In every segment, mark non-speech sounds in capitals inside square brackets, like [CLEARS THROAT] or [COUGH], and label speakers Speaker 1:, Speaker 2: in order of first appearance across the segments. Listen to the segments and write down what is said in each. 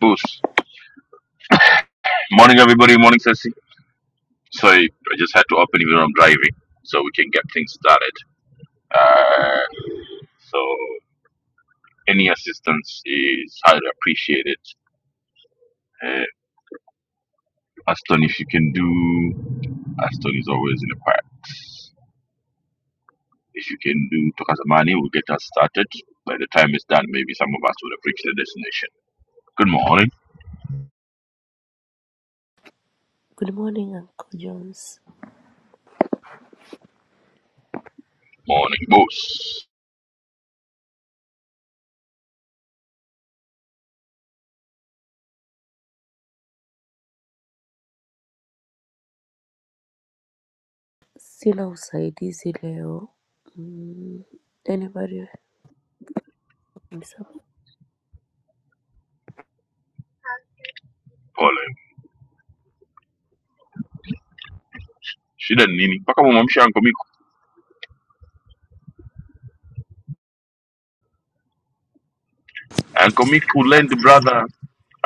Speaker 1: Boost. Morning, everybody. Morning, Ceci. Sorry, I just had to open even though I'm driving so we can get things started. Uh, so, any assistance is highly appreciated. Uh, Aston, if you can do, Aston is always in the quiet. If you can do Tokasamani, we'll get us started. By the time it's done, maybe some of us will have reached the destination. Good morning.
Speaker 2: Good morning Uncle Jones.
Speaker 1: Morning, boss.
Speaker 2: Sina usaidizi leo. Mm, anybody?
Speaker 1: Pauline. Shida Nini. Paka mama msha Uncle Miku. Uncle Miku, lend brother,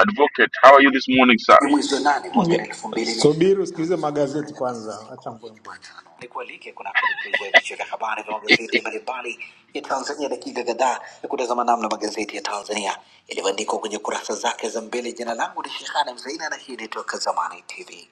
Speaker 1: advocate. How are you this morning, sir?
Speaker 3: ni mwezi wa nane mwaka elfu mbili na- Subiri usikilize magazeti kwanza, acha mbwembwe. nikualike kunako dukuza vichwa vya habari vya magazeti mbalimbali ya Tanzania, dakika kadhaa ya kutazama namna magazeti ya Tanzania yalivyoandikwa kwenye kurasa zake za mbele. Jina langu ni Shehani Mzaina na hii ni Toka Zamani TV.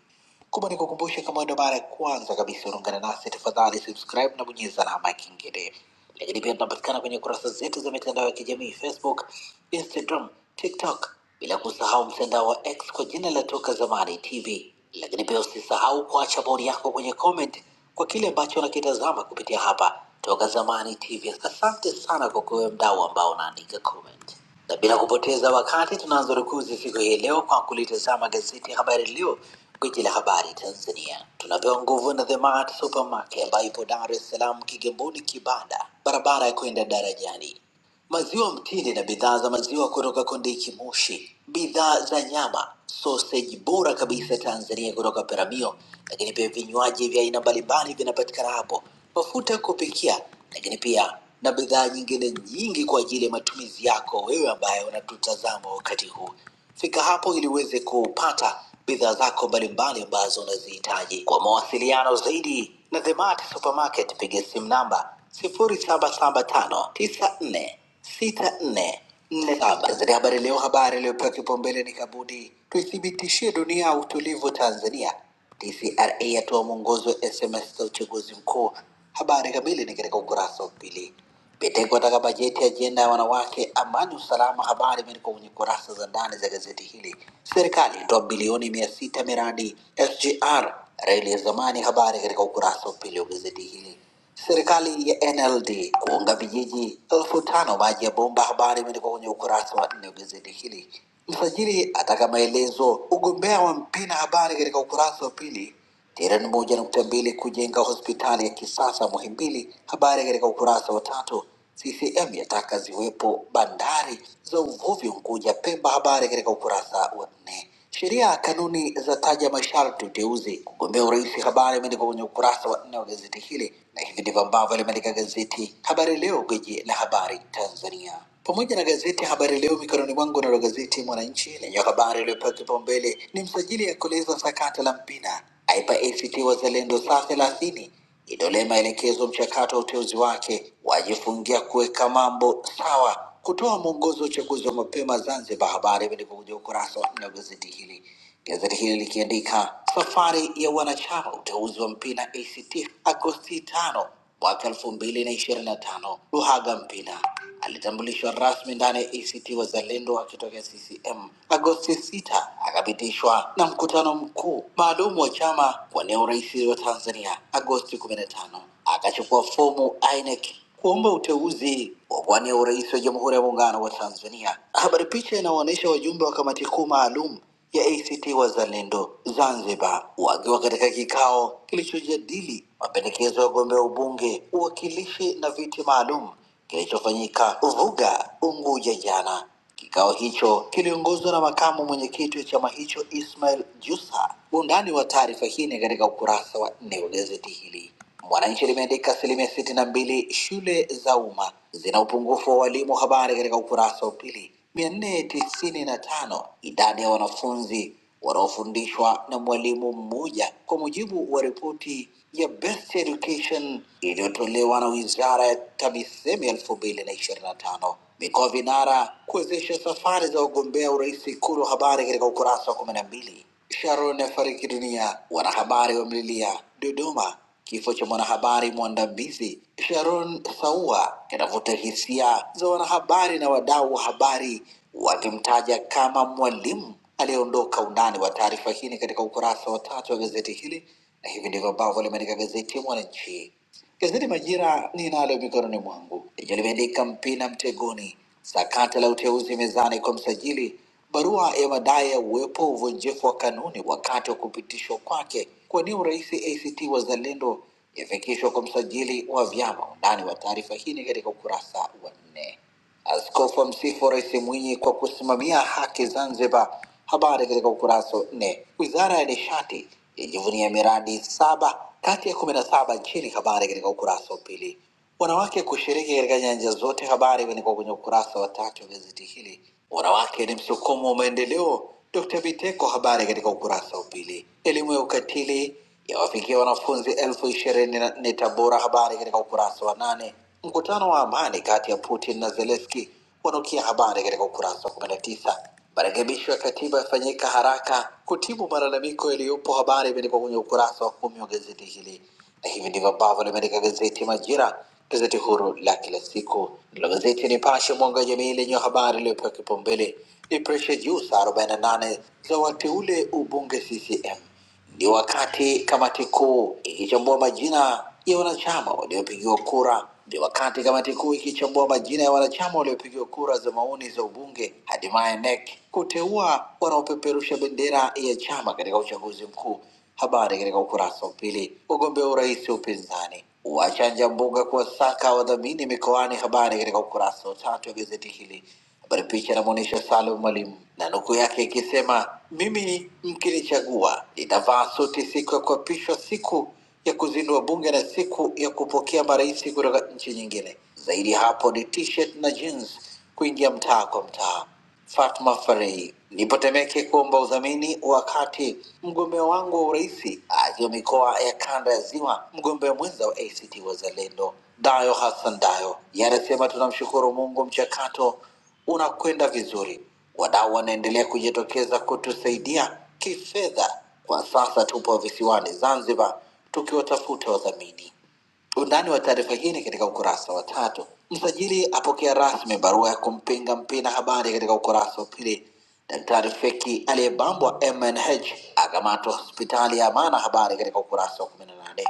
Speaker 3: Kubwa ni kukumbusha, kama wewe ndo mara ya kwanza kabisa unaungana nasi, tafadhali subscribe na bonyeza alama ya kengele. Lakini pia tunapatikana kwenye kurasa zetu za mitandao ya kijamii Facebook, Instagram, TikTok, bila kusahau mtandao wa X kwa jina la Toka Zamani TV. Lakini pia usisahau kuacha bodi yako kwenye comment kwa kile ambacho unakitazama kupitia hapa Toka Zamani TV. Asante sana kwa kuwe mdau ambao unaandika comment. Na bila kupoteza wakati tunaanza rukuzi siku hii leo kwa kulitazama gazeti ya Habari Leo, gwiji la habari Tanzania. Tunapewa nguvu na The Mart Supermarket ambayo ipo Dar es Salaam, Kigamboni, Kibada, barabara ya kwenda darajani maziwa mtindi na bidhaa za maziwa kutoka Kondiki Moshi, bidhaa za nyama, soseji bora kabisa Tanzania kutoka Peramio, lakini pia vinywaji vya aina mbalimbali vinapatikana hapo, mafuta ya kupikia, lakini pia na bidhaa nyingine nyingi kwa ajili ya matumizi yako wewe ambaye unatutazama wakati huu. Fika hapo ili uweze kupata bidhaa zako mbalimbali ambazo unazihitaji. Kwa mawasiliano zaidi na The Mart Supermarket, piga simu namba 0775946447. Gazeti ya Habari Leo, habari iliyopewa kipaumbele ni Kabudi, tuithibitishie dunia utulivu Tanzania. TCRA yatoa mwongozo wa SMS za uchaguzi mkuu. Habari kamili ni katika ukurasa wa pili. Vitengo katika bajeti ya ajenda ya wanawake, amani, usalama, habari imeandikwa kwenye kurasa za ndani za gazeti hili. Serikali itoa bilioni mia sita miradi SGR, reli ya zamani, habari katika ukurasa wa pili wa gazeti hili. Serikali ya NLD kuunga vijiji elfu tano maji ya bomba, habari imeandikwa kwenye ukurasa wa nne wa gazeti hili. Msajili ataka maelezo ugombea wa Mpina, habari katika ukurasa wa pili. Trilioni moja nukta mbili kujenga hospitali ya kisasa Muhimbili. Habari katika ukurasa wa tatu. CCM yataka ziwepo bandari za uvuvi Unguja, Pemba. Habari katika ukurasa wa nne. Sheria kanuni za taja masharti uteuzi kugombea urais. Habari imeandikwa kwenye ukurasa wa nne wa gazeti hili, na hivi ndivyo ambavyo limeandika gazeti Habari Leo, gwiji la habari Tanzania, pamoja na gazeti Habari Leo mikononi mwangu. Nalo gazeti Mwananchi lenye habari iliyopewa kipaumbele ni msajili ya kueleza sakata la Mpina aipa ACT Wazalendo saa thelathini idolee maelekezo mchakato wa uteuzi wake, wajifungia kuweka mambo sawa, kutoa mwongozo wa uchaguzi wa mapema Zanzibar. Habari vilivyokuja ukurasa wa nne wa gazeti hili, gazeti hili likiandika safari ya wanachama uteuzi wa Mpina ACT Agosti tano mwaka elfu mbili na ishirini na tano Luhaga Mpina Alitambulishwa rasmi ndani ya ACT Wazalendo akitokea CCM. Agosti 6 akapitishwa na mkutano mkuu maalum wa chama kuwania urais wa Tanzania. Agosti 15 akachukua fomu INEC kuomba uteuzi wa kuwania urais wa Jamhuri ya Muungano wa Tanzania. Habari picha inaonyesha wajumbe wa kamati kuu maalum ya ACT Wazalendo Zanzibar wakiwa katika kikao kilichojadili mapendekezo ya wagombea ubunge, uwakilishi na viti maalum kilichofanyika Vuga, Unguja jana. Kikao hicho kiliongozwa na makamu mwenyekiti wa chama hicho Ismail Jusa. Undani wa taarifa hii ni katika ukurasa wa nne wa gazeti hili. Mwananchi limeandika asilimia sitini na mbili shule za umma zina upungufu wa walimu, habari katika ukurasa wa pili. mia nne tisini na tano idadi ya wanafunzi wanaofundishwa na mwalimu mmoja kwa mujibu wa ripoti ya best education iliyotolewa na wizara ya TAMISEMI elfu mbili na ishirini na tano. Mikoa vinara kuwezesha safari za wagombea urais Ikulu, habari katika ukurasa wa kumi na mbili. Sharon afariki dunia, wanahabari wamlilia Dodoma. Kifo cha mwanahabari mwandamizi Sharon Saua kinavuta hisia za wanahabari na wadau wa habari wakimtaja kama mwalimu aliyeondoka. Undani wa taarifa hii ni katika ukurasa wa tatu wa gazeti hili na hivi ndivyo ambavyo limeandika gazeti Mwananchi. Gazeti Majira ninalo mikononi mwangu lenye limeandika Mpina mtegoni, sakata la uteuzi mezani kwa msajili, barua ya madai ya uwepo wa uvunjifu wa kanuni wakati wa kupitishwa kwake kuwania urais ACT Wazalendo yafikishwa kwa msajili wa vyama. Undani wa taarifa hii ni katika ukurasa wa nne. Askofu amsifu Rais Mwinyi kwa kusimamia haki Zanzibar. Habari katika ukurasa wa nne. Wizara ya Nishati yajivunia miradi saba kati ya kumi na saba nchini. Habari katika ukurasa wa pili. Wanawake kushiriki katika nyanja zote. Habari imeandikwa kwenye ukurasa wa tatu wa gazeti hili. Wanawake ni msukumo wa maendeleo. Dr. Biteko, habari katika ukurasa wa pili. Elimu ya ukatili yawafikia wanafunzi elfu ishirini na nne Tabora, habari katika ukurasa wa nane. Mkutano wa amani kati ya Putin na Zelensky wanukia, habari katika ukurasa wa kumi na tisa. Marekebisho ya katiba yafanyika haraka kutibu malalamiko yaliyopo, habari imeandikwa kwenye ukurasa wa kumi wa gazeti hili. Na hivi ndivyo ambavyo limeandika gazeti Majira, gazeti huru la kila siku. Ndilo gazeti Nipashe, mwanga wa jamii, lenye habari iliyopewa kipaumbele ni presha juu saa 48 za wateule ubunge CCM. Ni wakati kamati kuu ikichambua majina ya wanachama waliopigiwa kura. Ni wakati kamati kuu ikichambua majina ya wanachama waliopigiwa kura za maoni za ubunge, hatimaye NEC kuteua wanaopeperusha bendera ya chama katika uchaguzi mkuu. Habari katika ukurasa wa pili. Wagombea urais wa upinzani wachanja mbuga kuwasaka wadhamini mikoani. Habari katika ukurasa wa tatu wa gazeti hili. Habari picha inamwonyesha Salum Mwalimu na nukuu yake ikisema, mimi mkinichagua nitavaa suti siku ya kuapishwa, siku ya kuzindua bunge na siku ya kupokea marais kutoka nchi nyingine. Zaidi ya hapo ni t-shirt na jeans kuingia mtaa kwa mtaa. Fatma Farei, nipo Temeke kuomba udhamini wakati mgombea wangu wa urais akiwa mikoa ya kanda ya Ziwa, mgombea mwenza wa ACT Wazalendo Dayo Hassan Dayo yanasema tunamshukuru Mungu, mchakato unakwenda vizuri, wadau wanaendelea kujitokeza kutusaidia kifedha. Kwa sasa tupo visiwani Zanzibar tukiwatafuta wadhamini. Undani wa taarifa hii ni katika ukurasa wa tatu. Msajili apokea rasmi barua ya kumpinga Mpina, habari katika ukurasa wa pili. Daktari Feki aliyebambwa MNH akamatwa hospitali ya Amana, habari katika ukurasa wa kumi na nane.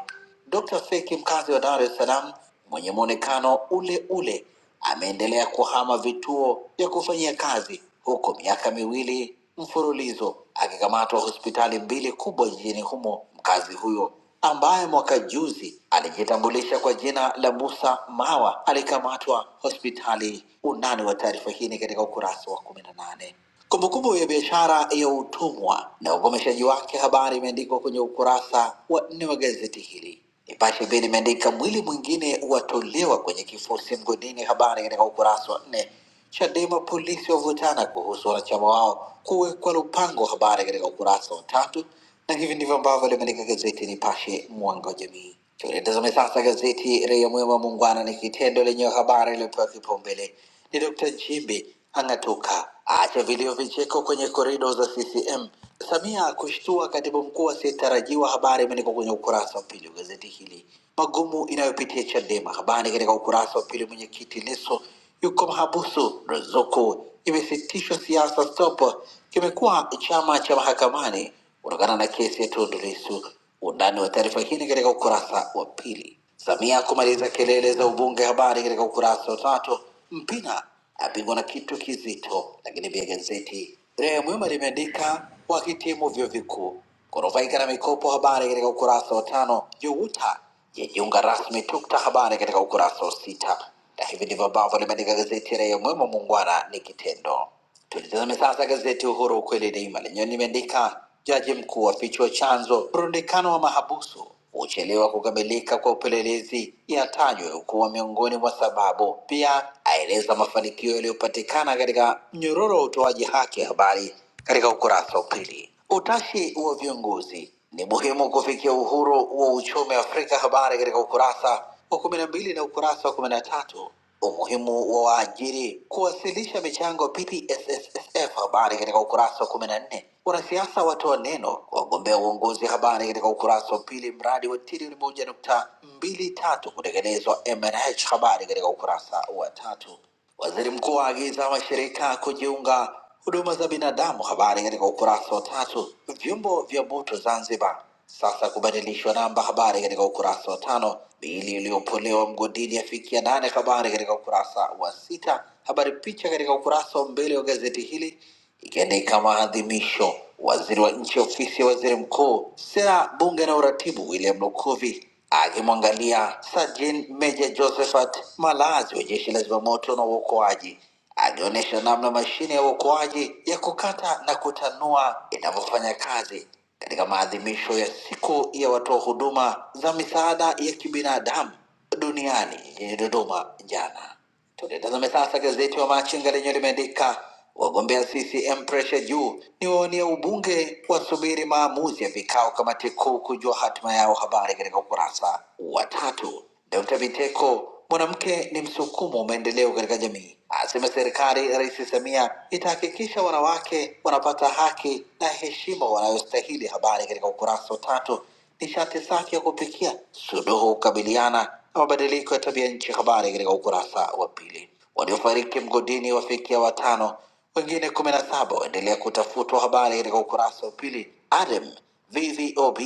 Speaker 3: Dr. Feki mkazi wa Dar es Salaam mwenye muonekano ule ule ameendelea kuhama vituo vya kufanyia kazi huko miaka miwili mfululizo akikamatwa hospitali mbili kubwa jijini humo. Mkazi huyo ambaye mwaka juzi alijitambulisha kwa jina la Musa Mawa alikamatwa hospitali. Undani wa taarifa hii ni katika ukurasa wa kumi na nane. Kumbukumbu ya biashara ya utumwa na ugomeshaji wake, habari imeandikwa kwenye ukurasa wa nne wa gazeti hili. Nipashe pia limeandika mwili mwingine watolewa kwenye kifusi mgodini, habari katika ukurasa wa nne. Chadema polisi wavutana kuhusu wanachama wao kuwekwa Lupango, habari katika ukurasa wa tatu, na hivi ndivyo ambavyo limeandika gazeti Nipashe mwanga wa jamii. Tulitazame sasa gazeti Raia Mwema, muungwana ni kitendo lenye habari iliyopewa kipaumbele ni Dr. Nchimbi ang'atuka, acha vilio vicheko kwenye korido za CCM. Samia kushtua katibu mkuu asiyetarajiwa. Habari imeandikwa kwenye ukurasa wa pili wa gazeti hili. Magumu inayopitia Chadema, habari katika ukurasa wa pili. Mwenyekiti Lissu yuko mahabusu, ruzuku imesitishwa siasa, stop kimekuwa chama cha mahakamani kutokana na kesi ya Tundu Lissu. Undani wa taarifa hii katika ukurasa wa pili. Samia kumaliza kelele za ubunge, habari katika ukurasa wa tatu. Mpina apigwa na kitu kizito. Lakini pia gazeti Raia Mwema limeandika wakitimu vyuo vikuu kunufaika na mikopo, habari katika ukurasa wa tano. Juguta yajiunga rasmi TUKTA, habari katika ukurasa wa sita, na hivi ndivyo ambavyo limeandika gazeti Raia Mwema. Muungwana ni kitendo. Tulitazame sasa gazeti Uhuru ukweli daima lenyewe limeandika jaji mkuu afichua chanzo mrundikano wa mahabusu, uchelewa kukamilika kwa upelelezi yatajwa kuwa miongoni mwa sababu. Pia aeleza mafanikio yaliyopatikana katika mnyororo wa utoaji haki ya habari katika ukurasa wa pili. Utashi wa viongozi ni muhimu kufikia uhuru wa uchumi Afrika. Habari katika ukurasa wa kumi na mbili na ukurasa wa kumi na tatu umuhimu wa waajiri kuwasilisha michango PPSSSF. Habari katika ukurasa wa kumi na nne wanasiasa watoa neno wagombea uongozi. Habari katika ukurasa wa pili mradi wa trilioni moja nukta mbili tatu kutekelezwa MNH. Habari katika ukurasa wa tatu waziri mkuu aagiza mashirika kujiunga Huduma za binadamu, habari katika ukurasa wa tatu. Vyombo vya moto Zanzibar sasa kubadilishwa namba, habari katika ukurasa wa tano. Miili iliyopolewa mgodini yafikia nane, habari katika ukurasa wa sita. Habari picha katika ukurasa wa mbele wa gazeti hili ikiandika maadhimisho. Waziri wa nchi ofisi ya waziri mkuu, sera, bunge na uratibu, William Lukuvi akimwangalia Sajin Meja Josephat Malazi wa jeshi la zimamoto na uokoaji akionyesha namna mashine ya uokoaji ya kukata na kutanua inavyofanya kazi katika maadhimisho ya siku ya watoa huduma za misaada ya kibinadamu duniani jijini Dodoma jana. Tulitazame sasa gazeti wa Machinga lenye limeandika wagombea CCM presha juu, ni waonia ubunge wasubiri maamuzi ya vikao kamati kuu kujua hatima yao. Habari katika ukurasa wa tatu. Dr. Biteko, mwanamke ni msukumo wa maendeleo katika jamii, asema serikali ya Rais Samia itahakikisha wanawake wanapata haki na heshima wanayostahili. Habari katika ukurasa wa tatu nishati safi ya kupikia, suluhu kukabiliana na mabadiliko ya tabia nchi. Habari katika ukurasa wa pili. Waliofariki mgodini wafikia watano, wengine kumi na saba waendelea kutafutwa. Habari katika ukurasa wa pili. ADEM VVOB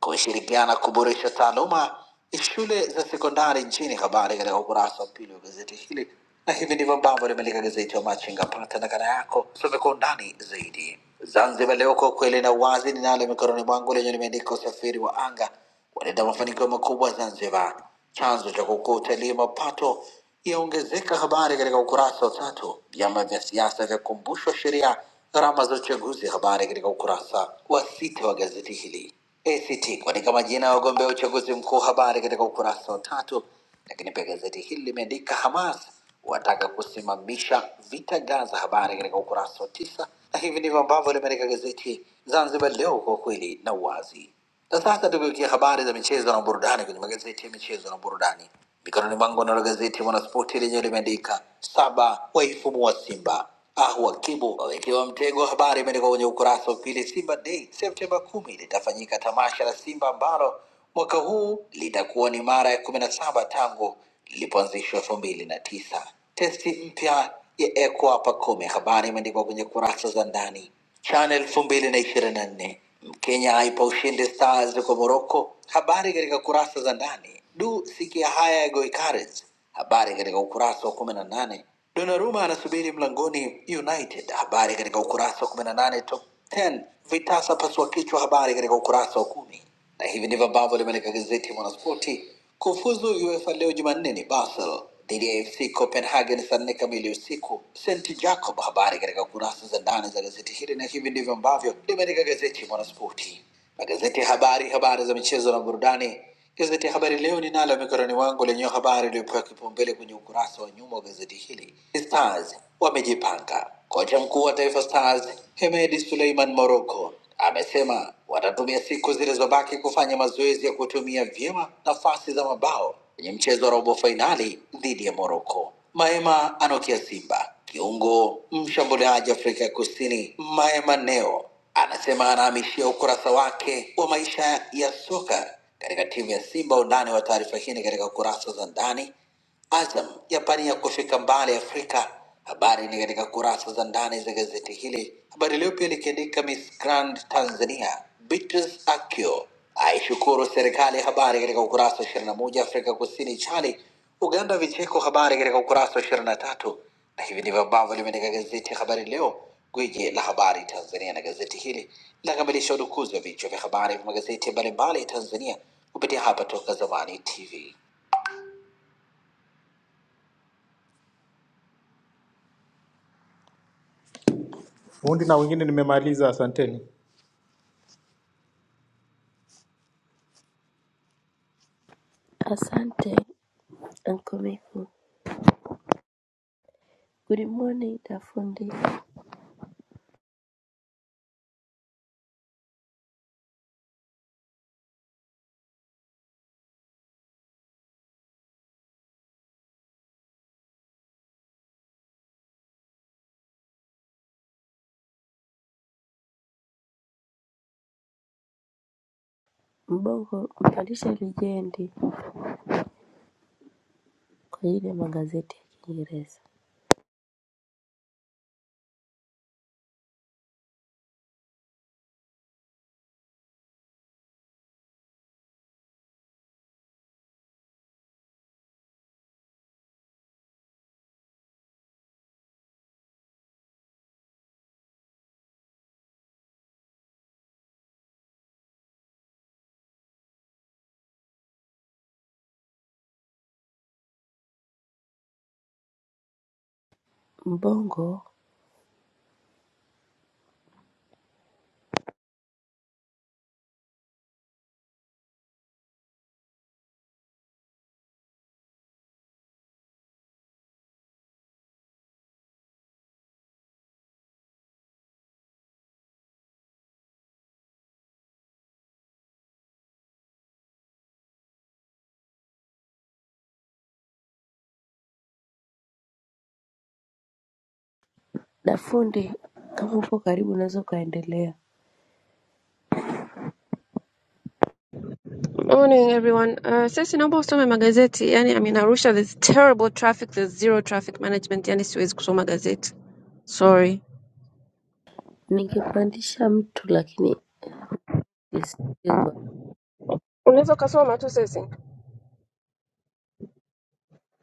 Speaker 3: kushirikiana kuboresha taaluma ya shule za sekondari nchini. Habari katika ukurasa wa pili wa gazeti hili na hivi ndivyo ambavyo limeandika gazeti ya Machinga. Pata nakala yako usome kwa undani zaidi. Zanzibar Leo, kwa kweli na uwazi, ninalo mikononi mwangu lenye limeandika usafiri wa anga waleta mafanikio makubwa Zanzibar, chanzo cha kukua utalii, mapato yaongezeka, habari katika ukurasa wa tatu. Vyama vya siasa vyakumbushwa sheria gharama za uchaguzi, habari katika ukurasa wa sita wa gazeti hili. ACT kuandika majina ya wagombea uchaguzi mkuu, habari katika ukurasa wa tatu. Lakini pia gazeti hili limeandika Hamas wataka kusimamisha vita Gaza. Habari katika ukurasa wa tisa, na hivi ndivyo ambavyo limeandika gazeti Zanzibar Leo kwa kweli na uwazi. Na sasa tugeukia habari za michezo na burudani kwenye magazeti ya michezo na burudani. Mikononi mwangu nalo gazeti Mwanaspoti lenyewe limeandika saba waifumua Simba ah, wakibu wawekewa mtego. wa Habari imeandikwa kwenye ukurasa wa pili. Simba Day Septemba kumi litafanyika tamasha la Simba ambalo Mwaka huu litakuwa ni mara ya kumi na saba tangu lilipoanzishwa elfu mbili na tisa. Testi mpya ya Eko Hapa Kumi, habari imeandikwa kwenye kurasa za ndani. CHAN elfu mbili na ishirini na nne Mkenya aipa ushindi Stars kwa Morocco, habari katika kurasa za ndani. Du, sikia haya ya Goikarens, habari katika ukurasa wa kumi na nane. Donnarumma anasubiri mlangoni United, habari katika ukurasa wa kumi na nane. Top 10 vitasa pasua kichwa, habari katika ukurasa wa kumi na hivi ndivyo ambavyo limeandika gazeti Mwanaspoti. Kufuzu UEFA leo Jumanne ni Basel dhidi ya AFC Copenhagen saa nne kamili usiku, St Jacob. Habari katika kurasa za ndani za gazeti hili, na hivi ndivyo ambavyo limeandika gazeti Mwanaspoti. Magazeti ya habari, habari za michezo na burudani Gazeti ya Habari Leo ninalo mikononi mwangu lenye habari iliyopewa kipaumbele kwenye ukurasa wa nyuma wa gazeti hili. Stars wamejipanga. Kocha mkuu wa Taifa Stars Hemedi Suleiman Morocco amesema watatumia siku zilizobaki kufanya mazoezi ya kutumia vyema nafasi za mabao kwenye mchezo wa robo fainali dhidi ya Morocco. Maema anokia Simba. Kiungo mshambuliaji Afrika ya Kusini Maema Neo anasema anahamishia ukurasa wake wa maisha ya soka katika timu ya Simba. Undani wa taarifa hii ni katika kurasa za ndani Azam yapania kufika mbali Afrika. Habari ni katika kurasa za ndani za gazeti hili. Habari Leo pia likiandika Miss Grand Tanzania Beatrice Akio aishukuru serikali. Habari katika ukurasa wa 21. Afrika Kusini chali Uganda vicheko. Habari katika ukurasa wa 23, na tatu. Na hivi ndivyo ambavyo limeandika gazeti Habari Leo, gwiji la habari Tanzania, na gazeti hili linakamilisha udukuzi wa vichwa vya habari vya magazeti mbalimbali ya Tanzania kupitia hapa Toka Zamani TV. Fundi na wengine nimemaliza, asanteni.
Speaker 2: Asante Uncle Miku. Good morning dafundi. Mbongo mpandisha lijendi kwa ajili ya magazeti ya Kiingereza. Mbongo dafundi, kama upo karibu unaweza ukaendelea.
Speaker 4: Morning everyone. Uh, sisi naomba usome magazeti. Yaani I mean Arusha there's terrible traffic, there's zero traffic management. Yaani siwezi kusoma gazeti. Sorry.
Speaker 2: Ningepandisha mtu lakini isipigwa.
Speaker 4: Unaweza ukasoma tu sisi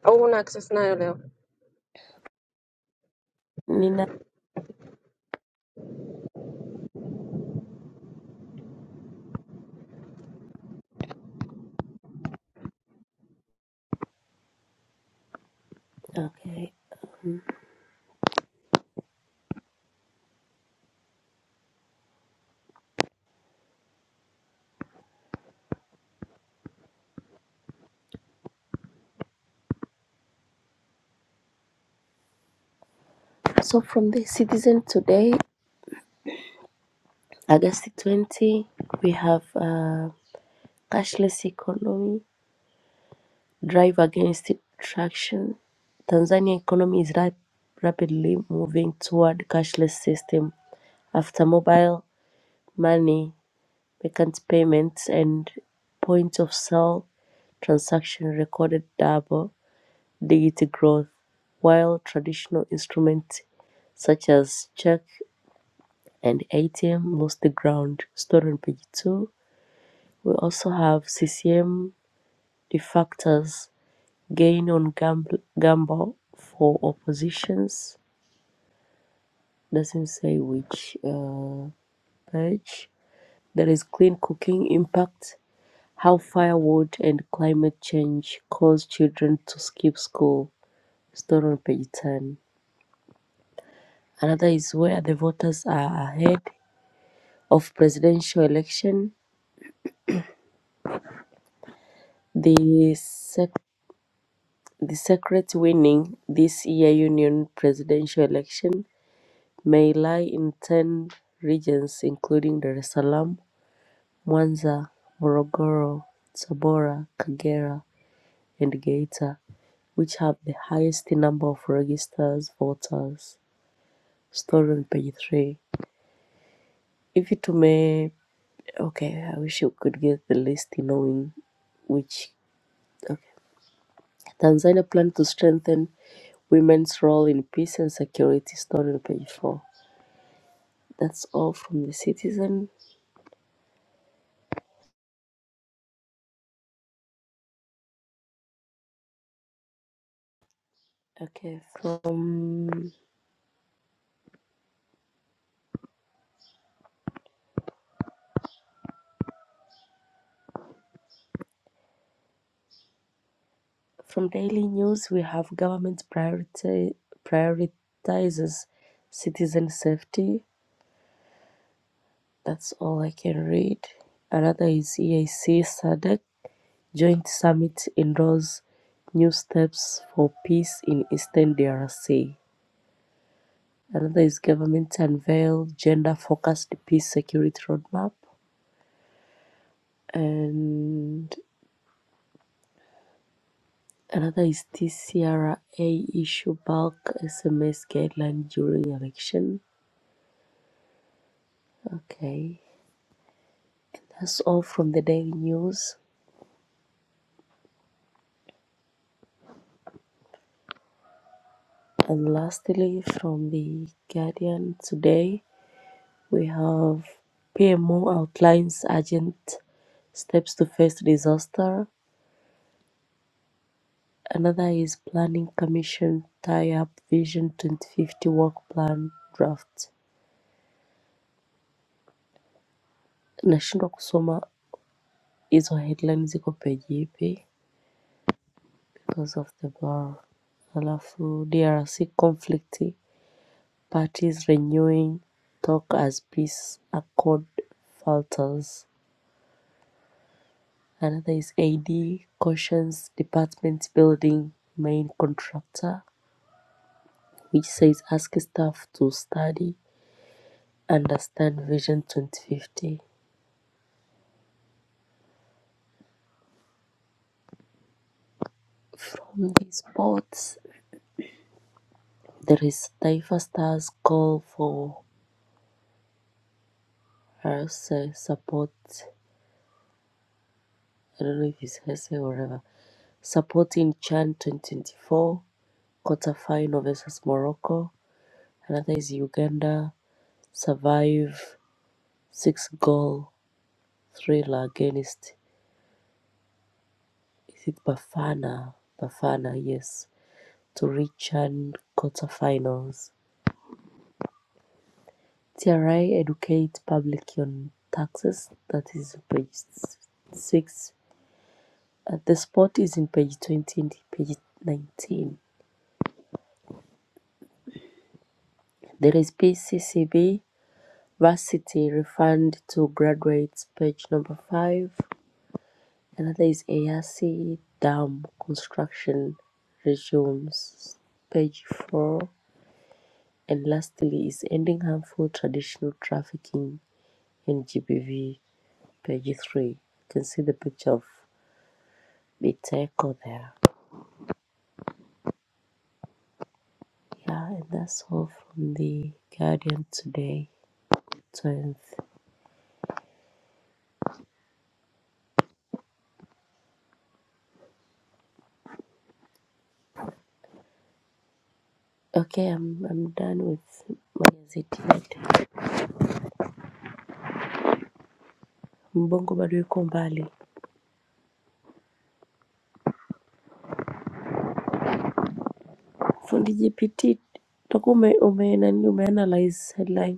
Speaker 4: au una access nayo leo?
Speaker 2: Nina okay. Mm. So from the Citizen today, August 20, we have uh, cashless economy, drive against traction. Tanzania economy is rap- rapidly moving toward cashless system after mobile money, vacant payments, and point of sale transaction recorded double digit growth, while traditional instruments such as check and ATM lost the ground. Stored on page two, we also have CCM defectors gain on gamble, gamble for oppositions doesn't say which uh, page there is clean cooking impact how firewood and climate change cause children to skip school stored on page 10 another is where the voters are ahead of presidential election the sec- the secret winning this year union presidential election may lie in 10 regions including dar es salaam Mwanza, Morogoro, Tabora, Kagera and Geita which have the highest number of registered voters. Story on page three. If it may, okay, I wish you could get the list knowing which. Okay. Tanzania plan to strengthen women's role in peace and security. Story on page four. That's all from the citizen. Okay, from From daily news, we have government priority, prioritizes citizen safety. That's all I can read. Another is EIC SADC joint summit endorses new steps for peace in Eastern DRC. Another is government unveil gender focused peace security roadmap. And another is TCRA issue bulk SMS guideline during election. Okay. That's all from the daily news. And lastly, from the Guardian today, we have PMO outlines urgent steps to face disaster. Another is Planning Commission tie up Vision 2050 work plan draft. Nashindwa kusoma hizo headline ziko page ipi because of the blur. Alafu DRC conflict Parties renewing talk as peace accord falters. Another is AD cautions department building main contractor, which says ask staff to study, understand Vision 2050. From these boards, there is Taifa Stars call for Herse support. I don't know if it's Herse or whatever. Supporting Chan 2024 quarterfinal versus Morocco. Another is Uganda survive six goal thriller against is it Bafana? Bafana, yes, to reach an quarterfinals. TRI educate public on taxes. That is page s- six. Uh, the spot is in page twenty and page nineteen. There is PCCB varsity refund to graduates. Page number five. Another is Eyasi Dam construction resumes, page 4. And lastly is ending harmful traditional trafficking in GBV, page 3. You can see the picture of Biteko there. Yeah, and that's all from the Guardian today, 12th. Okay, I'm, I'm done with my gazeti yetu. Mbongo bado yuko mbali. Fundi GPT utakuwa ume, ume, nani, umeanalyze headline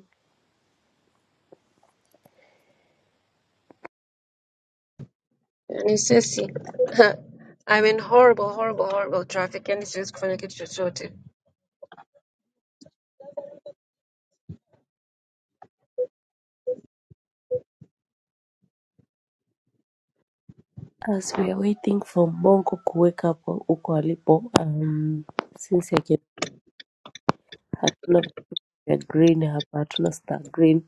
Speaker 4: Yaani sisi [LAUGHS] I mean horrible horrible horrible traffic. Yaani siwezi kufanya kitu chochote.
Speaker 2: as we are waiting for Mbongo kuweka hapo huko alipo um, since again hatuna vitu vya green hapa hatuna star green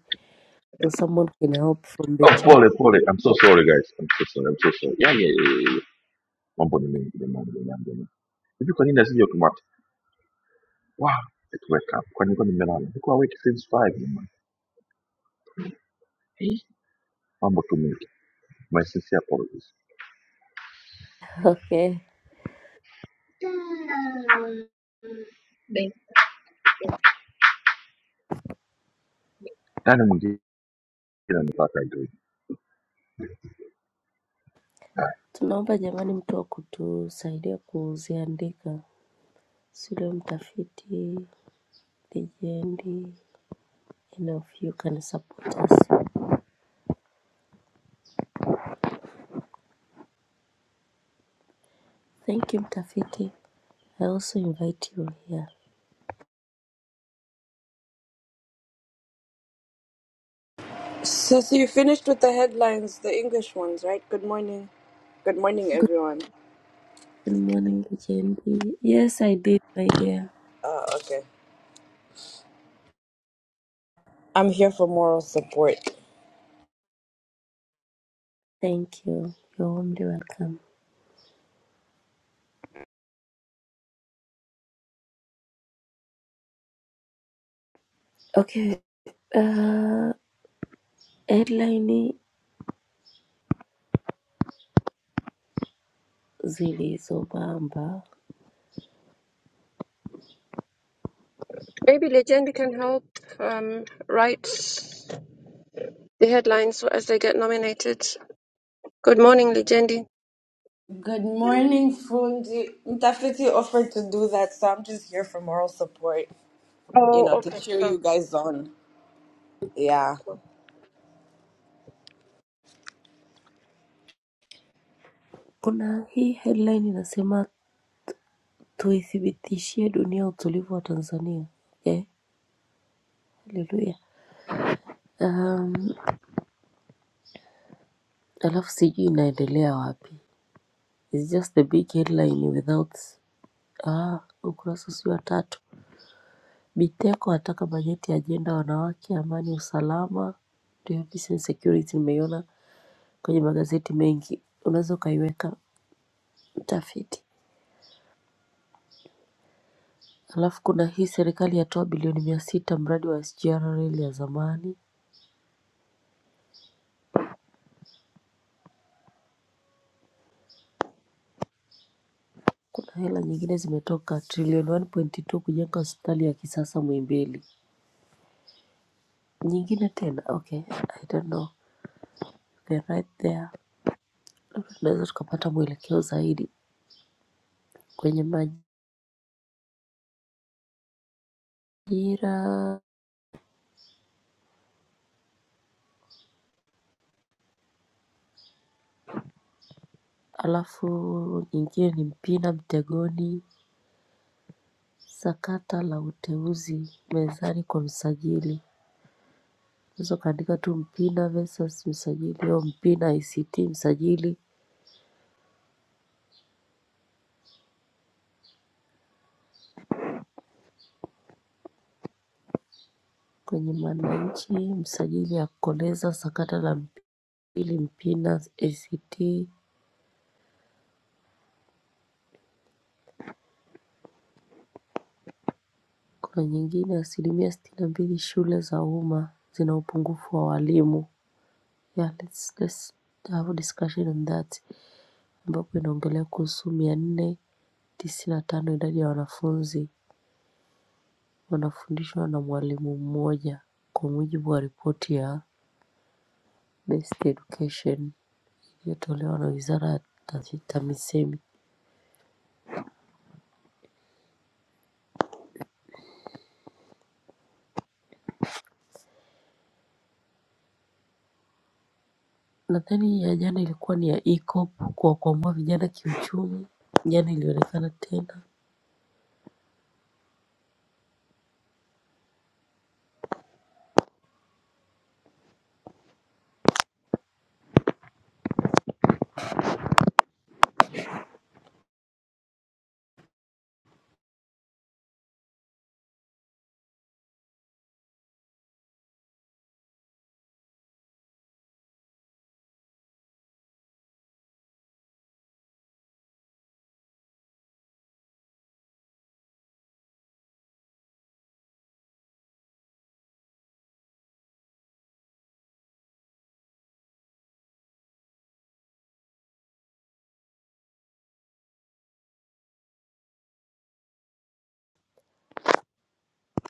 Speaker 2: so someone can help from the
Speaker 1: Oh,
Speaker 2: chat
Speaker 1: pole pole. I'm so sorry guys. I'm so sorry. I'm so sorry. Yeah, yeah, yeah, yeah. yeah. Mambo ni mengi jamani, jamani, jamani. Hivi kwa nini asije automatic? Wow, it wake up. Kwa nini kwa nimelala? Nilikuwa awake since 5 jamani. Eh, Mambo tu mengi. My sincere apologies.
Speaker 2: [LAUGHS] okay
Speaker 1: Nani mwingine anataka ndio.
Speaker 2: tunaomba jamani mtu wa kutusaidia kuziandika sule mtafiti legendi any of you can support us thank you mtafiti i also invite you here
Speaker 5: Sis, you finished with the headlines, the English ones, right? Good morning. Good morning,
Speaker 2: good
Speaker 5: everyone.
Speaker 2: morning legendi yes i did my dear
Speaker 5: Uh, okay. I'm here for moral support.
Speaker 2: thank you you're warmly welcome Okay, uh, headline zilizobamba.
Speaker 4: Maybe Legend can help um, write the headlines as they get nominated. Good morning Legendi.
Speaker 5: Good morning, Fundi. Mtafiti offered to do that, so I'm just here for moral support, you
Speaker 4: Oh,
Speaker 5: know, to cheer
Speaker 4: okay.
Speaker 5: you guys on. Yeah.
Speaker 2: Kuna hii headline inasema tuithibitishie dunia utulivu wa Tanzania. Eh, haleluya. Um, alafu sijui inaendelea wapi. It's just the big headline without ah, ukurasa si wa tatu. Biteko ataka bajeti ya ajenda wanawake, amani, usalama. Ndio peace and security nimeiona kwenye magazeti mengi. Unaweza ukaiweka mtafiti. Alafu kuna hii serikali yatoa bilioni mia sita mradi wa SGR reli ya zamani. Kuna hela nyingine zimetoka trilioni 1.2 kujenga hospitali ya kisasa Muhimbili. Nyingine tena okay, I don't know. They're right there. Tunaweza tukapata mwelekeo zaidi kwenye majira. Alafu nyingine ni Mpina Mtegoni, sakata la uteuzi mezani kwa msajili. Unaweza ukaandika tu Mpina versus msajili au Mpina ICT msajili kwenye Mwananchi msajili akoleza sakata la Mpili Mpina ACT Kuna nyingine asilimia sitini na mbili shule za umma zina upungufu wa walimu yeah, let's, let's have a discussion on that ambapo inaongelea kuhusu mia nne tisini na tano idadi ya wanafunzi wanafundishwa na mwalimu mmoja kwa mujibu wa ripoti ya Best Education iliyotolewa na wizara ya TAMISEMI. Nadhani ya jana ilikuwa ni ya e-COP kuwakwamua vijana kiuchumi. Jana ilionekana tena.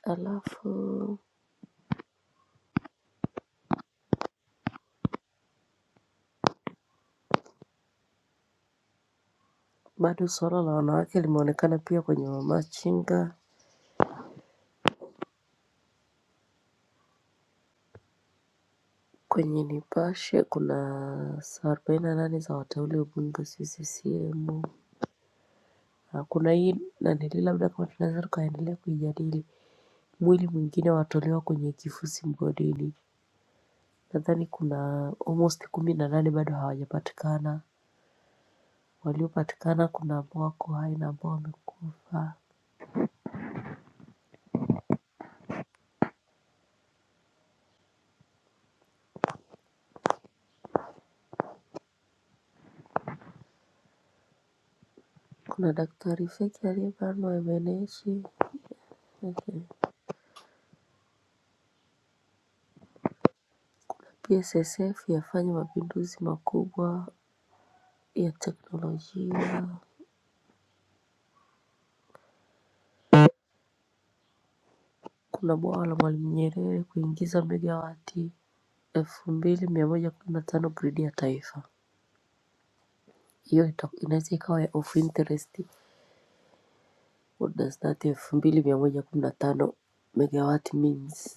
Speaker 2: Alafu bado suala la wanawake limeonekana pia kwenye mamachinga. Kwenye Nipashe kuna saa arobaini na nane za wateule ubunge CCM. Na Kuna hii nanili labda kama tunaweza tukaendelea kuijadili. Mwili mwingine watolewa kwenye kifusi mgodini. Nadhani kuna almost kumi na nane bado hawajapatikana. waliopatikana kuna ambao wako hai na ambao wamekufa. Kuna daktari feki aliyebanwa MNH. Okay. PSSF yafanya mapinduzi makubwa ya teknolojia. Kuna bwawa la Mwalimu Nyerere kuingiza megawati elfu mbili mia moja kumi na tano gridi ya taifa. Hiyo ita- inaweza ikawa ya of interest. What does that elfu mbili mia moja kumi na tano megawati means?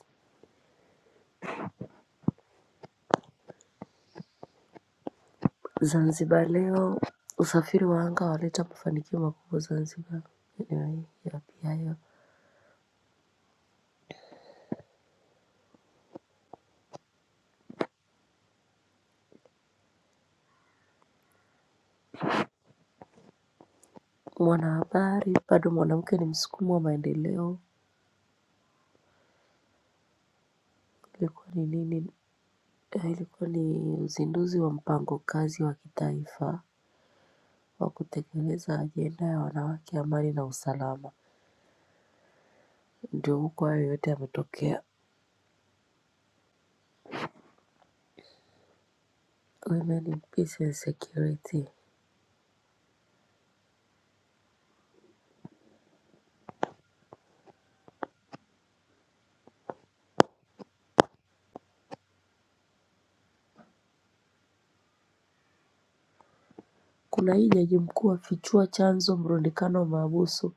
Speaker 2: Zanzibar leo usafiri wa anga waleta mafanikio makubwa Zanzibar. Anyway, ya pia hiyo. Mwanahabari bado mwanamke ni msukumo wa maendeleo. Ilikuwa ni nini? Eh, Ilikuwa ni uzinduzi wa mpango kazi wa kitaifa wa kutekeleza ajenda ya wanawake, amani na usalama. Ndio huko hayo yote yametokea. Women in peace and security. Kuna hii jaji mkuu afichua chanzo mrundikano wa mahabusu.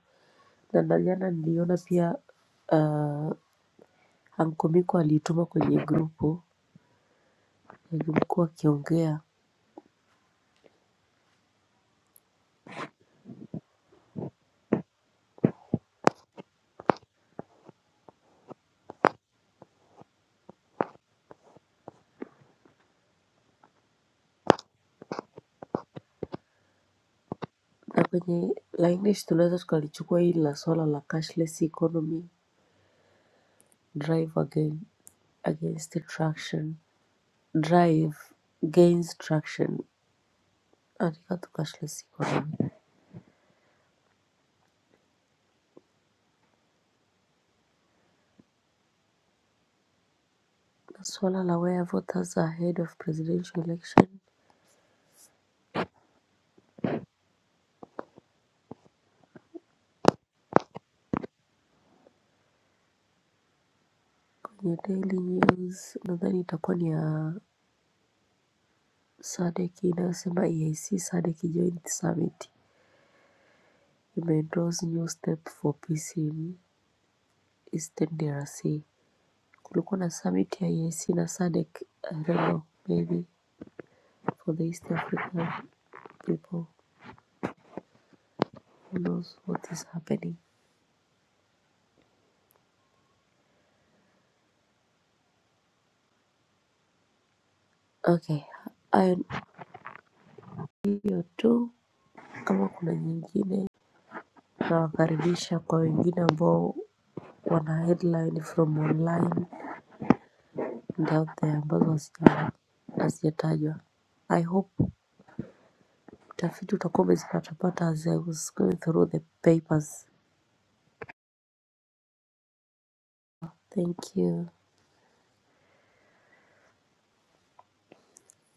Speaker 2: Dandaliana niliona pia uh, Amkumiko aliituma kwenye grupu alimkuwa akiongea na kwenye la English tunaweza tukalichukua hili la swala la cashless economy drive again against traction drive gains traction katika tu cashless economy na swala la where voters are ahead of presidential election kwenye daily news nadhani itakuwa ni ya SADC inayosema EAC SADC joint summit imeendorse new step for peace in Eastern DRC kulikuwa na summit ya EAC na SADC I don't know maybe for the East African people who knows what is happening okay hayo ndiyo tu kama kuna nyingine nawakaribisha kwa wengine ambao wana headline from online and out there ambazo hazija- hazijatajwa I hope tafiti utakuwa umezipatapata as I was going through the papers. Thank you.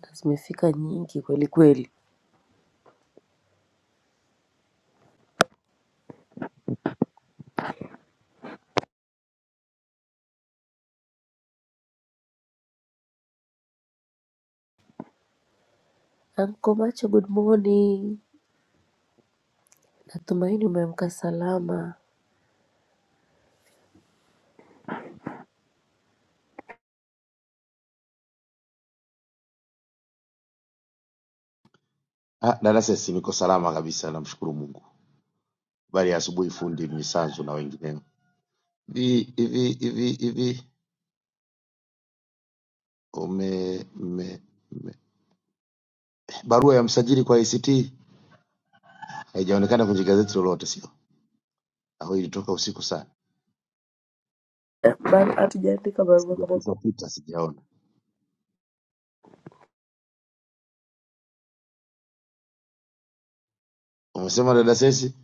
Speaker 2: Na Zimefika nyingi kweli kweli. Anko Macho, good morning. Natumaini umeamka salama.
Speaker 6: Ah, dada Sesi, niko salama kabisa, namshukuru Mungu. Habari ya asubuhi, fundi Mnyisanzu na wengineo. Hivi hivi hivi hivi ume, mme, mme. Barua ya msajili kwa ACT haijaonekana kwenye gazeti lolote, sio au ilitoka usiku sana?
Speaker 2: Bar- Hatujaandika barua kama
Speaker 6: Sijapita pita, sijaona. Umesema dada Sesi?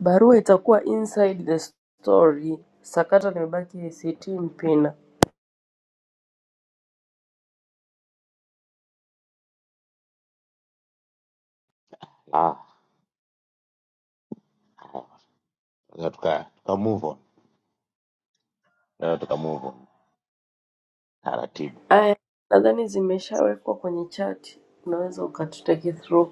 Speaker 2: barua itakuwa inside the story. Sakata limebaki ACT Mpina.
Speaker 6: Ah, ah, tuka tuka move on, Tunaweza tuka move on taratibu.
Speaker 2: Aya, nadhani zimeshawekwa kwenye chat, unaweza ukatuteke through.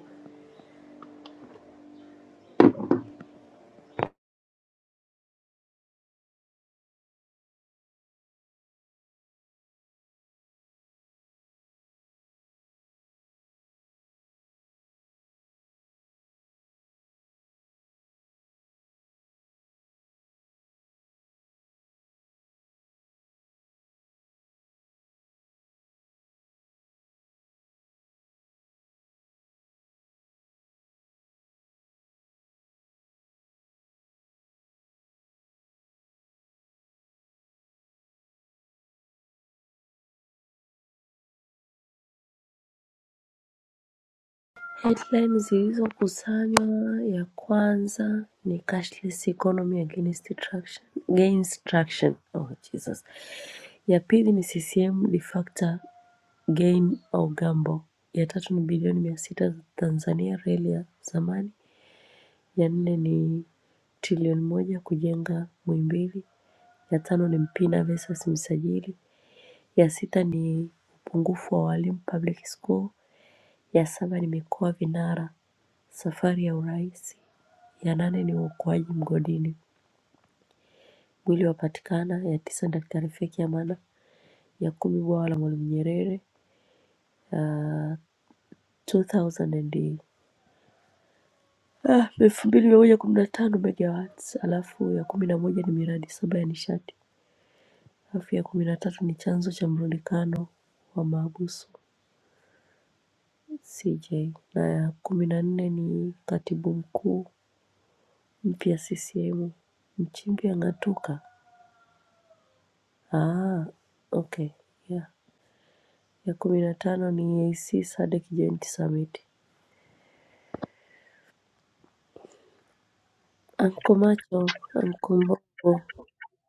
Speaker 2: Headline zilizokusanywa ya kwanza ni cashless economy against traction, gains traction. Oh, Jesus. Ya pili ni CCM de facto Game au Gambo. Ya tatu ni bilioni mia sita za Tanzania reli ya zamani. Ya nne ni trilioni moja kujenga Muhimbili. Ya tano ni Mpina versus Msajili. Ya sita ni upungufu wa walimu public school. Ya saba ni mikoa vinara safari ya urais. Ya nane ni uokoaji mgodini mwili wapatikana. Ya tisa daktari feki Amana. Ya kumi bwawa la Mwalimu Nyerere. Uh, 2008 ah, elfu mbili mia moja kumi na tano megawatts alafu ya kumi na moja ni miradi saba ya nishati alafu ya kumi na tatu ni chanzo cha mrundikano wa maabusu CJ na ya kumi na nne ni katibu mkuu mpya CCM Nchimbi ang'atuka. Ah, okay. Yeah. Ya kumi na tano ni AC SADC Joint Summit. Anko Macho, Anko Mbongo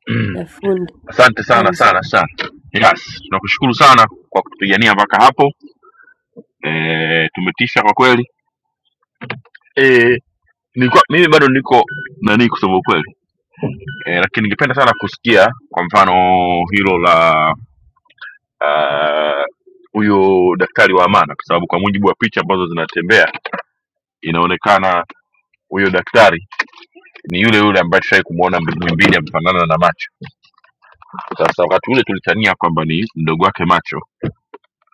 Speaker 1: [CLEARS THROAT]
Speaker 2: na fundi
Speaker 1: Asante sana
Speaker 2: Tanzu.
Speaker 1: sana sana. Yes, tunakushukuru sana kwa kutupigania mpaka hapo. Eh, tumetisha kwa kweli. Eh, nilikuwa mimi bado niko nani kusema ukweli. Eh, lakini ningependa sana kusikia kwa mfano hilo la ah, huyo uh, daktari wa amana kwa sababu kwa mujibu wa picha ambazo zinatembea inaonekana huyo daktari ni yule yule ambaye tushawai kumwona mwimbili amefanana na macho sasa wakati ule tulitania kwamba ni mdogo wake macho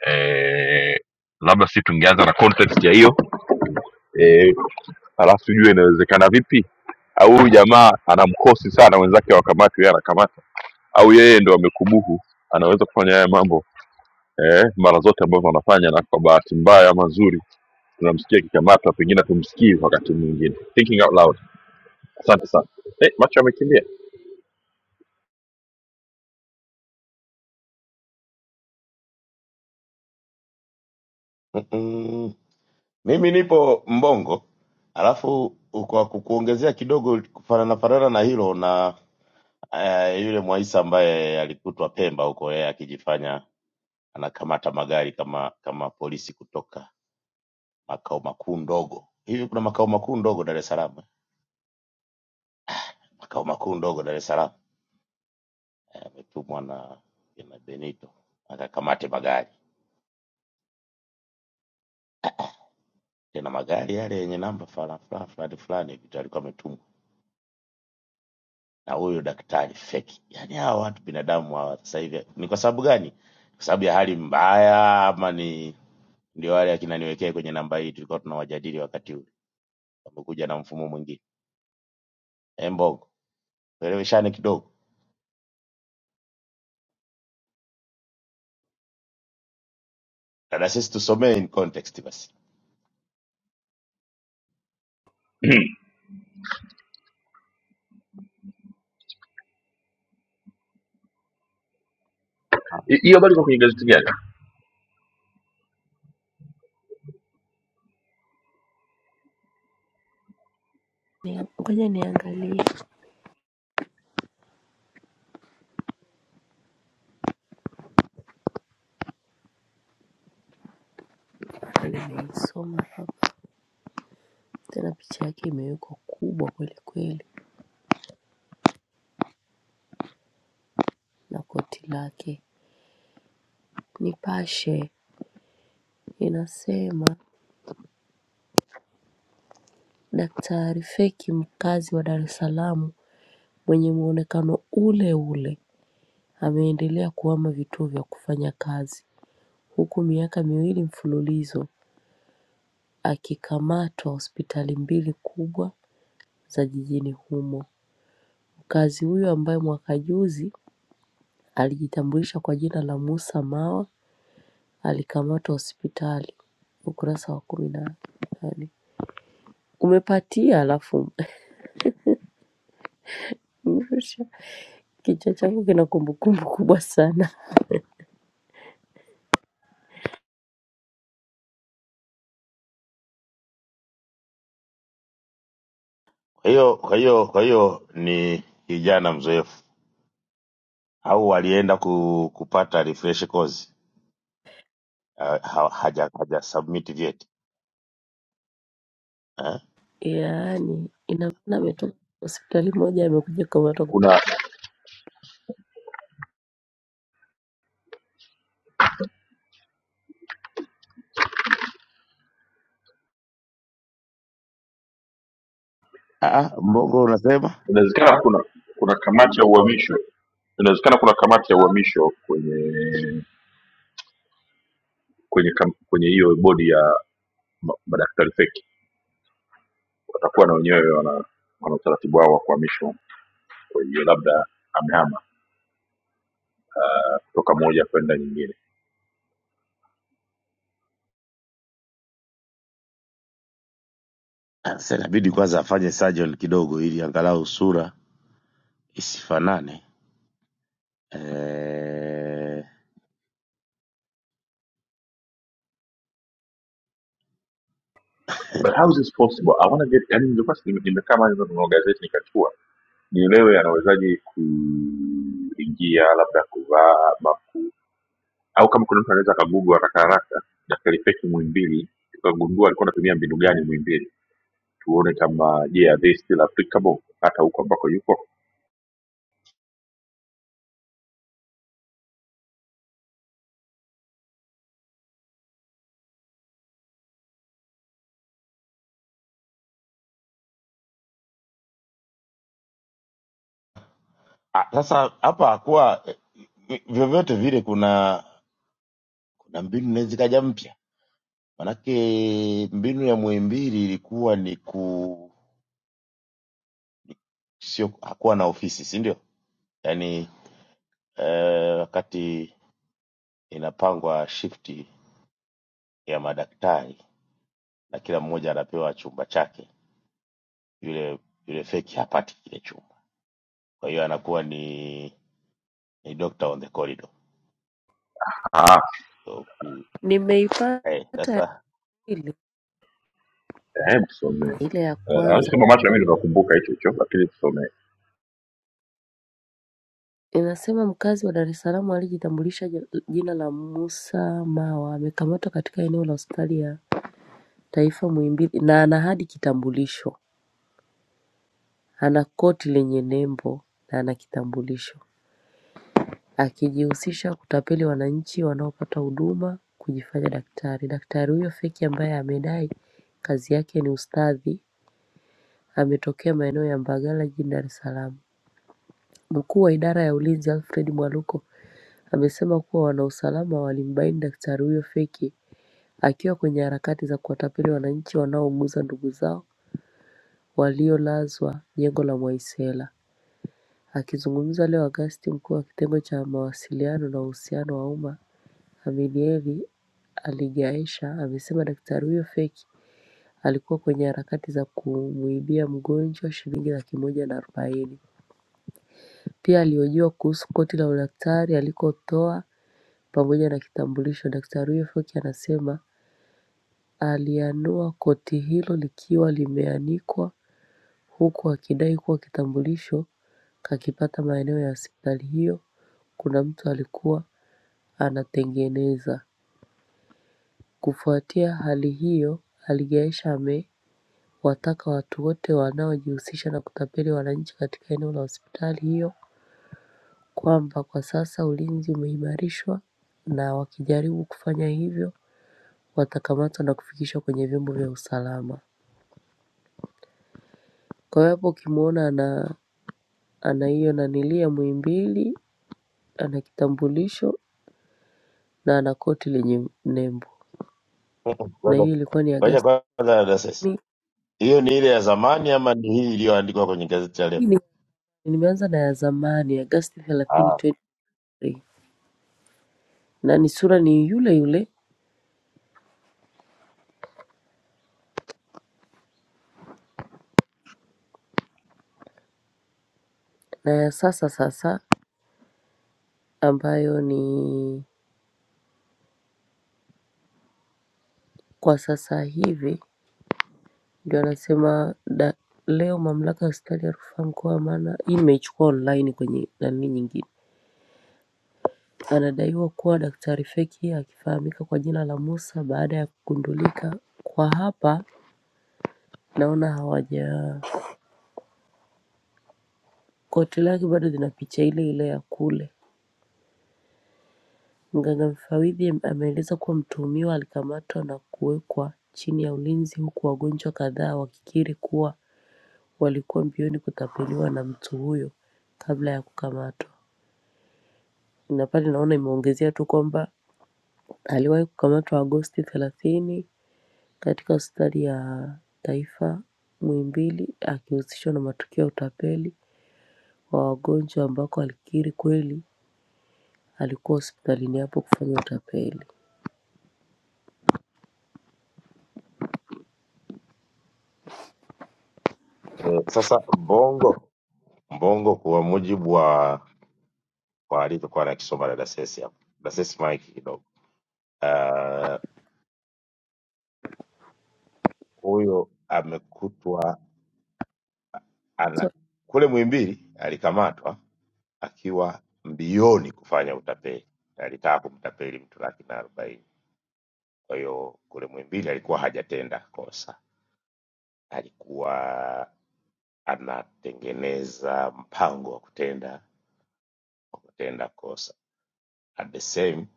Speaker 1: eh, labda si tungeanza na context ya hiyo eh, alafu tujue inawezekana vipi au huyu jamaa ana mkosi sana wenzake wakamati yeye anakamata au yeye ndo amekubuhu anaweza kufanya haya mambo eh, mara zote ambavyo wanafanya, na kwa bahati mbaya ama nzuri tunamsikia kikamatwa, pengine tumsikii wakati mwingine. Thinking out loud. Asante sana. Eh, macho amekimbia.
Speaker 6: Mm-mm. Mimi nipo Mbongo, alafu kwa kukuongezea kidogo kufanana fanana na hilo na Eh, yule Mwaisa ambaye alikutwa Pemba huko yeye akijifanya anakamata magari kama kama polisi kutoka makao makuu ndogo. Hivi kuna makao makuu ndogo Dar es Salaam? eh? Makao makuu ndogo Dar es Salaam Eh, ametumwa na na Benito akakamate magari, tena magari yale yenye namba fulani fulani fulani fulani hivi ndio alikuwa ametumwa na huyo daktari feki. Yaani hawa watu binadamu hawa sasa hivi ni kwa sababu gani? Kwa sababu ya hali mbaya ama ni ndio wale akina niwekee kwenye namba hii tulikuwa tunawajadili wakati huu wamekuja na mfumo mwingine Eh, mbogo tueleweshane kidogo dada sisi tusomee in context basi
Speaker 1: Hi- Hiyo habari iko kwenye gazeti gani?
Speaker 2: Ni- Ngoja niangalie nimeisoma hapa. Tena picha yake imewekwa kubwa kweli kweli na koti lake. Nipashe inasema daktari feki mkazi wa Dar es Salaam mwenye muonekano ule ule ameendelea kuhama vituo vya kufanya kazi huku miaka miwili mfululizo akikamatwa hospitali mbili kubwa za jijini humo. Mkazi huyo ambaye mwaka juzi alijitambulisha kwa jina la Mussa Mawa alikamatwa hospitali ukurasa wa kumi na nane umepatia alafu [LAUGHS] umerusha kichwa changu kina kumbukumbu kubwa sana
Speaker 6: kwa hiyo kwa hiyo kwa hiyo ni kijana mzoefu au walienda ku, kupata refresh course ha, ha- haja haja submit vyeti eh?
Speaker 2: yaani ina maana ametoka hospitali moja amekuja kamatwa
Speaker 1: Kuna
Speaker 6: Ah, mbogo unasema
Speaker 1: inawezekana kuna kuna kamati ya uhamisho, inawezekana kuna kamati ya uhamisho kwenye kwenye kam, kwenye hiyo bodi ya ma- madaktari feki, watakuwa na wenyewe wana wana utaratibu wao wa kuhamishwa. Kwa hiyo labda amehama kutoka moja kwenda nyingine
Speaker 6: Ah, sasa inabidi kwanza afanye surgeon kidogo ili angalau sura isifanane eh...
Speaker 1: But how is this possible? I want to get yani nilikuwa si- nime- nimekaa mali nimenunua gazeti nikachukua nielewe anawezaje kuingia labda kuvaa ma- au kama kuna mtu anaweza akagugu haraka haraka na kalifeki Muhimbili tukagundua alikuwa anatumia mbinu gani Muhimbili tuone kama je are they still applicable hata huko ambako yuko
Speaker 6: Ah, sasa hapa hakuwa eh, vyovyote vile kuna kuna mbinu inaweza ikaja mpya Manake mbinu ya Muhimbili ilikuwa ni ku sio hakuwa na ofisi, si ndio? Yaani eh, wakati inapangwa shifti ya madaktari na kila mmoja anapewa chumba chake, yule yule feki hapati kile chumba, kwa hiyo anakuwa ni ni doctor on the corridor.
Speaker 1: ah
Speaker 6: So, ki-
Speaker 2: nimeipata
Speaker 6: eh,
Speaker 2: ya
Speaker 6: sasa
Speaker 2: pili
Speaker 1: eh tusomee
Speaker 2: ile ya
Speaker 1: uh,
Speaker 2: kwanza
Speaker 1: kama macho na mimi nikakumbuka hicho hicho lakini tusomee
Speaker 2: inasema mkazi wa Dar es Salaam alijitambulisha ja- jina la Musa Mawa amekamatwa katika eneo la hospitali ya taifa Muhimbili na ana hadi kitambulisho ana koti lenye nembo na ana kitambulisho akijihusisha kutapeli wananchi wanaopata huduma kujifanya daktari. Daktari huyo feki ambaye amedai kazi yake ni ustadhi ametokea maeneo ya Mbagala jijini Dar es Salaam. Mkuu wa idara ya ulinzi Alfred Mwaluko amesema kuwa wanausalama walimbaini daktari huyo feki akiwa kwenye harakati za kuwatapeli wananchi wanaouguza ndugu zao waliolazwa jengo la Mwaisela. Akizungumza leo Agosti mkuu wa kitengo cha mawasiliano na uhusiano wa umma Aminieri aligaisha amesema daktari huyo feki alikuwa kwenye harakati za kumuibia mgonjwa shilingi laki moja na arobaini. Pia alihojiwa kuhusu koti la udaktari alikotoa pamoja na kitambulisho. Daktari huyo feki anasema alianua koti hilo likiwa limeanikwa huku akidai kuwa kitambulisho kakipata maeneo ya hospitali hiyo, kuna mtu alikuwa anatengeneza. Kufuatia hali hiyo, aligaisha ame kuwataka watu wote wanaojihusisha na kutapeli wananchi katika eneo la hospitali hiyo kwamba kwa sasa ulinzi umeimarishwa na wakijaribu kufanya hivyo watakamatwa na kufikishwa kwenye vyombo vya usalama. Kwa hiyo hapo ukimwona ana ana hiyo nanilii ya muimbili, ana kitambulisho na ana koti lenye nembo
Speaker 6: [LAUGHS]
Speaker 2: na
Speaker 6: ngoja
Speaker 2: hiyo ilikuwa ni
Speaker 6: ngoja
Speaker 2: Agasti
Speaker 6: kwanza dasesi, hiyo ni ile ya zamani ama ni hii iliyoandikwa kwenye gazeti ya leo?
Speaker 2: hii nimeanza na ya zamani Agasti thelathini
Speaker 6: Ah,
Speaker 2: 2023 na ishirini na tatu. Na ni sura ni yule yule na ya sasa sasa ambayo ni kwa sasa hivi ndio anasema da, leo mamlaka ya hospitali ya rufaa mkoa wa Mara hii nimeichukua online kwenye nani nyingine. Anadaiwa kuwa daktari feki akifahamika kwa jina la Musa baada ya kugundulika kwa hapa naona hawaja koti lake bado lina picha ile ile ya kule. Mganga mfawidhi ameeleza kuwa mtuhumiwa alikamatwa na kuwekwa chini ya ulinzi huku wagonjwa kadhaa wakikiri kuwa walikuwa mbioni kutapeliwa na mtu huyo kabla ya kukamatwa. Na pale naona imeongezea tu kwamba aliwahi kukamatwa Agosti thelathini katika hospitali ya taifa Muhimbili akihusishwa na matukio ya utapeli wa wagonjwa ambako alikiri kweli alikuwa hospitalini hapo kufanya utapeli.
Speaker 6: eh, sasa Mbongo Mbongo kwa mujibu wa kwa alivyokuwa anakisoma dada Sesi hapo, dada Sesi maiki kidogo. Ah, Huyo amekutwa
Speaker 2: So,
Speaker 6: ana kule Muhimbili, alikamatwa akiwa mbioni kufanya utapeli, alitaka kumtapeli mtu laki na arobaini. Kwa hiyo kule Muhimbili alikuwa hajatenda kosa, alikuwa anatengeneza mpango wa kutenda wa kutenda kosa. At the same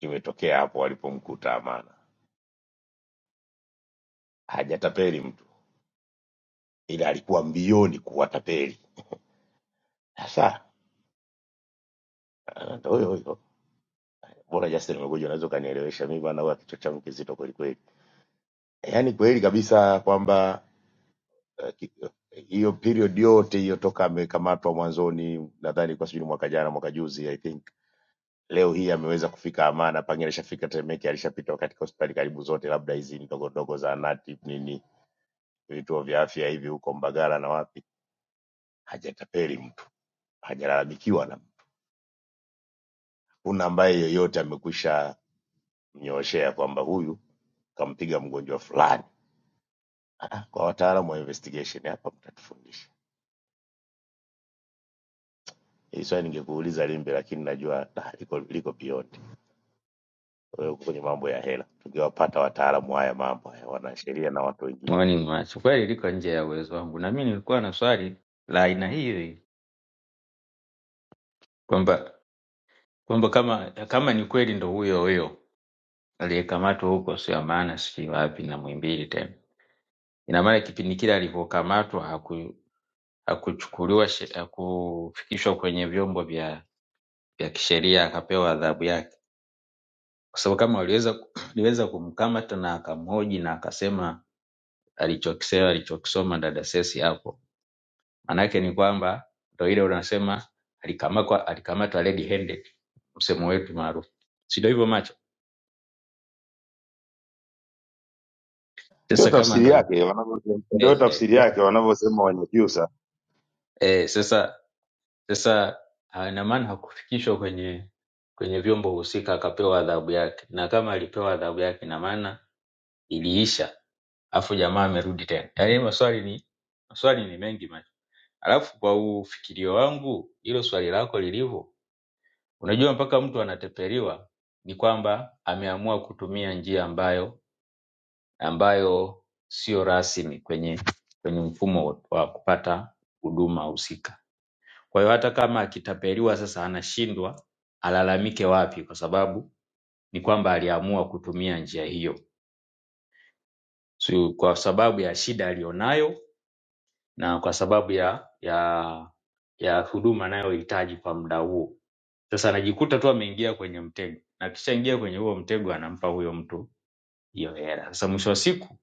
Speaker 6: imetokea hapo alipomkuta Amana, hajatapeli mtu, ila alikuwa mbioni kuwatapeli. Sasa Ah, ndo huyo huyo bora Justin umekuja, unaweza ukanielewesha mimi, maana huwa kichwa changu kizito kweli kweli. Yaani kweli kabisa kwamba eh, ki- eh, hiyo period yote hiyo toka amekamatwa mwanzoni, nadhani kwa sijui ni mwaka jana mwaka juzi I think leo hii ameweza kufika Amana, Pange alishafika Temeke, alishapita katika hospitali karibu zote, labda hizi ndogo ndogo za anati nini, vituo vya afya hivi huko Mbagala na wapi, hajatapeli mtu, hajalalamikiwa na mtu. Hakuna ambaye yeyote amekwisha mnyooshea kwamba huyu kampiga mgonjwa fulani [LAUGHS] Ah, ah, kwa wataalamu wa investigation hapa mtatufundisha. Hili swali ningekuuliza Limbe, lakini najua [LAUGHS] ah, liko liko beyond. Wewe uko kwenye mambo ya hela. Tungewapata wataalamu haya mambo haya, wanasheria na watu wengine.
Speaker 7: Morning Macho, kweli liko nje ya uwezo wangu, na mimi nilikuwa na swali la aina hiyo hiyo kwamba kwamba kama kama ni kweli ndo huyo huyo aliyekamatwa huko, sio maana sijui wapi na Muhimbili tena, ina maana kipindi kile alivyokamatwa haku- hakuchukuliwa she- hakufikishwa kwenye vyombo vya vya kisheria akapewa adhabu yake, kwa sababu kama waliweza [CLEARS THROAT] waliweza kumkamata na akamhoji na akasema alichokisema alichokisoma dada Sesi hapo Maanake ni kwamba ndo ile unasema alikamatwa alikamatwa red handed, msemo wetu maarufu, si ndio hivyo macho?
Speaker 6: Ndio
Speaker 7: Sasa kama
Speaker 6: tafsiri
Speaker 7: ndo
Speaker 6: yake wanavyosema, ndio
Speaker 7: eh, eh,
Speaker 6: tafsiri yake wanavyosema wenye Piusa.
Speaker 7: eh, sasa sasa ah, ina maana hakufikishwa kwenye kwenye vyombo husika akapewa adhabu yake, na kama alipewa adhabu yake, ina maana iliisha, afu jamaa amerudi tena. Yaani maswali ni maswali ni mengi macho. Alafu kwa ufikirio wangu, hilo swali lako lilivyo unajua mpaka mtu anateperiwa ni kwamba ameamua kutumia njia ambayo ambayo sio rasmi kwenye kwenye mfumo wa kupata huduma husika kwa hiyo hata kama akitapeliwa sasa anashindwa alalamike wapi kwa sababu ni kwamba aliamua kutumia njia hiyo so, kwa sababu ya shida aliyonayo na kwa sababu ya ya ya huduma anayohitaji kwa muda huo. Sasa anajikuta tu ameingia kwenye mtego, na akishaingia kwenye huo mtego anampa huyo mtu hiyo hela. Sasa mwisho wa siku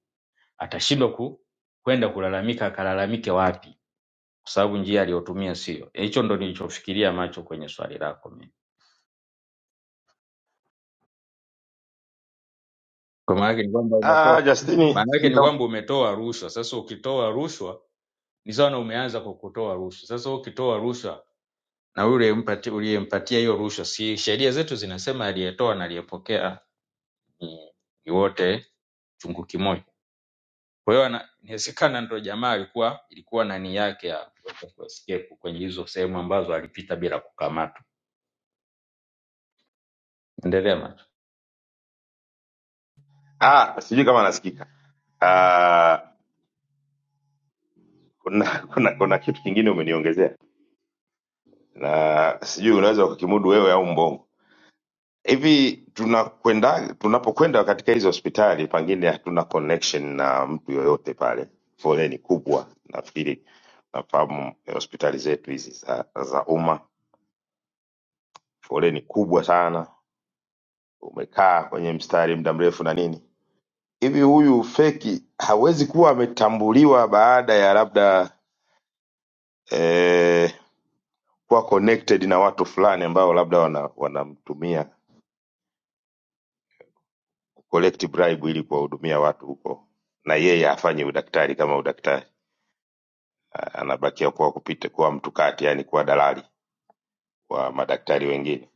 Speaker 7: atashindwa ku kwenda kulalamika, akalalamike wapi? Kwa sababu njia aliyotumia sio. Hicho ndo nilichofikiria macho kwenye swali lako mimi. Kwa maana yake ni kwamba umetoa,
Speaker 6: Ah, Justini
Speaker 7: maana yake ni
Speaker 6: nitam-
Speaker 7: kwamba umetoa rushwa. Sasa ukitoa rushwa ni sawa na umeanza kwa kutoa rushwa. Sasa ukitoa rushwa na yule mpatia- uliyempatia hiyo rushwa, si sheria zetu zinasema aliyetoa na aliyepokea ni, ni wote chungu kimoja. Kwa hiyo ana- inawezekana ndo jamaa alikuwa ilikuwa nani yake ya kuweza kuescape kwenye hizo sehemu ambazo alipita bila kukamatwa. Endelea macho.
Speaker 6: ah, sijui kama nasikika. Ah, kuna, kuna kuna kitu kingine umeniongezea na sijui unaweza ukakimudu wewe au mbongo. hivi tunakwenda tunapokwenda katika hizi hospitali pengine hatuna connection na mtu yoyote pale foleni kubwa nafikiri nafahamu eh, hospitali zetu hizi za, za umma foleni kubwa sana umekaa kwenye mstari muda mrefu na nini hivi huyu feki hawezi kuwa ametambuliwa baada ya labda eh, kuwa connected na watu fulani ambao labda wanamtumia wana wanamtumia collect bribe ili kuwahudumia watu huko, na yeye hafanyi udaktari kama udaktari, A- anabakia kuwa kupita kuwa mtu kati, yani kuwa dalali wa madaktari wengine,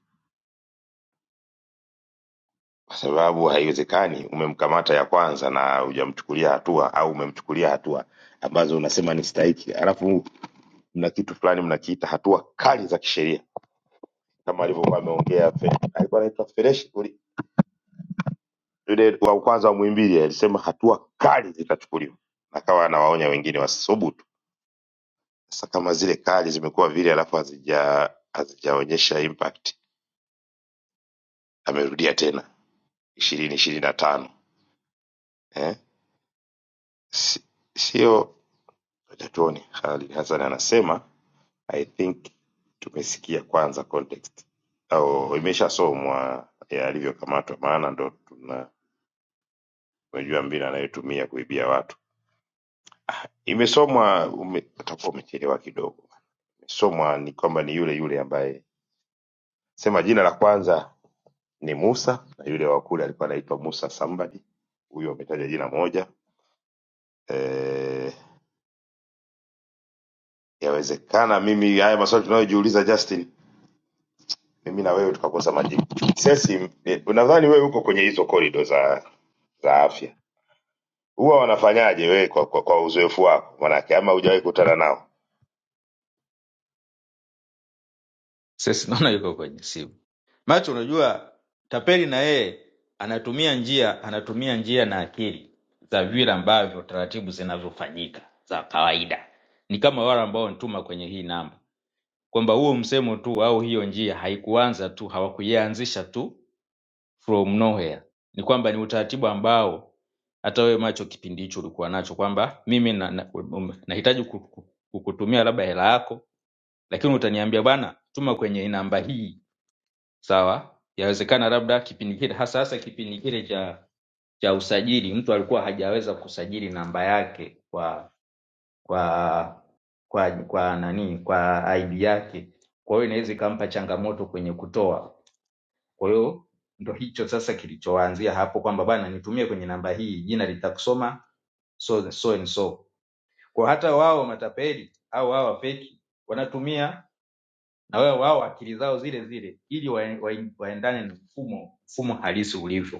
Speaker 6: kwa sababu haiwezekani umemkamata ya kwanza na hujamchukulia hatua au umemchukulia hatua ambazo unasema ni stahiki, alafu mna kitu fulani mnakiita hatua kali za kisheria kama alivyokuwa ameongea Fe- alikuwa anaitwa Fresh uli- yule wa kwanza wa Muhimbili alisema hatua kali zitachukuliwa, akawa anawaonya wengine wasisubutu Sasa kama zile kali zimekuwa vile alafu hazija hazijaonyesha impact, amerudia tena ishirini ishirini na tano eh? Si- Sio, wacha tuone. Khalid Hassan anasema I think tumesikia kwanza context au imeshasomwa ya alivyokamatwa, maana ndo tuna unajua mbinu anayotumia kuibia watu. Imesomwa ume, utakuwa umechelewa kidogo. Imesomwa ni kwamba ni yule yule ambaye sema jina la kwanza ni Musa na yule wa kule alikuwa anaitwa Musa somebody, huyo ametaja jina moja. Eh, yawezekana mimi haya maswali tunayojiuliza Justin, mimi na wewe tukakosa majibu. Sesi, eh, nadhani wewe uko kwenye hizo corridor za za afya, huwa wanafanyaje wewe kwa, kwa, kwa uzoefu wako manake, ama hujawahi kukutana nao?
Speaker 7: Sisi naona yuko kwenye simu. Macho, unajua tapeli na yeye anatumia njia anatumia njia na akili za vile ambavyo taratibu zinazofanyika za kawaida. Ni kama wale ambao wanituma kwenye hii namba kwamba huo msemo tu au hiyo njia haikuanza tu hawakuianzisha tu from nowhere ni kwamba ni utaratibu ambao hata wewe macho kipindi hicho ulikuwa nacho kwamba mimi na, na, um, nahitaji ku- ku- kukutumia labda hela yako lakini utaniambia bwana tuma kwenye namba hii sawa yawezekana labda kipindi kile hasa hasa kipindi kile cha cha usajili mtu alikuwa hajaweza kusajili namba yake kwa kwa kwa kwa nani kwa aibu yake kwa hiyo inaweza ikampa changamoto kwenye kutoa kwa hiyo ndo hicho sasa kilichoanzia hapo kwamba bana nitumie kwenye namba hii jina litakusoma so, so and so kwa hata wao matapeli au wao wapeki wanatumia na wao wao akili zao zile zile ili wae- wae- waendane na mfumo mfumo halisi ulivyo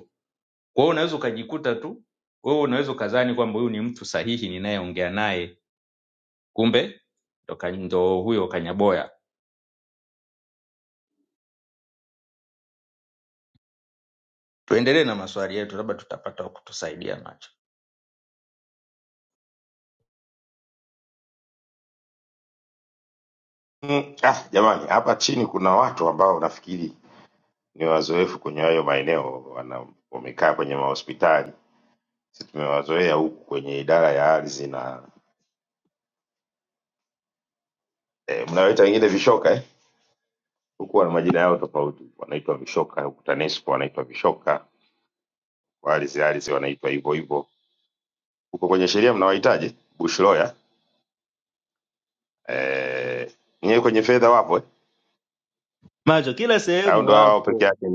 Speaker 7: kwa hiyo unaweza ukajikuta tu wewe unaweza ukadhani kwamba huyu ni mtu sahihi ninayeongea naye kumbe ndo huyo Kanyaboya. Tuendelee na maswali yetu, labda tutapata wa kutusaidia nacho.
Speaker 6: Mm, ah, jamani, hapa chini kuna watu ambao nafikiri ni wazoefu kwenye hayo maeneo, wana wamekaa kwenye mahospitali. Sisi tumewazoea huku kwenye idara ya ardhi na eh, mnawaita wengine vishoka eh? huku wana majina yao tofauti, wanaitwa vishoka huku TANESCO wanaitwa vishoka, walizi alizi wanaitwa hivyo hivyo. Huko kwenye sheria mnawaitaje? Bushroya eh, nyewe kwenye fedha wapo eh?
Speaker 7: macho kila
Speaker 6: au
Speaker 7: sehemu
Speaker 6: ndo hao hao peke
Speaker 7: wapo
Speaker 6: yake?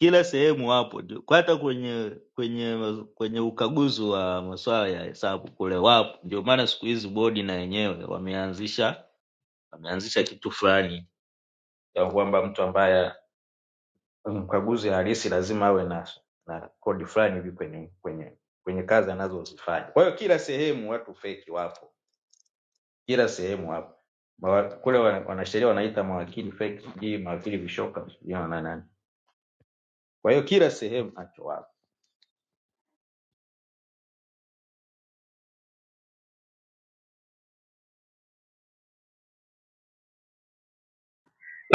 Speaker 7: kila sehemu wapo ndio. Kwa hata kwenye kwenye kwenye ukaguzi wa masuala ya hesabu kule wapo ndio maana siku hizi bodi na yenyewe wameanzisha wameanzisha kitu fulani ya kwamba mtu ambaye mkaguzi halisi lazima awe na na kodi fulani hivi kwenye kwenye kwenye kazi anazozifanya. Kwa hiyo kila sehemu watu feki wapo. kila sehemu hapa Mawa- kule wa- wanasheria wanaita mawakili fake, sijui mawakili vishoka, sijui wana nani. Kwa hiyo kila sehemu nacho wapo.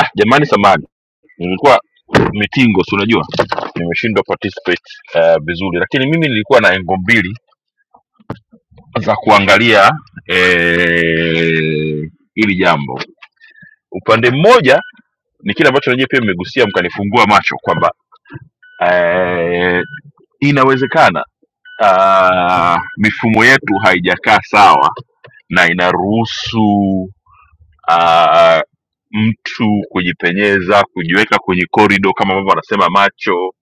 Speaker 1: ah jamani samani nilikuwa mitingo si unajua nimeshindwa participate eh, vizuri lakini mimi nilikuwa na engo mbili za kuangalia eh, hili jambo. Upande mmoja ni kile ambacho nanyewe pia mmegusia mkanifungua macho kwamba eh, inawezekana ah, mifumo yetu haijakaa sawa na inaruhusu ah, mtu kujipenyeza, kujiweka kwenye korido kama ambavyo wanasema macho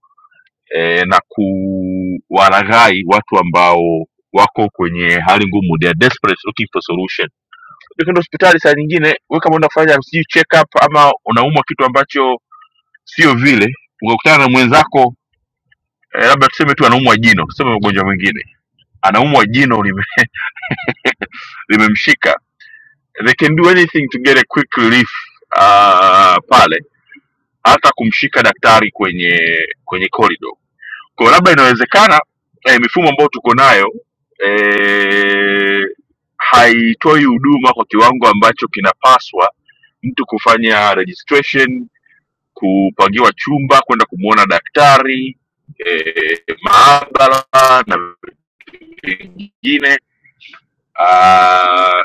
Speaker 1: eh, na kuwalaghai watu ambao wako kwenye hali ngumu, they are desperate looking for solution ndio kwenda hospitali saa nyingine wewe kama unaenda kufanya sijui check up ama unaumwa kitu ambacho sio vile ukakutana na mwenzako eh, labda tuseme tu anaumwa jino tuseme ugonjwa mwingine anaumwa jino lime- limemshika they can do anything to get a quick relief uh, pale hata kumshika daktari kwenye kwenye corridor kwa hiyo labda inawezekana eh, mifumo ambayo tuko nayo eh, haitoi huduma kwa kiwango ambacho kinapaswa mtu kufanya registration kupangiwa chumba kwenda kumwona daktari e, maabara na vingine Ah,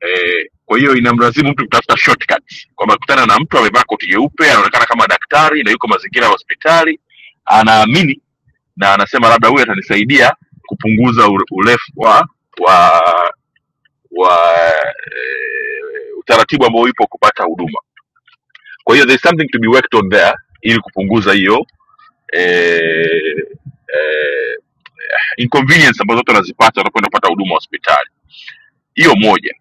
Speaker 1: eh, kwa hiyo inamlazimu mtu kutafuta shortcuts kwamba kutana na mtu amevaa koti jeupe anaonekana kama daktari na yuko mazingira ya hospitali anaamini na anasema labda huyu atanisaidia kupunguza ure- urefu wa wa wa eh, utaratibu ambao ipo kupata huduma kwa hiyo there is something to be worked on there ili kupunguza hiyo eh, eh, inconvenience ambazo watu wanazipata wanapoenda kupata huduma hospitali. Hiyo moja.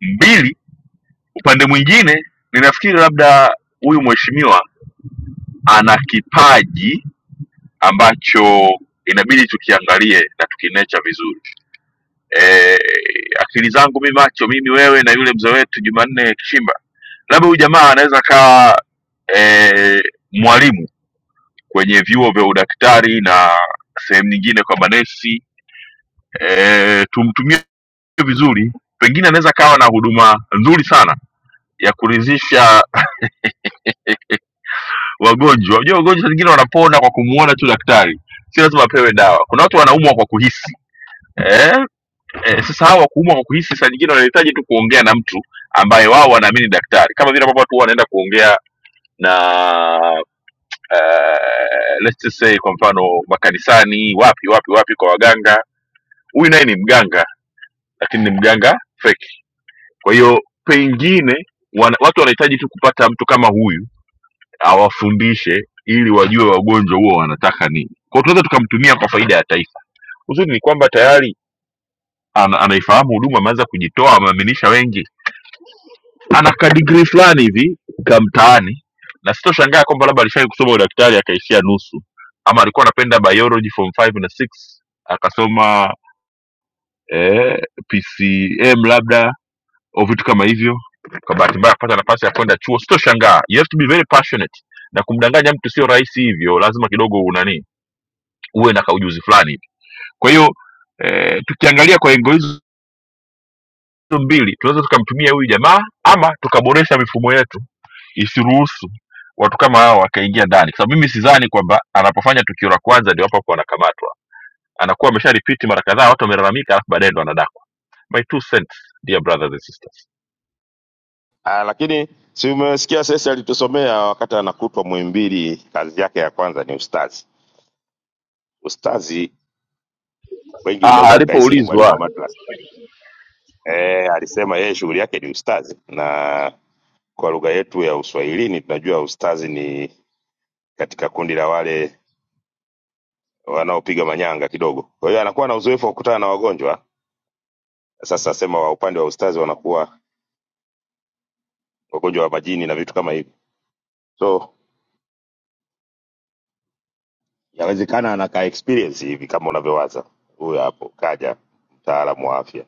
Speaker 1: Mbili, upande mwingine ninafikiri labda huyu mheshimiwa ana kipaji ambacho inabidi tukiangalie na tukinecha vizuri. E, akili zangu mi macho, mimi wewe na yule mzee wetu Jumanne Kishimba, labda huyu jamaa anaweza akawa e, mwalimu kwenye vyuo vya udaktari na sehemu nyingine kwa manesi eh, tumtumie vizuri pengine anaweza kawa na huduma nzuri sana ya kuridhisha wagonjwa unajua wagonjwa saa zingine wanapona kwa kumuona tu daktari si lazima apewe dawa kuna watu wanaumwa kwa kuhisi eh, eh, sasa hawa kuumwa kwa kuhisi saa nyingine wanahitaji tu kuongea na mtu ambaye wao wanaamini daktari kama vile ambavyo watu huwa wanaenda kuongea na eh, let's just say kwa mfano makanisani wapi wapi wapi kwa waganga huyu naye ni mganga lakini ni mganga fake Kwa hiyo pengine wana, watu wanahitaji tu kupata mtu kama huyu awafundishe ili wajue wagonjwa huo wanataka nini. Kwa hiyo tunaweza tukamtumia kwa faida ya taifa. Uzuri ni kwamba tayari ana, anaifahamu huduma, ameanza kujitoa, ameaminisha wengi, ana kadigrii fulani hivi kamtaani, na sitoshangaa kwamba labda alishawahi kusoma udaktari akaishia nusu, ama alikuwa anapenda biology form 5 na 6 akasoma eh, PCM labda au vitu kama hivyo kwa bahati mbaya kupata nafasi ya kwenda chuo sitoshangaa you have to be very passionate na kumdanganya mtu sio rahisi hivyo lazima kidogo unani uwe na kaujuzi fulani kwa hiyo eh, tukiangalia kwa engo hizo mbili tunaweza tukamtumia huyu jamaa ama tukaboresha mifumo yetu isiruhusu watu kama hawa wakaingia ndani kwa sababu mimi sidhani kwamba anapofanya tukio la kwanza ndio hapo hapo anakamatwa anakuwa amesha ripiti mara kadhaa watu wamelalamika alafu baadaye ndo anadakwa my two cents dear brothers and sisters
Speaker 6: Ah, lakini si umesikia sasa alitusomea wakati anakutwa Muhimbili, kazi yake ya kwanza ni ustazi. Ustazi wengi
Speaker 1: Ah,
Speaker 6: mnaweza mkahisi ni mwalimu
Speaker 1: alipoulizwa
Speaker 6: wa madrasa eh, alisema yeye shughuli yake ni ustazi, na kwa lugha yetu ya Uswahilini tunajua ustazi ni katika kundi la wale wanaopiga manyanga kidogo. Kwa hiyo anakuwa na uzoefu wa kukutana na wagonjwa. Sasa sema wa upande wa ustazi wanakuwa wagonjwa wa majini na vitu kama hivi, so yawezekana anakaa experience hivi kama unavyowaza. Huyo hapo kaja mtaalamu wa afya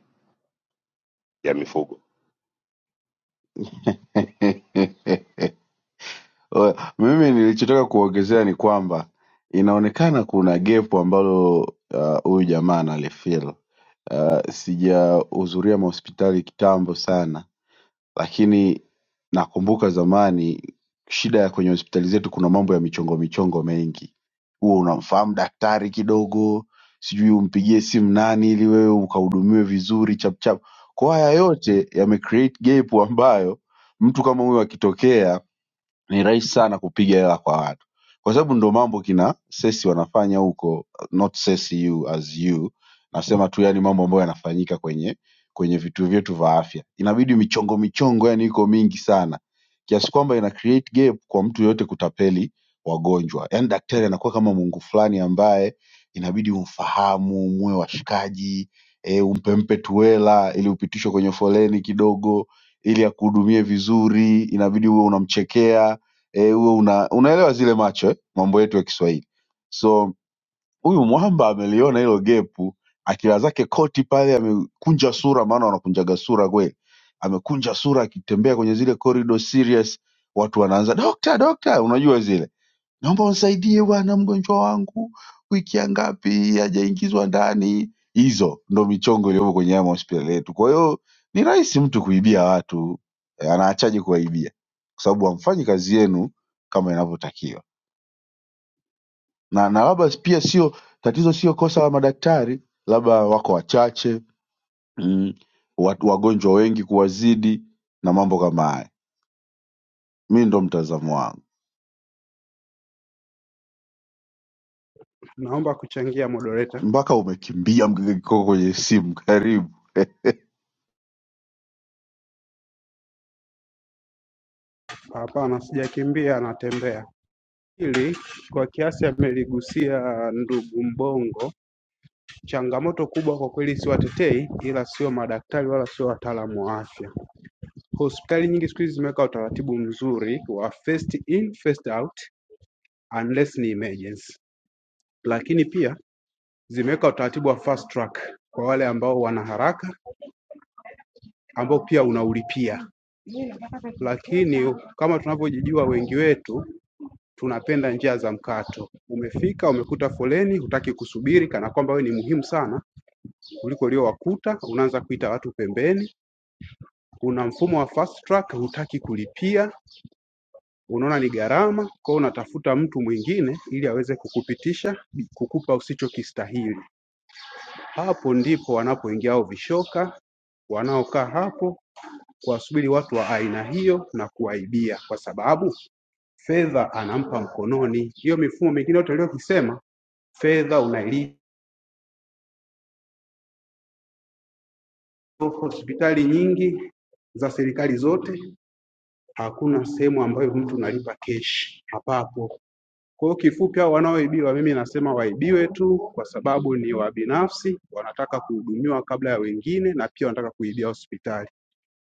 Speaker 6: ya mifugo.
Speaker 8: [LAUGHS] Mimi nilichotaka kuongezea ni kwamba inaonekana kuna gepu ambalo ah, huyu jamaa analifeel. Uh, sijahudhuria mahospitali kitambo sana, lakini nakumbuka zamani shida ya kwenye hospitali zetu kuna mambo ya michongo michongo mengi. Huwa unamfahamu daktari kidogo, sijui umpigie simu nani ili wewe ukahudumiwe vizuri chap chap. Kwa haya yote yame create gap ambayo mtu kama huyu akitokea ni rahisi sana kupiga hela kwa watu kwa sababu ndo mambo kina sesi wanafanya huko not sesi you as you nasema tu yani mambo ambayo yanafanyika kwenye kwenye vituo vyetu vya afya inabidi michongo michongo yani iko mingi sana kiasi kwamba ina create gap kwa mtu yoyote kutapeli wagonjwa yani daktari anakuwa kama mungu fulani ambaye inabidi umfahamu muwe washikaji e, umpempe tuela ili upitishwe kwenye foleni kidogo ili akuhudumie vizuri inabidi uwe unamchekea eh, huwe una, unaelewa zile macho eh, mambo yetu ya Kiswahili. So huyu mwamba ameliona hilo gepu, akila zake koti pale, amekunja sura, maana wanakunjaga sura kweli, amekunja sura akitembea kwenye zile corridor serious, watu wanaanza dokta, dokta, unajua zile naomba unisaidie bwana, mgonjwa wangu wiki ya ngapi hajaingizwa ndani. Hizo ndo michongo iliyopo kwenye haya mahospitali yetu. Kwa hiyo ni rahisi mtu kuibia watu eh, anaachaje kuwaibia? Kwa sababu hamfanyi kazi yenu kama inavyotakiwa, na na labda pia sio tatizo, sio kosa la madaktari, labda wako wachache mm, watu wagonjwa wengi kuwazidi na mambo kama haya. Mi ndo mtazamo wangu,
Speaker 9: Naomba kuchangia moderator.
Speaker 8: mpaka umekimbia mgege kikoko kwenye simu. Karibu [LAUGHS]
Speaker 9: Hapana, sijakimbia anatembea. Hili kwa kiasi ameligusia ndugu Mbongo. Changamoto kubwa kwa kweli, siwatetei, ila sio madaktari wala sio wataalamu wa afya. Hospitali nyingi siku hizi zimeweka utaratibu mzuri wa first in first out unless ni emergency, lakini pia zimeweka utaratibu wa fast track kwa wale ambao wana haraka ambao pia unaulipia, lakini kama tunavyojijua wengi wetu tunapenda njia za mkato. Umefika umekuta foleni, hutaki kusubiri, kana kwamba wewe ni muhimu sana kuliko uliowakuta. Unaanza kuita watu pembeni. Kuna mfumo wa fast track, hutaki kulipia, unaona ni gharama, kwa hiyo unatafuta mtu mwingine ili aweze kukupitisha, kukupa usichokistahili. Hapo ndipo wanapoingia hao vishoka wanaokaa hapo kuwasubiri watu wa aina hiyo na kuwaibia, kwa sababu fedha anampa mkononi. Hiyo mifumo mingine yote uliyokisema fedha unailipa. Hospitali nyingi za serikali zote hakuna sehemu ambayo mtu unalipa keshi, hapapo. Kwa hiyo kifupi, hao wanaoibiwa mimi nasema waibiwe tu, kwa sababu ni wa binafsi, wanataka kuhudumiwa kabla ya wengine, na pia wanataka kuibia hospitali.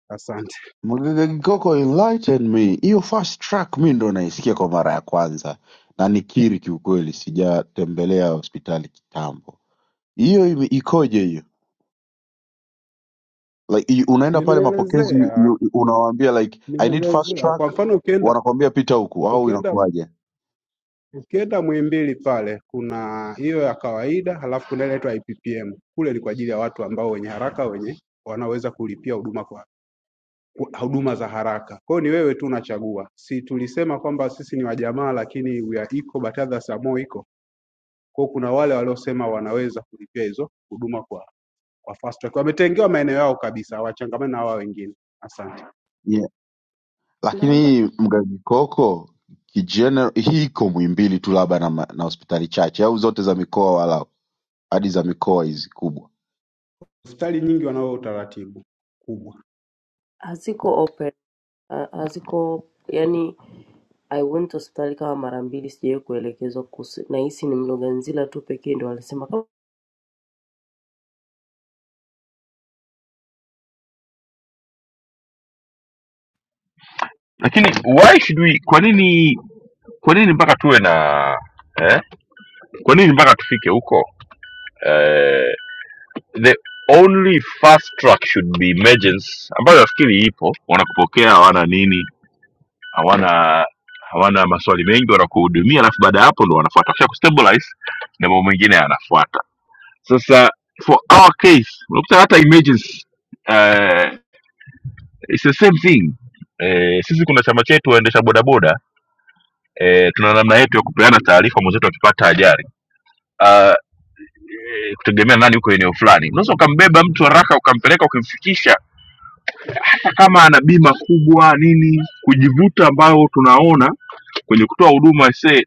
Speaker 9: Asante,
Speaker 8: Mgagakikoko enlighten me hiyo fast track mi ndo naisikia kwa mara ya kwanza na nikiri kiukweli sijatembelea hospitali kitambo hiyo ime- ikoje hiyo like i- unaenda pale mapokezi you-
Speaker 9: nimeelezea
Speaker 8: you- unawaambia like i need fast
Speaker 9: nimeelezea.
Speaker 8: track
Speaker 9: Kwa mfano ukienda
Speaker 8: wanakwambia pita huku au
Speaker 9: ukienda
Speaker 8: inakuwaje
Speaker 9: Ukienda Muhimbili pale kuna hiyo ya kawaida, halafu kuna ile inaitwa IPPM. Kule ni kwa ajili ya watu ambao wenye haraka, wenye wanaoweza kulipia huduma kwa kwa- huduma za haraka. Kwa hiyo ni wewe tu unachagua. Si tulisema kwamba sisi ni wajamaa, lakini we are equal but others are more equal. Kwa hiyo kuna wale waliosema wanaweza kulipia hizo huduma kwa kwa fast track. Wametengewa maeneo yao kabisa, hawachangamani na hawa wengine. Asante.
Speaker 8: yeah. lakini
Speaker 2: naomba
Speaker 8: hii mgagikoko kigener hii iko mwimbili tu labda na, ma- na hospitali chache au zote za mikoa wala hadi za mikoa hizi kubwa
Speaker 9: Hospitali nyingi wanao utaratibu kubwa.
Speaker 8: Okay.
Speaker 2: haziko open, ha- haziko yani I went hospitali kama mara mbili sijawahi kuelekezwa kuhusu nahisi ni Mloganzila tu pekee ndio alisema
Speaker 1: lakini why should we kwa nini kwa nini mpaka tuwe na eh? kwa nini mpaka tufike huko eh, the only fast track should be emergence ambayo nafikiri ipo wanakupokea hawana nini hawana hawana maswali mengi wanakuhudumia alafu baada ya hapo ndo wanafuata kisha kustabilize na mambo mengine yanafuata sasa for our case unakuta hata emergence eh, it's the same thing eh, sisi kuna chama chetu waendesha bodaboda e, tuna namna yetu ya kupeana taarifa mwenzetu akipata ajali uh, e, kutegemea nani yuko eneo fulani. Unaweza ukambeba mtu haraka ukampeleka ukimfikisha, hata kama ana bima kubwa nini, kujivuta ambayo tunaona kwenye kutoa huduma se,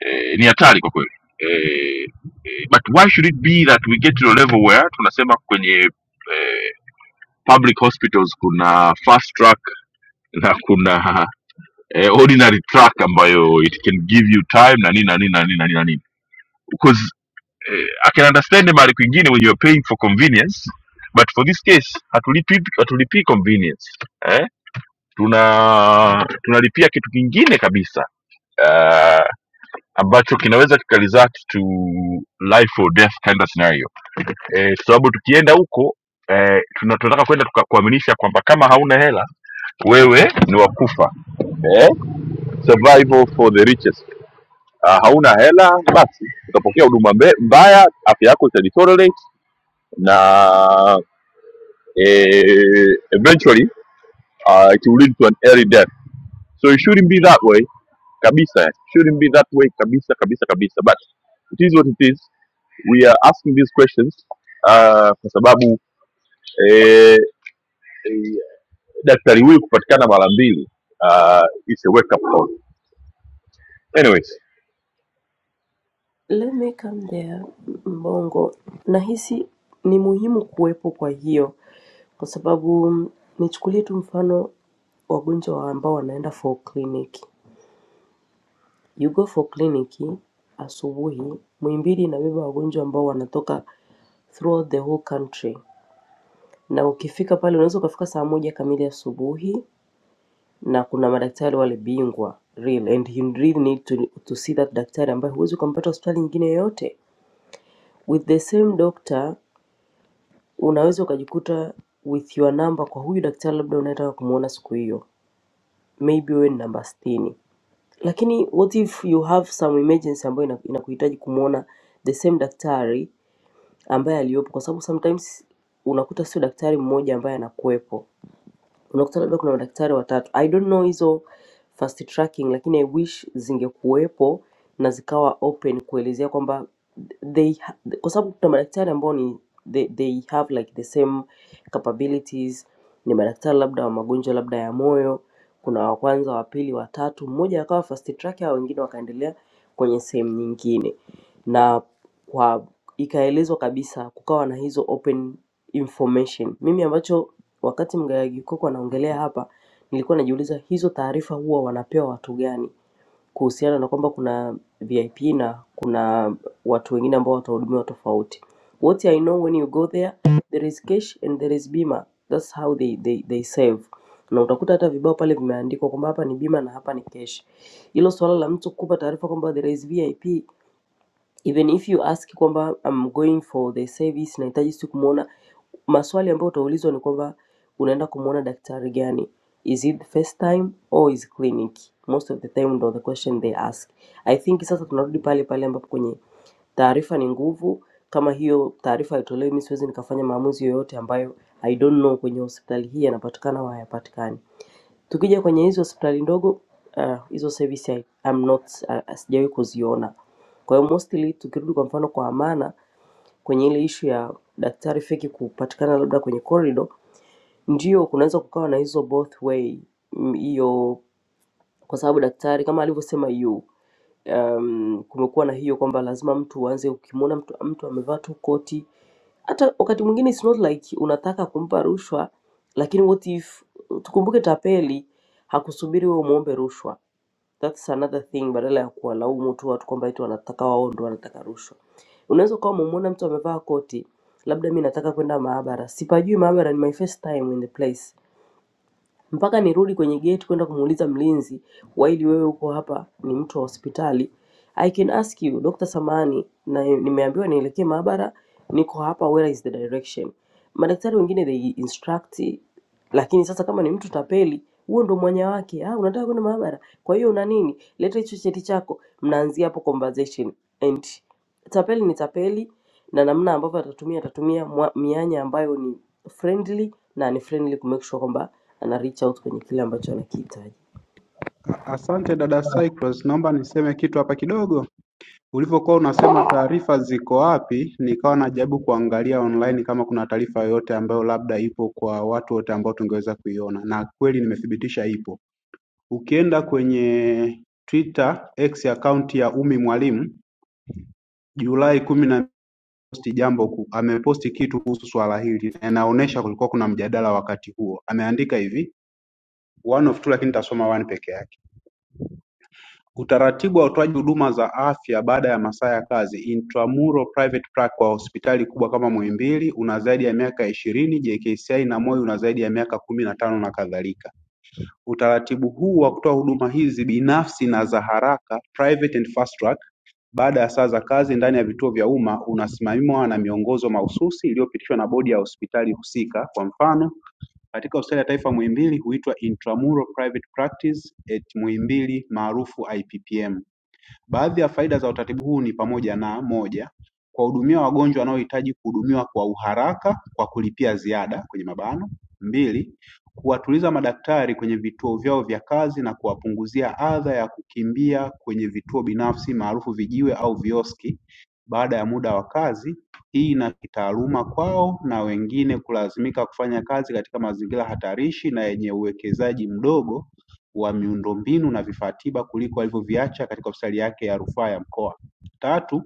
Speaker 1: e, ni hatari kwa kweli e, Eh, but why should it be that we get to a level where tunasema kwenye eh, public hospitals kuna fast track na kuna eh, ordinary track ambayo it can give you time na nini na nini na nini na nini na nini because eh, I can understand mahali kwingine when you are paying for convenience but for this case hatulipi hatulipii convenience eh? tuna tunalipia kitu kingine kabisa uh, ambacho kinaweza kikaresult to life or death kind of scenario eh, kwa sababu tukienda huko eh, tuna- tunataka kwenda tuka- kuaminisha kwamba kama hauna hela wewe ni wakufa eh? survival for the richest uh, hauna hela basi utapokea huduma mbe- mbaya afya yako itadeteriorate na eh, eventually uh, it will lead to an early death so it shouldn't be that way kabisa It shouldn't be that way kabisa kabisa kabisa but it is what it is we are asking these questions uh, kwa sababu eh, eh, daktari huyu kupatikana mara mbili uh, it's a wake up call anyways
Speaker 2: Let me come there Mbongo, nahisi ni muhimu kuwepo kwa hiyo, kwa sababu mm, nichukulie tu mfano wagonjwa ambao wanaenda for clinic. You go for clinic asubuhi, Muhimbili inabeba wagonjwa ambao wanatoka throughout the whole country, na ukifika pale unaweza ukafika saa moja kamili asubuhi, na kuna madaktari wale bingwa real and you really need to, to see that daktari ambaye huwezi ukampata hospitali nyingine yoyote with the same doctor unaweza ukajikuta with your number kwa huyu daktari labda unayetaka kumuona siku hiyo, maybe wewe ni namba sitini, lakini what if you have some emergency ambayo ina- inakuhitaji kumuona the same daktari ambaye aliyopo, kwa sababu sometimes unakuta sio daktari mmoja ambaye anakuwepo unakutana labda kuna madaktari watatu i don't know hizo fast tracking lakini i wish zingekuwepo na zikawa open kuelezea kwamba they ha- kwa sababu kuna madaktari ambao ni they, they have like the same capabilities ni madaktari labda wa magonjwa labda ya moyo kuna wa kwanza wa pili wa tatu mmoja akawa fast track hao wengine wakaendelea kwenye sehemu nyingine na kwa ikaelezwa kabisa kukawa na hizo open information mimi ambacho Wakati Mgaya Gikoko anaongelea hapa, nilikuwa najiuliza hizo taarifa huwa wanapewa watu gani kuhusiana na kwamba kuna VIP na kuna watu wengine ambao watahudumiwa tofauti. What I know when you go there, there is cash and there is bima. That's how they, they, they save. Na utakuta hata vibao pale vimeandikwa kwamba hapa ni bima na hapa ni cash. Hilo swala la mtu kukupa taarifa kwamba there is VIP even if you ask kwamba I'm going for the service, nahitaji si kumwona, maswali ambayo utaulizwa ni kwamba unaenda kumwona daktari gani, is it first time or is clinic? Most of the time ndo the question they ask. I think sasa tunarudi pale pale ambapo kwenye taarifa ni nguvu. Kama hiyo taarifa haitolewi, mimi siwezi nikafanya maamuzi yoyote ambayo I don't know kwenye hospitali hii yanapatikana au hayapatikani. Tukija kwenye hizi hospitali ndogo ah, hizo uh, service I, I'm not ah, sijawahi kuziona. Kwa hiyo mostly tukirudi kwa mfano kwa Amana kwenye ile ishu ya daktari feki kupatikana labda kwenye corridor, ndio kunaweza kukawa na hizo both way mm, hiyo kwa sababu daktari kama alivyosema yu um, kumekuwa na hiyo kwamba lazima mtu uanze ukimwona mtu, mtu amevaa tu koti. Hata wakati mwingine it's not like unataka kumpa rushwa, lakini what if, tukumbuke tapeli hakusubiri wewe umwombe rushwa. That's another thing, badala ya kuwalaumu tu watu kwamba eti wanataka wao ndio wanataka rushwa. Unaweza ukawa umemwona mtu amevaa koti, labda mi nataka kwenda maabara, sipajui maabara, ni my first time in the place mpaka nirudi kwenye gate kwenda kumuuliza mlinzi, while wewe uko hapa ni mtu wa hospitali. I can ask you Dr. Samani, na nimeambiwa nielekee maabara, niko hapa, where is the direction? Madaktari wengine they instruct, lakini sasa kama ni mtu tapeli, huo ndo mwanya wake. Ah, unataka kwenda maabara, kwa hiyo una nini? Leta hicho cheti chako. Mnaanzia hapo conversation and tapeli ni tapeli na namna ambavyo atatumia atatumia mwa- mianya ambayo ni friendly na ni friendly kumake sure kwamba ana reach out kwenye kile ambacho anakihitaji
Speaker 9: A- Asante dada Cyclos, naomba niseme kitu hapa kidogo. Ulivyokuwa unasema taarifa ziko wapi, nikawa najaribu kuangalia online kama kuna taarifa yoyote ambayo labda ipo kwa watu wote ambao tungeweza kuiona, na kweli nimethibitisha ipo. Ukienda kwenye Twitter X account ya Umi Mwalimu Julai kumi na posti jambo ku, ameposti kitu kuhusu swala hili na inaonyesha kulikuwa kuna mjadala wakati huo. Ameandika hivi one of two, lakini nitasoma one peke yake. Utaratibu wa utoaji huduma za afya baada ya masaa ya kazi Intramural Private Practice kwa hospitali kubwa kama Muhimbili una zaidi ya miaka ishirini, JKCI na Moi una zaidi ya miaka kumi na tano na kadhalika. Utaratibu huu wa kutoa huduma hizi binafsi na za haraka private and fast track baada ya saa za kazi ndani ya vituo vya umma unasimamiwa na miongozo mahususi iliyopitishwa na bodi ya hospitali husika kwa mfano katika hospitali ya taifa Muhimbili huitwa Intramural Private Practice at Muhimbili maarufu IPPM. Baadhi ya faida za utaratibu huu ni pamoja na moja, kuwahudumia wagonjwa wanaohitaji kuhudumiwa kwa uharaka kwa kulipia ziada kwenye mabano. mbili, kuwatuliza madaktari kwenye vituo vyao vya kazi na kuwapunguzia adha ya kukimbia kwenye vituo binafsi maarufu vijiwe au vioski baada ya muda wa kazi. Hii na kitaaluma kwao na wengine kulazimika kufanya kazi katika mazingira hatarishi na yenye uwekezaji mdogo wa miundombinu na vifaa tiba kuliko alivyoviacha katika hospitali yake ya rufaa ya mkoa. Tatu,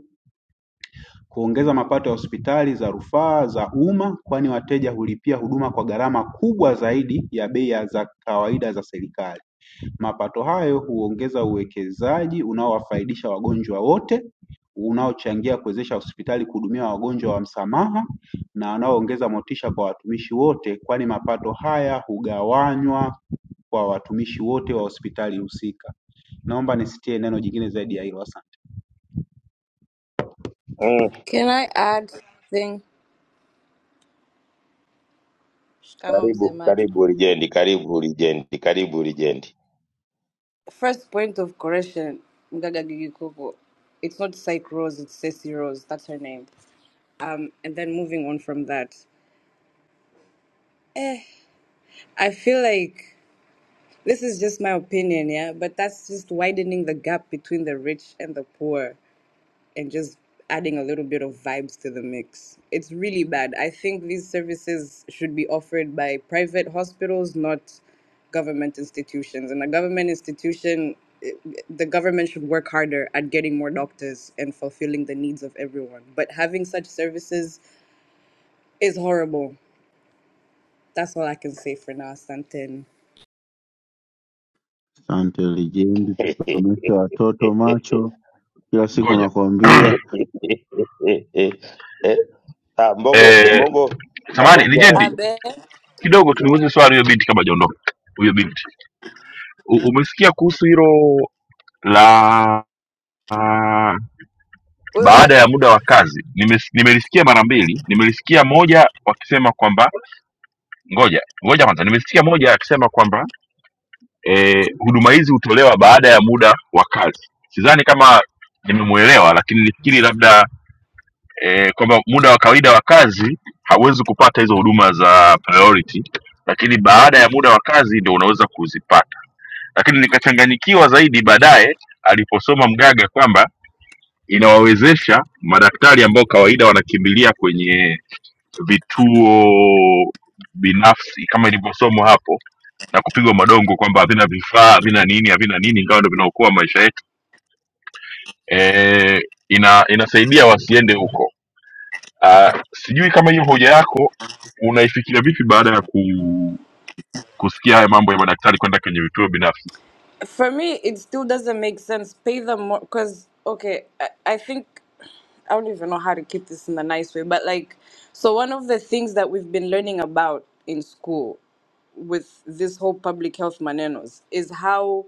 Speaker 9: kuongeza mapato ya hospitali za rufaa za umma kwani wateja hulipia huduma kwa gharama kubwa zaidi ya bei za kawaida za serikali. Mapato hayo huongeza uwekezaji unaowafaidisha wagonjwa wote, unaochangia kuwezesha hospitali kuhudumia wagonjwa wa msamaha na wanaoongeza motisha kwa watumishi wote kwani mapato haya hugawanywa kwa watumishi wote wa hospitali husika. Naomba nisitie neno jingine zaidi ya hilo asante.
Speaker 6: Mm,
Speaker 5: Can I add something? Shikamoo, Mzee
Speaker 6: karibu
Speaker 5: Macho.
Speaker 6: karibu lijendi, karibu lijendi, karibu lijendi.
Speaker 5: First point of correction, Mgaga Gigi Kuku. It's not Psych Rose, it's Ceci Rose. That's her name. Um, and then moving on from that. Eh, I feel like this is just my opinion, yeah, but that's just widening the gap between the rich and the poor and just adding a little bit of vibes to the mix. It's really bad. I think these services should be offered by private hospitals, not government institutions. And a government institution, it- the government should work harder at getting more doctors and fulfilling the needs of everyone. But having such services is horrible. That's all I can say for now, Santin.
Speaker 8: Asante lijendi
Speaker 6: [LAUGHS]
Speaker 8: kusomesha watoto macho kila siku
Speaker 1: ngoja
Speaker 8: nakwambia.
Speaker 1: [CLEARS THROAT]
Speaker 6: Eh, ah, Mbogo
Speaker 1: eh,
Speaker 6: Mbogo,
Speaker 1: samani
Speaker 6: kabla
Speaker 1: lijendi
Speaker 5: Abe,
Speaker 1: kidogo tuliuze swali huyo binti kama ajaondoka huyo binti U- umesikia kuhusu hilo la baada ya muda wa kazi nimes- nimelisikia mara mbili nimelisikia moja wakisema kwamba ngoja ngoja kwanza nimesikia moja akisema kwamba eh, huduma hizi hutolewa baada ya muda wa kazi sidhani kama nimemwelewa lakini nifikiri labda eh, kwamba muda wa kawaida wa kazi hauwezi kupata hizo huduma za priority lakini baada ya muda wa kazi ndio unaweza kuzipata lakini nikachanganyikiwa zaidi baadaye aliposoma mgaga kwamba inawawezesha madaktari ambao kawaida wanakimbilia kwenye vituo binafsi kama ilivyosomwa hapo na kupigwa madongo kwamba havina vifaa havina nini havina nini ingawa ndo vinaokoa maisha yetu e, ina inasaidia wasiende huko Ah, sijui kama hiyo hoja yako unaifikiria vipi baada ya ku, kusikia haya mambo ya madaktari kwenda kwenye vituo binafsi
Speaker 5: for me it still doesn't make sense pay them more because okay I, I think i don't even know how to keep this in a nice way but like so one of the things that we've been learning about in school with this whole public health manenos is how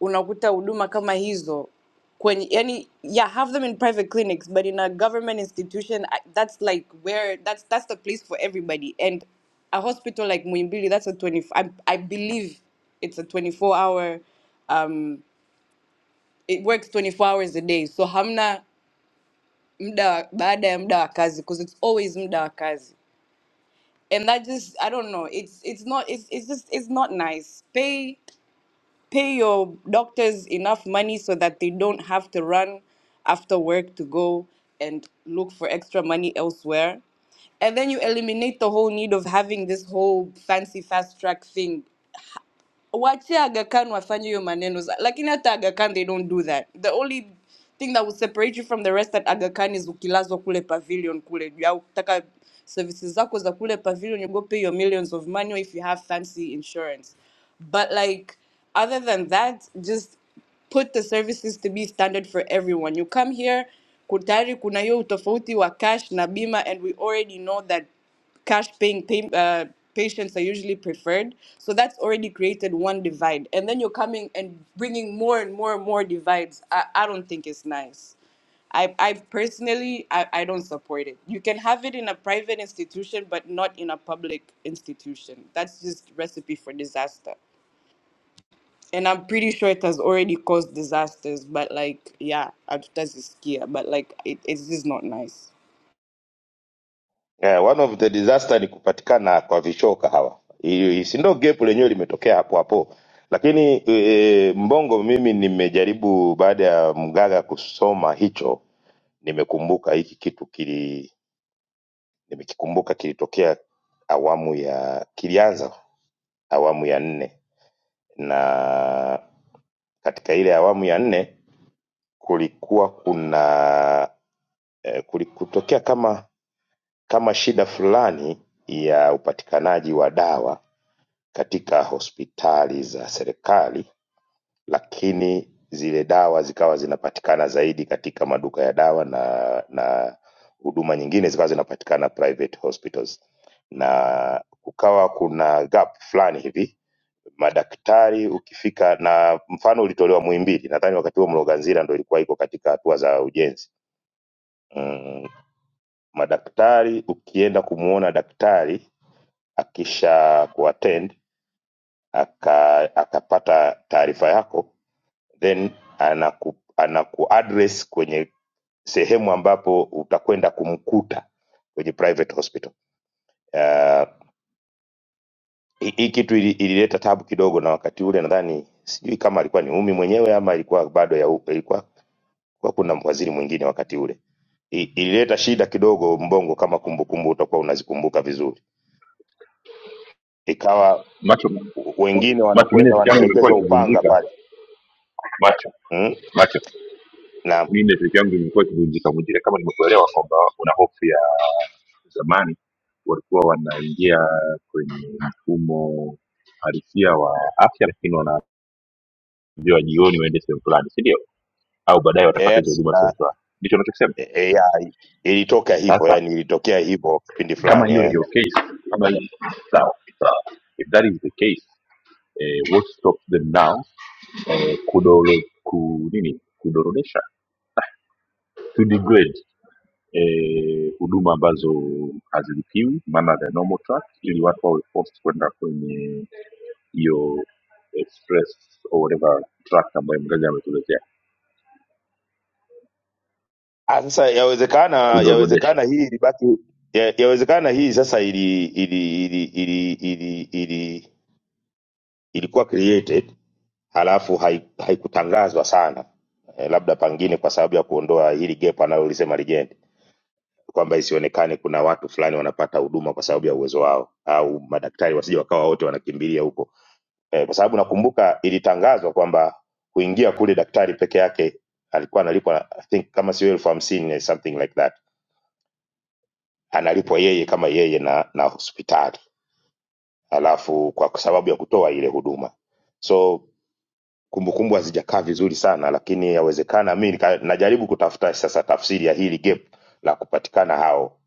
Speaker 5: unakuta huduma kama hizo kwenye yani yeah have them in private clinics but in a government institution I- that's like where that's that's the place for everybody and a hospital like Muimbili that's a 20 I, I believe it's a 24 hour um it works 24 hours a day so hamna mda wa- baada ya muda wa kazi because it's always muda wa kazi and that just I don't know it's it's not it's it's just it's not nice pay pay your doctors enough money so that they don't have to run after work to go and look for extra money elsewhere. And then you eliminate the whole need of having this whole fancy fast track thing wachia Aga Khan wafanye hiyo maneno za- lakini hata Aga Khan they don't do that the only thing that will separate you from the rest at Aga Khan is ukilazwa kule pavilion kule juu au kutaka services zako za kule pavilion you go pay your millions of money or if you have fancy insurance but like other than that just put the services to be standard for everyone. You come here, kutari kuna hiyo utofauti wa cash na bima, and we already know that cash paying pay, uh, patients are usually preferred. So that's already created one divide. And then you're coming and bringing more and more and more divides. I, I don't think it's nice. I, I personally, I, I don't support it. You can have it in a private institution, but not in a public institution. That's just recipe for disaster. And I'm pretty sure it has already caused disasters, but like, yeah, hatutazisikia, but like, it, it's just not nice.
Speaker 6: Yeah, one of the disaster ni kupatikana kwa vichoka hawa. Hii- Si ndio gap lenyewe limetokea hapo hapo, lakini e, Mbongo, mimi nimejaribu baada ya Mgaga kusoma hicho, nimekumbuka hiki kitu kili, nimekikumbuka kilitokea awamu ya kilianza awamu ya nne, na katika ile awamu ya nne kulikuwa kuna e, kulikutokea kama kama shida fulani ya upatikanaji wa dawa katika hospitali za serikali lakini zile dawa zikawa zinapatikana zaidi katika maduka ya dawa na na huduma nyingine zikawa zinapatikana private hospitals na kukawa kuna gap fulani hivi madaktari ukifika na mfano ulitolewa muhimbili nadhani wakati huo mloganzira ndo ilikuwa iko katika hatua za ujenzi mm, madaktari ukienda kumwona daktari akisha kuattend aka, akapata taarifa yako then anaku, anakuaddress kwenye sehemu ambapo utakwenda kumkuta kwenye private hospital. Uh, hii hii kitu ili- ilileta tabu kidogo, na wakati ule nadhani sijui kama alikuwa ni Umi mwenyewe ama ilikuwa bado ya upe, ilikuwa kwa kuna waziri mwingine wakati ule. I- Ilileta shida kidogo Mbongo, kama kumbukumbu utakuwa unazikumbuka vizuri. Ikawa
Speaker 1: macho
Speaker 6: wengine
Speaker 1: macho mi
Speaker 6: wanakwenda
Speaker 1: network yangu imekuwa
Speaker 6: wanaelekezwa Upanga
Speaker 1: ikivunjika
Speaker 6: pale
Speaker 1: macho
Speaker 6: mm?
Speaker 1: macho
Speaker 6: na,
Speaker 1: mi network yangu imekuwa ikivunjika vunjika kama nimekuelewa kwamba una hofu ya zamani walikuwa wanaingia kwenye mfumo halisia wa afya lakini wanaambiwa jioni waende sehemu fulani si ndio au baadaye watapata hizo
Speaker 6: yes,
Speaker 1: huduma
Speaker 6: na
Speaker 1: sehemu fulani ndicho unachokisema
Speaker 6: E- e- ya, ilitoka hivyo
Speaker 1: sasa
Speaker 6: yani ilitokea hivyo kipindi
Speaker 1: kama
Speaker 6: fulani
Speaker 1: hiyo
Speaker 6: eh.
Speaker 1: ndio case kama hii sawa sawa if that is the case eh, what stops them now eh, kudolo, ku, nini kudorodesha to degrade eh, huduma ambazo hazilipiwi maana the normal track ili watu wawe forced kwenda kwenye hiyo express or whatever track ambayo mgaga ametuletea
Speaker 6: Ah, sasa yawezekana
Speaker 1: kudogodesha
Speaker 6: yawezekana hii ilibaki ya- yawezekana hii sasa ili ili ili ili ili, ili ilikuwa created halafu hai- haikutangazwa sana eh, labda pengine kwa sababu ya kuondoa hili gap analolisema legend kwamba isionekane kuna watu fulani wanapata huduma kwa sababu ya uwezo wao au madaktari wasije wakawa wote wanakimbilia huko eh, kwa sababu nakumbuka ilitangazwa kwamba kuingia kule daktari peke yake alikuwa analipwa I think kama sio elfu hamsini eh, something like that, analipwa yeye kama yeye na, na hospitali, alafu kwa sababu ya kutoa ile huduma so kumbukumbu hazijakaa vizuri sana, lakini yawezekana mi nika- najaribu kutafuta sasa tafsiri ya hili gap la kupatikana hao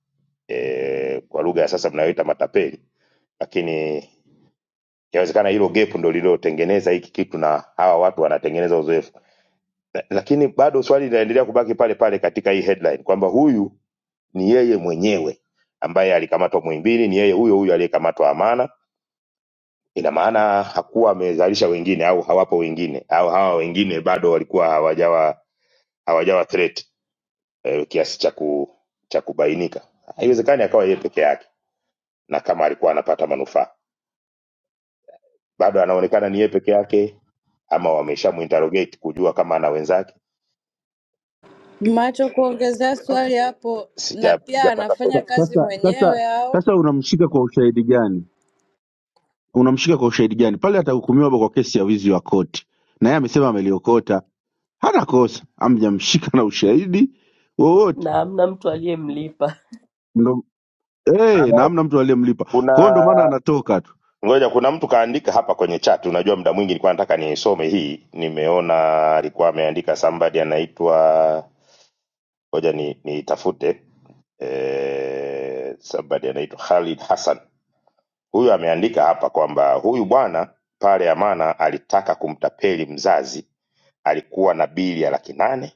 Speaker 6: e, kwa lugha ya sasa mnayoita matapeli, lakini yawezekana hilo gap ndo lililotengeneza hiki kitu na hawa watu wanatengeneza uzoefu lakini bado swali linaendelea kubaki pale pale katika hii headline kwamba huyu ni yeye mwenyewe ambaye alikamatwa Muhimbili, ni yeye huyo huyo aliyekamatwa Amana. Ina maana hakuwa amezalisha wengine au hawapo wengine au hawa wengine bado walikuwa hawajawa hawajawa threat eh, kiasi cha ku, cha kubainika. Haiwezekani akawa yeye peke yake, na kama alikuwa anapata manufaa bado anaonekana ni yeye peke yake, ama wameshamuinterrogate kujua kama ana wenzake.
Speaker 5: Macho, kuongezea
Speaker 2: Okay,
Speaker 5: swali hapo, na
Speaker 6: Sija-
Speaker 5: pia
Speaker 6: Sijapata
Speaker 5: anafanya
Speaker 8: Sa-
Speaker 6: somo.
Speaker 5: kazi
Speaker 8: Sasa sasa
Speaker 5: mwenyewe au
Speaker 8: sasa unamshika kwa ushahidi gani? Unamshika kwa ushahidi gani? Pale atahukumiwa kwa kesi ya wizi wa koti, na yeye amesema ameliokota, hana kosa, amjamshika na ushahidi wowote
Speaker 2: na hamna mtu aliyemlipa
Speaker 8: ndo eh, na hamna mtu aliyemlipa.
Speaker 6: Kuna
Speaker 8: Kwa hiyo ndo maana anatoka tu,
Speaker 6: Ngoja, kuna mtu kaandika hapa kwenye chat. Unajua, muda mwingi nilikuwa nataka niisome hii, nimeona alikuwa ameandika somebody anaitwa, ngoja ni niitafute. Eh, somebody anaitwa Khalid Hassan. Huyu ameandika hapa kwamba huyu bwana pale Amana alitaka kumtapeli mzazi, alikuwa na bili ya laki nane,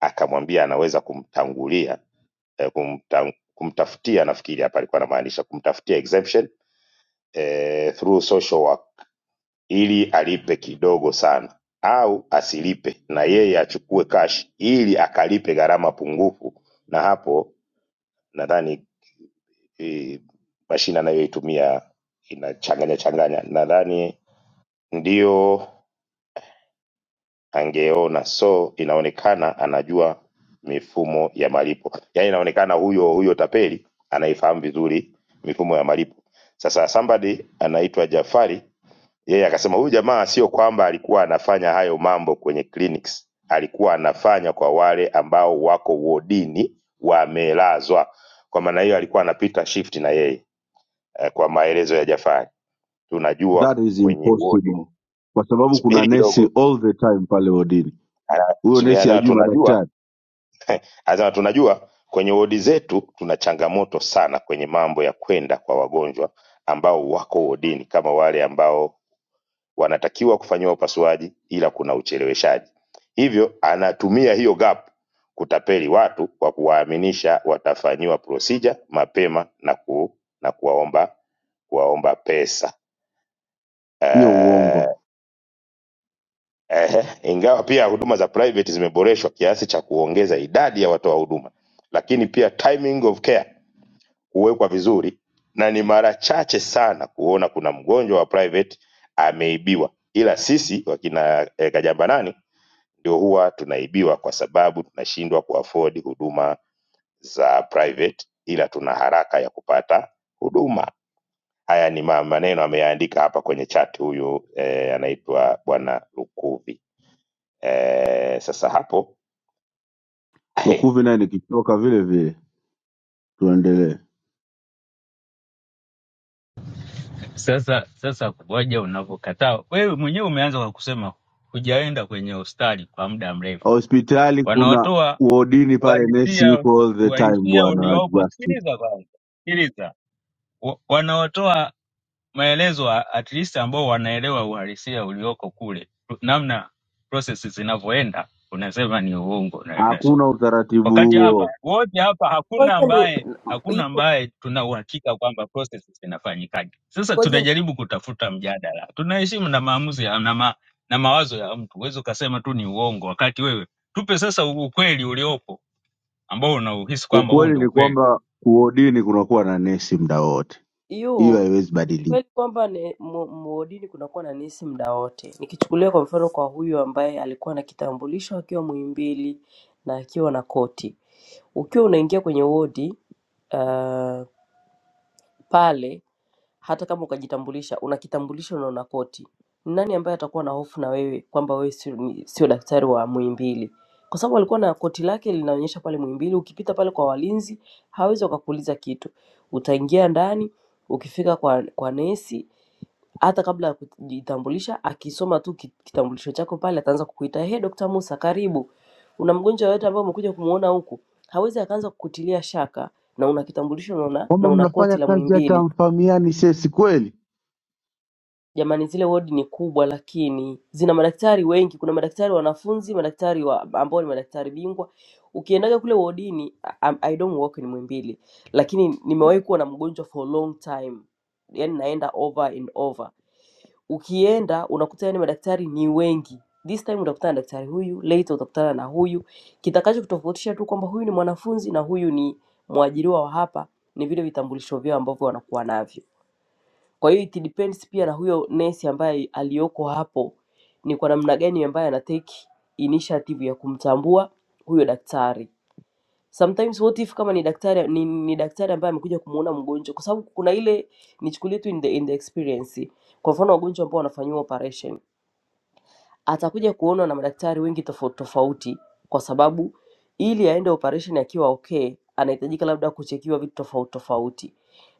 Speaker 6: akamwambia anaweza kumtangulia eh, kumta, kumtafutia, nafikiri hapa alikuwa anamaanisha kumtafutia exemption eh, through social worker ili alipe kidogo sana au asilipe na yeye achukue cash ili akalipe gharama pungufu, na hapo nadhani eh, mashine anayoitumia inachanganya changanya, nadhani ndio angeona. So inaonekana anajua mifumo ya malipo, yaani inaonekana huyo huyo tapeli anaifahamu vizuri mifumo ya malipo. Sasa somebody anaitwa Jafari Yeye akasema huyu jamaa sio kwamba alikuwa anafanya hayo mambo kwenye clinics, alikuwa anafanya kwa wale ambao wako wodini wamelazwa. Kwa maana hiyo alikuwa anapita shift na yeye eh, kwa maelezo ya Jafari. Tunajua
Speaker 8: that is
Speaker 6: kwenye wodi
Speaker 8: impossible, kwa sababu kuna
Speaker 6: spiri
Speaker 8: nesi
Speaker 6: kidogo,
Speaker 8: all the time pale wodini.
Speaker 6: ana-
Speaker 8: Huyo
Speaker 6: subiri,
Speaker 8: nesi
Speaker 6: anasema
Speaker 8: hajui
Speaker 6: tunajua,
Speaker 8: madaktari,
Speaker 6: anasema tunajua kwenye wodi zetu tuna changamoto sana kwenye mambo ya kwenda kwa wagonjwa ambao wako wodini kama wale ambao wanatakiwa kufanyiwa upasuaji ila kuna ucheleweshaji hivyo anatumia hiyo gap kutapeli watu kwa kuwaaminisha watafanyiwa procedure mapema na, ku, na kuwaomba kuwaomba pesa
Speaker 8: hiyo uongo.
Speaker 6: Eh, eh, eh, ingawa pia huduma za private zimeboreshwa kiasi cha kuongeza idadi ya watoa huduma, lakini pia timing of care huwekwa vizuri, na ni mara chache sana kuona kuna mgonjwa wa private ameibiwa, ila sisi wakina eh, Kajamba nani ndio huwa tunaibiwa kwa sababu tunashindwa kuafford huduma za private ila tuna haraka ya kupata huduma haya ni ma- maneno ameyaandika hapa kwenye chat huyu eh, anaitwa bwana lukuvi eh, sasa hapo eh,
Speaker 8: Lukuvi naye nikitoka vile vile, tuendelee.
Speaker 7: Sasa sasa kuboja unavyokataa wewe mwenyewe umeanza kwa kusema hujaenda kwenye hospitali kwa muda mrefu,
Speaker 8: Hospitali kuna
Speaker 7: wanaotoa
Speaker 8: wodini pale, nesi
Speaker 7: uhalisia
Speaker 8: yuko all the time.
Speaker 7: uhalisia
Speaker 8: Bwana
Speaker 7: uliopo.
Speaker 8: Justin,
Speaker 7: Sikiliza kwanza, sikiliza Wa- wanaotoa maelezo a- at least ambao wanaelewa uhalisia ulioko kule, namna process zinavyoenda, unasema ni uongo. na
Speaker 8: hakuna utaratibu
Speaker 7: wakati hapa
Speaker 8: huo.
Speaker 7: wote hapa hakuna
Speaker 2: ngoja
Speaker 7: ambaye
Speaker 2: ni
Speaker 7: hakuna
Speaker 2: yu
Speaker 7: ambaye tuna uhakika kwamba processes zinafanyikaje. Sasa
Speaker 2: ngoja
Speaker 7: tunajaribu kutafuta mjadala, tunaheshimu na maamuzi ya, na, ma, na mawazo ya mtu. Huwezi ukasema tu ni uongo, wakati wewe tupe sasa ukweli uliopo ambao unauhisi kwamba huu
Speaker 8: Ukweli
Speaker 7: ndio
Speaker 8: ni
Speaker 7: ukweli.
Speaker 8: kwamba kuodini kunakuwa na nesi muda wote,
Speaker 2: ni
Speaker 8: hiyo
Speaker 2: yu
Speaker 8: haiwezi
Speaker 2: ni
Speaker 8: badilika.
Speaker 2: kweli kwamba ni- mu- muodini kunakuwa na nisi muda wote nikichukulia kwa mfano kwa huyu ambaye alikuwa na kitambulisho akiwa muimbili na akiwa na koti ukiwa unaingia kwenye wodi uh, pale hata kama ukajitambulisha una kitambulisho na una koti ni nani ambaye atakuwa na hofu na wewe kwamba wewe sio, ni- sio daktari wa muimbili kwa sababu alikuwa na koti lake linaonyesha pale muimbili ukipita pale kwa walinzi hawezi wakakuuliza kitu utaingia ndani ukifika kwa, kwa nesi hata kabla ya kujitambulisha akisoma tu ki- kitambulisho chako pale ataanza kukuita hey, Dr. Musa karibu una mgonjwa yoyote ambaye umekuja kumuona huku hawezi akaanza kukutilia shaka na una kitambulisho na una, na
Speaker 8: Kwamba
Speaker 2: una koti
Speaker 8: mnafanya
Speaker 2: la
Speaker 8: kazi hata
Speaker 2: Muhimbili
Speaker 8: hamfahamiani, sesi kweli.
Speaker 2: jamani zile wodi ni kubwa lakini zina madaktari wengi kuna madaktari wanafunzi madaktari wa, ambao ni madaktari bingwa ukiendaga kule wodini I, I don't work ni mwimbili lakini nimewahi kuwa na mgonjwa for long time yani naenda over and over ukienda unakuta yani madaktari ni wengi this time utakutana na daktari huyu later utakutana na huyu kitakacho kutofautisha tu kwamba huyu ni mwanafunzi na huyu ni mwajiriwa wa hapa ni vile vitambulisho vyao ambavyo wanakuwa navyo kwa hiyo it depends pia na huyo nesi ambaye aliyoko hapo ni kwa namna gani ambaye ana take initiative ya kumtambua huyo daktari. Sometimes what if kama ni daktari ni, ni daktari ambaye amekuja kumuona mgonjwa, kwa sababu kuna ile nichukulie tu in the, in the experience. Kwa mfano wagonjwa ambao wanafanyiwa operation atakuja kuonwa na madaktari wengi tofauti tofauti, kwa sababu ili aende operation akiwa okay, anahitajika labda kuchekiwa vitu tofauti tofauti,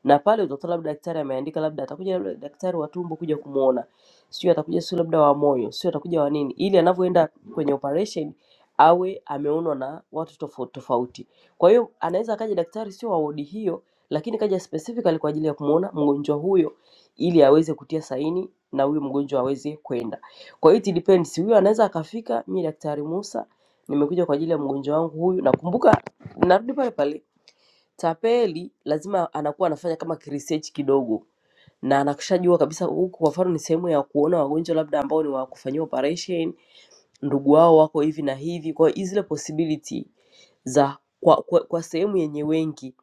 Speaker 2: na pale utakuta labda daktari ameandika labda atakuja labda daktari wa tumbo kuja kumuona, sio atakuja sio labda wa moyo, sio atakuja wa nini, ili anavyoenda kwenye operation awe ameonwa na watu tofauti tofauti. Kwa hiyo anaweza akaja daktari sio wa wodi hiyo, lakini kaja specifically kwa ajili ya kumuona mgonjwa huyo ili aweze kutia saini na huyo mgonjwa aweze kwenda. Kwa hiyo it depends, huyu anaweza akafika, mi Daktari Musa nimekuja kwa ajili ya mgonjwa wangu huyu. Nakumbuka narudi pale pale, tapeli lazima anakuwa anafanya kama research kidogo, na anakishajua kabisa huku, kwa mfano ni sehemu ya kuona wagonjwa labda ambao ni wa kufanyiwa operation, ndugu wao wako hivi na hivi, kwa hiyo zile possibility za kwa, kwa, kwa sehemu yenye wengi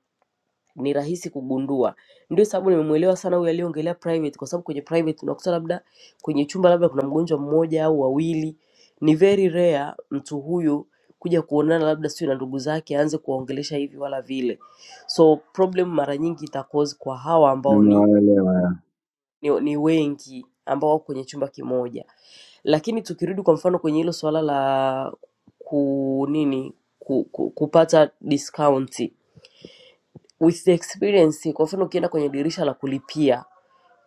Speaker 2: ni rahisi kugundua. Ndio sababu nimemwelewa sana huyu aliyeongelea private, kwa sababu kwenye private unakuta labda kwenye chumba labda kuna mgonjwa mmoja au wawili, ni very rare mtu huyu kuja kuonana labda sio na ndugu zake aanze kuwaongelesha hivi wala vile. So problem mara nyingi ita cause kwa hawa ambao ni
Speaker 8: Nimewaelewa ya.
Speaker 2: ni ni wengi ambao wako kwenye chumba kimoja. Lakini tukirudi kwa mfano kwenye hilo swala la ku nini ku, ku, kupata discount with the experience, kwa mfano ukienda kwenye dirisha la kulipia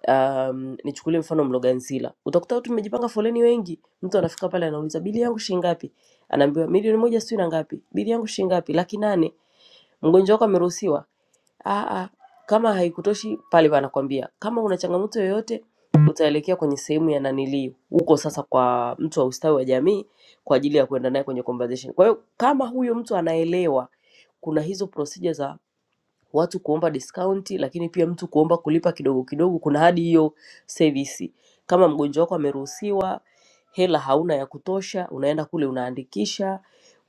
Speaker 2: um, nichukulie mfano Mloganzila, utakuta watu mmejipanga foleni wengi, mtu anafika pale anauliza bili yangu shilingi ngapi, anaambiwa milioni moja sijui na ngapi, bili yangu shilingi ngapi, laki nane. Mgonjwa wako ameruhusiwa Ah, ah. Kama haikutoshi pale wanakwambia kama una changamoto yoyote utaelekea kwenye sehemu ya nanilii huko sasa kwa mtu wa ustawi wa jamii kwa ajili ya kuenda naye kwenye conversation. Kwa hiyo kama huyo mtu anaelewa kuna hizo procedure za watu kuomba discount, lakini pia mtu kuomba kulipa kidogo kidogo, kuna hadi hiyo service. Kama mgonjwa wako ameruhusiwa, hela hauna ya kutosha, unaenda kule unaandikisha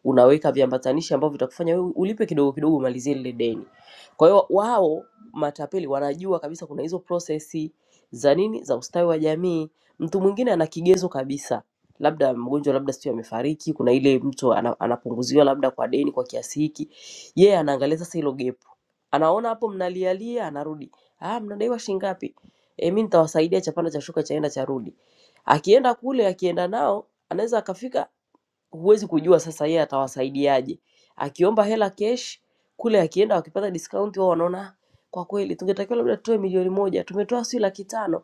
Speaker 2: unaweka viambatanishi ambavyo vitakufanya wewe ulipe kidogo kidogo umalizie lile deni. Kwa hiyo wao matapeli wanajua kabisa kuna hizo prosesi za nini za ustawi wa jamii. Mtu mwingine ana kigezo kabisa, labda mgonjwa, labda sio amefariki, kuna ile mtu ana, anapunguziwa labda kwa deni kwa kiasi hiki, yeye yeah, anaangalia sasa hilo gap, anaona hapo mnalialia, anarudi ah, mnadaiwa shilingi ngapi? E, mi nitawasaidia chapanda cha shuka chaenda charudi. Akienda kule, akienda nao anaweza akafika huwezi kujua sasa yeye atawasaidiaje. Akiomba hela cash kule, akienda wakipata discount, wao wanaona "Ah, kwa kweli tungetakiwa labda tutoe milioni moja, tumetoa si laki tano,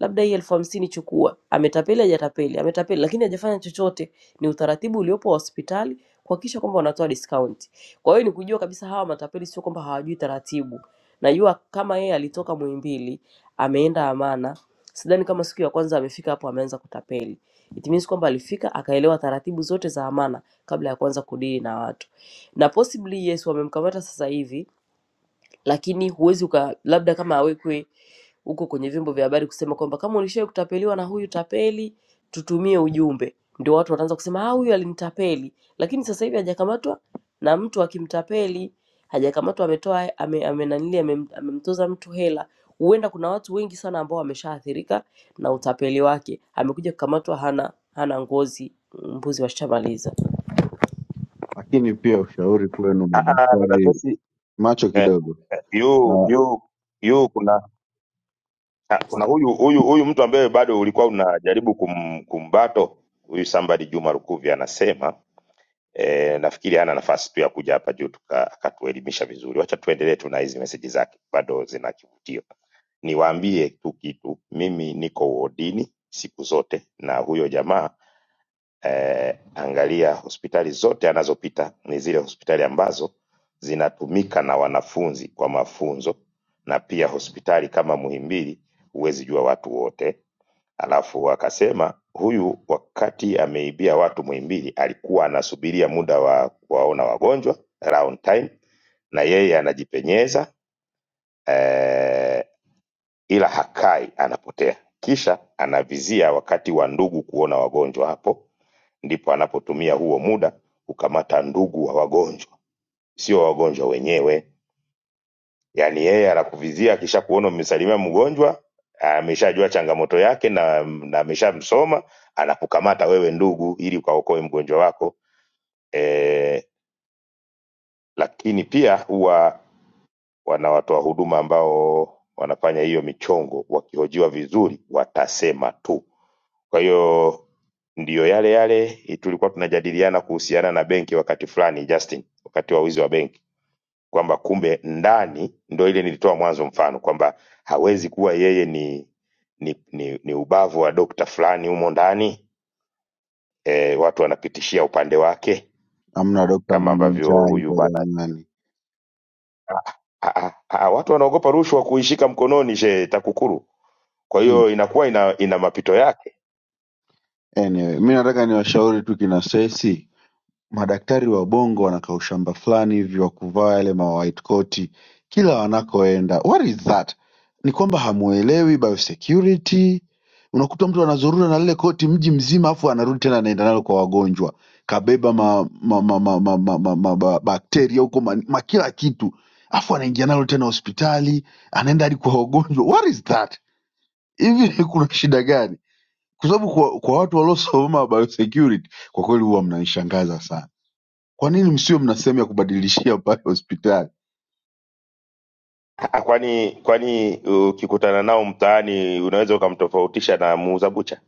Speaker 2: labda hii elfu hamsini chukua. Ametapeli hajatapeli, ametapeli lakini hajafanya chochote. Ni utaratibu uliopo wa hospitali kuhakikisha kwamba wanatoa discount. Kwa hiyo ni kujua kabisa hawa matapeli sio kwamba hawajui taratibu. Najua kama yeye alitoka Muhimbili ameenda Amana, sidhani kama siku ya kwanza amefika hapo ameanza kutapeli It means kwamba alifika akaelewa taratibu zote za amana kabla ya kuanza kudili na watu, na possibly yes, wamemkamata sasa hivi lakini huwezi uka labda kama awekwe huko kwenye vyombo vya habari kusema kwamba kama ulishawahi kutapeliwa na huyu tapeli, tutumie ujumbe, ndio watu wataanza kusema ah, huyu alinitapeli. Lakini sasa hivi hajakamatwa na mtu akimtapeli, hajakamatwa ametoa ame, ame nanili amem- amemtoza mtu hela. Huenda kuna watu wengi sana ambao wameshaathirika na utapeli wake, amekuja kukamatwa hana hana ngozi, mbuzi washamaliza.
Speaker 8: Lakini pia ushauri kwenu
Speaker 6: ah, ah, dada
Speaker 8: madaktari,
Speaker 6: Zesi,
Speaker 8: macho
Speaker 6: eh,
Speaker 8: kidogo.
Speaker 6: eh, yu
Speaker 8: Ah,
Speaker 6: yu yu kuna ah, kuna huyu huyu huyu mtu ambaye bado ulikuwa unajaribu kum, kumbato huyu somebody juma lukuvi anasema E, nafikiri hana nafasi tu ya kuja hapa juu tuka- akatuelimisha vizuri. Wacha tuendelee tu na hizi meseji zake, bado zina kivutio. Niwaambie tu kitu, mimi niko wodini siku zote na huyo jamaa eh, angalia hospitali zote anazopita ni zile hospitali ambazo zinatumika na wanafunzi kwa mafunzo, na pia hospitali kama Muhimbili huwezi jua watu wote Halafu wakasema huyu wakati ameibia watu Muhimbili alikuwa anasubiria muda wa kuwaona wagonjwa round time, na yeye anajipenyeza eh, ila hakai, anapotea. Kisha anavizia wakati wa ndugu kuona wagonjwa, hapo ndipo anapotumia huo muda kukamata ndugu wa wagonjwa, sio wagonjwa wenyewe. yaani yeye anakuvizia akishakuona umemsalimia mgonjwa ameshajua changamoto yake na, na ameshamsoma anakukamata wewe ndugu ili ukaokoe mgonjwa wako e, lakini pia huwa wana watoa huduma ambao wanafanya hiyo michongo wakihojiwa vizuri watasema tu kwa hiyo ndiyo yale yale tulikuwa tunajadiliana kuhusiana na benki wakati fulani justin wakati wa wizi wa benki kwamba kumbe ndani ndo ile nilitoa mwanzo mfano kwamba hawezi kuwa yeye ni ni, ni, ni ubavu wa dokta fulani humo ndani e, watu wanapitishia upande wake
Speaker 8: Hamna dokta
Speaker 6: kama
Speaker 8: mwenye
Speaker 6: ambavyo
Speaker 8: njaa
Speaker 6: huyu
Speaker 8: hivyo
Speaker 6: bana
Speaker 8: jamani.
Speaker 6: Ah, ah, ah, watu wanaogopa rushwa kuishika mkononi she TAKUKURU, kwa
Speaker 8: Hmm.
Speaker 6: hiyo inakuwa ina, ina mapito yake.
Speaker 8: Anyway, mi nataka niwashauri tu kina Sesi Madaktari wa bongo wanakaa ushamba fulani hivi wa kuvaa yale ma white coat kila wanakoenda. What is that? Ni kwamba hamuelewi biosecurity. Unakuta mtu anazurura na lile koti mji mzima afu anarudi tena anaenda nalo kwa wagonjwa. Kabeba ma, ma, ma, ma, ma, ma, ma, ma, ma bakteria huko ma, ma kila kitu. Afu anaingia nalo tena hospitali, anaenda hadi kwa wagonjwa. What is that? Hivi [LAUGHS] kuna shida gani? Kwa sababu kwa, kwa watu waliosoma biosecurity kwa kweli huwa mnanishangaza sana. Kwa nini msiwe mna sehemu ya kubadilishia pale hospitali?
Speaker 6: Ah, ah, kwani kwani ukikutana nao mtaani unaweza ukamtofautisha na muuza bucha?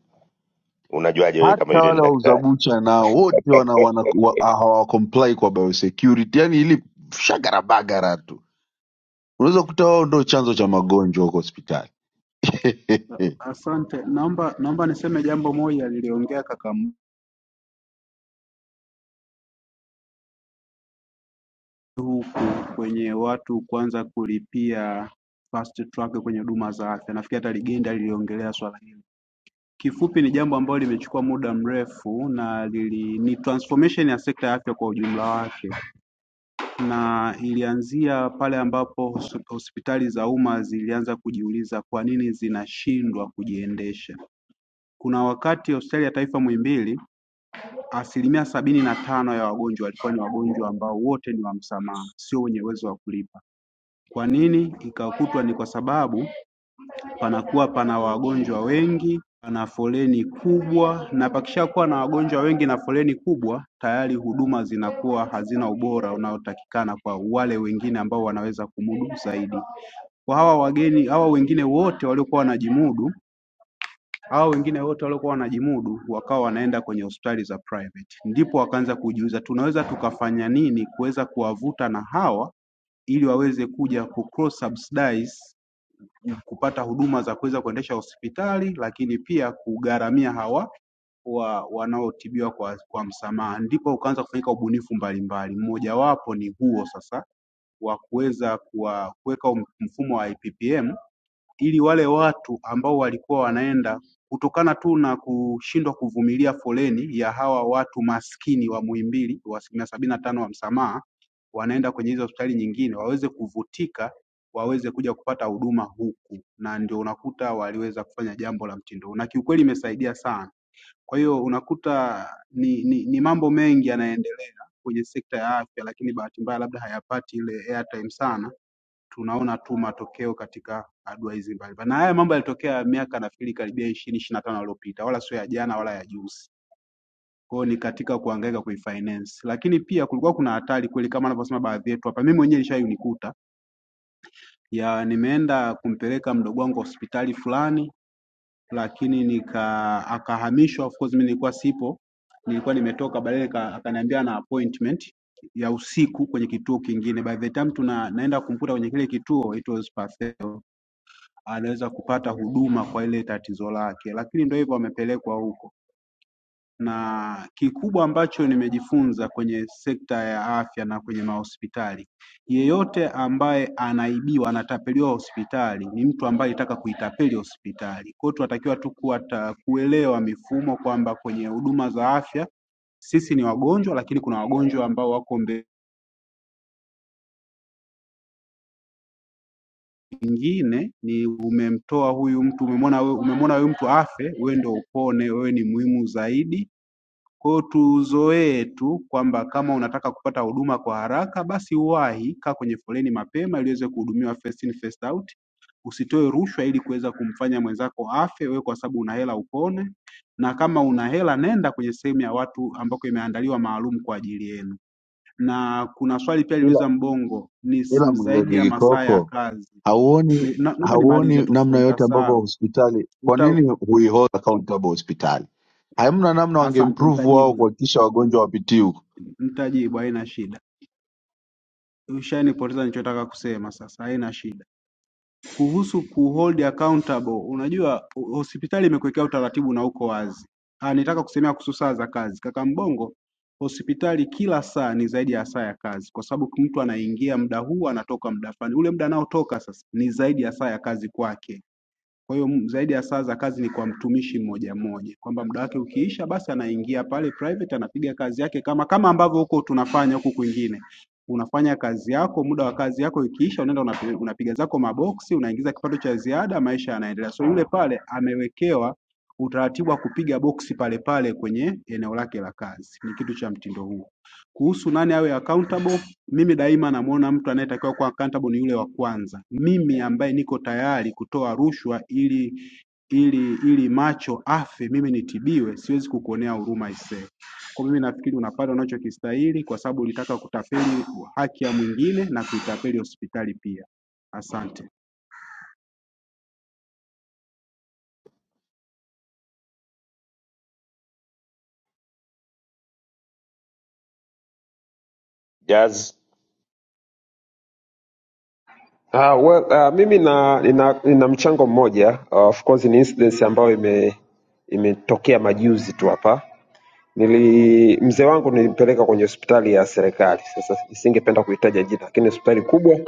Speaker 6: Unajuaje wewe kama
Speaker 8: Hata
Speaker 6: yule ni
Speaker 8: wale wauza
Speaker 6: daktari?
Speaker 8: bucha nao wote wana, wana, wa, ah, hawacomply kwa biosecurity, yani ili shagarabagara tu. Unaweza kukuta wao ndo chanzo cha magonjwa huko hospitali
Speaker 9: Asante, naomba naomba niseme jambo moja liliongea kaka huku kwenye watu kuanza kulipia fast track kwenye huduma za afya. Nafikiri hata Ligenda liliongelea swala hili. Kifupi ni jambo ambalo limechukua muda mrefu na lili, ni transformation ya sekta ya afya kwa ujumla wake, na ilianzia pale ambapo hos- hospitali za umma zilianza kujiuliza kwa nini zinashindwa kujiendesha. Kuna wakati hospitali ya taifa Muhimbili Asilimia sabini na tano ya wagonjwa walikuwa ni wagonjwa ambao wote ni wa msamaha, sio wenye uwezo wa kulipa. Kwa nini ikakutwa? Ni kwa sababu panakuwa pana wagonjwa wengi, pana foleni kubwa, na pakishakuwa na wagonjwa wengi na foleni kubwa, tayari huduma zinakuwa hazina ubora unaotakikana kwa wale wengine ambao wanaweza kumudu zaidi. Kwa hawa wageni, hawa wengine wote waliokuwa wanajimudu hao wengine wote waliokuwa wanajimudu wakawa wanaenda kwenye hospitali za private. Ndipo wakaanza kujiuliza tunaweza tukafanya nini kuweza kuwavuta na hawa ili waweze kuja ku cross subsidize kupata huduma za kuweza kuendesha hospitali lakini pia kugharamia hawa wa wanaotibiwa kwa, kwa msamaha. Ndipo ukaanza kufanyika ubunifu mbalimbali, mmojawapo ni huo sasa wa kuweza kuwa- kuweka um, mfumo wa IPPM ili wale watu ambao walikuwa wanaenda kutokana tu na kushindwa kuvumilia foleni ya hawa watu maskini wa Muhimbili wa asilimia sabini na tano wa msamaha wanaenda kwenye hizo hospitali nyingine waweze kuvutika waweze kuja kupata huduma huku na ndio unakuta waliweza kufanya jambo la mtindo huu na kiukweli imesaidia sana. Kwa hiyo unakuta ni, ni, ni mambo mengi yanaendelea kwenye sekta ya afya lakini bahati mbaya labda hayapati ile airtime sana tunaona tu matokeo katika hatua hizi mbalimbali. Na haya mambo yalitokea miaka nafikiri karibia ishirini ishirini na tano iliyopita, wala sio ya jana wala ya juzi. Kwa hiyo ni katika kuhangaika kuifinance, lakini pia kulikuwa kuna hatari kweli, kama anavyosema baadhi yetu hapa. Mimi mwenyewe ilishai kunikuta ya nimeenda kumpeleka mdogo wangu hospitali fulani, lakini nika akahamishwa. Of course mimi nilikuwa sipo, nilikuwa nimetoka, baadaye nika- akaniambia na appointment ya usiku kwenye kituo kingine. By the time tuna naenda kumkuta kwenye kile kituo, it was perfect. anaweza kupata huduma kwa ile tatizo lake, lakini ndio hivyo amepelekwa huko. Na kikubwa ambacho nimejifunza kwenye sekta ya afya na kwenye mahospitali, yeyote ambaye anaibiwa, anatapeliwa hospitali ni mtu ambaye alitaka kuitapeli hospitali. Kwa hiyo tunatakiwa tu kuwa ta- kuelewa mifumo kwamba kwenye huduma za afya sisi ni wagonjwa, lakini kuna wagonjwa ambao wako mbele. Ingine ni umemtoa huyu mtu, umemwona wewe, umemwona huyu mtu afe, wewe ndio upone, wewe ni muhimu zaidi. Kwa hiyo tuzoee tu kwamba kama unataka kupata huduma kwa haraka, basi uwahi, kaa kwenye foleni mapema ili uweze kuhudumiwa first in first out. Usitoe rushwa ili kuweza kumfanya mwenzako afe, wewe kwa sababu una hela upone, na kama una hela nenda kwenye sehemu ya watu ambako imeandaliwa maalum kwa ajili yenu. Na kuna swali pia
Speaker 8: [LAUGHS] ila
Speaker 9: liliuliza Mbongo, ni s-
Speaker 8: ila
Speaker 9: zaidi
Speaker 8: Mgege
Speaker 9: ya masaa ya
Speaker 8: Kikoko,
Speaker 9: kazi ni-
Speaker 8: hauoni
Speaker 9: na- Naomba nimalize
Speaker 8: hauoni
Speaker 9: tu
Speaker 8: namna
Speaker 9: fundi,
Speaker 8: yote ambavyo
Speaker 9: nitasahau.
Speaker 8: hospitali, kwa
Speaker 9: Uta,
Speaker 8: nini huihold accountable hospitali? Hamna namna
Speaker 9: asante,
Speaker 8: wangeimprove
Speaker 9: nitajibu
Speaker 8: wao
Speaker 9: hilo,
Speaker 8: kuhakikisha wagonjwa wapitii huko.
Speaker 9: nitajibu, haina shida. Ushanipoteza nilichotaka kusema sasa, haina shida. Kuhusu kuhold accountable, unajua ho- hospitali imekuwekea utaratibu na uko wazi. Ah, nitaka kusemea kuhusu saa za kazi, kaka Mbongo. Hospitali kila saa ni zaidi ya saa ya kazi, kwa sababu mtu anaingia muda huu, anatoka muda fulani. Ule muda anaotoka sasa ni zaidi ya saa ya kazi kwake Kwa hiyo m- zaidi ya saa za kazi ni kwa mtumishi mmoja mmoja, kwamba muda wake ukiisha, basi anaingia pale private anapiga kazi yake, kama kama ambavyo huko tunafanya huku kwingine. Unafanya kazi yako, muda wa kazi yako ikiisha, unaenda unapi- unapiga zako maboksi, unaingiza kipato cha ziada, maisha yanaendelea. So yule pale amewekewa utaratibu wa kupiga boksi pale pale kwenye eneo lake la kazi, ni kitu cha mtindo huo. Kuhusu nani awe accountable, mimi daima namuona mtu anayetakiwa kuwa accountable ni yule wa kwanza. Mimi ambaye niko tayari kutoa rushwa ili ili ili macho afe mimi nitibiwe, siwezi kukuonea huruma aisee. Kwa mimi nafikiri unapata unachokistahili kwa sababu ulitaka kutapeli haki ya mwingine na kuitapeli hospitali pia. Asante.
Speaker 6: Jazz,
Speaker 10: Ah, well, ah, mimi na nina, nina mchango mmoja Ah, of course ni incident ambayo ime imetokea majuzi tu hapa. Nili mzee wangu nilimpeleka kwenye hospitali ya serikali. Sasa nisingependa kuitaja jina, lakini ni hospitali kubwa.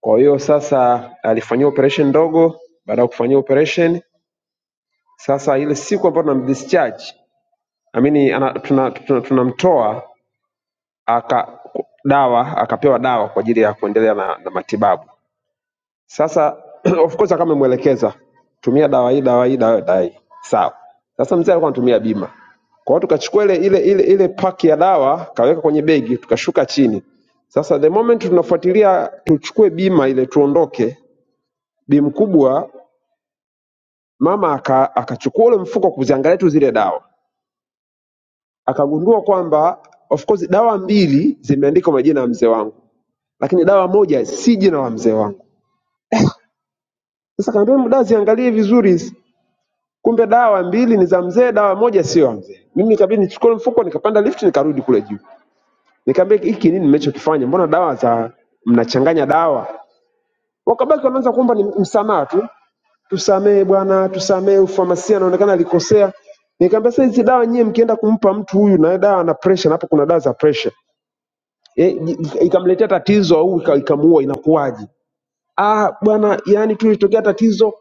Speaker 10: Kwa hiyo sasa alifanyiwa operation ndogo, baada ya kufanyiwa operation sasa ile siku ambayo tunamdischarge, I mean ana, tuna, tuna, tunamtoa aka dawa akapewa dawa kwa ajili ya kuendelea na, na matibabu. Sasa [CLEARS THROAT] of course kama mwelekeza tumia dawa hii dawa hii dawa dawa hii. Sawa. Sasa mzee alikuwa anatumia bima. Kwa hiyo tukachukua ile ile ile ile paki ya dawa kaweka kwenye begi tukashuka chini. Sasa the moment tunafuatilia tuchukue bima ile tuondoke, bi mkubwa mama aka, akachukua ule mfuko kuziangalia tu zile dawa. Akagundua kwamba of course dawa mbili zimeandikwa majina ya mzee wangu, lakini dawa moja si jina la mzee wangu. Sasa kaambia mdada ziangalie vizuri Kumbe dawa mbili ni za mzee, dawa moja sio ya mzee. Mimi ikabidi nichukue mfuko nikapanda lift nikarudi kule juu. Nikamwambia hiki nini mmechokifanya? Mbona dawa za mnachanganya dawa? Wakabaki wanaanza kuomba ni msamaha tu. Tusamehe bwana, tusamehe ufamasia anaonekana alikosea. Nikamwambia sasa hizi dawa nyie mkienda kumpa mtu huyu na dawa na pressure na hapo kuna dawa za pressure. E, ikamletea tatizo au ika- ikamuua inakuwaje? ah, bwana, yani tulitokea tatizo,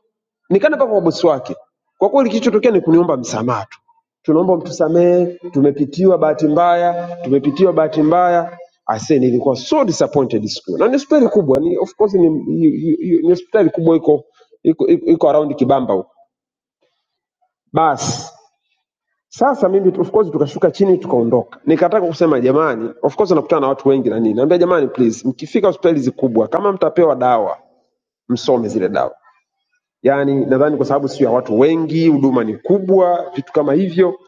Speaker 10: nikaenda mpaka kwa bosi wake. Kwa kweli kilichotokea ni kuniomba msamaha tu, tunaomba mtusamehe, tumepitiwa bahati mbaya, tumepitiwa bahati mbaya. Ase, nilikuwa so disappointed siku hiyo. na ni hospitali kubwa, ni of course ni, ni, ni ni hospitali kubwa iko iko, iko, iko around Kibamba huko. Basi sasa mimi of course tukashuka chini tukaondoka, nikataka kusema jamani, of course nakutana na watu wengi na nini, naambia jamani, please mkifika hospitali hizi kubwa, kama mtapewa dawa msome zile dawa Yaani nadhani kwa sababu sio ya watu wengi, huduma ni kubwa, vitu kama hivyo,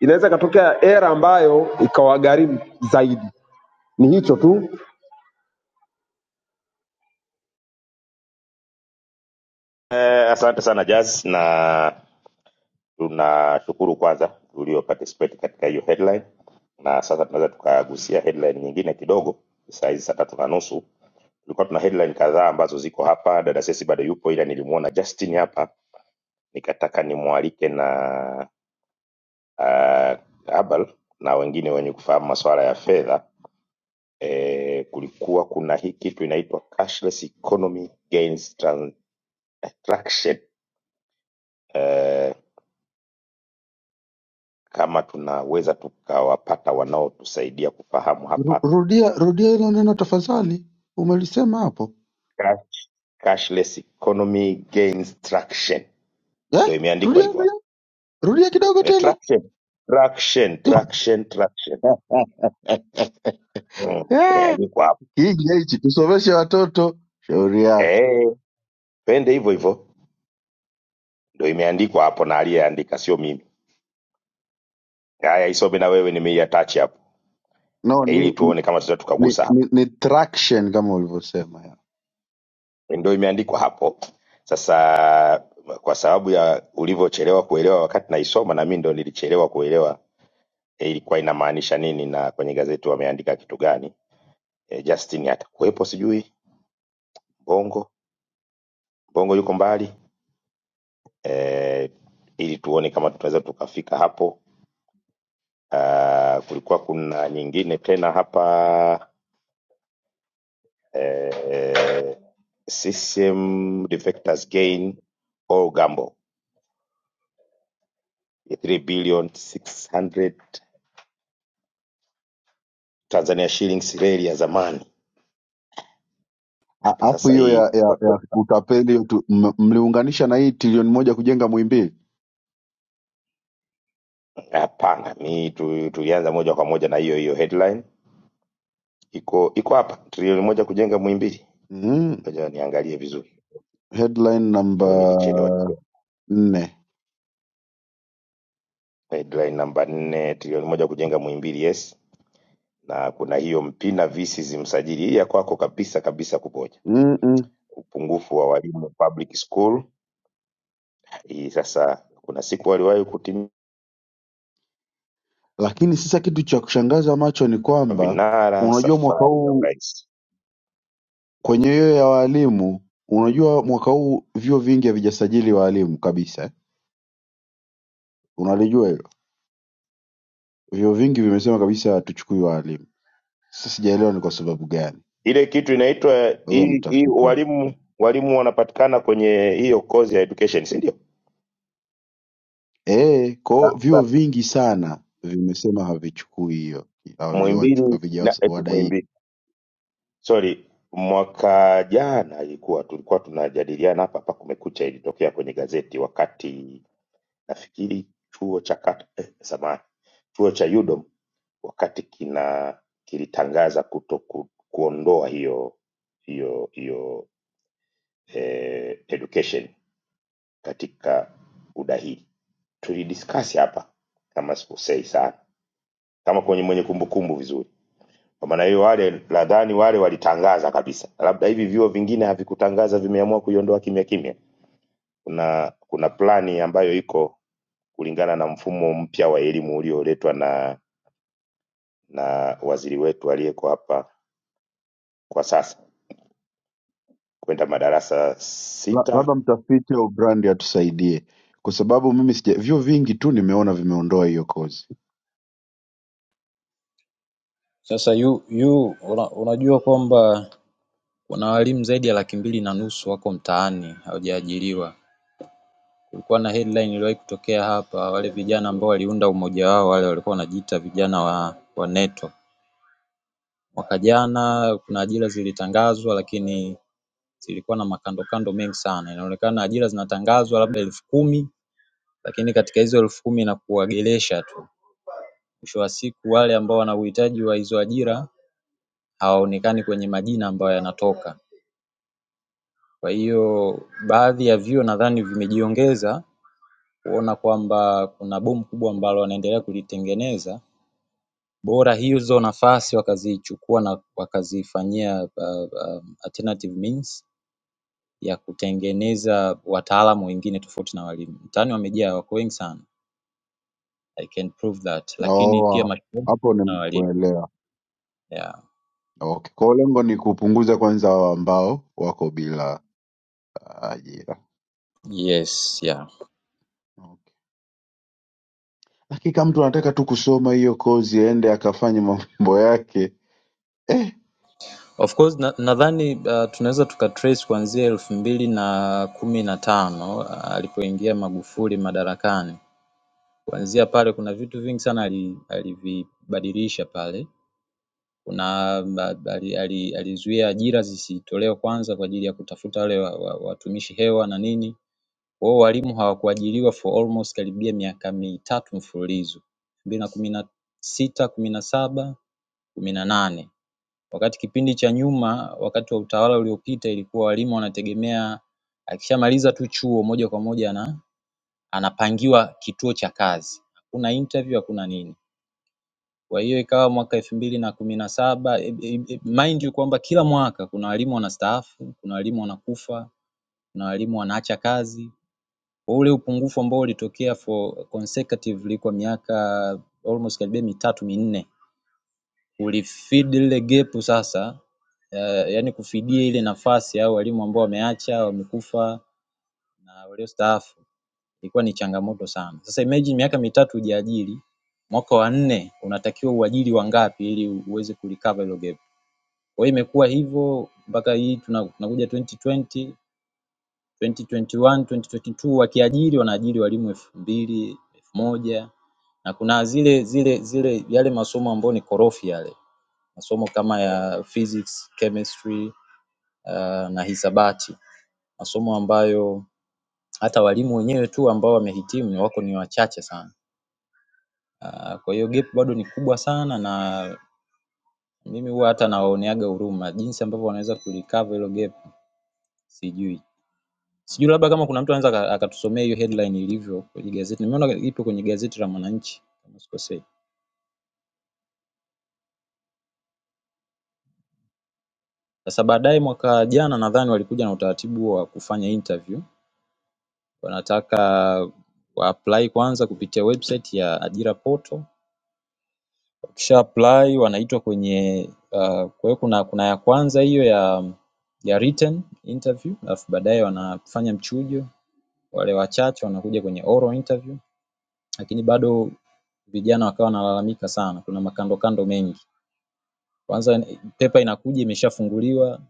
Speaker 10: inaweza ikatokea era ambayo ikawagharimu zaidi. Ni hicho tu.
Speaker 6: eh, asante sana Jazz na Tunashukuru kwanza tulio participate katika hiyo headline, na sasa tunaweza tukagusia headline nyingine kidogo. Saa hizi saa tatu na nusu tulikuwa tuna headline kadhaa ambazo ziko hapa. Dada Sesi bado yupo, ila nilimuona Justin hapa, nikataka nimwalike na uh, Abel na wengine wenye kufahamu masuala ya fedha. E, kulikuwa kuna hii kitu inaitwa cashless economy gains transaction e, kama tunaweza tukawapata wanaotusaidia kufahamu
Speaker 8: Ru-
Speaker 6: hapa
Speaker 8: Rudia rudia hilo neno tafadhali, umelisema hapo.
Speaker 6: cashless economy gains traction,
Speaker 8: Eh,
Speaker 6: ndo imeandikwa
Speaker 8: rudia
Speaker 6: hivyo
Speaker 8: rudia
Speaker 6: hapo.
Speaker 8: rudia kidogo
Speaker 6: Eh,
Speaker 8: tena
Speaker 6: Traction, traction, traction, traction. Mm,
Speaker 8: Eh,
Speaker 6: imeandikwa hapo
Speaker 8: hii hichi tusomeshe watoto shauri yako
Speaker 6: eh, twende hivyo hivyo, ndo imeandikwa hapo na aliyeandika sio mimi. Haya, isome na wewe, nimeiatachi hapo
Speaker 8: no
Speaker 6: ili
Speaker 8: ni
Speaker 6: tuone kama tutaweza
Speaker 8: ni,
Speaker 6: tukagusa hapo,
Speaker 8: ni, ni traction kama ulivyosema ya.
Speaker 6: Eh, ndo imeandikwa hapo. Sasa kwa sababu ya ulivyochelewa kuelewa wakati naisoma, na mimi ndo nilichelewa kuelewa eh, ilikuwa inamaanisha nini na kwenye gazeti wameandika kitu gani. Eh, Justin atakuwepo sijui Bongo Mbongo yuko mbali eh, ili tuone kama tunaweza tukafika hapo. Ah, kulikuwa kuna nyingine tena hapa eh, CCM defectors gain all gamble ya 3 billion 600 Tanzania shillings reli ya zamani.
Speaker 8: A-
Speaker 6: Hapa
Speaker 8: alafu
Speaker 6: sasa
Speaker 8: hiyo
Speaker 6: hii
Speaker 8: ya, ya,
Speaker 6: imekuwa tu-
Speaker 8: ya utapeli hiyo tu- m- mliunganisha na hii trilioni moja kujenga mwimbili
Speaker 6: hapana, mi tu, tulianza moja kwa moja na hiyo hiyo headline iko iko hapa, trilioni moja kujenga Muhimbili.
Speaker 8: mm,
Speaker 6: Ngoja niangalie vizuri,
Speaker 8: headline
Speaker 6: leo
Speaker 8: namba
Speaker 6: nilichelewa.
Speaker 8: nne
Speaker 6: headline namba nne trilioni moja kujenga Muhimbili yes na kuna hiyo Mpina visi zimsajili hii ya kwako kabisa kabisa kuboja
Speaker 8: Mm-mm.
Speaker 6: upungufu wa walimu public school hii sasa kuna siku waliwahi kutimia
Speaker 8: lakini sasa kitu cha kushangaza macho ni kwamba
Speaker 6: vinara
Speaker 8: unajua mwaka
Speaker 6: safari ya
Speaker 8: huu
Speaker 6: urais
Speaker 8: kwenye hiyo ya waalimu unajua mwaka huu vyuo vingi havijasajili waalimu kabisa eh? unalijua hilo vyuo vingi vimesema kabisa hatuchukui waalimu sasa sijaelewa ni kwa sababu gani
Speaker 6: ile kitu inaitwa
Speaker 8: wewe
Speaker 6: hii hii
Speaker 8: mtafiti
Speaker 6: walimu walimu wanapatikana kwenye hiyo kozi ya education si ndio
Speaker 8: eh kwao vyuo vingi sana vimesema havichukui hiyo haviwachu-
Speaker 6: Muhimbili na eti
Speaker 8: havijawadaini
Speaker 6: Muhimbili sorry mwaka jana ilikuwa tulikuwa tunajadiliana hapa hapa kumekucha ilitokea kwenye gazeti wakati nafikiri chuo cha kat, eh, samahani chuo cha UDOM wakati kina kilitangaza kuto ku, kuondoa hiyo hiyo hiyo eh, education katika udahili tulidiskasi hapa kama sikosei sana kama kwenye mwenye kumbukumbu vizuri kwa maana hiyo wale nadhani wale walitangaza kabisa labda hivi vyuo vingine havikutangaza vimeamua kuiondoa kimya kimya kuna kuna plani ambayo iko kulingana na mfumo mpya wa elimu ulioletwa na na waziri wetu aliyeko hapa kwa sasa kwenda madarasa
Speaker 8: La-
Speaker 6: sita
Speaker 8: labda mtafiti au brand atusaidie kwa sababu mimi sija vyuo vingi tu nimeona vimeondoa hiyo kozi
Speaker 11: Sasa yu, yu una, unajua kwamba kuna walimu zaidi ya laki mbili na nusu wako mtaani hawajaajiriwa. Kulikuwa na headline iliwahi kutokea hapa, wale vijana ambao waliunda umoja wao wale walikuwa wanajiita vijana wa, wa NETO. Mwaka jana kuna ajira zilitangazwa, lakini zilikuwa na makandokando mengi sana. Inaonekana ajira zinatangazwa labda elfu kumi lakini katika hizo elfu kumi inakuwa gelesha tu. Mwisho wa siku wale ambao wana uhitaji wa hizo ajira hawaonekani kwenye majina ambayo yanatoka. Kwa hiyo baadhi ya vyuo nadhani vimejiongeza kuona kwamba kuna bomu kubwa ambalo wanaendelea kulitengeneza, bora hizo nafasi wakazichukua na wakazifanyia uh, uh, alternative means ya kutengeneza wataalamu wengine tofauti na walimu. Mtaani wamejaa, wako wengi sana, I can prove that lakini pia
Speaker 8: oh
Speaker 11: mashuleni
Speaker 8: hapo
Speaker 11: na walimu
Speaker 8: nimekuelewa
Speaker 11: yeah.
Speaker 8: okay kwao lengo ni kupunguza kwanza hao ambao wako bila ajira
Speaker 11: Yes, yeah.
Speaker 8: Okay. Hakika mtu anataka tu kusoma hiyo kozi aende akafanye mambo yake eh,
Speaker 11: Of course na, nadhani uh, tunaweza tukatrace kuanzia elfu mbili na kumi na tano uh, alipoingia Magufuli madarakani. Kuanzia pale kuna vitu vingi sana ali- alivibadilisha pale. Kuna uh, ali- ali- alizuia ajira zisitolewe kwanza kwa ajili ya kutafuta wale wa- wa- watumishi hewa na nini. Wao walimu hawakuajiriwa for almost karibia miaka mitatu mfululizo, elfu mbili na kumi na sita, kumi na saba, kumi na nane Wakati kipindi cha nyuma wakati wa utawala uliopita ilikuwa walimu wanategemea akishamaliza tu chuo moja kwa moja ana anapangiwa kituo cha kazi. Hakuna interview hakuna nini. Kwa hiyo ikawa mwaka elfu mbili na kumi na saba e, e, e, mind you kwamba kila mwaka kuna walimu wanastaafu, kuna walimu wanakufa, kuna walimu wanaacha kazi. Kwa ule upungufu ambao ulitokea for consecutively kwa miaka almost karibia mitatu minne ulifeed lile gap sasa Eh, yaani kufidia ile nafasi au walimu ambao wameacha, wamekufa na waliostaafu ilikuwa ni changamoto sana. Sasa imagine miaka mitatu hujaajiri, mwaka wa nne unatakiwa uajiri wangapi ili uweze kulicover hilo gap. Kwa hiyo imekuwa hivyo mpaka hii tuna- tunakuja 2020, 2021, 2022 wakiajiri wanaajiri walimu elfu mbili, elfu moja na kuna zile zile zile yale masomo ambayo ni korofi yale, masomo kama ya physics, chemistry uh, na hisabati. masomo ambayo hata walimu wenyewe tu ambao wamehitimu wako ni wachache sana. Ah, Kwa hiyo gap bado ni kubwa sana na mimi huwa hata nawaoneaga huruma jinsi ambavyo wanaweza kulicover hilo gap sijui. Sijui labda kama kuna mtu anaweza aka- akatusomea hiyo headline ilivyo kwenye gazeti. Nimeona ipo kwenye gazeti la Mwananchi kama sikosei. Sasa baadaye mwaka jana nadhani walikuja na utaratibu wa kufanya interview. Wanataka wa apply kwanza kupitia website ya ajira portal Wakisha apply wanaitwa kwenye uh, kwa hiyo kuna kuna ya kwanza hiyo ya ya written interview alafu baadaye wanafanya mchujo. Wale wachache wanakuja kwenye oral interview lakini bado vijana wakawa wanalalamika sana. Kuna makandokando mengi. Kwanza paper inakuja imeshafunguliwa,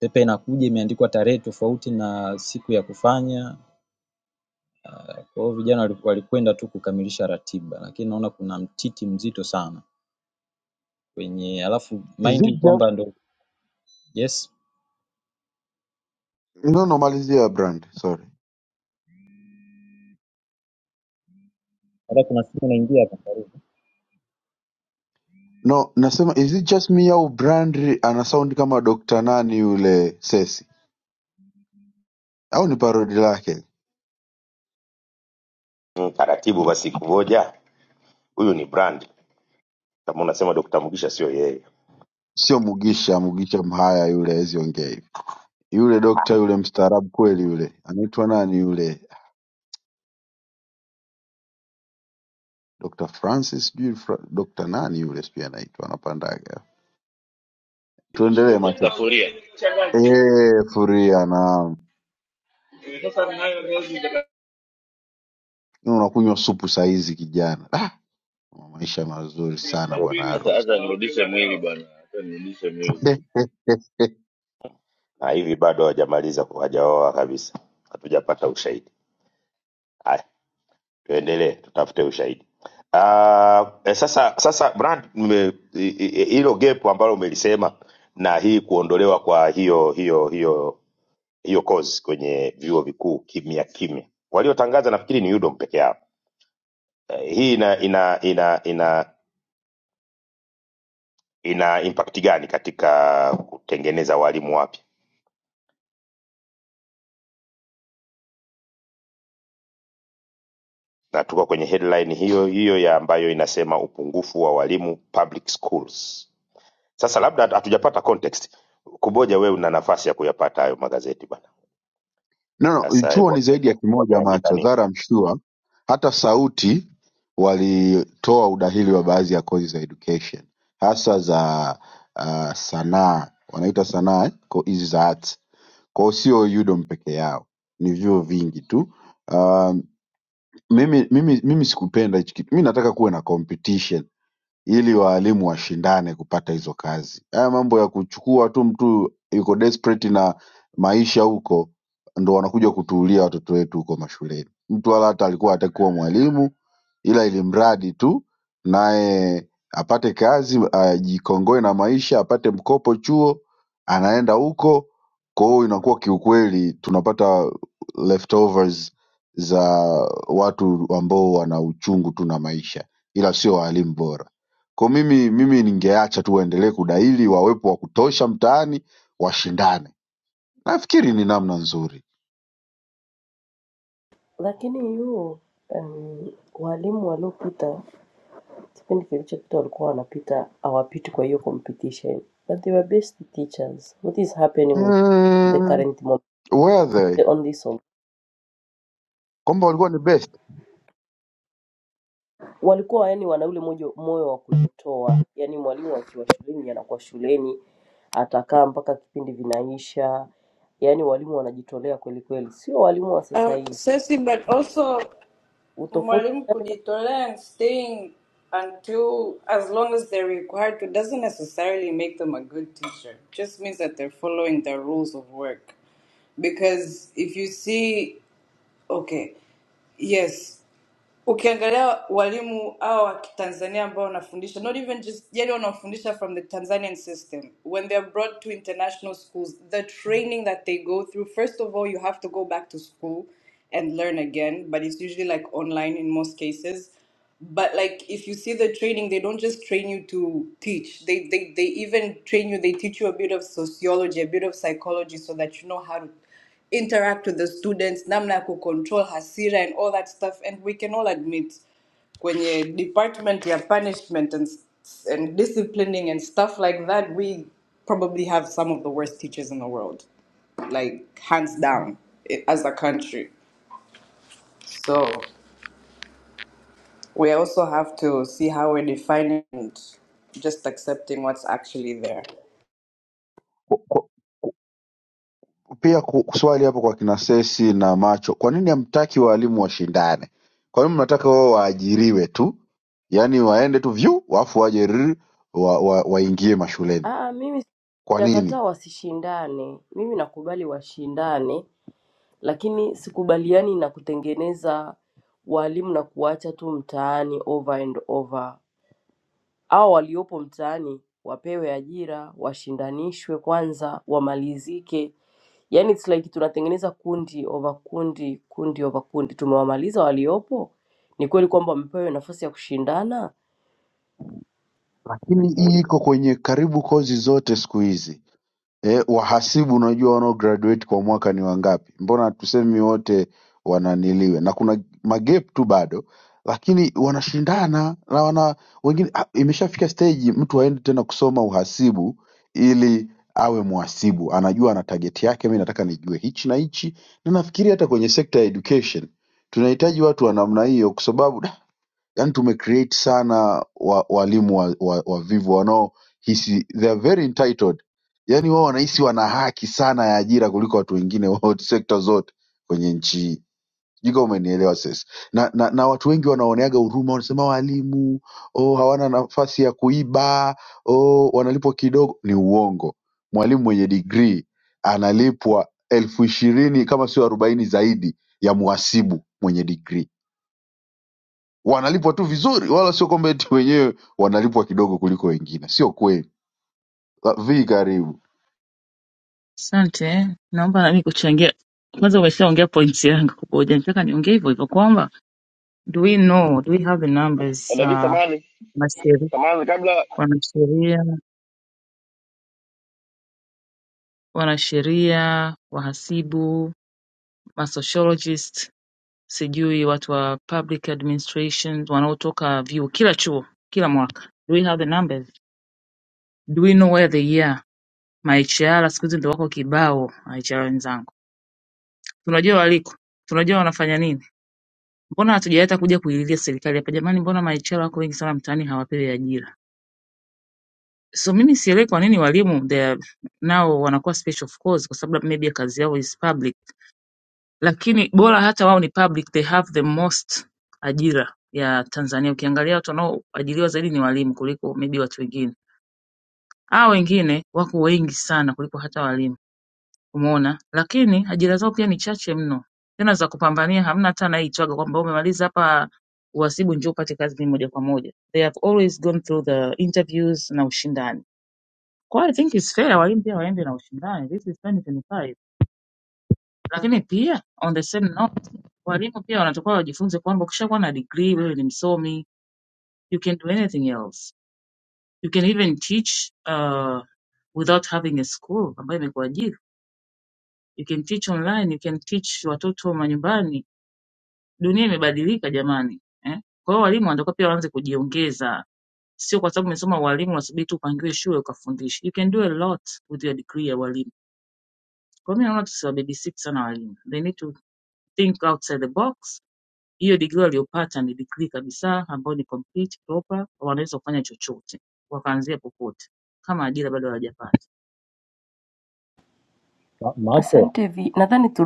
Speaker 11: paper inakuja imeandikwa tarehe tofauti na siku ya kufanya. Kwa hiyo vijana walikuwa walikwenda tu kukamilisha ratiba lakini naona kuna mtiti mzito sana kwenye alafu
Speaker 8: is
Speaker 11: mind
Speaker 8: it
Speaker 11: you
Speaker 8: just...
Speaker 11: kwamba ndio yes.
Speaker 8: no, no, malizia brand sorry
Speaker 11: Hata kuna siku naingia hapa karibu.
Speaker 8: no nasema is it just me au brand ana sound kama Dr. nani yule sesi au ni parodi lake
Speaker 6: Mm, taratibu basi kumoja huyu ni brand kama unasema dokta mugisha sio yeye
Speaker 8: sio mugisha mugisha mhaya yule aweziongea hivi yule dokta yule mstaarabu kweli yule anaitwa nani yule Dr. Francis sijui Fra... Dr. nani yule sijui anaitwa anapandaga tuendelee
Speaker 12: Dr.
Speaker 8: macho
Speaker 12: Furia
Speaker 8: eh furia naam Leo unakunywa supu saizi kijana. Ah, maisha mazuri sana
Speaker 6: Mm.
Speaker 8: bwana
Speaker 12: hata hata
Speaker 8: harusi.
Speaker 12: acha nirudishe mwili bwana, hata nirudishe mwili.
Speaker 8: [LAUGHS]
Speaker 6: na hivi bado hawajamaliza hawajaoa kabisa hatujapata ushahidi haya tuendelee tutafute ushahidi Ah, eh, sasa sasa brand mme- i- i- hilo gap ambalo umelisema na hii kuondolewa kwa hiyo hiyo hiyo hiyo kozi kwenye vyuo vikuu kimya kimya waliotangaza nafikiri ni udom peke yao Eh, hii ina ina ina ina ina impact gani katika kutengeneza walimu wapya? Na tuko kwenye headline hiyo hiyo ya ambayo inasema upungufu wa walimu public schools. Sasa labda hatu- hatujapata context. Kuboja, wewe una nafasi ya kuyapata hayo magazeti bana.
Speaker 8: no, no,
Speaker 6: Sasa
Speaker 8: chuo
Speaker 6: hebu
Speaker 8: ni zaidi
Speaker 6: angalia
Speaker 8: ya kimoja
Speaker 6: wameandika
Speaker 8: macho.
Speaker 6: nini,
Speaker 8: That I'm sure. Hata sauti walitoa udahili wa baadhi ya kozi za education hasa za uh, sanaa wanaita sanaa eh? Ko- hizi za arts. Kwa hiyo sio UDOM peke yao, ni vyuo vingi tu. Um, mimi, mimi, mimi sikupenda hichi kitu. Mimi nataka kuwe na competition ili waalimu washindane kupata hizo kazi. Haya mambo ya kuchukua tu mtu yuko desperate na maisha huko, ndo wanakuja kutuulia watoto wetu huko mashuleni. Mtu wala hata alikuwa hataki kuwa mwalimu, ila ili mradi tu naye apate kazi, ajikongoe na maisha, apate mkopo chuo, anaenda huko. Kwa hiyo inakuwa kiukweli tunapata leftovers za watu ambao wana uchungu tu na maisha, ila sio waalimu bora. Kwa mimi mimi ningeacha tu waendelee kudaili, wawepo wa kutosha mtaani, washindane. Nafikiri ni namna nzuri.
Speaker 2: Lakini yu um, walimu waliopita Sipendi kilichopita walikuwa wanapita hawapiti kwa hiyo competition but they were best teachers what is happening with the
Speaker 8: Mm,
Speaker 2: current mo-
Speaker 8: were
Speaker 2: the
Speaker 8: they
Speaker 2: only song
Speaker 8: kwamba walikuwa ni best
Speaker 2: walikuwa yani wana ule mojo- moyo wa kujitoa yani mwalimu akiwa shuleni anakuwa shuleni atakaa mpaka kipindi vinaisha yani walimu wanajitolea kweli kweli sio walimu wa sasa
Speaker 5: Um,
Speaker 2: hivi
Speaker 5: Ceci, but also,
Speaker 2: utofauti
Speaker 5: mwalimu kujitolea and staying until as long as they're required to doesn't necessarily make them a good teacher. Just means that they're following the rules of work. Because if you see Okay. Yes. Ukiangalia walimu hawa wa Kitanzania ambao wanafundisha not even just yani wanafundisha from the Tanzanian system when they are brought to international schools the training that they go through first of all you have to go back to school and learn again but it's usually like online in most cases but like if you see the training they don't just train you to teach they they, they even train you they teach you a bit of sociology a bit of psychology so that you know how to interact with the students namna ya kucontrol hasira and all that stuff and we can all admit kwenye department ya punishment and, and disciplining and stuff like that we probably have some of the worst teachers in the world like hands down i- as a country so we also have to see how we're defining and just accepting what's actually there
Speaker 8: Kwa- pia ku- swali hapo kwa kina Sesi na Macho, kwa nini hamtaki waalimu washindane? Kwa nini mnataka wao waajiriwe tu, yaani waende tu vyu wafu waje rrr, wa, wa, waingie mashuleni?
Speaker 2: Ah, mimi
Speaker 8: Kwa nini?
Speaker 2: sijakataa wasishindane mimi nakubali washindane lakini sikubaliani na kutengeneza walimu na kuacha tu mtaani over and over. Hao waliopo mtaani wapewe ajira, washindanishwe kwanza, wamalizike. Yani it's like tunatengeneza kundi over kundi, kundi over kundi. Tumewamaliza waliopo? Ni kweli kwamba wamepewa nafasi ya kushindana?
Speaker 8: Lakini hii
Speaker 6: muulize.
Speaker 8: iko kwenye karibu kozi zote siku hizi Eh, wahasibu unajua wanaograduate kwa mwaka ni wangapi mbona hatusemi wote wananiliwe na kuna magep tu bado lakini wanashindana na wana wengine ah, imeshafika stage mtu aende tena kusoma uhasibu ili awe mhasibu anajua ana target yake mi nataka nijue hichi na hichi na nafikiri hata kwenye sekta ya education tunahitaji watu wa namna hiyo kwa sababu yani tumecreate sana wa- walimu wavivu wa, wa wavivu wanaohisi they are very entitled yani wao wanahisi wana haki sana ya ajira kuliko watu wengine wote [LAUGHS] sekta zote kwenye nchi hii sijui kama umenielewa sasa na, na, na watu wengi wanaoneaga huruma wanasema walimu oh, hawana nafasi ya kuiba oh, wanalipwa kidogo ni uongo mwalimu mwenye digrii analipwa elfu ishirini kama sio arobaini zaidi ya mhasibu mwenye digrii wanalipwa tu vizuri wala sio kwamba eti wenyewe wanalipwa kidogo kuliko wengine sio kweli La- vi karibu
Speaker 13: Asante, naomba nami kuchangia. Kwanza umeshaongea pointi yangu kubwa, hujanitaka niongee hivyo hivyo kwamba do we know, do we have the numbers
Speaker 12: Dada V,
Speaker 13: za
Speaker 12: samani
Speaker 13: wanasheri-
Speaker 12: samani, kabla
Speaker 13: wanasheria, wanasheria, wahasibu, masociologist, sijui watu wa public administration wanaotoka vyuo, kila chuo, kila mwaka. Do we have the numbers? Do we know where they are? Ma HR siku hizi ndio wako kibao, ma HR wenzangu, tunajua waliko, tunajua wanafanya nini Mbona hatujawahi hata kuja kuililia serikali hapa jamani, mbona maichelo wako wengi sana mtaani hawapewi ajira? So mimi sielewi kwa nini walimu they are- nao wanakuwa special of course, kwa sababu maybe kazi yao is public, lakini bora hata wao ni public, they have the most ajira ya Tanzania. Ukiangalia watu wanaoajiriwa zaidi ni walimu kuliko maybe watu wengine. Hao wengine wako wengi sana kuliko hata walimu. umeona. Lakini ajira zao pia ni chache mno, tena za kupambania, hamna hata anayeitwaga kwamba umemaliza hapa uhasibu, njoo upate kazi mimi moja kwa moja. They have always gone through the interviews na ushindani. Kwa hiyo I think it's fair walimu pia waende na ushindani, this is 2025. Lakini pia on the same note, walimu pia wanatakiwa wajifunze kwamba ukishakuwa na degree, wewe ni msomi, you can do anything else. You can even teach uh, without having a school ambayo imekuajiri. You can teach online, you can teach watoto manyumbani, Dunia imebadilika jamani, eh? Kwa hiyo walimu wanatakiwa pia waanze kujiongeza, sio kwa sababu umesoma ualimu unasubiri tu upangiwe shule ukafundishe. You can do a lot with your degree ya ualimu. Kwa hiyo mimi naona tusiwababisic sana walimu, they need to think outside the box. Hiyo degree waliopata ni degree kabisa ambayo ni complete proper, wanaweza kufanya chochote, wakaanzia popote, kama ajira bado hawajapata.
Speaker 11: Ma- Macho,
Speaker 2: Asante vi, nadhani tu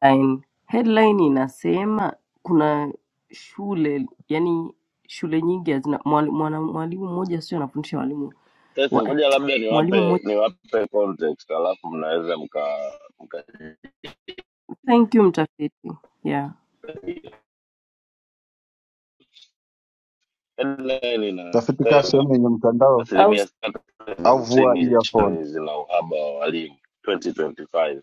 Speaker 2: Headline, headline inasema kuna shule yani shule nyingi hazina mwali- mwana- mwalimu mmoja sio anafundisha walimu
Speaker 12: sasa,
Speaker 2: wa,
Speaker 12: ngoja labda
Speaker 2: mwalimu
Speaker 12: niwape
Speaker 2: mmoja.
Speaker 12: niwape context, alafu mnaweza mka mka
Speaker 2: Thank you mtafiti. Yeah.
Speaker 12: headline
Speaker 8: tafiti kaa
Speaker 12: inasema
Speaker 8: sehemu yenye mtandao
Speaker 12: asilimia sitini za
Speaker 8: au vua
Speaker 12: hamsini
Speaker 8: earphone.
Speaker 12: nchini zina uhaba wa walimu 2025.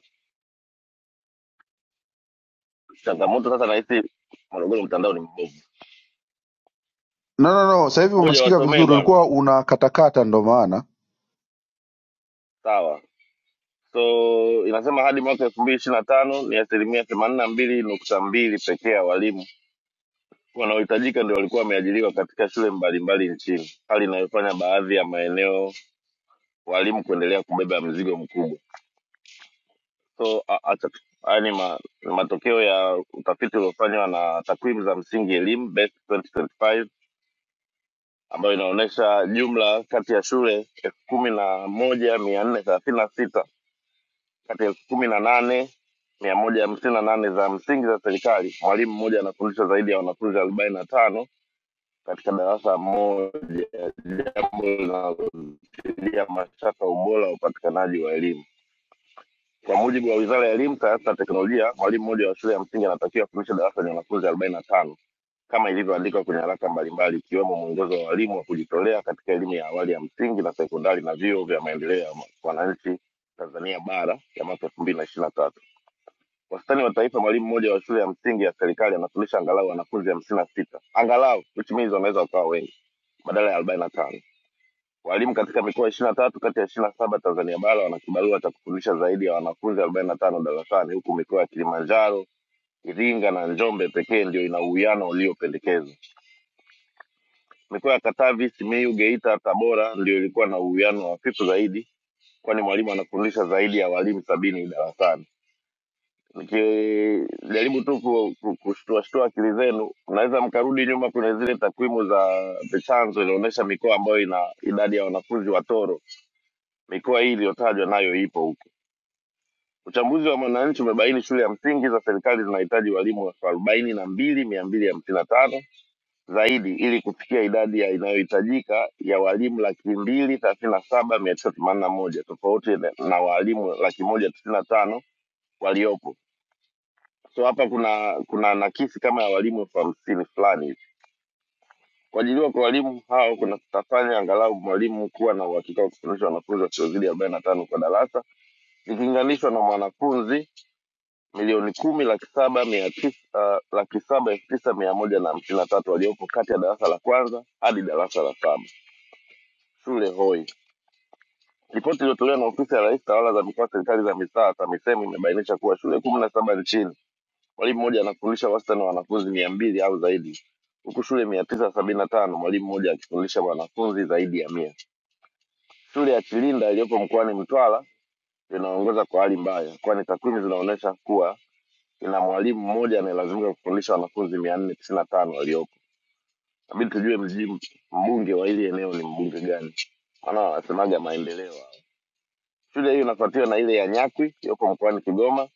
Speaker 12: Changamoto sasa, nahisi Morogoro mtandao ni mbovu,
Speaker 8: no, no, no. sasa hivi
Speaker 12: moja
Speaker 8: umesikika
Speaker 12: wasomee
Speaker 8: vizuri
Speaker 12: bwana,
Speaker 8: ulikuwa unakatakata ndo maana
Speaker 12: sawa so inasema hadi mwaka elfu mbili ishiri na tano ni asilimia themanini na mbili nukta mbili pekee ya walimu wanaohitajika ndio walikuwa wameajiriwa katika shule mbalimbali nchini, hali inayofanya baadhi ya maeneo walimu kuendelea kubeba mzigo mkubwa. So a- acha tu haya ni, ma, ni matokeo ya utafiti uliofanywa na takwimu za msingi elimu Best 2025 ambayo inaonyesha jumla kati ya shule elfu kumi na moja mia nne thelathini na sita kati ya elfu kumi na nane mia moja hamsini na nane za msingi za serikali, mwalimu mmoja anafundisha zaidi ya wanafunzi arobaini na tano katika darasa moja, jambo linalozidia mashaka ubora wa upatikanaji wa elimu. Kwa mujibu wa Wizara ya Elimu, Sayansi na Teknolojia, mwalimu mmoja wa shule ya msingi anatakiwa kufundisha darasa lenye wanafunzi arobaini na tano kama ilivyoandikwa kwenye haraka mbalimbali ikiwemo mwongozo wa walimu wa kujitolea katika elimu ya awali ya msingi na sekondari na vyuo vya maendeleo ya wananchi Tanzania bara ya mwaka 2023 Wastani wa taifa, mwalimu mmoja wa shule ya msingi ya serikali anafundisha angalau wanafunzi hamsini na sita angalau, which means wanaweza wakawa wengi badala ya arobaini na tano. Walimu katika mikoa ishirini na tatu kati ya ishirini na saba Tanzania bara wana kibarua cha kufundisha zaidi ya wanafunzi arobaini na tano darasani, huku mikoa ya Kilimanjaro, Iringa na Njombe pekee ndio ina uwiano uliopendekezwa. Mikoa ya Katavi, Simiyu, Geita, Tabora ndio ilikuwa na uwiano hafifu zaidi, kwani mwalimu anafundisha zaidi ya walimu sabini darasani. mki- jaribu tu ku- ku- kushtuashtua akili zenu, mnaweza mkarudi nyuma kwenye zile takwimu za The Chanzo inaonyesha mikoa ambayo ina idadi ya wanafunzi watoro. Mikoa hii iliyotajwa nayo ipo huko. Uchambuzi wa Mwananchi umebaini shule ya msingi za serikali zinahitaji walimu elfu arobaini na mbili mia mbili hamsini na tano zaidi ili kufikia idadi ya inayohitajika ya walimu laki mbili thelathini na saba mia tisa themanini na moja tofauti na na walimu laki moja tisini na tano waliopo so hapa kuna kuna nakisi kama ya walimu elfu hamsini fulani hivi. kuajiliwa kwa walimu hao kunatafanya angalau mwalimu kuwa na uhakika wa kufundisha wanafunzi wasiozidi arobaini na tano kwa darasa ikilinganishwa na mwanafunzi milioni kumi laki saba mia tisa uh, laki saba elfu tisa mia moja na hamsini na tatu waliopo kati ya darasa la kwanza hadi darasa la saba shule hoi Ripoti iliyotolewa na ofisi ya Rais tawala za mikoa serikali za mitaa TAMISEMI imebainisha kuwa shule kumi na saba nchini Mwalimu mmoja anafundisha wastani wa wanafunzi mia mbili au zaidi, huku shule mia tisa sabini na tano mwalimu mmoja akifundisha wanafunzi zaidi ya mia. Shule ya Kilinda iliyoko mkoani Mtwara inaongoza kwa hali mbaya, kwani takwimu zinaonyesha kuwa ina mwalimu mmoja anayelazimika kufundisha wanafunzi mia nne tisini na tano waliopo. Inabidi tujue mji mbunge wa hili eneo ni mbunge gani, maana wanasemaga maendeleo. Shule hiyo inafuatiwa na ile ya Nyakwi iliyoko mkoani Kigoma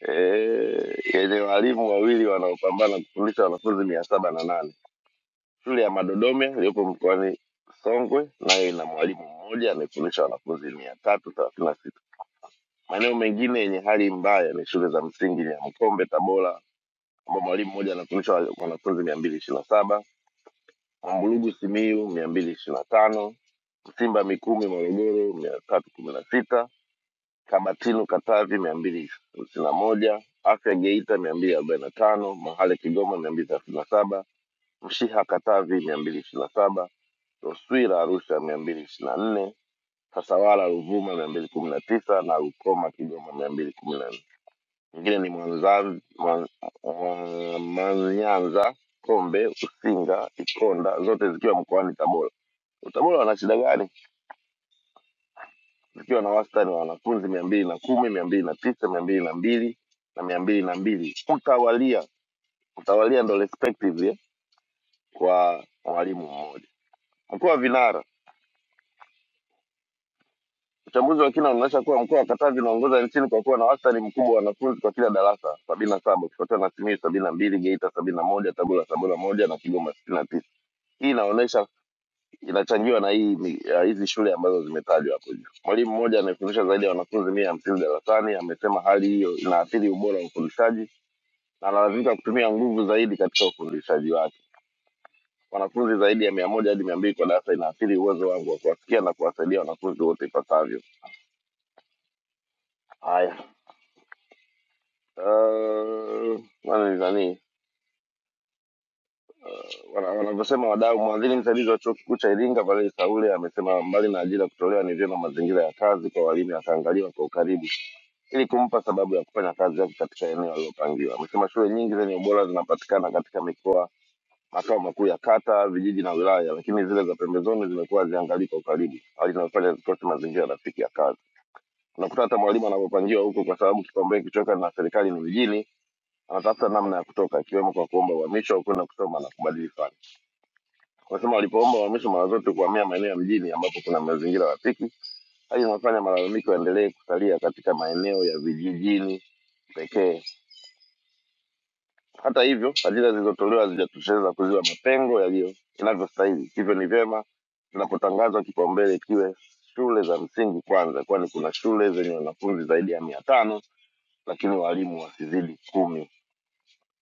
Speaker 12: eh, yenye walimu wawili wanaopambana kufundisha wanafunzi mia saba na nane. Shule ya Madodome iliyopo mkoani Songwe nayo ina mwalimu mmoja anayefundisha wanafunzi mia tatu thelathini na sita. Maeneo mengine yenye hali mbaya ni shule za msingi ya Mkombe Tabora, ambao mwalimu mmoja anafundisha wa- wanafunzi mia mbili ishirini na saba, Mwambulugu Simiyu mia mbili ishirini na tano, Msimba Mikumi Morogoro mia tatu kumi na sita Kamatilo Katavi mia mbili hamsini na moja, Afya Geita mia mbili arobaini na tano, Mahale Kigoma mia mbili thelathini na saba, Mshiha Katavi mia mbili ishirini na saba, Roswira Arusha mia mbili ishirini na nne, Tasawala Ruvuma mia mbili kumi na tisa na Rukoma Kigoma mia mbili kumi na nne. Mwingine ni Mwanza- Mwan- Mwa- Mwanyanza, Kombe, Usinga, Ikonda, zote zikiwa mkoani Tabora. Tabora wana shida gani? zikiwa na wastani wa wanafunzi mia mbili na kumi mia mbili na tisa mia mbili na mbili na mia mbili na mbili mtawalia mtawalia ndo respectively kwa mwalimu mmoja mkoa wa vinara uchambuzi wa kina unaonyesha kuwa mkoa wa katavi unaongoza nchini kwa kuwa na wastani mkubwa wa wanafunzi kwa kila darasa sabini na saba ukifuatiwa na simiyu sabini na mbili geita sabini na moja tabora sabini na moja na kigoma sitini na tisa hii inaonyesha inachangiwa na hii mi- ya hizi shule ambazo zimetajwa hapo juu. Mwalimu mmoja amefundisha zaidi ya wanafunzi mia hamsini darasani, amesema hali hiyo inaathiri ubora wa ufundishaji na analazimika kutumia nguvu zaidi katika ufundishaji wake. Wanafunzi zaidi ya mia moja hadi mia mbili kwa darasa inaathiri uwezo wangu wa kuwasikia na kuwasaidia wanafunzi wote ipasavyo. Haya, uh, nani nani wana- wanavyosema wadau, mwadhiri msaidizi wa chuo kikuu cha Iringa Valeri Saule amesema mbali na ajira kutolewa, ni vyema mazingira ya kazi kwa walimu yakaangaliwa kwa ukaribu ili kumpa sababu ya kufanya kazi yake katika eneo alilopangiwa. Amesema shule nyingi zenye ubora zinapatikana katika mikoa, makao makuu ya kata, vijiji na wilaya, lakini zile za pembezoni zimekuwa haziangalii kwa ukaribu, hali inayofanya zikose mazingira rafiki ya kazi. Unakuta hata mwalimu anapopangiwa huko, kwa sababu kipaumbele kilichoweka na serikali ni vijijini, anatafuta namna ya kutoka, ikiwemo kwa kuomba uhamisho au kwenda kusoma na kubadili fani. Wanasema walipoomba uhamisho mara zote kuhamia maeneo ya mjini ambapo kuna mazingira rafiki, hali inayofanya malalamiko yaendelee kusalia katika maeneo ya vijijini pekee Hata hivyo, fadhila zilizotolewa hazijatosheleza kuziba mapengo yaliyo inavyostahili. Hivyo ni vyema tunapotangazwa kipaumbele kiwe shule za msingi kwanza, kwani kuna shule zenye wanafunzi zaidi ya mia tano lakini walimu wasizidi kumi,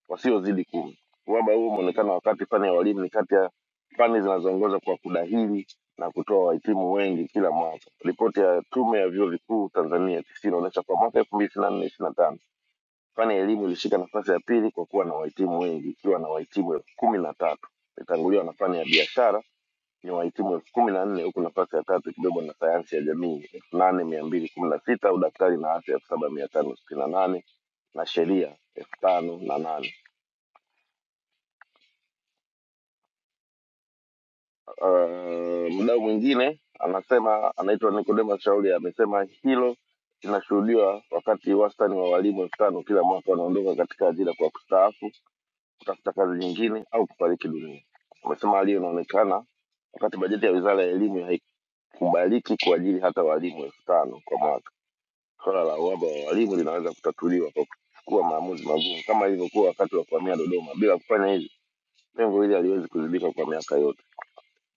Speaker 12: wasiozidi kumi. Uhaba huo umeonekana wakati fani ya walimu ni kati ya fani zinazoongoza kwa kudahili na kutoa wahitimu wengi kila mwaka. Ripoti ya Tume ya Vyuo Vikuu Tanzania TC inaonyesha kwa mwaka elfu mbili ishirini na nne Fani ya elimu ilishika nafasi ya pili kwa kuwa na wahitimu wengi ikiwa na wahitimu elfu kumi na tatu imetanguliwa na fani ya biashara yenye wahitimu elfu kumi na nne huku nafasi ya tatu ikibebwa na sayansi ya jamii elfu nane mia mbili kumi na sita udaktari na afya elfu saba mia tano sitini na nane na sheria elfu tano na nane. Uh, mdau mwingine anasema anaitwa Nicodemus Shauri amesema hilo linashuhudiwa wakati wastani wa walimu elfu tano kila mwaka wanaondoka katika ajira kwa kustaafu kutafuta kazi nyingine au kufariki dunia. Amesema hali hiyo inaonekana wakati bajeti ya wizara ya elimu haikubaliki kuajiri hata walimu elfu tano kwa mwaka. Suala la uhaba wa walimu linaweza kutatuliwa kwa kuchukua maamuzi magumu kama ilivyokuwa wakati wa kuhamia Dodoma. Bila kufanya hivi, pengo hili haliwezi kuzibika kwa miaka yote.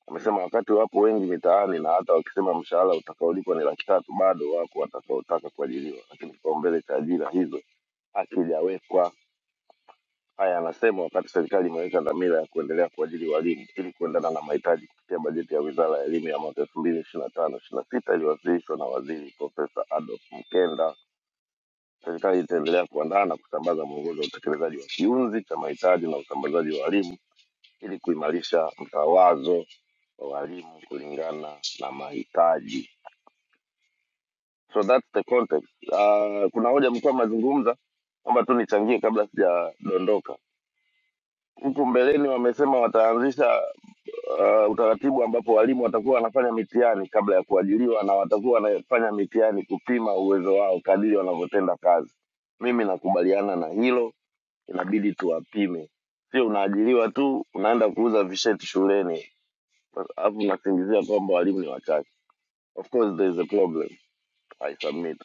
Speaker 12: Amesema wakati wapo wengi mitaani na hata wakisema mshahara utakaolipwa ni laki tatu, bado wako watakaotaka kuajiriwa, lakini kipaumbele cha ajira hizo hakijawekwa. Haya anasema wakati serikali imeweka dhamira ya kuendelea kuajiri walimu ili kuendana na mahitaji kupitia bajeti ya Wizara ya Elimu ya mwaka elfu mbili ishirini na tano ishirini na sita iliyowasilishwa na Waziri Profesa Adolf Mkenda, serikali itaendelea kuandaa na kusambaza mwongozo wa utekelezaji wa kiunzi cha mahitaji na usambazaji wa walimu ili kuimarisha mtawazo wa walimu kulingana na mahitaji. So that's the context. Uh, kuna hoja mlikuwa mnazungumza kwamba tu nichangie kabla sijadondoka. Huku mbeleni wamesema wataanzisha uh, utaratibu ambapo walimu watakuwa wanafanya mitihani kabla ya kuajiriwa na watakuwa wanafanya mitihani kupima uwezo wao kadiri wanavyotenda kazi. Mimi nakubaliana na hilo, inabidi tuwapime, sio unaajiriwa tu unaenda kuuza visheti shuleni alafu unasingizia kwamba walimu ni wachache. Of course there is a problem. I submit.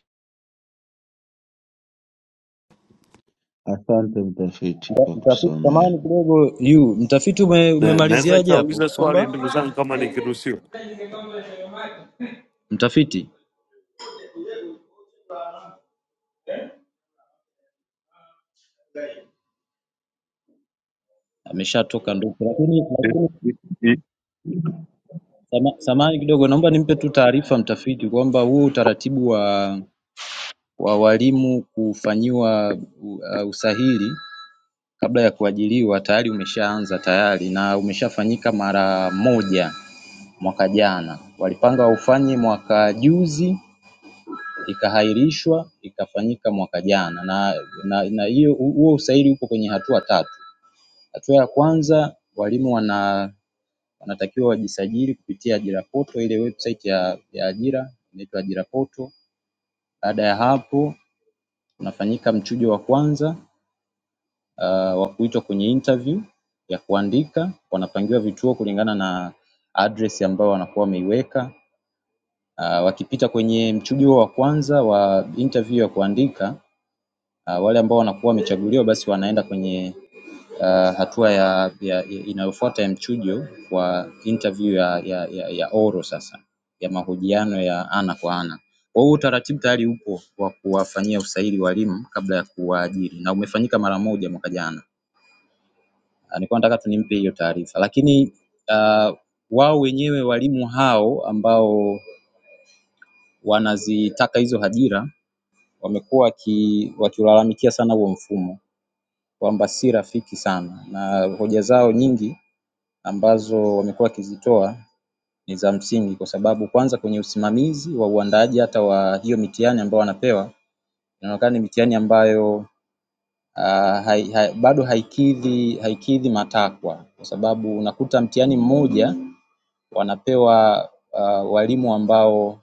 Speaker 8: Asante mtafiti
Speaker 11: mta-
Speaker 8: kwa
Speaker 11: mtafiti
Speaker 8: kutusomea.
Speaker 11: samahani kidogo yu, mtafiti ume,
Speaker 14: Na- Naweza
Speaker 11: umemaliziaje hapo?
Speaker 14: ikauliza swali
Speaker 11: Kwamba
Speaker 14: ndugu zangu, kama nikiruhusiwa.
Speaker 11: mtafiti ameshatoka nduku, lakini
Speaker 15: It,
Speaker 11: lakini
Speaker 15: it, it,
Speaker 11: sama- samahani kidogo, naomba nimpe tu taarifa mtafiti kwamba huu utaratibu wa wa walimu kufanyiwa u- uh, usahili kabla ya kuajiliwa tayari umeshaanza tayari na umeshafanyika mara moja mwaka jana, walipanga ufanye mwaka juzi ikaahirishwa ikafanyika mwaka jana na na na hiyo huo usaili uko kwenye hatua tatu. Hatua ya kwanza walimu wana wanatakiwa wajisajili kupitia ajira portal ile website ya ya ajira inaitwa ajira portal. Baada ya hapo unafanyika mchujo wa kwanza ah, wa kuitwa kwenye interview ya kuandika, wanapangiwa vituo kulingana na address ambayo wanakuwa wameiweka. Ah, wakipita kwenye mchujo wa kwanza wa interview ya kuandika Uh, wale ambao wanakuwa wamechaguliwa basi wanaenda kwenye uh, hatua ya, ya, ya inayofuata ya mchujo kwa interview ya, ya, ya, ya oro sasa ya mahojiano ya ana kwa ana. Kwa hiyo utaratibu tayari upo wa kuwafanyia usaili walimu kabla ya kuwaajiri na umefanyika mara moja mwaka jana. Ah, Nilikuwa nataka tu nimpe hiyo taarifa, lakini ah, wao wenyewe walimu hao ambao wanazitaka hizo ajira wamekuwa waki- wakiulalamikia sana huo mfumo kwamba si rafiki sana na hoja zao nyingi ambazo wamekuwa wakizitoa ni za msingi kwa sababu kwanza kwenye usimamizi wa uandaaji hata wa hiyo mitihani ambayo wanapewa inaonekana ni mitihani ambayo ah, hai, hai, bado haikidhi haikidhi matakwa kwa sababu unakuta mtihani mmoja wanapewa uh, walimu ambao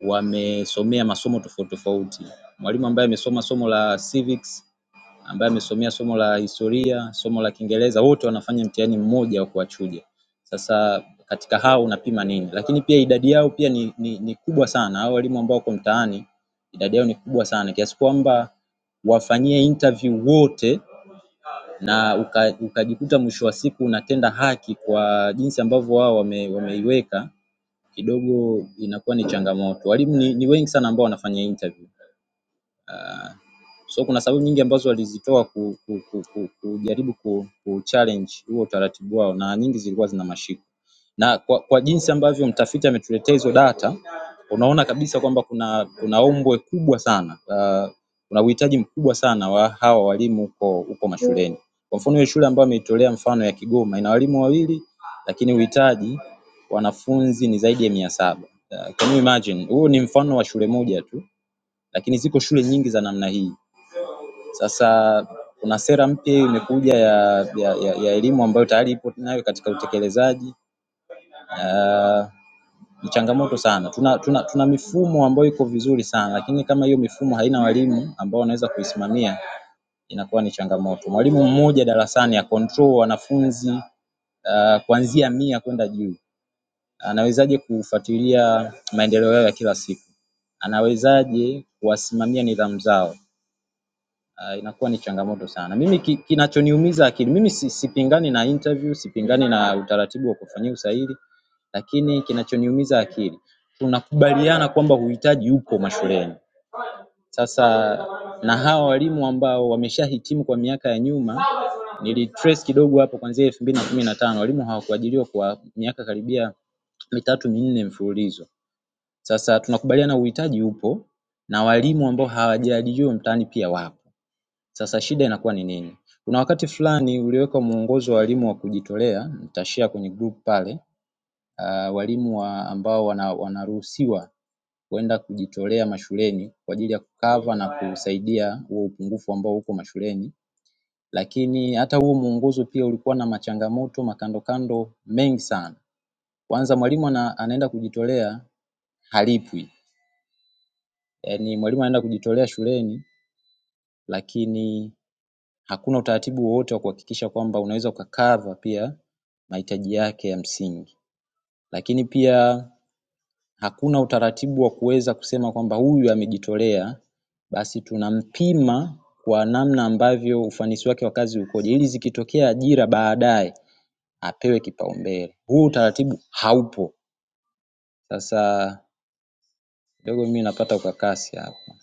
Speaker 11: wamesomea masomo tofauti tofauti. Mwalimu ambaye amesoma somo la civics ambaye amesomea somo la historia, somo la Kiingereza wote wanafanya mtihani mmoja wa kuwachuja. Sasa katika hao unapima nini? Lakini pia idadi yao pia ni, ni, ni kubwa sana. Hao walimu ambao wako mtaani idadi yao ni kubwa sana kiasi kwamba wafanyie interview wote na uka- ukajikuta mwisho wa siku unatenda haki kwa jinsi ambavyo wao wame, wameiweka kidogo inakuwa ni changamoto. Walimu ni, ni wengi sana ambao wanafanya interview. Ah, So kuna sababu nyingi ambazo walizitoa ku, ku, ku, ku, kujaribu ku, ku challenge huo utaratibu wao na nyingi zilikuwa zina mashiko. Na kwa, kwa jinsi ambavyo mtafiti ametuletea hizo data unaona kabisa kwamba kuna kuna ombwe kubwa sana uh, kuna uhitaji mkubwa sana wa hawa walimu huko huko mashuleni. Kwa mfano hiyo shule ambayo ameitolea mfano ya Kigoma ina walimu wawili lakini uhitaji wanafunzi ni zaidi ya mia saba. Uh, can you imagine? Huu ni mfano wa shule moja tu, lakini ziko shule nyingi za namna hii. Sasa kuna sera mpya hiyo imekuja ya ya ya, ya elimu ambayo tayari ipo nayo katika utekelezaji Ah, ni changamoto sana. Tuna, tuna, tuna mifumo ambayo iko vizuri sana lakini kama hiyo mifumo haina walimu ambao wanaweza kuisimamia inakuwa ni changamoto. Mwalimu mmoja darasani acontrol wanafunzi ah, kuanzia mia kwenda juu, anawezaje kufuatilia maendeleo yao ya kila siku? Anawezaje kuwasimamia nidhamu zao? ah, inakuwa ni changamoto sana. Mimi ki, kinachoniumiza akili, mimi si, sipingani na interview, sipingani na utaratibu wa kufanyia usaili, lakini kinachoniumiza akili, tunakubaliana kwamba uhitaji upo mashuleni. Sasa na hawa walimu ambao wameshahitimu kwa miaka ya nyuma, nilitrace kidogo hapo kuanzia elfu mbili na kumi na tano walimu hawakuajiriwa kwa miaka karibia mitatu minne mfululizo. Sasa tunakubaliana uhitaji upo na walimu ambao hawajaajiriwa mtaani pia wapo. Sasa shida inakuwa ni nini? Kuna wakati fulani uliwekwa mwongozo wa walimu wa kujitolea, nitashare kwenye group pale, ah, walimu wa ambao wana, wanaruhusiwa kwenda kujitolea mashuleni kwa ajili ya kukava na kusaidia huo upungufu ambao uko mashuleni. Lakini hata huo mwongozo pia ulikuwa na machangamoto makandokando mengi sana. Kwanza mwalimu ana, anaenda kujitolea halipwi, yaani mwalimu anaenda kujitolea shuleni lakini hakuna utaratibu wowote wa kuhakikisha kwamba unaweza ukakava pia mahitaji yake ya msingi, lakini pia hakuna utaratibu wa kuweza kusema kwamba huyu amejitolea, basi tunampima kwa namna ambavyo ufanisi wake wa kazi ukoje, ili zikitokea ajira baadaye apewe kipaumbele. Huu utaratibu haupo. Sasa kidogo mimi napata ukakasi hapa,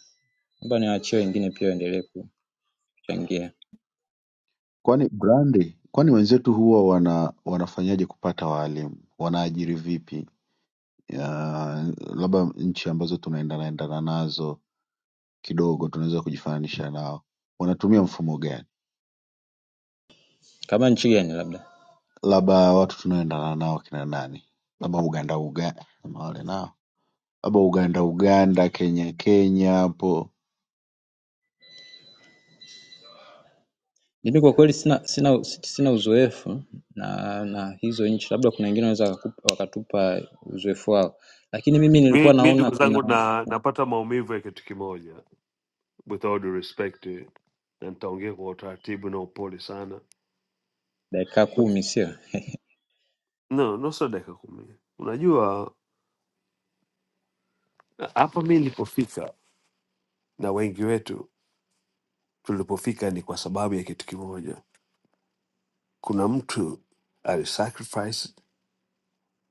Speaker 11: naomba niwaachie wengine pia waendelee kuchangia,
Speaker 8: kwani brandi kwani wenzetu huwa wana wanafanyaje kupata waalimu wanaajiri vipi Ya, labda nchi ambazo tunaendanaendana nazo kidogo tunaweza kujifananisha nao wanatumia mfumo gani
Speaker 11: kama nchi gani labda
Speaker 8: labda watu tunaoendana nao kina nani labda uganda uganda na wale nao labda uganda uganda kenya kenya hapo
Speaker 11: Mimi kwa kweli sina sina sina uzoefu na na hizo nchi, labda kuna wengine wanaweza wakakupa- wakatupa uzoefu wao, lakini mimi nilikuwa
Speaker 14: Mi, mi
Speaker 11: naona
Speaker 14: ndugu
Speaker 11: kuna
Speaker 14: zangu na, napata maumivu ya kitu kimoja, with all due respect, na nitaongea kwa utaratibu na upole sana.
Speaker 11: dakika kumi sio?
Speaker 14: No, nusu dakika kumi. Unajua hapa mi nilipofika na wengi wetu tulipofika ni kwa sababu ya kitu kimoja. Kuna mtu alisacrifice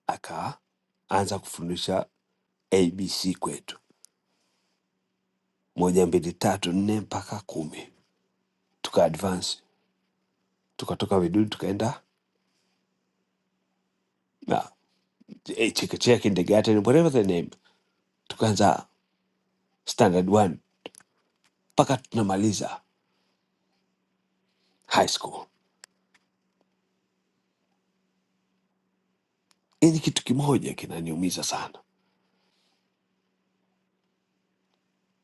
Speaker 14: akaanza kufundisha ABC kwetu, moja mbili tatu nne mpaka kumi, tuka advance tukatoka Vinuni tukaenda na eh, chekechea, kindergarten, whatever the name, tukaanza standard one mpaka tunamaliza high school. Yaani kitu kimoja kinaniumiza sana,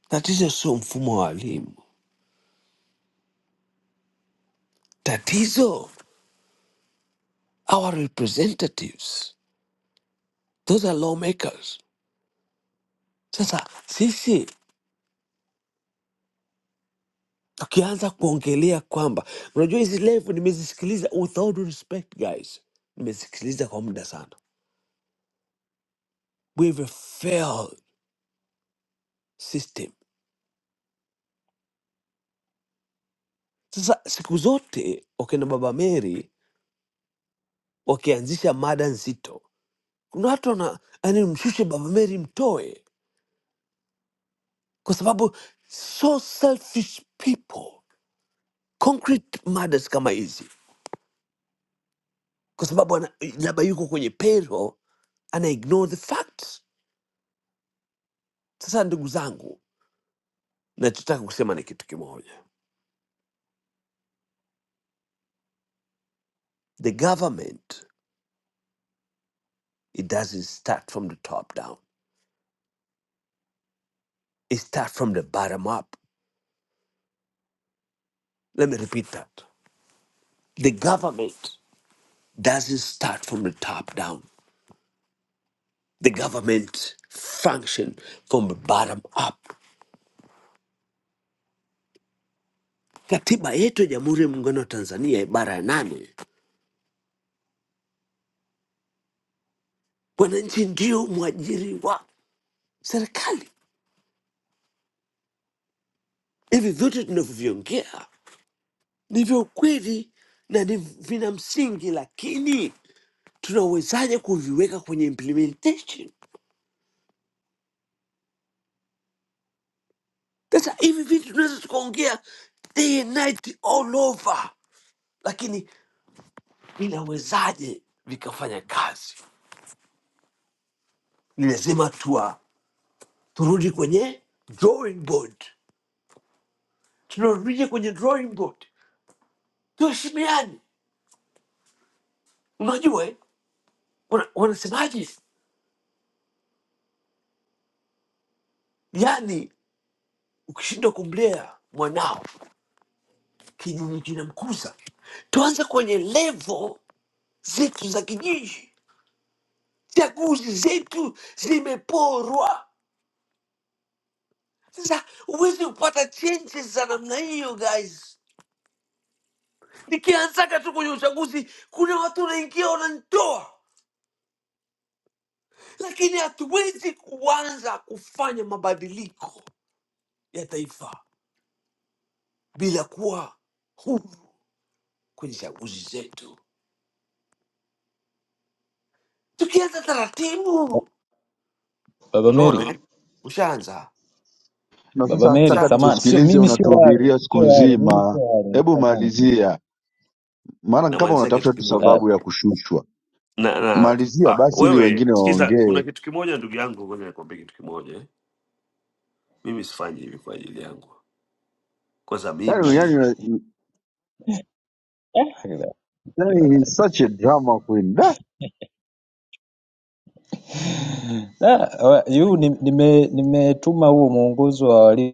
Speaker 14: tatizo sio mfumo wa elimu, tatizo our representatives, those are lawmakers. Sasa sisi tukianza kuongelea kwamba unajua hizi levu nimezisikiliza, with all due respect guys, nimesikiliza kwa muda sana. We have a failed system Sasa siku zote wakina Baba Mary wakianzisha mada nzito, kuna watu wana yani, mshushe Baba Mary, mtoe, kwa sababu so selfish people concrete matters kama hizi, kwa sababu ana- labda yuko kwenye payroll, ana ignore the facts. Sasa ndugu zangu, nachotaka kusema ni kitu kimoja, the government it doesn't start from the top down, it start from the bottom up. Let me repeat that, the government doesn't start from the top down. The government function from the bottom up. Katiba yetu ya Jamhuri ya Muungano wa Tanzania ibara ya nane, wananchi ndio mwajiri wa serikali. Hivi vyote tunavyoviongea ni vya ukweli na ni vina msingi, lakini tunawezaje kuviweka kwenye implementation? Sasa hivi vitu tunaweza tukaongea day and night all over, lakini vinawezaje vikafanya kazi? ni lazima tuwa turudi kwenye drawing board tunarudije kwenye drawing board tuheshimiane unajua eh, wana- wanasemaje yani ukishindwa kumlea mwanao kijiji kinamkuza tuanze kwenye levo zetu za kijiji chaguzi zetu zimeporwa sasa huwezi kupata changes za namna hiyo guys nikianzaga tu kwenye uchaguzi kuna watu wanaingia wananitoa lakini hatuwezi kuanza kufanya mabadiliko ya taifa bila kuwa huru kwenye chaguzi zetu, tukianza taratibu.
Speaker 11: Baba Meri,
Speaker 14: Unaona, ushaanza.
Speaker 8: na
Speaker 11: Baba
Speaker 8: sasa
Speaker 11: Meri,
Speaker 8: hatutaka
Speaker 11: samahani,
Speaker 14: Ushaanza.
Speaker 11: sio
Speaker 8: tukusikilize
Speaker 11: mimi, sio wale,
Speaker 8: unatuhubiria siku
Speaker 11: sio wale, mimi sio
Speaker 8: nzima
Speaker 11: wale,
Speaker 8: hebu
Speaker 11: samahani.
Speaker 8: malizia maana kama
Speaker 14: Namalizia kitu
Speaker 8: unatafuta tu
Speaker 14: kimoja
Speaker 11: Ah,
Speaker 8: sababu ya kushushwa
Speaker 14: na, na
Speaker 8: malizia
Speaker 14: ah,
Speaker 8: basi ili
Speaker 14: wewe
Speaker 8: wengine
Speaker 14: sikiza, kuna
Speaker 8: waongee
Speaker 14: kitu kimoja ndugu yangu, ngoja nikwambie kitu kimoja. eh. Mimi sifanyi hivi kwa ajili yangu, kwanza
Speaker 8: yani,
Speaker 14: mimi
Speaker 8: yani,
Speaker 11: ah,
Speaker 8: yani
Speaker 11: kiwala.
Speaker 8: he's such a drama queen da
Speaker 11: Ah, wa- yu ni- nime- nimetuma huo mwongozo wa walimu.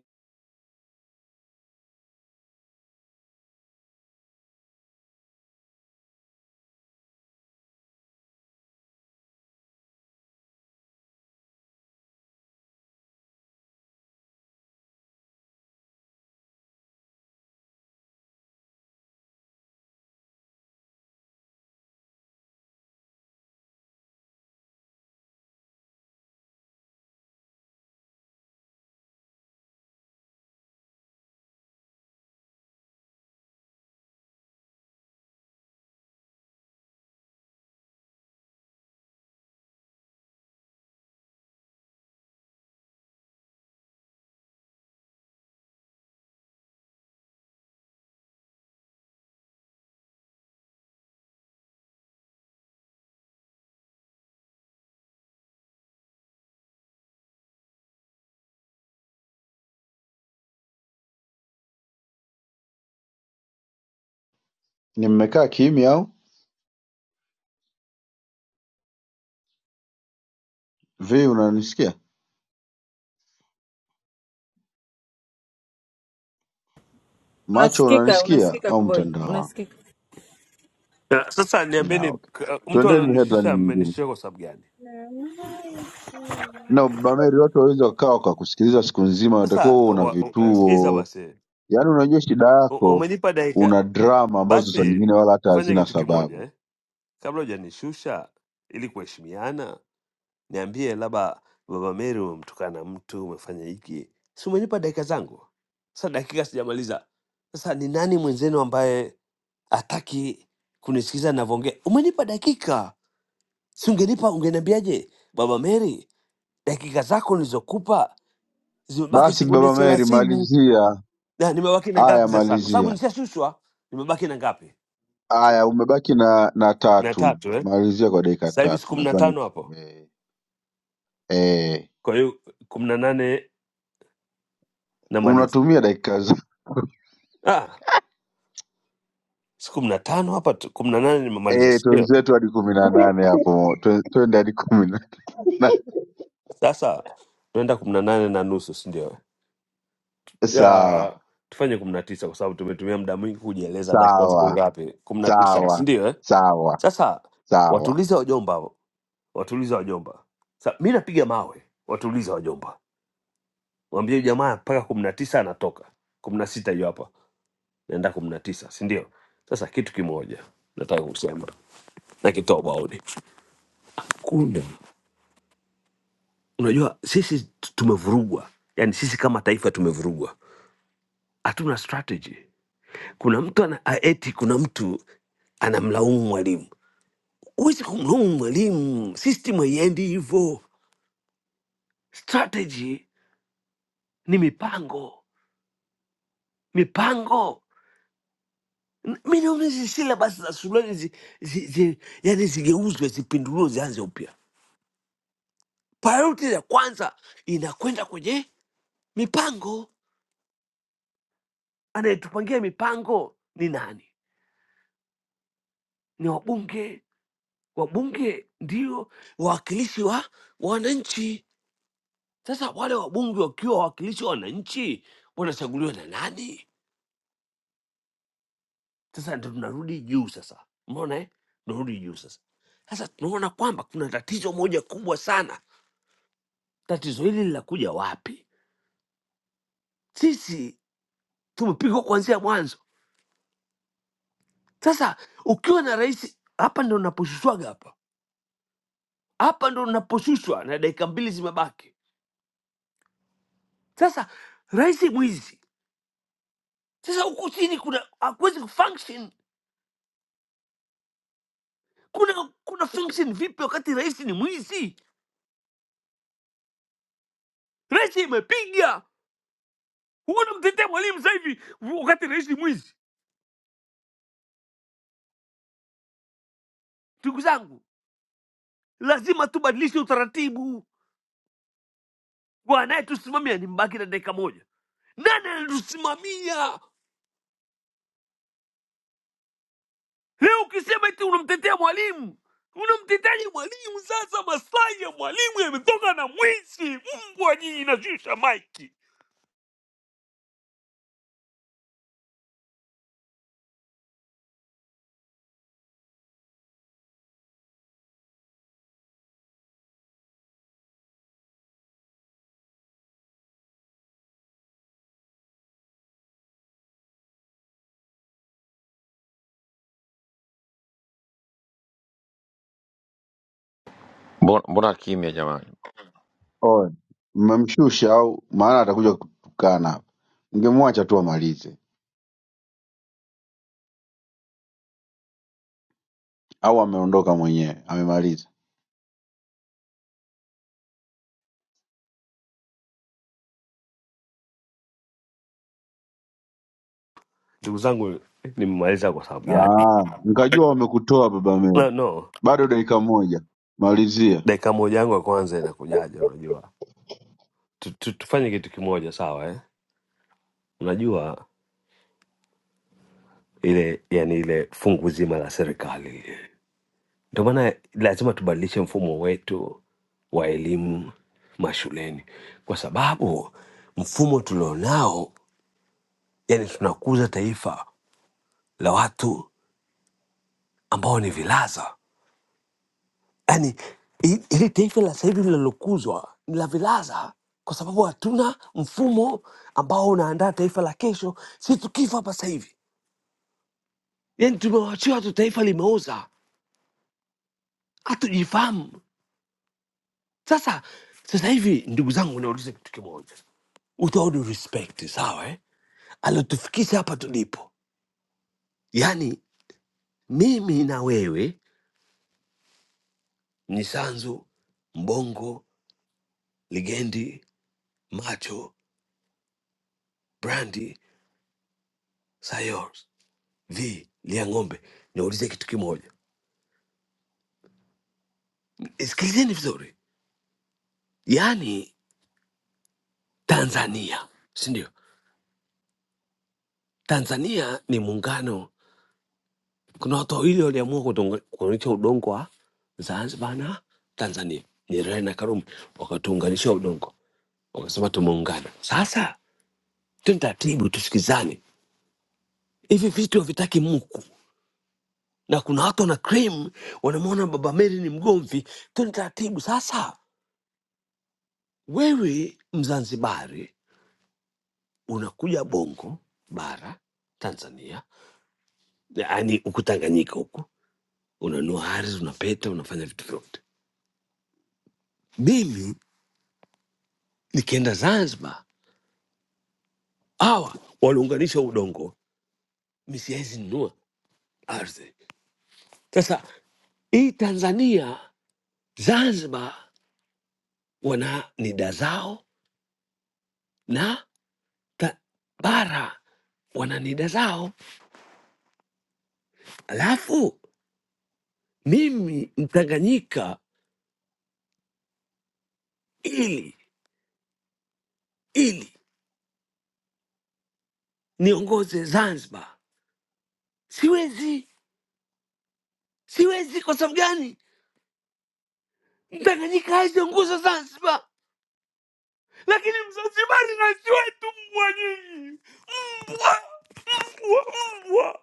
Speaker 8: ni mmekaa kimya au vi unanisikia macho
Speaker 16: Unasikika,
Speaker 8: unanisikia
Speaker 16: unasikika
Speaker 8: au
Speaker 16: Kuboja,
Speaker 8: mtandao wangu
Speaker 16: unasikika.
Speaker 14: na, sasa
Speaker 8: Na,
Speaker 14: niambeni,
Speaker 8: okay.
Speaker 14: k- mtu
Speaker 8: tuendeni
Speaker 14: alionishusha
Speaker 8: headline nyingine
Speaker 14: amenishusha kwa sababu gani?
Speaker 8: na Bameri, watu wawezi wakawa wakakusikiliza siku nzima, unatakiwa uwe
Speaker 14: Sasa
Speaker 8: una
Speaker 14: wa, wa, sikiza
Speaker 8: vituo,
Speaker 14: basi,
Speaker 8: yaani unajua shida
Speaker 14: U-
Speaker 8: yako,
Speaker 14: umenipa dakika
Speaker 8: una drama ambazo saa nyingine
Speaker 14: Basi
Speaker 8: wala hata
Speaker 14: fanya
Speaker 8: hazina
Speaker 14: kitu kimoja
Speaker 8: sababu.
Speaker 14: eh, kabla hujanishusha ili kuheshimiana, niambie labda Baba Meri umemtukana mtu, umefanya hiki, si umenipa dakika zangu? Sasa dakika sijamaliza. Sasa ni nani mwenzenu ambaye hataki kunisikiza navyoongea? Umenipa dakika, si ungenipa, ungeniambiaje Baba Meri, dakika zako nilizokupa zimebaki
Speaker 8: Basi
Speaker 14: sekunde
Speaker 8: Baba Meri,
Speaker 14: thelathini
Speaker 8: malizia
Speaker 14: na nimebaki na ngapi
Speaker 8: haya,
Speaker 14: sasa? Kwa sababu
Speaker 8: malizia
Speaker 14: nishashushwa, nimebaki na ngapi?
Speaker 8: haya, umebaki na na
Speaker 14: Na
Speaker 8: tatu,
Speaker 14: tatu eh?
Speaker 8: malizia kwa dakika
Speaker 14: sasa hivi siku
Speaker 8: tatu
Speaker 14: kumi na
Speaker 8: nadhani.
Speaker 14: tano hapo,
Speaker 8: Eh, eh,
Speaker 14: kwa hiyo kumi na nane namaliza.
Speaker 8: unatumia dakika za
Speaker 14: Ah, siku kumi na tano hapa tu, kumi na nane
Speaker 8: [LAUGHS]
Speaker 14: nimemaliza,
Speaker 8: eh,
Speaker 14: si ndio?
Speaker 8: twenzetu hadi kumi na nane hapo, Twe- twende hadi kumi na nane. [LAUGHS]
Speaker 14: Sasa tunaenda kumi na nane na nusu, si ndio? Ah,
Speaker 8: Sawa
Speaker 14: tufanye kumi na tisa kwa sababu tumetumia muda mwingi kujieleza, dakika ziko
Speaker 8: sawa
Speaker 14: ngapi? kumi na tisa, si
Speaker 8: sawa
Speaker 14: ndio? Eh?
Speaker 8: sawa
Speaker 14: Sasa
Speaker 8: sawa.
Speaker 14: watulize wajomba, hao. watulize wajomba. Sa, mi napiga mawe, watulize wajomba, mwambie jamaa mpaka kumi na tisa anatoka, kumi na sita hiyo hapa, naenda kumi na tisa, si ndio? Sasa kitu kimoja nataka kusema na kitoa ubaoni. Kuna unajua, sisi tumevurugwa, yani sisi kama taifa tumevurugwa, hatuna strategy. Kuna mtu ana eti, kuna mtu anamlaumu mwalimu. Huwezi kumlaumu mwalimu, system haiendi hivyo. Strategy ni mipango, mipango mi naona hizi syllabus za shuleni zi, zi, zi, yani zigeuzwe zipinduliwe zianze upya. Priority ya kwanza inakwenda kwenye mipango. Anayetupangia mipango ni nani? ni wabunge, wabunge ndio wawakilishi wa wananchi. Sasa wale wabunge wakiwa wawakilishi wa wananchi wanachaguliwa na nani? Sasa ndo tunarudi juu sasa, umeona eh? Tunarudi juu sasa. Sasa tunaona kwamba kuna tatizo moja kubwa sana. Tatizo hili linakuja wapi? Sisi tumepigwa kuanzia mwanzo. Sasa ukiwa na rais, hapa ndo naposhushwaga hapa hapa ndo naposhushwa na dakika mbili zimebaki. Sasa rais mwizi Sasa huku chini kuna hakuwezi kufunction. Kuna kuna function vipi wakati rais ni mwizi? Rais imepiga huko, mtetee mwalimu sasa hivi wakati rais ni mwizi. Ndugu zangu, lazima tubadilishe utaratibu. Kwa anayetusimamia ni mbaki na dakika moja, nani anatusimamia leo? Ukisema eti unamtetea mwalimu unamteteaje mwalimu? Sasa maslahi ya mwalimu yametoka na mwizi. Mbwa nyinyi, nashusha maiki.
Speaker 17: Mbona, mbona kimya jamani?
Speaker 8: Oe, mmemshusha au maana atakuja kutukana hapa. Mngemwacha tu amalize, au ameondoka mwenyewe amemaliza?
Speaker 14: Ndugu zangu, nimemaliza kwa sababu gani?
Speaker 8: Ah, nikajua wamekutoa baba
Speaker 14: No,
Speaker 8: Meri.
Speaker 14: no.
Speaker 8: Bado dakika moja, malizia.
Speaker 14: dakika moja yangu ya kwanza inakujaje? Unajua tu, tu, tufanye kitu kimoja sawa eh? Unajua ile yani ile fungu zima la serikali lile, ndio maana lazima tubadilishe mfumo wetu wa elimu mashuleni, kwa sababu mfumo tulionao, yani tunakuza taifa la watu ambao ni vilaza. yani ili taifa la sasa hivi linalokuzwa ni la vilaza kwa sababu hatuna mfumo ambao unaandaa taifa la kesho si tukifa hapa sasa hivi yani tumewachia watu taifa limeoza hatujifahamu sasa sasa hivi ndugu zangu nauliza kitu kimoja with all due respect sawa eh? aliotufikisha hapa tulipo yaani mimi na wewe ni sanzu mbongo ligendi macho brandi Sayors, vi lia ng'ombe niulize kitu kimoja sikilizeni vizuri yaani tanzania si ndio tanzania ni muungano kuna watu wawili waliamua kutonga- kuunganisha udongo wa zanzibar na tanzania nyerere na karume wakatuunganisha udongo wakasema tumeungana sasa tweni taratibu tusikizane hivi vitu havitaki muku na kuna watu wana claim wanamwona baba meri ni mgomvi tweni taratibu sasa wewe mzanzibari unakuja bongo bara tanzania yaani huku tanganyika huku unanua ardhi unapeta unafanya vitu vyote mimi nikienda zanzibar hawa waliunganisha udongo mi siwezi nunua ardhi sasa hii tanzania zanzibar wana nida zao na ta, bara wana nida zao alafu mimi mtanganyika ili ili niongoze zanzibar siwezi siwezi kwa sababu gani mtanganyika hawezi nguzo zanzibar lakini mzanzibari nasi wetu mbwa nyinyi mbwa mbwa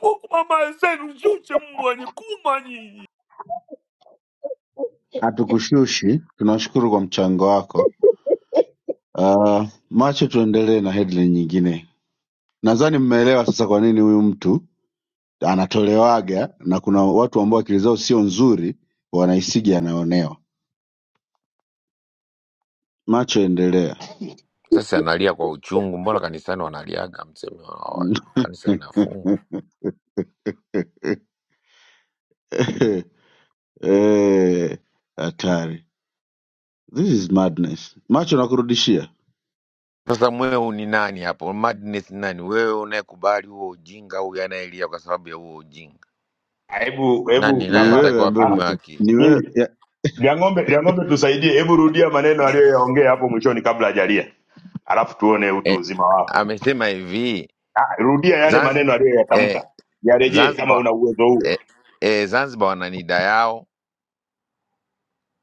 Speaker 14: mbwa kwa mama zenu mchuche mbwa nyinyi kuma nyinyi
Speaker 8: Hatukushushi, tunashukuru kwa mchango wako. Ah, macho, tuendelee na headline nyingine. Nadhani mmeelewa sasa kwa nini huyu mtu anatolewaga na kuna watu ambao akili zao sio nzuri wanaisiga, anaonewa. Macho, endelea.
Speaker 17: Sasa analia kwa uchungu. Mbona kanisani wanaliaga mseme wa- kanisa linafungwa?
Speaker 8: [LAUGHS] Eh, hatari. This is madness. Macho nakurudishia.
Speaker 17: Sasa mweu ni nani hapo? Madness ni nani? Wewe unayekubali huo ujinga au anayelia kwa sababu ya huo ujinga?
Speaker 6: Hebu hebu
Speaker 17: Nani nani
Speaker 8: Ni
Speaker 6: kama
Speaker 17: anataka
Speaker 8: wewe ambaye
Speaker 6: ah,
Speaker 17: wapimwe
Speaker 8: unatu.
Speaker 17: haki?
Speaker 8: Ni wewe
Speaker 6: subiri.
Speaker 8: ya-
Speaker 6: Liang'ombe, Liang'ombe tusaidie, hebu rudia maneno aliyoyaongea hapo mwishoni kabla hajalia, alafu tuone utu
Speaker 17: Eh,
Speaker 6: uzima wako.
Speaker 17: amesema hivi
Speaker 6: Ah, rudia yale
Speaker 17: Zanzibar,
Speaker 6: maneno
Speaker 17: eh,
Speaker 6: aliyoyatamka, yarejee kama
Speaker 17: Zanzibar,
Speaker 6: una uwezo
Speaker 17: eh,
Speaker 6: huo.
Speaker 17: eh, Zanzibar wana nida yao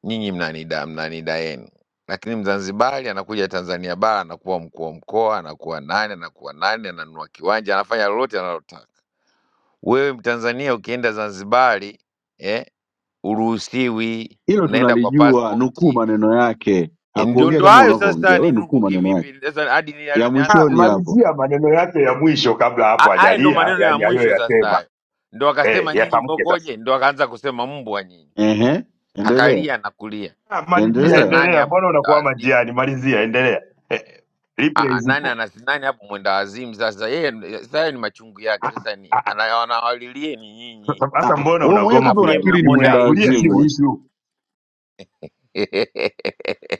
Speaker 17: nyinyi mnanida mnanidaeni, lakini Mzanzibari anakuja Tanzania bara anakuwa mkuu wa mkoa, anakuwa nani, anakuwa nani, ananunua kiwanja, anafanya lolote analotaka. Wewe Mtanzania ukienda Zanzibari eh, uruhusiwi,
Speaker 8: hilo
Speaker 17: unaenda kwa
Speaker 8: tunalijua, nukuu
Speaker 17: pasipoti.
Speaker 8: maneno yake.
Speaker 17: Ndio
Speaker 8: Hakuongea
Speaker 17: ndo
Speaker 8: kama
Speaker 17: hayo sasa,
Speaker 8: unavyoongea. Wewe nukuu
Speaker 17: ninukuki
Speaker 8: maneno yake.
Speaker 17: vipi sasa hadi ni-
Speaker 8: Ya
Speaker 17: nianze
Speaker 6: Ah,
Speaker 8: mwishoni
Speaker 17: tena
Speaker 8: hapo.
Speaker 17: kutuka?
Speaker 6: malizia maneno yake ya mwisho kabla
Speaker 17: A-
Speaker 6: hapo
Speaker 17: Haya ndo
Speaker 6: hajalia,
Speaker 17: maneno ya
Speaker 6: yani
Speaker 17: mwisho sasa,
Speaker 6: aliyoyasema
Speaker 17: hayo ndo
Speaker 6: eh,
Speaker 17: akasema nyinyi
Speaker 6: yatamke sasa.
Speaker 17: mbokoje, ndo akaanza kusema mbwa nyinyi,
Speaker 8: Ehe. Endelea.
Speaker 17: akalia na kulia.
Speaker 6: Ah, malizia,
Speaker 17: Sasa
Speaker 8: Endelea.
Speaker 17: nani
Speaker 6: endelea. Mbona
Speaker 17: hapo
Speaker 6: unakwama njiani? Malizia, endelea. Eh,
Speaker 17: Ah,
Speaker 6: replay
Speaker 17: ah, nani
Speaker 6: zipo.
Speaker 17: ana nani hapo mwenda wazimu sasa? Yeye sasa yeye ni machungu yake sasa,
Speaker 6: Ah,
Speaker 17: ni
Speaker 6: ah,
Speaker 17: ana- wanawalilie ni nyinyi,
Speaker 6: Sasa
Speaker 8: Ah,
Speaker 6: sasa
Speaker 8: ah.
Speaker 6: mbona
Speaker 8: wewe mwenyewe
Speaker 6: unagoma
Speaker 8: kumbe
Speaker 17: alafu nyinyi
Speaker 8: unakiri ni
Speaker 17: mnamwona
Speaker 6: kuyarudia?
Speaker 8: mwenda
Speaker 17: yeye
Speaker 6: Kulia sio
Speaker 8: wazimu. eh?
Speaker 17: chizi
Speaker 6: issue.
Speaker 17: [LAUGHS]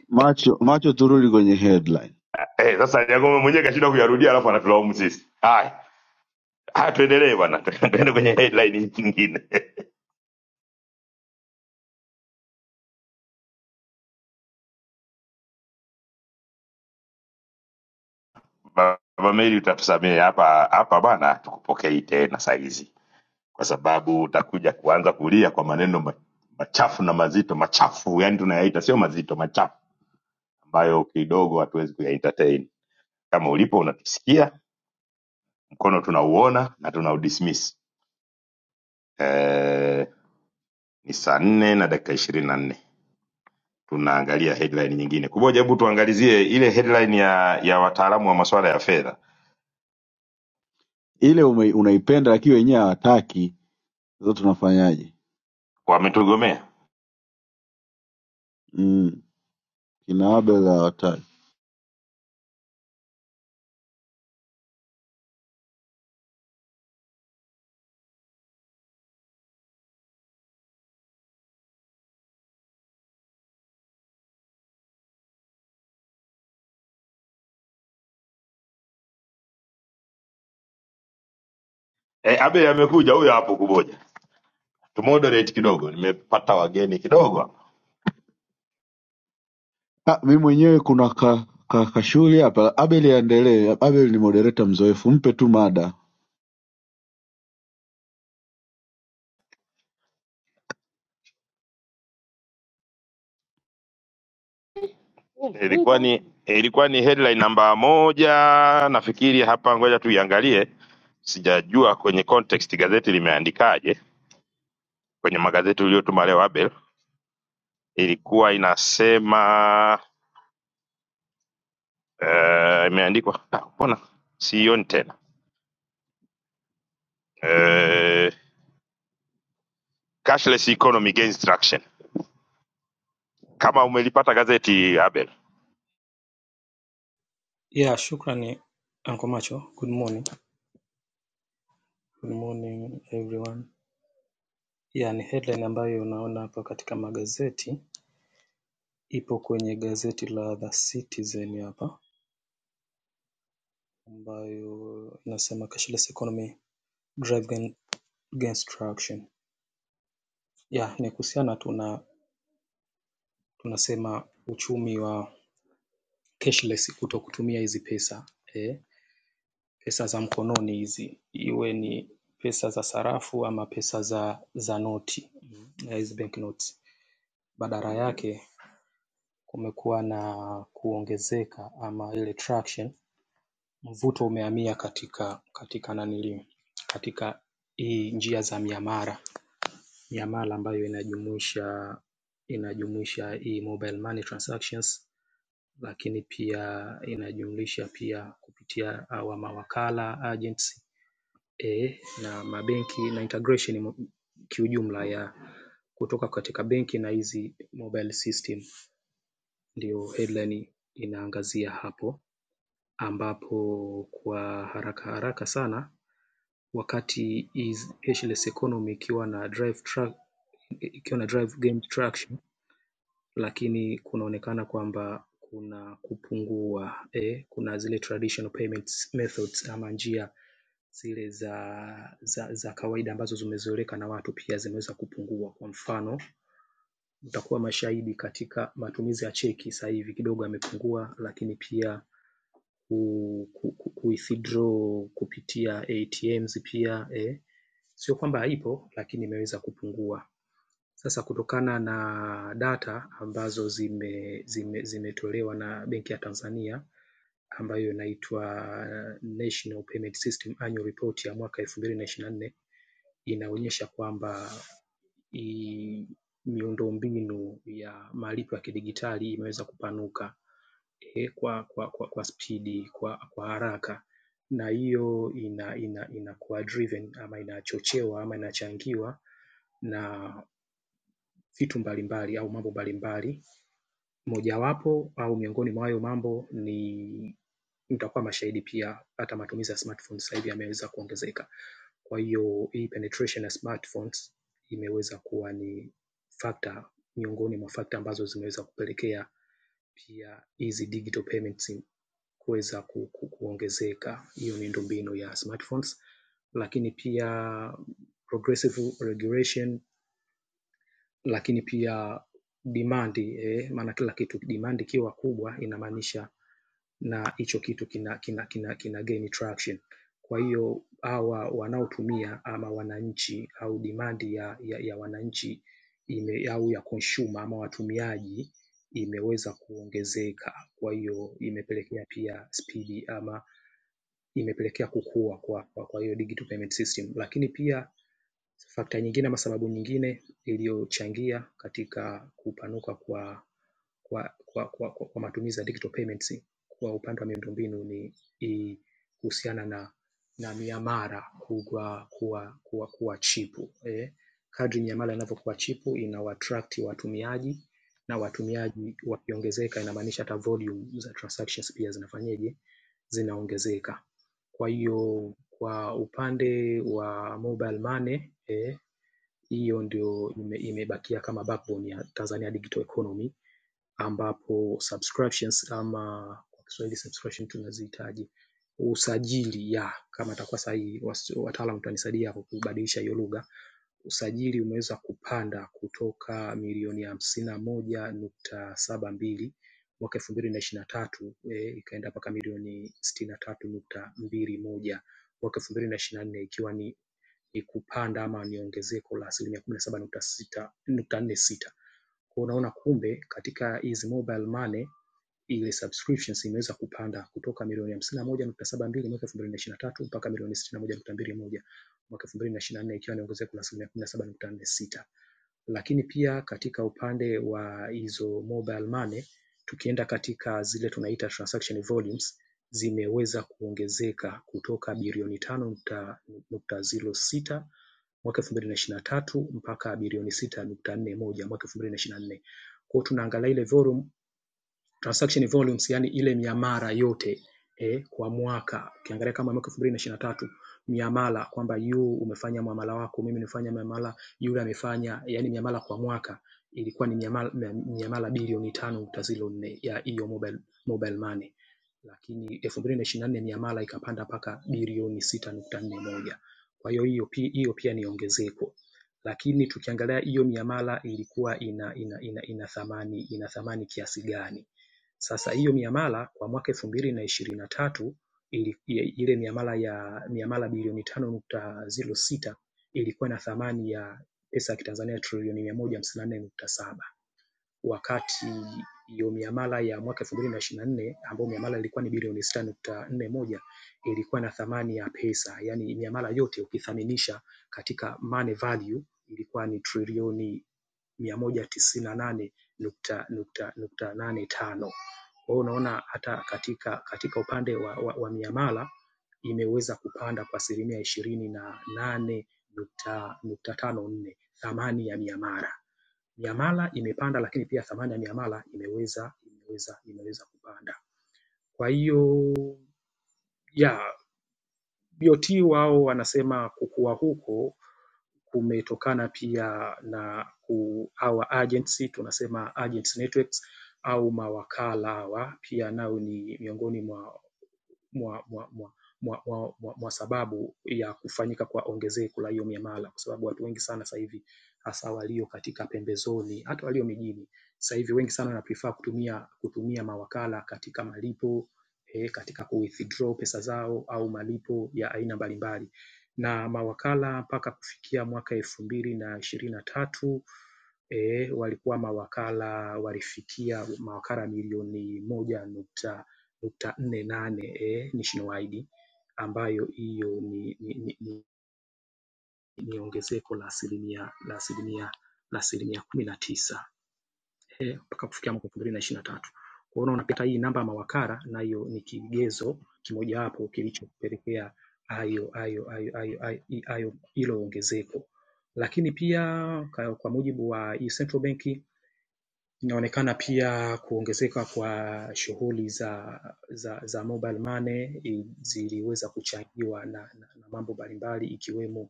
Speaker 8: Macho macho turudi kwenye headline.
Speaker 6: Eh, sasa Nyagoma mwenyewe kashinda kuyarudia, alafu anatulaumu sisi. Haya, haya, tuendelee bwana, [LAUGHS] tuende kwenye headline nyingine. [LAUGHS] Baba Meli, utatusamehe hapa hapa bwana, tukupokei tena saizi kwa sababu utakuja kuanza kulia kwa maneno ma- machafu na mazito machafu, yani tunayaita sio mazito, machafu ambayo kidogo hatuwezi kuyaentertain. Kama ulipo unatusikia, mkono tunauona na tunaudismiss. Eh, ni saa nne na dakika ishirini na nne tunaangalia headline nyingine. Kuboja, hebu tuangalizie ile headline ya ya wataalamu wa masuala ya fedha
Speaker 8: Ile ume, unaipenda lakini wenyewe hawataki. Sasa tunafanyaje?
Speaker 6: wametugomea.
Speaker 8: Mm. Kina Abel hawataki.
Speaker 6: Eh, Abel amekuja huyo hapo Kuboja, tumoderate kidogo, nimepata wageni kidogo hapa.
Speaker 8: ah mi mwenyewe kuna ka, ka, kashughuli hapa abel aendelee abel ni moderator mzoefu mpe tu mada
Speaker 6: Ilikuwa ni ilikuwa ni headline namba moja nafikiri hapa, ngoja tuiangalie. Sijajua kwenye context gazeti limeandikaje. Kwenye magazeti uliyotuma leo Abel, ilikuwa inasema eh, imeandikwa ah, mbona sioni tena eh, cashless economy gains traction. Kama umelipata gazeti Abel
Speaker 18: Yeah, shukrani Uncle Macho. Good morning. Good morning everyone. Yeah, ni headline ambayo unaona hapa katika magazeti. Ipo kwenye gazeti la The Citizen hapa ambayo inasema cashless economy drive gain- gains traction. Yeah, ni kuhusiana tu na tunasema uchumi wa cashless kuto kutumia hizi pesa eh, pesa za mkononi hizi iwe ni pesa za sarafu ama pesa za za noti mm, na hizi bank notes Badala yake kumekuwa na kuongezeka ama ile traction mvuto umehamia katika katika nanili katika hii njia za miamala miamala ambayo inajumuisha inajumuisha hii mobile money transactions lakini pia inajumlisha pia kupitia hawa mawakala agents eh, na mabenki na integration kiujumla ya kutoka katika benki na hizi mobile system. ndio headline inaangazia hapo ambapo kwa haraka haraka sana wakati is cashless economy ikiwa na drive track ikiwa na drive game traction lakini kunaonekana kwamba kuna kupungua eh, kuna zile traditional payments methods ama njia zile za, za, za kawaida ambazo zimezoeleka na watu pia zimeweza kupungua. Kwa mfano, mtakuwa mashahidi katika matumizi ya cheki sasa hivi kidogo yamepungua, lakini pia kuwithdraw kupitia ATMs pia eh. sio kwamba haipo lakini imeweza kupungua. Sasa kutokana na data ambazo zime, zime, zimetolewa na Benki ya Tanzania ambayo inaitwa uh, National Payment System Annual Report ya mwaka 2024 inaonyesha kwamba miundombinu ya malipo ya kidigitali imeweza kupanuka eh, kwa spidi, kwa kwa speedi, kwa, kwa haraka na hiyo ina, ina, inakuwa driven ama inachochewa ama inachangiwa na vitu mbalimbali au mambo mbalimbali. Mojawapo au miongoni mwa hayo mambo ni mtakuwa mashahidi pia hata matumizi ya smartphones sasa hivi yameweza kuongezeka. Kwa hiyo hii penetration ya smartphones imeweza kuwa ni factor miongoni mwa factor ambazo zimeweza kupelekea pia hizi digital payments kuweza ku, ku, kuongezeka. Hiyo miundo mbinu ya smartphones lakini pia progressive regulation lakini pia demand eh, maana kila kitu demand ikiwa kubwa inamaanisha na hicho kitu kina, kina, kina, kina gain traction. Kwa hiyo hawa wanaotumia ama wananchi au dimandi ya, ya, ya wananchi ime, au ya consumer ama watumiaji imeweza kuongezeka. Kwa hiyo imepelekea pia spidi ama imepelekea kukua kwa, kwa, kwa hiyo digital payment system, lakini pia fakta nyingine ama sababu nyingine iliyochangia katika kupanuka kwa, kwa, kwa, kwa, kwa, kwa matumizi ya digital payments kwa upande wa miundombinu ni i- kuhusiana na na miamala kuwa, kuwa, kuwa, kuwa chipu eh. Kadri miamala inavyokuwa chipu inawaattract watumiaji na watumiaji wakiongezeka, inamaanisha hata volume za transactions pia zinafanyeje, zinaongezeka. Kwa hiyo kwa upande wa mobile money eh, hiyo ndio ime- imebakia kama backbone ya Tanzania digital economy ambapo subscriptions ama kwa Kiswahili subscription tunazihitaji usajili ya kama atakuwa sahihi, wasi- wataalamu watanisaidia hapo kubadilisha hiyo lugha. Usajili umeweza kupanda kutoka milioni hamsini na moja nukta saba mbili mwaka elfu mbili na ishirini na tatu eh, ikaenda mpaka milioni sitini na tatu nukta mbili moja mwaka elfu mbili na ishirini na nne ikiwa ni ni kupanda ama ni ongezeko la asilimia kumi na saba nukta sita nukta nne sita kwa unaona kumbe katika hizi mobile money ile subscriptions imeweza kupanda kutoka milioni hamsini na moja nukta saba mbili mwaka elfu mbili na ishirini na tatu mpaka milioni sitini na moja nukta mbili moja mwaka elfu mbili na ishirini na nne ikiwa ni ongezeko la asilimia kumi na saba nukta nne sita. Lakini pia katika upande wa hizo mobile money, tukienda katika zile tunaita transaction volumes zimeweza kuongezeka kutoka bilioni tano nukta nukta zero sita mwaka elfu mbili na ishirini na tatu mpaka bilioni sita nukta nne moja mwaka elfu mbili na ishirini na nne kwao tunaangalia ile volume transaction volumes, yani ile miamala yote eh, kwa mwaka ukiangalia kama mwaka elfu mbili na ishirini na tatu miamala kwamba yu umefanya muamala wako, mimi nimefanya miamala, yule amefanya, yani miamala kwa mwaka ilikuwa ni miamala, miamala bilioni tano nukta zero nne ya hiyo mobile, mobile money lakini elfu mbili na ishirini na nne miamala ikapanda mpaka bilioni sita nukta nne moja kwa hiyo hiyo pi- hiyo pia ni ongezeko lakini tukiangalia hiyo miamala ilikuwa ina ina, ina, ina thamani ina thamani kiasi gani sasa hiyo miamala kwa mwaka elfu mbili na ishirini na tatu ili- ile miamala ya miamala bilioni tano nukta ziro sita ilikuwa na thamani ya pesa ya Kitanzania trilioni mia moja hamsini na nne nukta saba wakati hiyo miamala ya mwaka 2024 ambayo miamala ilikuwa ni bilioni 6.41 ilikuwa na thamani ya pesa, yani miamala yote ukithaminisha katika money value ilikuwa ni trilioni 198.85. Kwa hiyo unaona hata katika katika upande wa, wa, wa miamala imeweza kupanda kwa asilimia ishirini na nane nukta nukta tano nne thamani ya miamala miamala imepanda lakini pia thamani ya miamala imeweza imeweza imeweza kupanda. Kwa hiyo ya BOT wao wanasema kukua huko kumetokana pia na ku, our agency tunasema agents networks au mawakala hawa pia nao ni miongoni mwa mwa, mwa, mwa mwa, mwa, mwa, mwa sababu ya kufanyika kwa ongezeko la hiyo miamala, kwa sababu watu wengi sana sasa hivi hasa walio katika pembezoni, hata walio mijini sasa hivi wengi sana wana prefer kutumia kutumia mawakala katika malipo eh, katika ku withdraw pesa zao au malipo ya aina mbalimbali, na mawakala mpaka kufikia mwaka elfu mbili na ishirini na tatu e, walikuwa mawakala walifikia mawakala milioni moja nukta nukta nne nane e, nationwide ambayo hiyo ni, ni, ni, ni, ni ongezeko la asilimia la asilimia la asilimia kumi na tisa mpaka kufikia mwaka elfu mbili na ishirini na tatu. Kwa hiyo unaona pia hata hii namba ya mawakala nayo ni kigezo kimojawapo kilichopelekea hayo hayo hayo hayo hayo hayo- hilo ongezeko, lakini pia ka- kwa mujibu wa hii central bank Inaonekana pia kuongezeka kwa shughuli za za, za mobile money ziliweza kuchangiwa na na, na mambo mbalimbali ikiwemo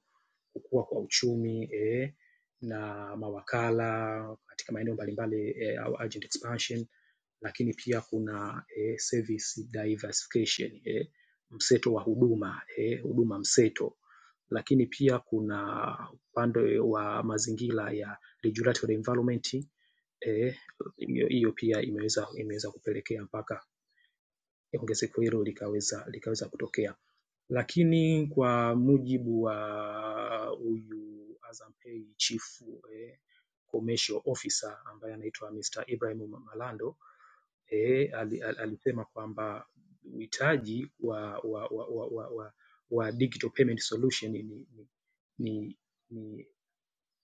Speaker 18: kukua kwa uchumi eh, na mawakala katika maeneo mbalimbali eh, au agent expansion lakini pia kuna eh, service diversification eh, mseto wa huduma, eh, huduma mseto lakini pia kuna upande wa mazingira ya regulatory environment. hiyo pia imeweza imeweza kupelekea mpaka ongezeko hilo likaweza likaweza kutokea, lakini kwa mujibu wa huyu Azam Pay chief eh, commercial officer ambaye anaitwa Mr. Ibrahim Malando eh, ali- ali- alisema kwamba uhitaji wa wa wa wa, wa, wa, wa digital payment solution ni ni ni, ni,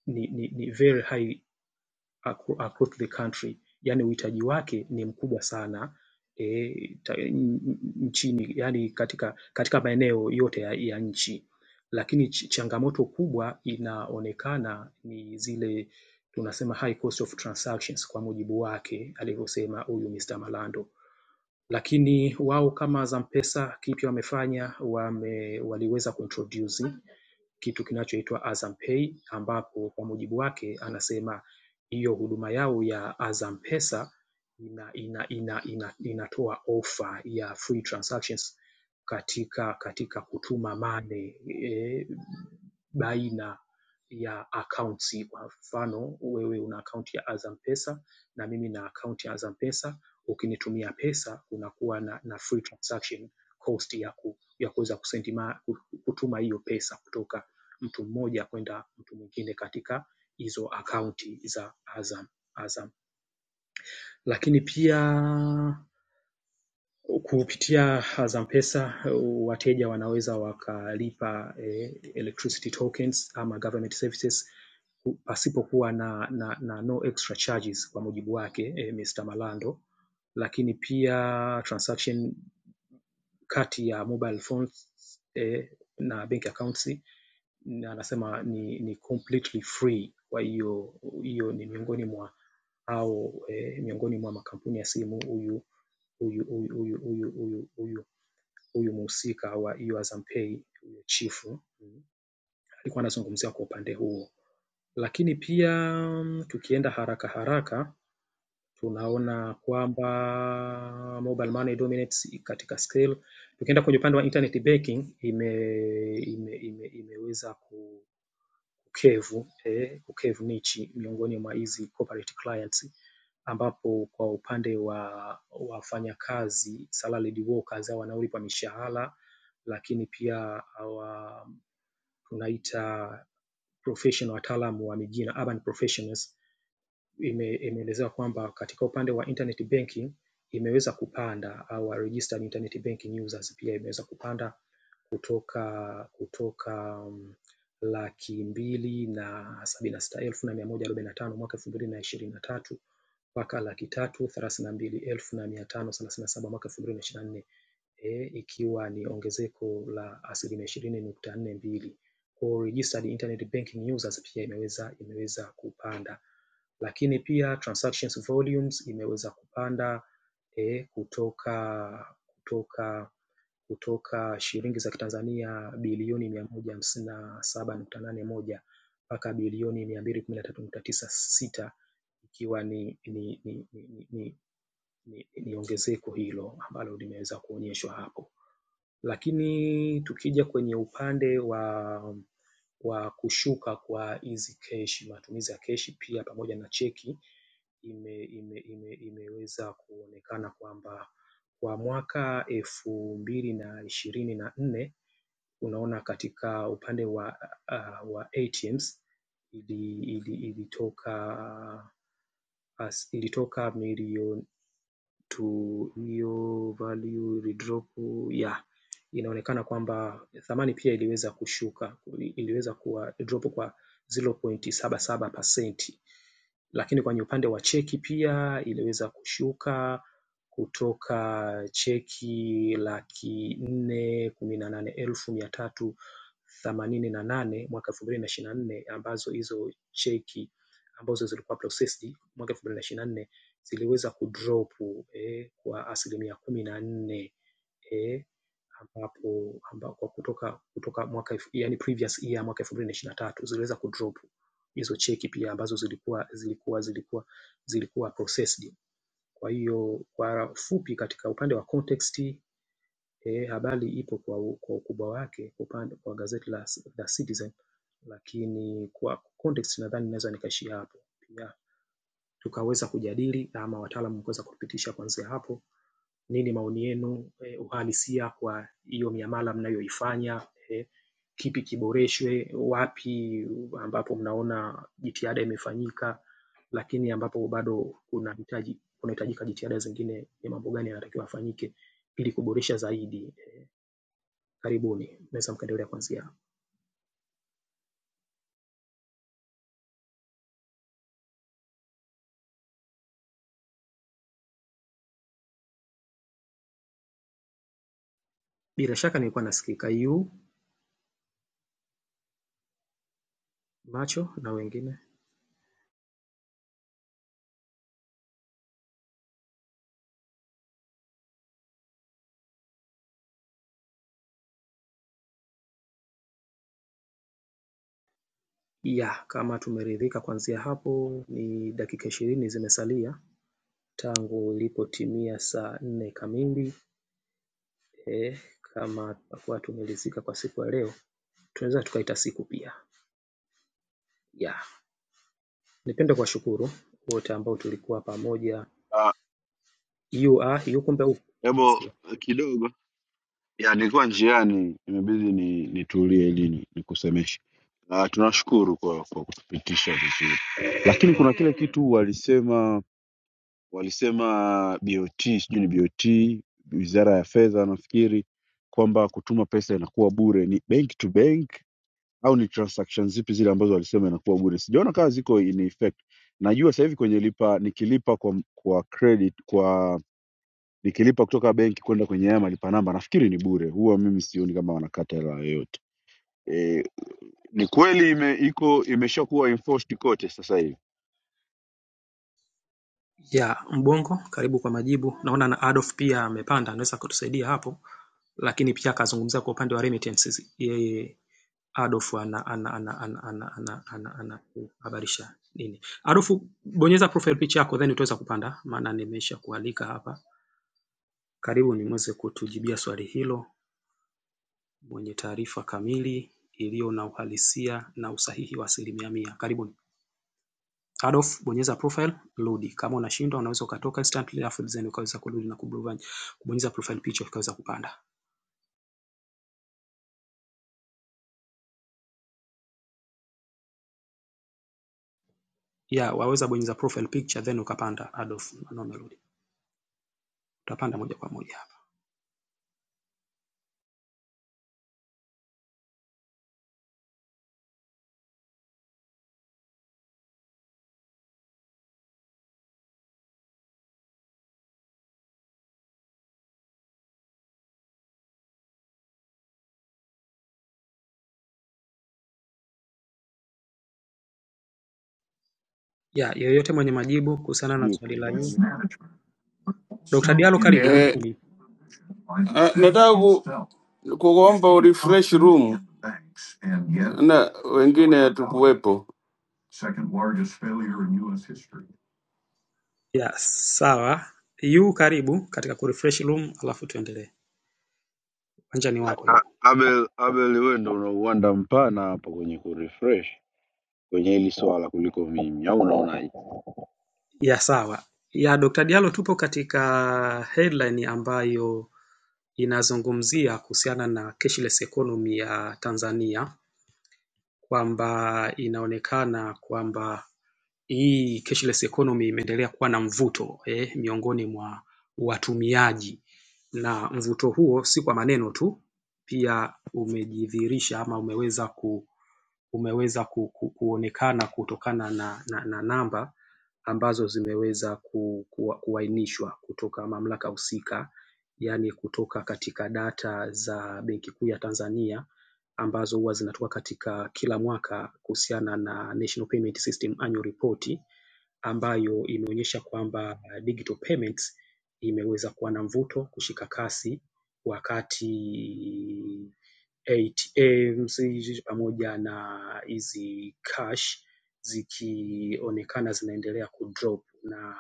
Speaker 18: ni, ni, ni very high across the country, yani uhitaji wake ni mkubwa sana eh, ta- nchini, yani katika katika maeneo yote ya, ya nchi, lakini ch changamoto kubwa inaonekana ni zile tunasema high cost of transactions, kwa mujibu wake alivyosema huyu Mr. Malando lakini wao kama Zampesa kipi wamefanya wame, waliweza kuintroduce kitu kinachoitwa Azam Pay ambapo kwa mujibu wake anasema hiyo huduma yao ya Azam Pesa ina, ina, ina, ina, inatoa ofa ya free transactions katika katika kutuma mane e, baina ya akaunti. Kwa mfano, wewe una akaunti ya Azam Pesa na mimi na akaunti ya Azam Pesa, ukinitumia pesa unakuwa na, na free transaction cost ya, ku, ya kuweza kusendi ma, kutuma hiyo pesa kutoka mtu mmoja kwenda mtu mwingine katika hizo akaunti za Azam Azam. Lakini pia kupitia Azam Pesa wateja wanaweza wakalipa eh, electricity tokens ama government services ku- pasipokuwa na, na, na no extra charges kwa mujibu wake eh, Mr. Malando. Lakini pia transaction kati ya mobile phones eh, na bank accounts na anasema ni, ni completely free. Kwa hiyo hiyo ni miongoni mwa au eh, miongoni mwa makampuni ya simu huyu huyu huyu huyu huyu huyu huyu huyu mhusika wa hiyo Azam Pay huyo chifu mm, alikuwa anazungumzia kwa upande huo, lakini pia mm, tukienda haraka haraka tunaona kwamba mobile money dominates katika scale. Tukienda kwenye upande wa internet banking ime, ime, ime, imeweza ku Ukevu Eh, Ukevu Nichi miongoni mwa hizi corporate clients ambapo kwa upande wa wafanyakazi salaried workers au wanaolipwa mishahara lakini pia hawa tunaita professional wataalamu wa mijini urban professionals ime- imeelezewa kwamba katika upande wa internet banking imeweza kupanda au registered internet banking users pia imeweza kupanda kutoka kutoka um, laki mbili na sabini na sita elfu na mia moja arobaini na tano mwaka elfu mbili na ishirini na tatu mpaka laki tatu thelathini na mbili elfu na mia tano thelathini na saba mwaka elfu mbili na ishirini na nne e, ikiwa ni ongezeko la asilimia ishirini nukta nne mbili. Kwa registered internet banking users pia imeweza imeweza kupanda, lakini pia transactions volumes imeweza kupanda eh, kutoka kutoka kutoka shilingi za Kitanzania bilioni mia moja hamsini na saba nukta nane moja mpaka bilioni mia mbili kumi na tatu nukta tisa sita ikiwa ni ni ni ni ni ni ni ongezeko hilo ambalo limeweza kuonyeshwa hapo. Lakini tukija kwenye upande wa wa kushuka kwa hizi keshi, matumizi ya keshi pia pamoja na cheki ime, ime, ime, imeweza kuonekana kwamba kwa mwaka elfu mbili na ishirini na nne unaona katika upande wa ATMs ilitoka as, ilitoka milioni to hiyo value redrop ya yeah. inaonekana kwamba thamani pia iliweza kushuka, iliweza kuwa drop kwa 0.77%, lakini kwenye upande wa cheki pia iliweza kushuka kutoka cheki laki nne kumi na nane elfu mia tatu themanini na nane mwaka elfu mbili na ishirini na nne ambazo hizo cheki ambazo zilikuwa processed mwaka elfu mbili na ishirini na nne ziliweza kudrop eh, kwa asilimia kumi na nne eh, ambapo amba, kwa kutoka kutoka mwaka elfu- yani previous year mwaka elfu mbili na ishirini na tatu ziliweza kudrop hizo cheki pia ambazo zilikuwa zilikuwa zilikuwa zilikuwa processed kwa hiyo kwa fupi katika upande wa context eh, habari ipo kwa, kwa ukubwa wake kwa upande kwa gazeti la The Citizen, lakini kwa context nadhani naweza nikaishia hapo, pia tukaweza kujadili ama wataalamu kuweza kupitisha kuanzia hapo nini maoni yenu, eh, uhalisia kwa hiyo miamala mnayoifanya, eh, kipi kiboreshwe, wapi ambapo mnaona jitihada imefanyika, lakini ambapo bado kunahitaji kunahitajika jitihada zingine, ni mambo gani yanatakiwa yafanyike ili kuboresha zaidi. Karibuni, naweza mkaendelea kuanzia hapo. Bila shaka nilikuwa nasikika yu macho na wengine ya kama tumeridhika kuanzia hapo, ni dakika ishirini zimesalia tangu ilipotimia saa nne kamili. eh, kama tutakuwa tumeridhika kwa siku ya leo, tunaweza tukaita siku pia yeah. Nipende kuwashukuru wote ambao tulikuwa pamoja,
Speaker 8: Ah,
Speaker 18: yu ah, yu kumbe huko
Speaker 8: Hebu kidogo ya nilikuwa njiani, imebidi ni nitulie ili ni- nikusemeshe. Ah, tunashukuru kwa kwa kutupitisha vizuri, lakini kuna kile kitu walisema walisema BOT, sijui ni BOT, wizara ya fedha nafikiri, kwamba kutuma pesa inakuwa bure, ni bank to bank au ni transaction zipi zile ambazo walisema inakuwa bure sijaona kama ziko in effect najua sasa hivi kwenye lipa nikilipa kwa kwa credit kwa nikilipa kutoka benki kwenda kwenye haya malipa namba nafikiri ni bure huwa mimi sioni kama wanakata hela yoyote e, ni kweli ime, iko imeshakuwa enforced kote sasa hivi
Speaker 18: yeah. Mbongo, karibu kwa majibu. Naona na Adolf pia amepanda, anaweza kutusaidia hapo, lakini pia akazungumza kwa upande wa remittances. Yeye Adolf ana ana ana ana ana ana ana, ana kuhabarisha nini. Adolf, bonyeza profile picture yako then utaweza kupanda, maana nimesha kualika hapa. Karibu niweze kutujibia swali hilo. mwenye taarifa kamili iliyo na uhalisia na usahihi wa asilimia mia. Karibuni. Adolf, bonyeza profile, rudi. Kama unashindwa unaweza ukatoka instantly afu then ukaweza kurudi na kubrovani. Kubonyeza profile picture ukaweza kupanda. Yeah, waweza bonyeza profile picture then ukapanda Adolf. Naona umerudi. Utapanda moja kwa moja hapa. Yeah, yeyote mwenye majibu kuhusiana na
Speaker 8: sijui iko
Speaker 18: swali la yu.
Speaker 8: mbali
Speaker 18: Dr. Diallo karibu, good
Speaker 19: Eh,
Speaker 18: morning.
Speaker 19: eh, nataka ku, kuomba urefresh room na wengine tukuwepo.
Speaker 18: Yeah, sawa. Yu karibu katika kurefresh room alafu tuendelee. Wanja ni wako yu.
Speaker 8: A- abel abel wewe ndo unauanda mpana hapa kwenye kurefresh kwenye hili swala kuliko mimi au unaonaje
Speaker 18: ya sawa ya Dr. Diallo tupo katika headline ambayo inazungumzia kuhusiana na cashless economy ya Tanzania kwamba inaonekana kwamba hii cashless economy imeendelea kuwa na mvuto eh, miongoni mwa watumiaji na mvuto huo si kwa maneno tu, pia umejidhihirisha ama umeweza ku umeweza ku, ku, kuonekana kutokana na, na, na namba ambazo zimeweza ku, ku, kuainishwa kutoka mamlaka husika, yaani kutoka katika data za Benki Kuu ya Tanzania ambazo huwa zinatoka katika kila mwaka kuhusiana na National Payment System Annual Report ambayo imeonyesha kwamba digital payments imeweza kuwa na mvuto, kushika kasi wakati ATMs pamoja na hizi cash zikionekana zinaendelea kudrop na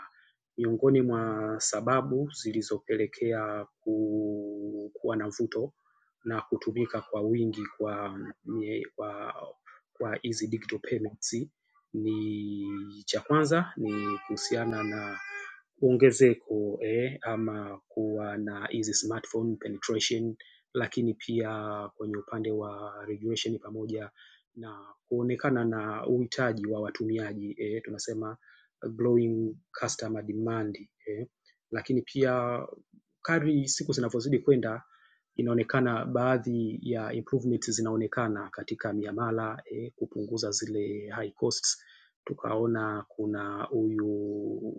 Speaker 18: miongoni mwa sababu zilizopelekea ku- kuwa na mvuto na kutumika kwa wingi kwa kwa kwa hizi digital payments ni cha kwanza ni kuhusiana na ongezeko eh, ama kuwa na hizi smartphone penetration, lakini pia kwenye upande wa regulation pamoja na kuonekana na uhitaji wa watumiaji, eh, tunasema growing customer demand. eh. Lakini pia kadri siku zinavyozidi kwenda, inaonekana baadhi ya improvements zinaonekana katika miamala, eh, kupunguza zile high costs. Tukaona kuna huyu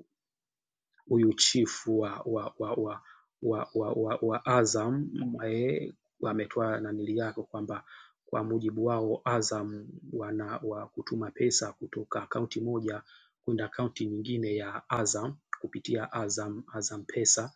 Speaker 18: huyu chifu wa wa wa wa wa, wa, wa, wa Azam eh, ametoa nanili yake kwamba kwa mujibu wao Azam wana wa kutuma pesa kutoka akaunti moja kwenda akaunti nyingine ya Azam kupitia Azam Azam Pesa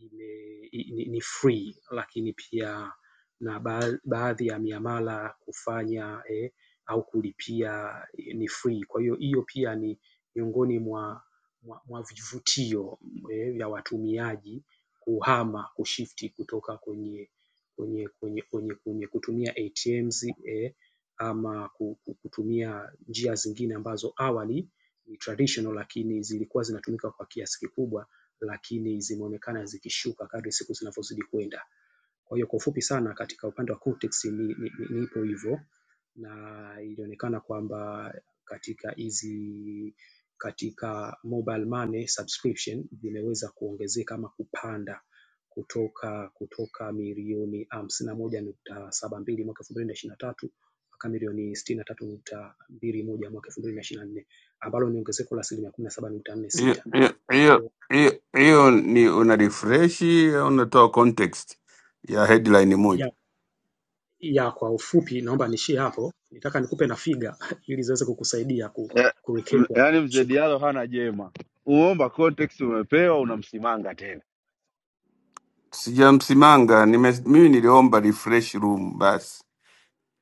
Speaker 18: ime- i- ni ni free lakini pia na ba- baadhi ya miamala kufanya eh, au kulipia eh, ni free. Kwa hiyo hiyo pia ni miongoni mwa mwa, mwa vivutio eh, vya watumiaji kuhama kushifti kutoka kwenye kwenye kwenye kwenye, kwenye kutumia ATMs eh, ama ku- ku- kutumia njia zingine ambazo awali ni traditional lakini zilikuwa zinatumika kwa kiasi kikubwa lakini zimeonekana zikishuka kadri siku zinavyozidi kwenda. Kwa hiyo kwa ufupi sana, katika upande wa context ni, ni, ni ipo hivyo, na ilionekana kwamba katika hizi katika mobile money subscription zimeweza kuongezeka ama kupanda kutoka kutoka milioni hamsini na moja nukta saba mbili mwaka elfu mbili na ishirini na tatu mpaka milioni sitini na tatu nukta mbili moja mwaka elfu mbili na ishirini na nne ambalo ni ongezeko la asilimia kumi na saba nukta nne
Speaker 19: Hiyo
Speaker 18: sita
Speaker 19: hiyo- hiyo- hiyo- hiyo ni una refresh au unatoa context ya headline moja?
Speaker 18: ya ya kwa ufupi naomba niishie hapo. Nitaka nikupe na figa [LAUGHS] ili ziweze kukusaidia ku,
Speaker 8: Eh, m-
Speaker 18: kurekebwa.
Speaker 8: yaani mzee
Speaker 18: Shukran.
Speaker 8: Diallo hana jema, umeomba context, umepewa, unamsimanga tena.
Speaker 19: Sijamsimanga nime, mimi niliomba refresh room basi,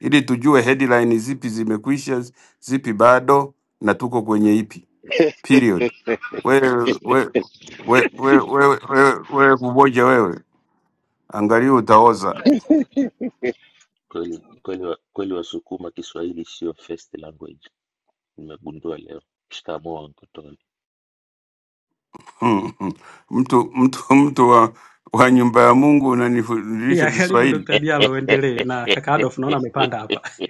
Speaker 19: ili tujue headline zipi zimekwisha, zipi bado na tuko kwenye ipi. period. Wewe wewe wewe wewe wewe wewe wewe kuboja wewe, angalia utaoza. [LAUGHS]
Speaker 20: Kweli kweli wa- kweli Wasukuma Kiswahili sio first language. Nimegundua leo. Shikamoo Uncle Tony.
Speaker 19: Mm, mm. mtu mtu mtu wa, wa nyumba ya Mungu unanifundisha
Speaker 18: Ya, karibu
Speaker 19: Kiswahili
Speaker 18: Dr. Diallo
Speaker 20: [LAUGHS]
Speaker 18: uendelee na kaka Adolf naona amepanda hapa. [LAUGHS]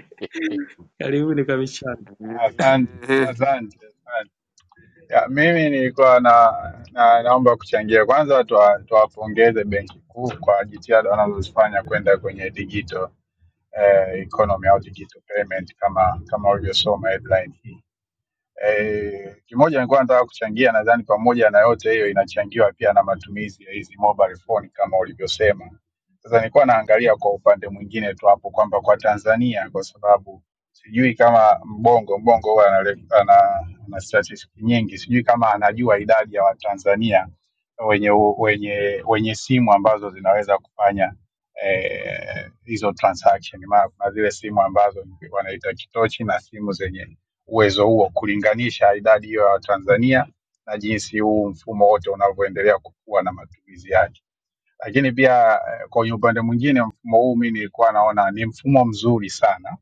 Speaker 18: Karibu ni kwa michana.
Speaker 21: Asante,
Speaker 19: eh,
Speaker 21: asante, asante. Ya, mimi nilikuwa na, na naomba kuchangia kwanza, tuwa- tuwapongeze Benki Kuu kwa jitihada wanazozifanya kwenda kwenye digital eh, economy au digital payment kama kama ulivyosoma headline hii Eh, kimoja nilikuwa nataka kuchangia, nadhani pamoja na yote hiyo inachangiwa pia na matumizi ya hizi mobile phone kama ulivyosema. Sasa nilikuwa naangalia kwa upande mwingine tu hapo kwamba kwa Tanzania, kwa sababu sijui kama Mbongo Mbongo huwa ana, ana, ana statistics nyingi, sijui kama anajua idadi ya Watanzania wenye, u- wenye, wenye simu ambazo zinaweza kufanya eh, hizo transaction. Maana kuna zile simu ambazo wanaita kitochi na simu zenye uwezo huo kulinganisha idadi hiyo ya Watanzania na jinsi huu mfumo wote unavyoendelea kukua na matumizi yake. Lakini pia eh, kwenye upande mwingine, mfumo huu mimi nilikuwa naona ni mfumo mzuri sana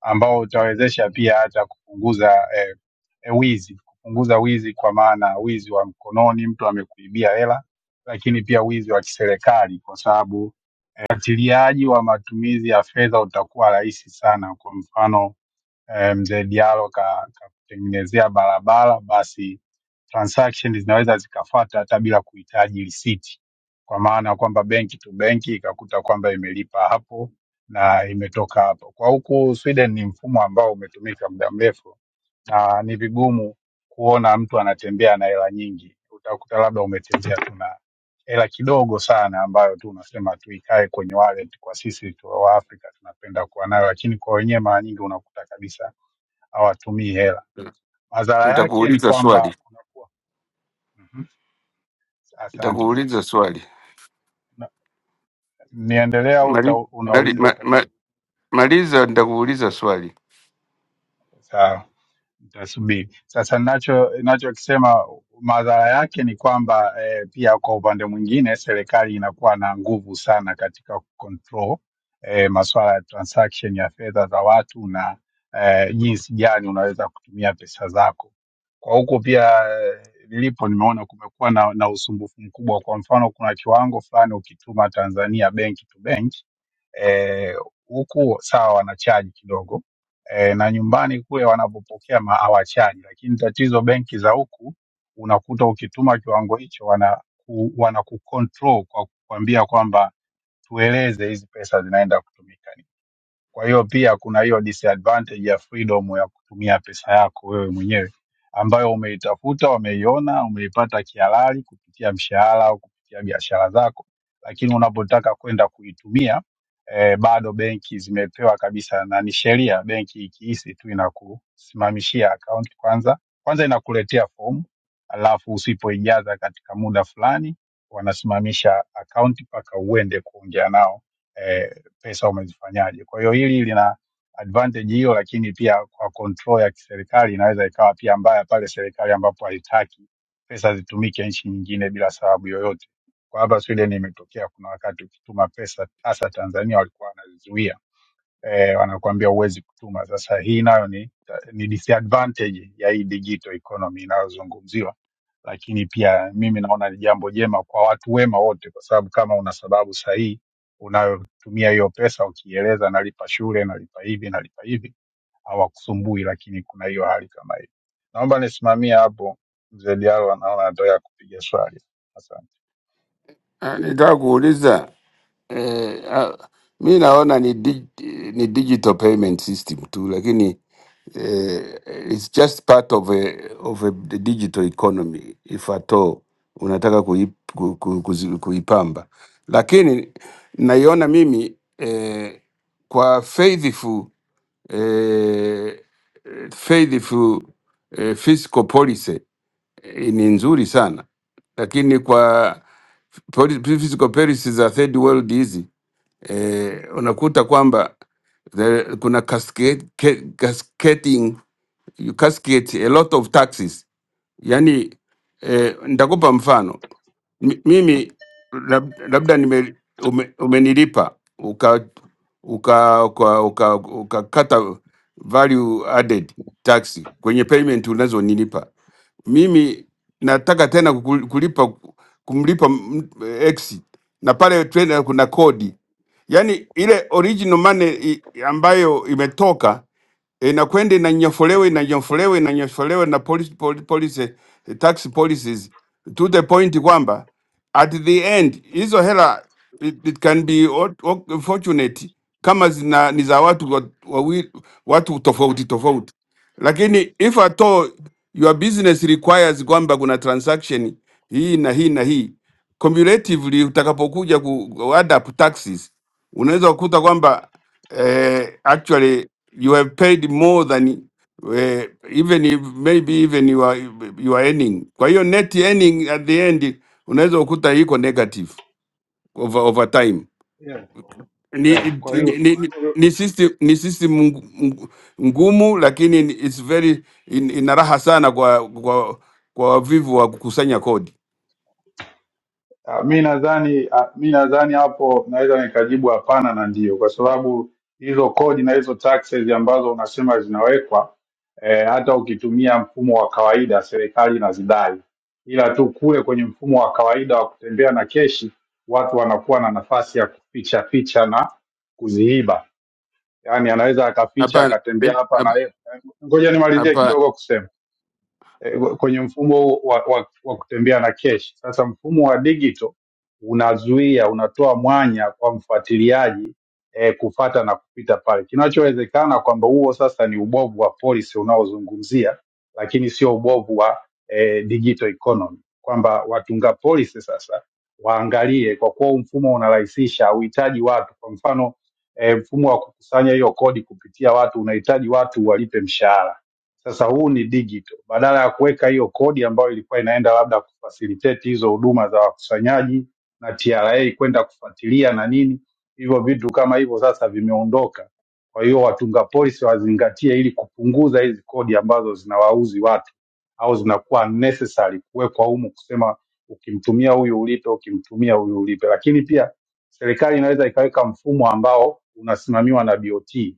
Speaker 21: ambao utawezesha pia hata kupunguza eh, eh, wizi, kupunguza wizi kwa maana wizi wa mkononi, mtu amekuibia hela, lakini pia wizi wa kiserikali kwa sababu eh, ufuatiliaji wa matumizi ya fedha utakuwa rahisi sana. Kwa mfano eh, mzee Diallo ka- kakutengenezea barabara, basi transaction zinaweza zikafuata hata bila kuhitaji risiti, kwa maana ya kwamba benki tu benki ikakuta kwamba imelipa hapo na imetoka hapo. Kwa huku Sweden ni mfumo ambao umetumika muda mrefu na ni vigumu kuona mtu anatembea na hela nyingi. Utakuta labda umetembea tu na hela kidogo sana ambayo tu unasema tu ikae kwenye wallet. Kwa sisi tu wa Afrika tunapenda kuwa nayo, lakini kwa wenyewe mara nyingi unakuta kabisa hawatumii hela. Madhara yake ni
Speaker 19: nitakuuliza
Speaker 21: kwamba
Speaker 19: swali,
Speaker 21: kunakuwa Mhm. asante,
Speaker 19: nitakuuliza swali
Speaker 21: Na- niendelea au uta-
Speaker 19: mali, mali,
Speaker 21: unauliza
Speaker 19: ma,
Speaker 21: sasa
Speaker 19: ma,
Speaker 21: hivi?
Speaker 19: maliza, nitakuuliza swali.
Speaker 21: Sawa. Nitasubiri sasa. Nacho nachokisema madhara yake ni kwamba eh, pia kwa upande mwingine serikali inakuwa na nguvu sana katika control eh, masuala ya transaction ya fedha za watu na eh, jinsi gani unaweza kutumia pesa zako. Kwa huku pia eh, nilipo nimeona kumekuwa na, na usumbufu mkubwa. Kwa mfano, kuna kiwango fulani ukituma Tanzania bank to bank eh, huku e, sawa wanachaji kidogo eh, na nyumbani kule wanapopokea ma- hawachaji, lakini tatizo benki za huku unakuta ukituma kiwango hicho wana ku, wana kucontrol kwa kukwambia kwamba tueleze hizi pesa zinaenda kutumika kwa hiyo pia kuna hiyo disadvantage ya freedom ya kutumia pesa yako wewe mwenyewe ambayo umeitafuta, umeiona, umeipata kihalali kupitia mshahara au kupitia biashara zako, lakini unapotaka kwenda kuitumia eh, bado benki zimepewa kabisa, na ni sheria, benki ikihisi tu inakusimamishia akaunti kwanza kwanza, inakuletea fomu, alafu usipoijaza katika muda fulani wanasimamisha akaunti mpaka uende kuongea nao Eh, pesa umezifanyaje. Kwa hiyo hili lina advantage hiyo, lakini pia kwa control ya kiserikali inaweza ikawa pia mbaya pale serikali ambapo haitaki pesa zitumike nchi nyingine bila sababu yoyote. Kwa hapa Sweden imetokea, kuna wakati ukituma pesa hasa Tanzania walikuwa wanazizuia eh, wanakuambia huwezi kutuma. Sasa hii nayo ni, ni disadvantage ya hii digital economy inayozungumziwa, lakini pia mimi naona ni jambo jema kwa watu wema wote, kwa sababu kama una sababu sahihi unayotumia hiyo pesa, ukieleza nalipa shule, nalipa hivi, nalipa hivi, hawakusumbui. Lakini kuna hiyo hali kama hiyo. Naomba nisimamie hapo, mzee Diallo anaona anataka kupiga swali. Asante.
Speaker 19: Ah, Nitaka kuuliza eh, ah, mi naona ni, dig, ni digital payment system tu lakini eh, it's just part of a, of a digital economy if at all unataka kui, ku, ku, kuzi- kuipamba lakini naiona mimi eh, kwa faithful eh, faithful eh, fiscal policy eh, ni nzuri sana, lakini kwa poli- physical perils za third world hizi eh, unakuta kwamba the, kuna cascade, ca- cascading you cascade a lot of taxes yani eh, nitakupa mfano M mimi lab, labda nime ume, umenilipa uka uka uka uka- ukakata value added tax kwenye payment unazonilipa mimi nataka tena kukul- kulipa kumlipa m- eh, x na pale tena kuna kodi yani ile original money i- ambayo imetoka inakwenda inanyofolewa inanyofolewa inanyofolewa na police, police, police, eh, tax policies to the point kwamba at the end hizo hela it, it can be o- o- fortunate kama zina ni za watu wa- wawi, watu tofauti tofauti, lakini if at all your business requires kwamba kuna transaction hii na hii na hii cumulatively, utakapokuja ku ku add up taxes unaweza kukuta kwamba uh, actually you have paid more than uh, even if maybe even you are, you are earning. Kwa hiyo net earning at the end unaweza ukuta iko negative over, over time. Ni, ni, ni, ni ni system, ni system ngu- ngu- ngumu lakini it's very in, ina raha sana kwa kwa kwa wavivu wa kukusanya kodi.
Speaker 21: Ah, Mi nadhani ah, mi nadhani hapo naweza nikajibu hapana na ndio, kwa sababu hizo kodi na hizo taxes ambazo unasema zinawekwa eh, hata ukitumia mfumo wa kawaida serikali inazidai, ila tu kule kwenye mfumo wa kawaida wa kutembea na keshi, watu wanakuwa na nafasi ya kuficha ficha na kuziiba. Yaani anaweza akaficha
Speaker 19: Hapana, eh,
Speaker 21: akatembea hapa na
Speaker 19: hap-
Speaker 21: yeye. Ngoja nimalizie
Speaker 19: hapa
Speaker 21: kidogo kusema eh, kwenye mfumo wa, wa, wa kutembea na keshi. Sasa mfumo wa digital unazuia, unatoa mwanya kwa mfuatiliaji eh, kufata na kupita pale. Kinachowezekana kwamba huo sasa ni ubovu wa policy unaozungumzia, lakini sio ubovu wa eh, digital economy, kwamba watunga policy sasa waangalie, kwa kuwa huu mfumo unarahisisha, hauhitaji watu. Kwa mfano eh, mfumo wa kukusanya hiyo kodi kupitia watu unahitaji watu walipe mshahara sasa huu ni digital, badala ya kuweka hiyo kodi ambayo ilikuwa inaenda labda kufacilitate hizo huduma za wakusanyaji na TRA kwenda kufuatilia na nini, hivyo vitu kama hivyo sasa vimeondoka. Kwa hiyo watunga polisi wazingatie, ili kupunguza hizi kodi ambazo zinawauzi watu au zinakuwa necessary kuwekwa humu, kusema ukimtumia huyu ulipe, ukimtumia huyu ulipe. Lakini pia serikali inaweza ikaweka mfumo ambao unasimamiwa na BOT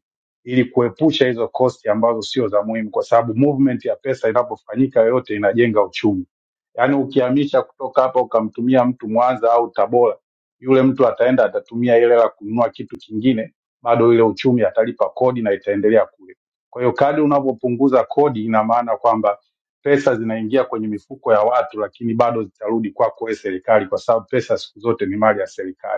Speaker 21: ili kuepusha hizo kosti ambazo sio za muhimu, kwa sababu movement ya pesa inapofanyika yoyote inajenga uchumi. Yaani ukihamisha kutoka hapa ukamtumia mtu Mwanza au Tabora, yule mtu ataenda atatumia ile hela kununua kitu kingine, bado ile uchumi atalipa kodi na itaendelea kule. Kwa hiyo kadri unavyopunguza kodi, ina maana kwamba pesa zinaingia kwenye mifuko ya watu, lakini bado zitarudi kwako wewe serikali, kwa sababu pesa siku zote ni mali ya serikali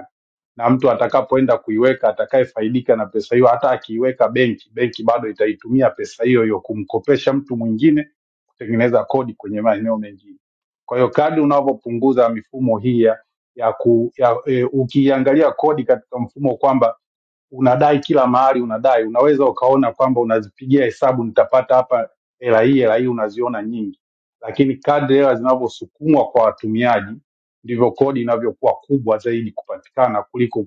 Speaker 21: na mtu atakapoenda kuiweka, atakayefaidika na pesa hiyo, hata akiiweka benki, benki bado itaitumia pesa hiyo hiyo kumkopesha mtu mwingine kutengeneza kodi kwenye maeneo mengine. Kwa hiyo kadri unavyopunguza mifumo hii ya, ya, ku, ya e, ukiangalia kodi katika mfumo kwamba unadai kila mahali unadai unaweza ukaona kwamba unazipigia hesabu nitapata hapa hela hii hela hii unaziona nyingi lakini kadri hela zinavyosukumwa kwa watumiaji ndivyo kodi inavyokuwa kubwa zaidi kupatikana kuliko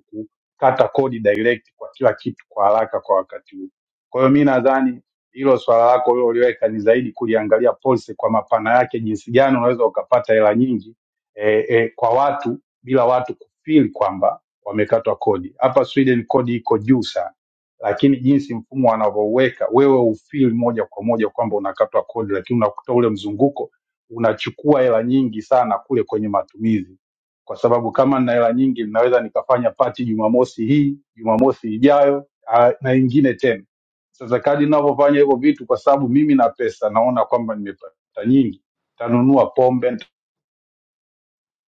Speaker 21: kukata kodi direct kwa kila kitu kwa haraka kwa wakati huu kwa hiyo mi nadhani hilo swala lako uliloliweka ni zaidi kuliangalia policy kwa mapana yake jinsi gani unaweza ukapata hela nyingi eh, eh, kwa watu bila watu kufeel kwamba wamekatwa kodi. Hapa Sweden kodi iko juu sana, lakini jinsi mfumo wanavyoweka wewe ufeel moja kwa moja kwamba unakatwa kodi, lakini unakuta ule mzunguko unachukua hela nyingi sana kule kwenye matumizi, kwa sababu kama nina hela nyingi ninaweza nikafanya pati Jumamosi hii, Jumamosi ijayo ah, na ingine tena. Sasa kadi ninavyofanya hivyo vitu, kwa sababu mimi na pesa, naona kwamba nimepata nyingi, tanunua pombe,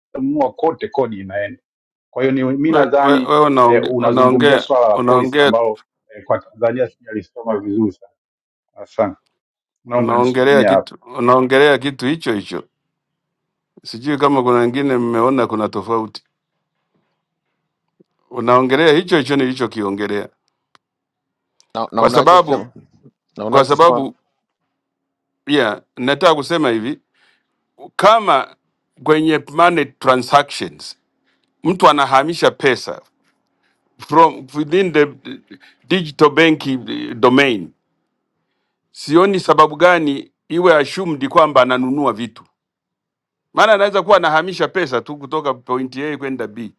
Speaker 21: nitanunua kote, kodi inaenda. Kwa hiyo ni- mi
Speaker 19: we- we-
Speaker 21: nadhani
Speaker 19: wewe
Speaker 21: eh,
Speaker 19: unaonge-
Speaker 21: unazungumzia
Speaker 19: unaongea
Speaker 21: swala la policy
Speaker 19: unaongea
Speaker 21: ambalo eh, kwa Tanzania sijalisoma vizuri sana. Asante, naomba
Speaker 19: Unaongelea
Speaker 21: nisimamie hapo.
Speaker 19: kitu unaongelea kitu hicho hicho, sijui kama kuna wengine mmeona kuna tofauti. Unaongelea hicho hicho nilichokiongelea,
Speaker 17: na, na
Speaker 19: kwa sababu
Speaker 17: unachosema na
Speaker 19: kwa
Speaker 17: unachosema
Speaker 19: sababu yeah, nataka kusema hivi, kama kwenye money transactions mtu anahamisha pesa from within the digital banking domain, sioni sababu gani iwe assumed kwamba ananunua vitu, maana anaweza kuwa anahamisha pesa tu kutoka point A kwenda B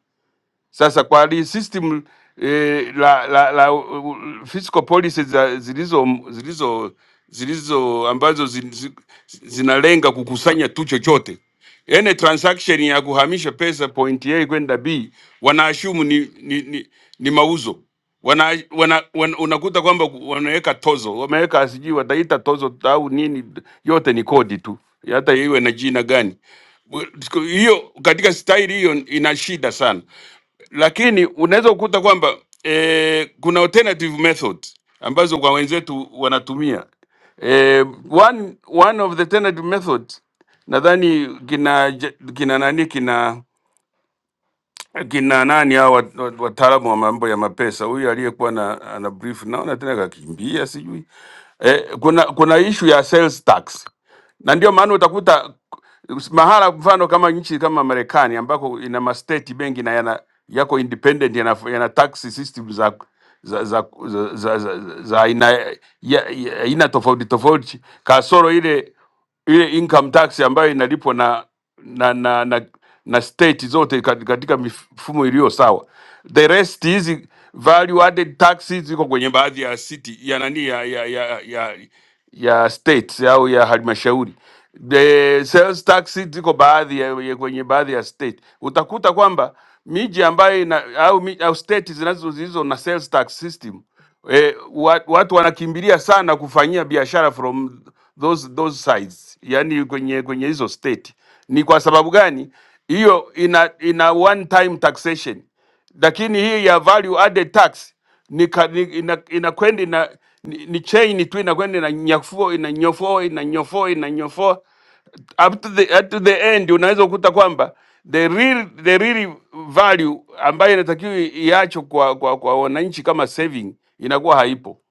Speaker 19: Sasa kwa hali system eh, la, la, la u- u- fiscal policy za zilizo zilizo zilizo ambazo zi- zi- zinalenga kukusanya tu chochote, yani transaction ya kuhamisha pesa point A kwenda B wanaashumu ni, ni, ni, ni mauzo wana, wana, wana, unakuta kwamba wanaweka tozo, wameweka sijui wataita tozo au nini, yote ni kodi tu, hata iwe na jina gani. Siku Hiyo katika staili hiyo ina shida sana lakini unaweza kukuta kwamba eh, kuna alternative method ambazo kwa wenzetu wanatumia eh, one, one of the alternative method nadhani kina ja, kina nani kina kina nani hao wat- wat- wataalamu wa mambo ya mapesa, huyu aliyekuwa na ana brief naona tena kakimbia sijui. Eh, kuna kuna issue ya sales tax na ndio maana utakuta mahala mfano kama nchi kama Marekani ambako ina masteti benki na yana yako independent yana, yana tax system za za za za, za, za, za aina ya, ya, aina tofauti tofauti kasoro ile ile income tax ambayo inalipwa na na na, na state zote kat- katika mifumo iliyo sawa. The rest hizi value added taxes ziko kwenye baadhi ya city ya nani ya ya ya, ya, ya states au ya halmashauri. The sales tax ziko baadhi ya, ya kwenye baadhi ya state. Utakuta kwamba miji ambayo ina, au, mi- au state zinazo zilizo na sales tax system eh, wa- watu wanakimbilia sana kufanyia biashara from those, those sides, yani kwenye kwenye hizo state. Ni kwa sababu gani? Hiyo ina ina one time taxation, lakini hii ya value added tax ni, ka- ni inakwenda ina inakwenda ina- ni, ni chain tu inakwenda inanyafua inanyofoa inanyofoa inanyofoa up to the, at the end unaweza kukuta kwamba the real, the real value ambayo inatakiwa iacho kwa, kwa, kwa wananchi kama saving inakuwa haipo.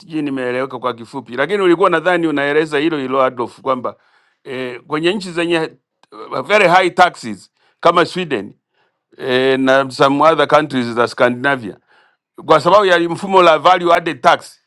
Speaker 19: Sijui nimeeleweka kwa kifupi, lakini ulikuwa nadhani unaeleza hilo hilo Adolf kwamba eh, kwenye nchi zenye eh, very high taxes kama Sweden eh, na some other countries za Scandinavia kwa sababu ya mfumo la value added tax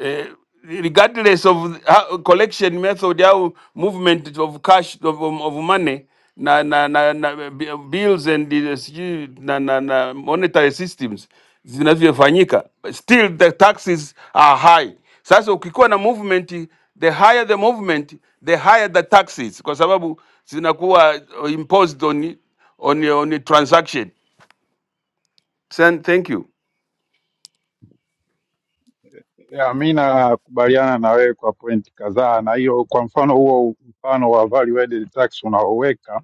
Speaker 19: eh, regardless of how- collection method au movement of cash of, of money na, na, na, na bi- bills and the- sijui na, na, na monetary systems zinavyofanyika still the taxes are high sasa ukikuwa na movement the higher the movement the higher the taxes kwa sababu zinakuwa imposed on, on, on transaction Sen- thank you
Speaker 21: Ya, mi nakubaliana na wewe kwa pointi kadhaa, na hiyo kwa mfano huo mfano wa value added tax unaoweka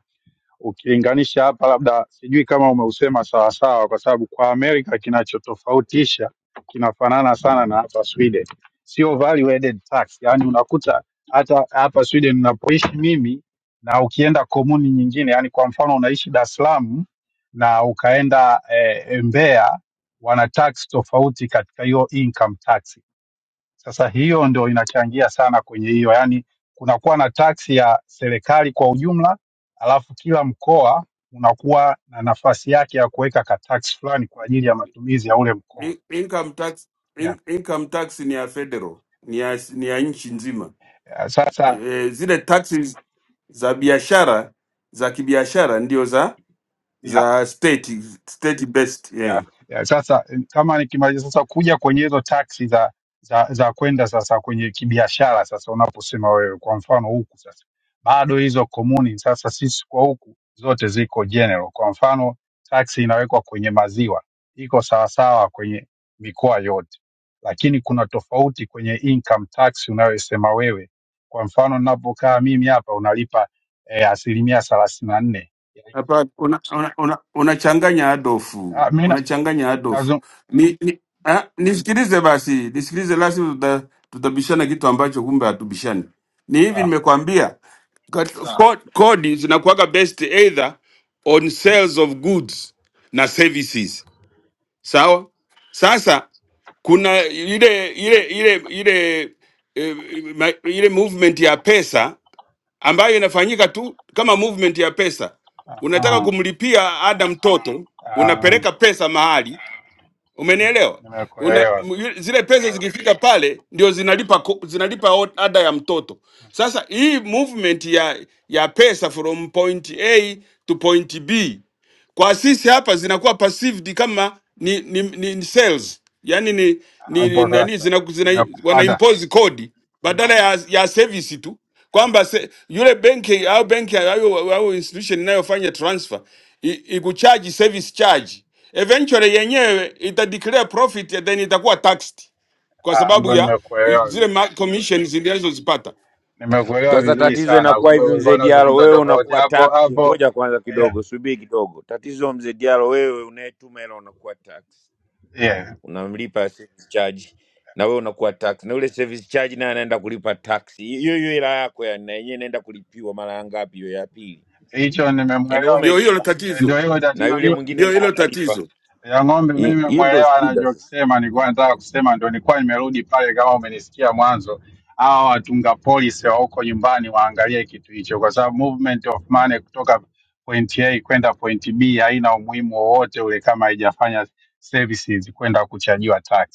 Speaker 21: ukilinganisha hapa, labda sijui kama umeusema sawasawa, kwa sababu kwa Amerika kinachotofautisha kinafanana sana na hapa Sweden, sio value added tax. Yani unakuta hata hapa Sweden unapoishi mimi na ukienda komuni nyingine, yani kwa mfano unaishi Dar es Salaam na ukaenda eh, Mbeya, wana tax tofauti katika hiyo income tax sasa hiyo ndio inachangia sana kwenye hiyo, yaani kunakuwa na taksi ya serikali kwa ujumla, alafu kila mkoa unakuwa na nafasi yake ya kuweka ka tax fulani kwa ajili ya matumizi ya ule mkoa
Speaker 19: In- income tax
Speaker 21: yeah.
Speaker 19: in, income tax ni ya federal ni ya, ni ya nchi nzima
Speaker 21: Eh, Sasa
Speaker 19: e, zile taxes za biashara za kibiashara ndio za
Speaker 21: yeah.
Speaker 19: za state state based yeah.
Speaker 21: Yeah, yeah. Sasa kama nikimaliza sasa kuja kwenye hizo taksi za za za kwenda sasa kwenye kibiashara sasa, unaposema wewe kwa mfano huku sasa bado hizo komuni sasa, sisi kwa huku zote ziko general. Kwa mfano taksi inawekwa kwenye maziwa iko sawasawa kwenye mikoa yote, lakini kuna tofauti kwenye income tax unayosema wewe. Kwa mfano ninapokaa mimi hapa unalipa eh, asilimia thelathini na nne.
Speaker 19: Hapa unachanganya una, una, una unachanganya Adolfu,
Speaker 21: Ah, mimi na-
Speaker 19: unachanganya Adolfu.
Speaker 21: nazung-
Speaker 19: Ni, ni, ah, nisikilize basi, nisikilize lasi, tuta, tutabishana kitu ambacho kumbe hatubishani. Ni hivi
Speaker 21: ah,
Speaker 19: nimekwambia, kat- Sawa. ko- kodi zinakuwaga based either on sales of goods na services, sawa. Sasa kuna ile ile ile ile eh, ma- ile movement ya pesa ambayo inafanyika tu kama movement ya pesa.
Speaker 21: ah,
Speaker 19: Unataka
Speaker 21: ah.
Speaker 19: kumlipia ada mtoto,
Speaker 21: Ah,
Speaker 19: unapeleka pesa mahali, umenielewa? Una,
Speaker 21: nimekuelewa
Speaker 19: m-
Speaker 21: sasa.
Speaker 19: yu- zile pesa zikifika pale ndio zinalipa ko- zinalipa o- ada ya mtoto. Sasa hii movement ya ya pesa from point A to point B kwa sisi hapa zinakuwa perceived kama ni, ni, ni, ni sales yani ni, ni, ni,
Speaker 21: Hapo
Speaker 19: ni, ni
Speaker 21: sasa
Speaker 19: zina, zina, wana
Speaker 21: nimekupata.
Speaker 19: impose kodi
Speaker 21: Nime-
Speaker 19: badala ya, ya service tu kwamba se, yule benki au benki au, au institution inayofanya transfer i- ikucharge service charge eventually yenyewe ita declare profit and then itakuwa taxed kwa
Speaker 21: ah,
Speaker 19: sababu
Speaker 21: Hapo
Speaker 19: ya i-
Speaker 21: nimekuelewa
Speaker 19: zile ma-
Speaker 21: vizuri,
Speaker 19: commissions zilizozipata.
Speaker 21: nimekuelewa
Speaker 17: sasa,
Speaker 21: vizuri
Speaker 17: tatizo
Speaker 21: sana.
Speaker 17: inakuwa
Speaker 21: Kumbe
Speaker 17: hivi,
Speaker 21: ulikuwa
Speaker 17: mzee Diallo,
Speaker 21: unazungumza
Speaker 17: wewe
Speaker 21: tofauti
Speaker 17: unakuwa
Speaker 21: hapo
Speaker 17: taxi.
Speaker 21: hapo.
Speaker 17: Ngoja kwanza
Speaker 21: Eh,
Speaker 17: kidogo, subiri kidogo. Tatizo mzee Diallo, wewe unayetuma hela unakuwa taxi,
Speaker 21: yeah.
Speaker 17: unamlipa service charge na wewe unakuwa taxi, na ule service charge naye anaenda kulipa taxi hiyo hiyo, hela yako ya na yenyewe inaenda kulipiwa mara ngapi? Hiyo ya pili,
Speaker 21: Hicho
Speaker 17: yani wewe
Speaker 21: nimemwelewa,
Speaker 19: Ndio
Speaker 17: umelipa
Speaker 19: hilo
Speaker 21: Eh,
Speaker 19: tatizo,
Speaker 21: ndio hilo
Speaker 17: na yule
Speaker 21: tatizo.
Speaker 17: mwingine
Speaker 19: ndio
Speaker 17: naye
Speaker 19: hilo
Speaker 17: analipa.
Speaker 19: tatizo.
Speaker 21: ya ng'ombe, mimi
Speaker 17: Hi- Hiyo ndio
Speaker 21: nimemwelewa
Speaker 17: shida sasa.
Speaker 21: anachokisema. Nilikuwa nataka kusema ndio, nilikuwa nimerudi pale, kama umenisikia mwanzo. Hawa watunga polisi wa huko nyumbani waangalie kitu hicho, kwa sababu movement of money kutoka point A kwenda point B haina umuhimu wowote ule kama haijafanya services kwenda kuchajiwa tax.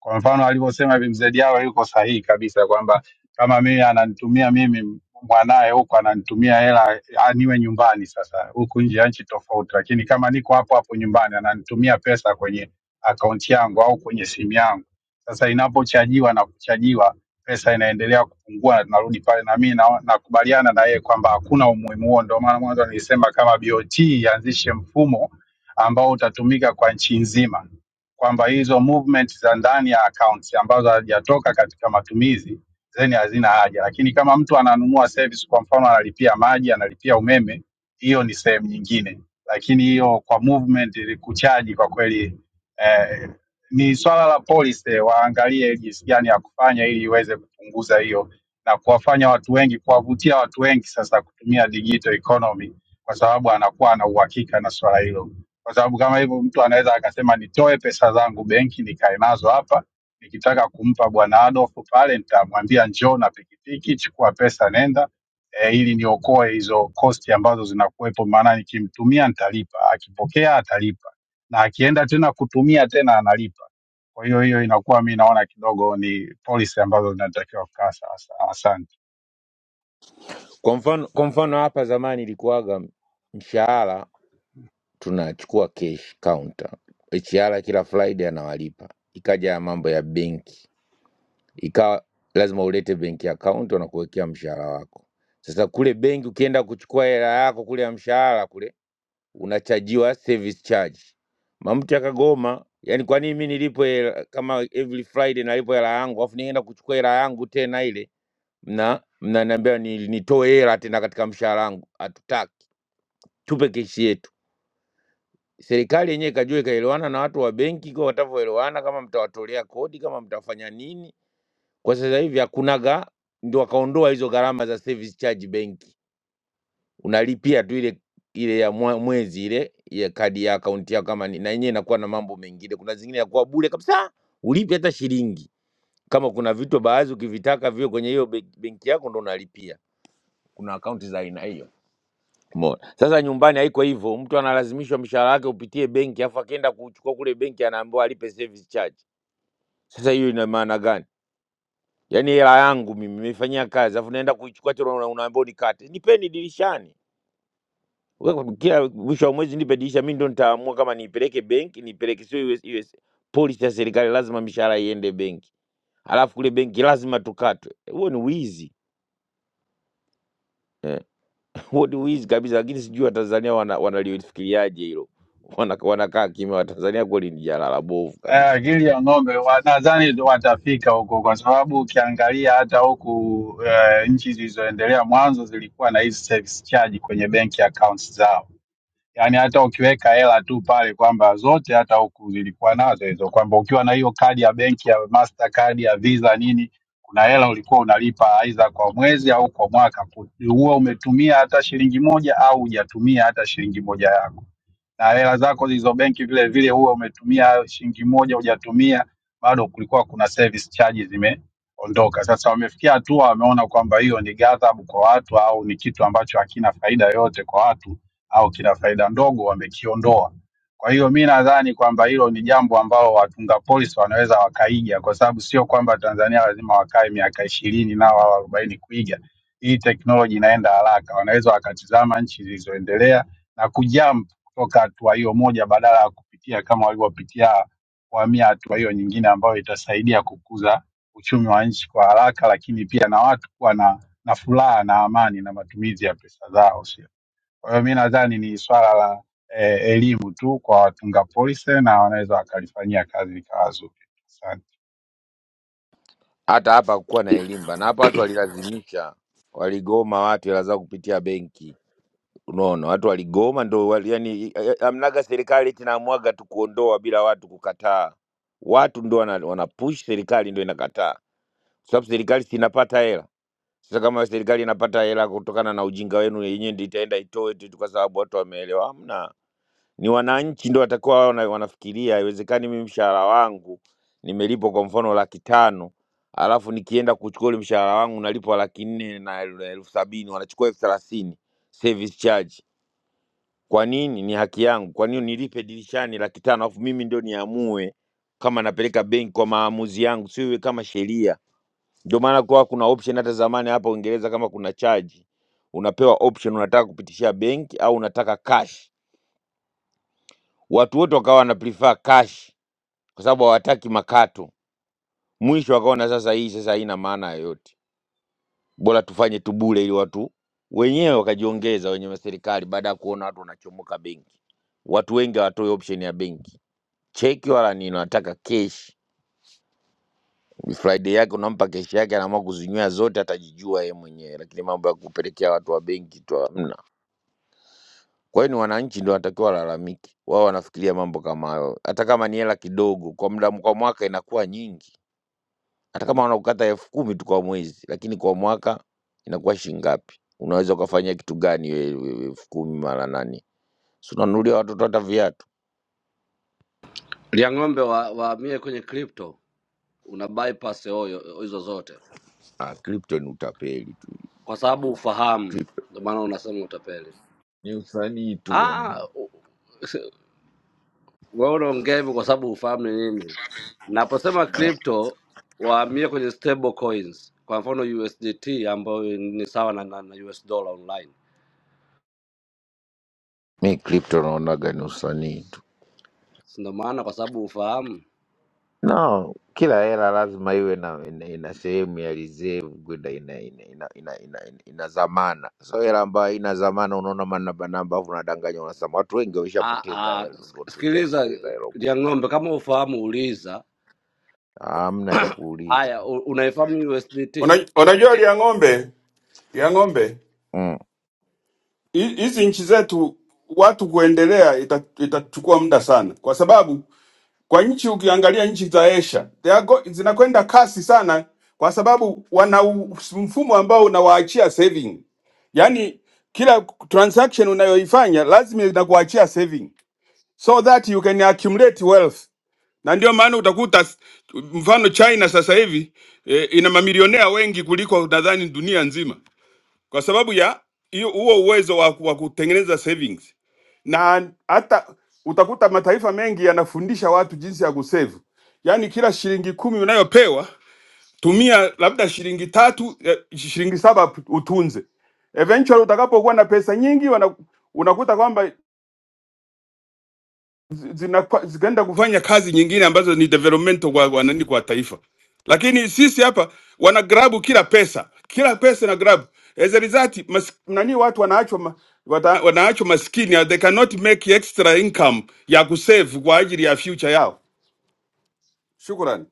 Speaker 21: Kwa mfano alivyosema hivi mzee Diawa yuko sahihi kabisa kwamba kama mimi ananitumia mimi mwanaye huko ananitumia hela ah, niwe nyumbani sasa, huku nje ya nchi tofauti, lakini kama niko hapo hapo nyumbani ananitumia pesa kwenye akaunti yangu au kwenye simu yangu. Sasa inapochajiwa na kuchajiwa, pesa inaendelea kupungua na tunarudi pale, na mimi na- nakubaliana na yeye kwamba hakuna umuhimu huo. Ndio maana mwanzo nilisema kama BOT ianzishe mfumo ambao utatumika kwa nchi nzima kwamba hizo movement za ndani ya accounts ambazo hazijatoka katika matumizi zeni hazina haja, lakini kama mtu ananunua service, kwa mfano analipia maji, analipia umeme, hiyo ni sehemu nyingine, lakini hiyo kwa movement ili kuchaji kwa kweli eh, ni swala la policy, eh, waangalie jinsi gani ya kufanya ili iweze kupunguza hiyo na kuwafanya watu wengi, kuwavutia watu wengi sasa kutumia digital economy, kwa sababu anakuwa ana uhakika na swala hilo kwa sababu kama hivyo mtu anaweza akasema nitoe pesa zangu benki nikae nazo hapa, nikitaka kumpa bwana Adolf pale nitamwambia njoo na pikipiki, chukua pesa nenda e, ili niokoe hizo kosti ambazo zinakuwepo, maana nikimtumia nitalipa, akipokea atalipa, na akienda tena kutumia tena analipa. Kwa hiyo hiyo inakuwa mi naona kidogo ni policy ambazo zinatakiwa kukaa sawa sawa. Asante.
Speaker 17: Kwa mfano, kwa mfano hapa zamani ilikuwaga mshahara tunachukua cash counter, HR kila Friday anawalipa. Ikaja ya mambo ya benki, ikawa lazima ulete benki account wanakuwekea mshahara wako. Sasa kule benki ukienda kuchukua hela yako kule ya mshahara kule unachajiwa service charge. Mamti akagoma, yani kwa nini mimi nilipwe hela- kama every Friday nalipwa hela yangu, afu nienda kuchukua hela yangu tena ile mna mnaniambia ni- nitoe hela tena katika mshahara wangu. Hatutaki, tupe keshi yetu. Serikali yenyewe ikajua ikaelewana na watu wa benki kwa watavyoelewana, kama mtawatolea kodi, kama mtafanya nini. Kwa sasa hivi hakunaga, ndio wakaondoa hizo gharama za service charge benki, unalipia tu ile ile ya mwa- mwezi ile ya kadi ya akaunti yako, kama ni na yenyewe inakuwa na mambo mengine. Kuna zingine ya kuwa bure kabisa, ulipi hata shilingi. Kama kuna vitu baadhi ukivitaka viwe kwenye hiyo be- benki yako ndo unalipia. Kuna akaunti za aina hiyo Umeona? Sasa nyumbani haiko hivyo, mtu analazimishwa mshahara wake upitie benki, afu akienda kuchukua kule benki anaambiwa alipe service charge. Sasa hiyo ina maana gani? Yaani hela yangu mimi nimeifanyia kazi, afu naenda kuichukua tena una- unaambiwa unikate. Nipeni dirishani. Wewe Kila mwisho wa mwezi nipe dirisha, mimi ndo nitaamua kama niipeleke benki, niipeleke sio US, US. Policy ya serikali lazima mishahara iende benki, alafu kule benki lazima tukatwe. Huo ni wizi. huo ni wizi kabisa, lakini sijui Watanzania wana- wanalifikiriaje hilo, [LAUGHS] Wana- wanakaa kimya. Watanzania kweli ni jalala bovu
Speaker 21: Eh,
Speaker 17: kabisa.
Speaker 21: akili ya ng'ombe wa- nadhani ndo watafika huko, kwa sababu ukiangalia hata huku eh, nchi zilizoendelea mwanzo zilikuwa na hizi service charge kwenye benki accounts zao, yaani hata ukiweka hela tu pale kwamba zote hata huku zilikuwa nazo hizo, kwamba ukiwa na hiyo kadi ya benki ya Mastercard ya Visa nini, kuna hela ulikuwa unalipa aidha kwa mwezi au kwa mwaka, ku- huwa umetumia hata shilingi moja au hujatumia hata shilingi moja yako na hela zako zilizo benki vile vile huwa umetumia shilingi moja hujatumia, bado kulikuwa kuna service charges zimeondoka. Sasa wamefikia hatua wameona kwamba hiyo ni ghadhabu kwa watu au ni kitu ambacho hakina faida yoyote kwa watu au kina faida ndogo, wamekiondoa. Kwa hiyo mi nadhani kwamba hilo ni jambo ambalo watunga polisi wanaweza wakaiga, kwa sababu sio kwamba Tanzania lazima wakae miaka ishirini nao au arobaini kuiga. Hii teknoloji inaenda haraka, wanaweza wakatizama nchi zilizoendelea na kujump kutoka hatua hiyo moja badala ya kupitia kama walivyopitia kuhamia hatua hiyo nyingine ambayo itasaidia kukuza uchumi wa nchi kwa haraka, lakini pia na watu kuwa na, na furaha na amani na matumizi ya pesa zao, sio? Kwa hiyo mi nadhani ni swala la eh, elimu tu kwa watunga polisi na wanaweza wakalifanyia kazi likawa zuri. Asante.
Speaker 17: Hata hapa hakukuwa na elimu na hapa watu walilazimisha, waligoma watu, hela zao kupitia benki. Unaona, watu waligoma ndo wali, yani, eh, amnaga serikali eti naamwaga tu kuondoa bila watu kukataa. Watu ndo wana, wana push serikali ndo inakataa, sababu serikali si inapata hela. Sasa kama serikali inapata hela kutokana na ujinga wenu, yenyewe ndio itaenda itoe tu kwa sababu watu wameelewa. Hamna ni wananchi ndio watakuwa wao wana- wanafikiria. Haiwezekani mimi mshahara wangu nimelipwa kwa mfano laki tano alafu nikienda kuchukua ule mshahara wangu nalipwa laki nne na el- elfu sabini wanachukua elfu thelathini service charge. Kwa nini? Ni haki yangu. Kwa nini nilipe dirishani laki tano alafu mimi ndio niamue kama napeleka benki kwa maamuzi yangu, sio iwe kama sheria. Ndio maana kwa kuna option hata zamani hapa Uingereza, kama kuna charge unapewa option, unataka kupitishia benki au unataka cash. Watu wote wakawa wana prefer cash kwa sababu hawataki makato. Mwisho wakaona sasa hii sasa haina maana yoyote, bora tufanye tu bure, ili watu wenyewe wakajiongeza wenye wa serikali, baada ya kuona watu wanachomoka benki. Watu wengi hawatoi option ya benki, cheki wala nini, wanataka keshi. Friday yake unampa keshi yake, anaamua kuzinywea zote, atajijua yeye mwenyewe, lakini mambo ya kupelekea watu wa benki tu hamna. Kwa hiyo ni wananchi ndio wanatakiwa walalamike, wao wanafikiria mambo kama hayo, hata kama ni hela kidogo, kwa muda kwa mwaka inakuwa nyingi. hata kama wanakukata elfu kumi tu kwa mwezi lakini kwa mwaka inakuwa shilingi ngapi unaweza ukafanyia kitu gani hiyo elfu kumi mara nani si unanunulia watoto hata viatu
Speaker 22: ya ng'ombe waamie wa wahamie kwenye crypto una bypass hoyo hizo zote
Speaker 17: ah, crypto ni utapeli tu
Speaker 22: kwa sababu ufahamu
Speaker 17: crypto
Speaker 22: ndio maana unasema utapeli
Speaker 17: Ni usanii tu bwana.
Speaker 22: ah u- se- wewe unaongea hivyo kwa sababu ufahamu ni nini naposema crypto wahamie kwenye stable coins kwa mfano usdt ambayo ni sawa na, na, na us dollar online
Speaker 17: mi crypto naonaga ni usanii tu
Speaker 22: Si ndio maana kwa sababu ufahamu
Speaker 17: no kila hela lazima iwe na ina, ina sehemu ya reserve kwenda ina ina, ina, ina, ina, ina, ina zamana so hela ambayo ina zamana unaona manabanamba afu unadanganya unasema watu wengi
Speaker 22: ah,
Speaker 17: wameshapoteza
Speaker 22: ah,
Speaker 17: hela watu
Speaker 22: sikiliza
Speaker 17: wameshapoteza hela
Speaker 22: ya ng'ombe kama ufahamu uliza
Speaker 17: hamna cha kuuliza
Speaker 22: haya u- unaifahamu usdt
Speaker 19: Una- Unajua lia ng'ombe, lia ng'ombe
Speaker 17: mm.
Speaker 19: hi- hizi nchi zetu watu kuendelea ita- itachukua muda sana, kwa sababu kwa nchi ukiangalia nchi za Asia they are go- zinakwenda kasi sana, kwa sababu wana u- mfumo ambao unawaachia saving, yaani kila transaction unayoifanya lazima inakuachia saving so that you can accumulate wealth, na ndio maana utakuta s- mfano China sasa hivi eh, ina mamilionea wengi kuliko nadhani dunia nzima kwa sababu ya hiyo huo uwezo wa, ku- wa kutengeneza savings, na hata utakuta mataifa mengi yanafundisha watu jinsi ya kusave, yaani kila shilingi kumi unayopewa tumia labda shilingi tatu eh, shilingi saba utunze. Eventually utakapokuwa na pesa nyingi wana, unakuta kwamba zi- zinakwa- zikaenda kufanya kazi nyingine ambazo ni development kwa, kwa nani kwa taifa. Lakini sisi hapa wana grab kila pesa, kila pesa na grab. As a result, mas, nani watu wanaachwa ma, wata, wanaachwa maskini, they cannot make extra income ya kusave kwa ajili ya future yao. Shukrani.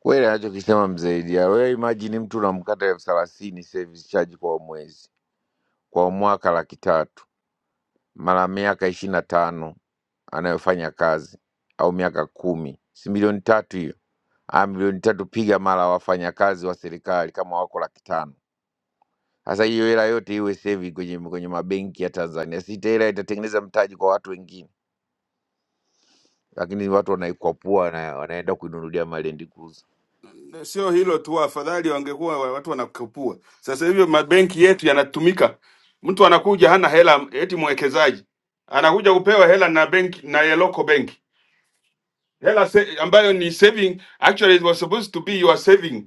Speaker 17: Kweli anachokisema mzee Dia, wewe imagine mtu unamkata elfu thelathini service charge kwa mwezi, kwa mwaka laki tatu mara miaka ishirini na tano anayofanya kazi au miaka kumi, si milioni tatu hiyo? Ah, milioni tatu piga mara wafanyakazi wa serikali kama wako laki tano. Sasa hiyo hela yote iwe sevi kwenye, kwenye mabenki ya Tanzania, si hela itatengeneza mtaji kwa watu wengine, lakini watu wanaikwapua na wanaenda kuinunulia Land Cruiser
Speaker 19: Sio hilo tu, afadhali wangekuwa wa- watu wanakupua. Sasa hivi mabenki yetu yanatumika, mtu anakuja hana hela, eti mwekezaji anakuja kupewa hela na benki na ya local benki hela se- ambayo ni saving actually it was supposed to be your saving,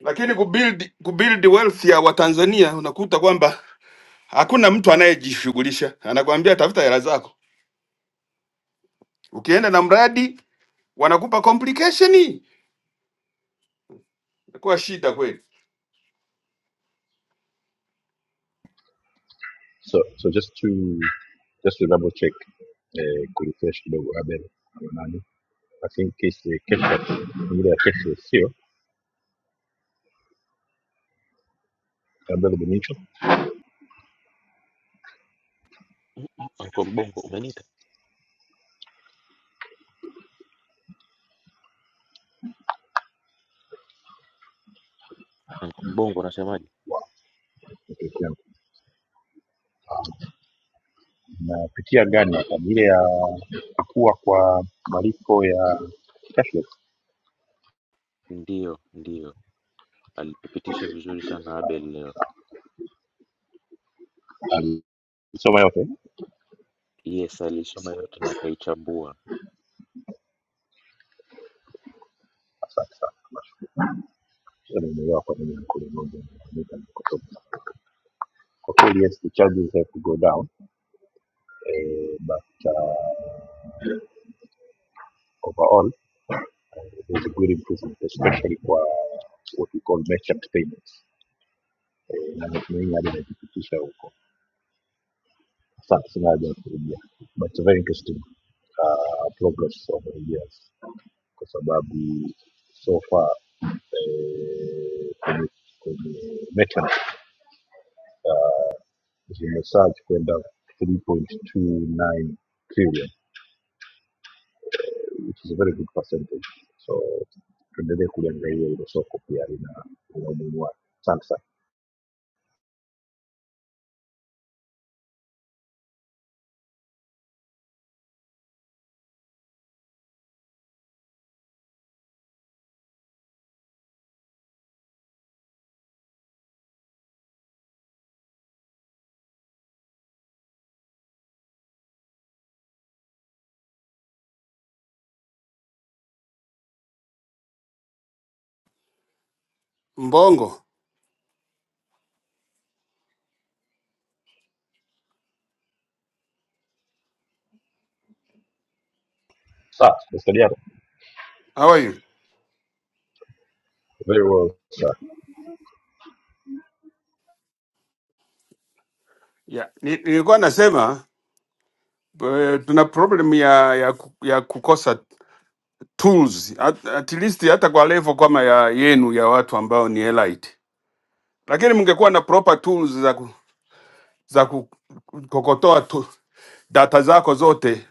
Speaker 19: lakini kubuild kubuild wealth ya Watanzania unakuta kwamba hakuna mtu anayejishughulisha, anakuambia tafuta hela zako. Ukienda na mradi wanakupa complication, inakuwa shida kweli.
Speaker 1: so so just to just to double check eh, kurefresh kidogo abel ama nani i think case kesho ile ya kesho sio abel benito
Speaker 20: Uncle Mbongo umeniita? Uncle Mbongo unasemaje?
Speaker 1: napitia napitia gani hapa Ni ile ya kukua kwa malipo ya cashless
Speaker 20: Ndiyo, ndiyo. Alitupitisha vizuri sana Abel leo.
Speaker 1: alisoma yote
Speaker 20: Yes, alisoma yote na akaichambua.
Speaker 1: asante sana Nashukuru. Yaani, Nimeelewa kwa nini mkulima mmoja anafanyika kwa sababu kwa kweli yes the charges have to go down Uh, but uh, overall, there's a good improvement, especially for uh, what we call merchant payments Eh, na natumaini hadi inajipitisha huko. But it's a very interesting uh, progress over the years kwa sababu so far eh, kwenye, kwenye merchant zimesurge kwenda 3.29 trillion which is a very good percentage. So tuendelee kuliangalia hilo soko pia lina lina umuhimu wake. Asante sana.
Speaker 19: Mbongo,
Speaker 1: Sawa, destari yako.
Speaker 19: how are you?
Speaker 1: Very well, sir.
Speaker 19: Yeah, ni- nilikuwa nasema eh, tuna problem ya ya, ku- ya kukosa tools at, at least hata kwa level kama ya yenu ya watu ambao ni elite, lakini mngekuwa na proper tools za ku- za kukokotoa tu, data zako zote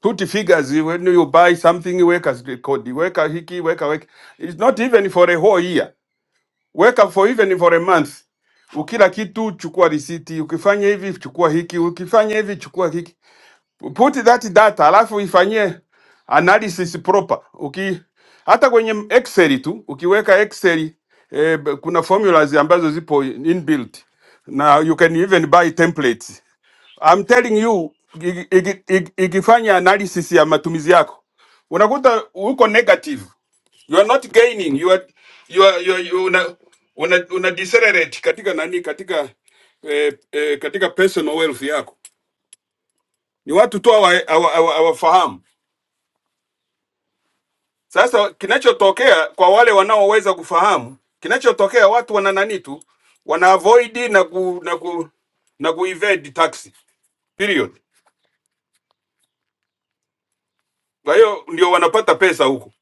Speaker 19: tuti figures when you buy something weka record weka hiki weka weka it's not even for a whole year weka for even for a month ukila kitu chukua risiti ukifanya hivi chukua hiki ukifanya hivi chukua hiki put that data alafu ifanyie analysis proper. Uki hata kwenye Excel tu ukiweka Excel eh, b- kuna formulas ambazo zipo inbuilt na you can even buy templates. I'm telling you iki- iki- iki- ikifanya analysis ya matumizi yako unakuta uko negative, you are not gaining, you are, you are, you are, you una, una, una decelerate katika nani katika eh, eh, katika personal wealth yako ni watu tu hawa- hawa- hawa- hawafahamu. Sasa kinachotokea kwa wale wanaoweza kufahamu, kinachotokea watu wana nani tu wana avoid na ku, na ku, na ku evade tax period. Kwa hiyo ndio wanapata pesa huko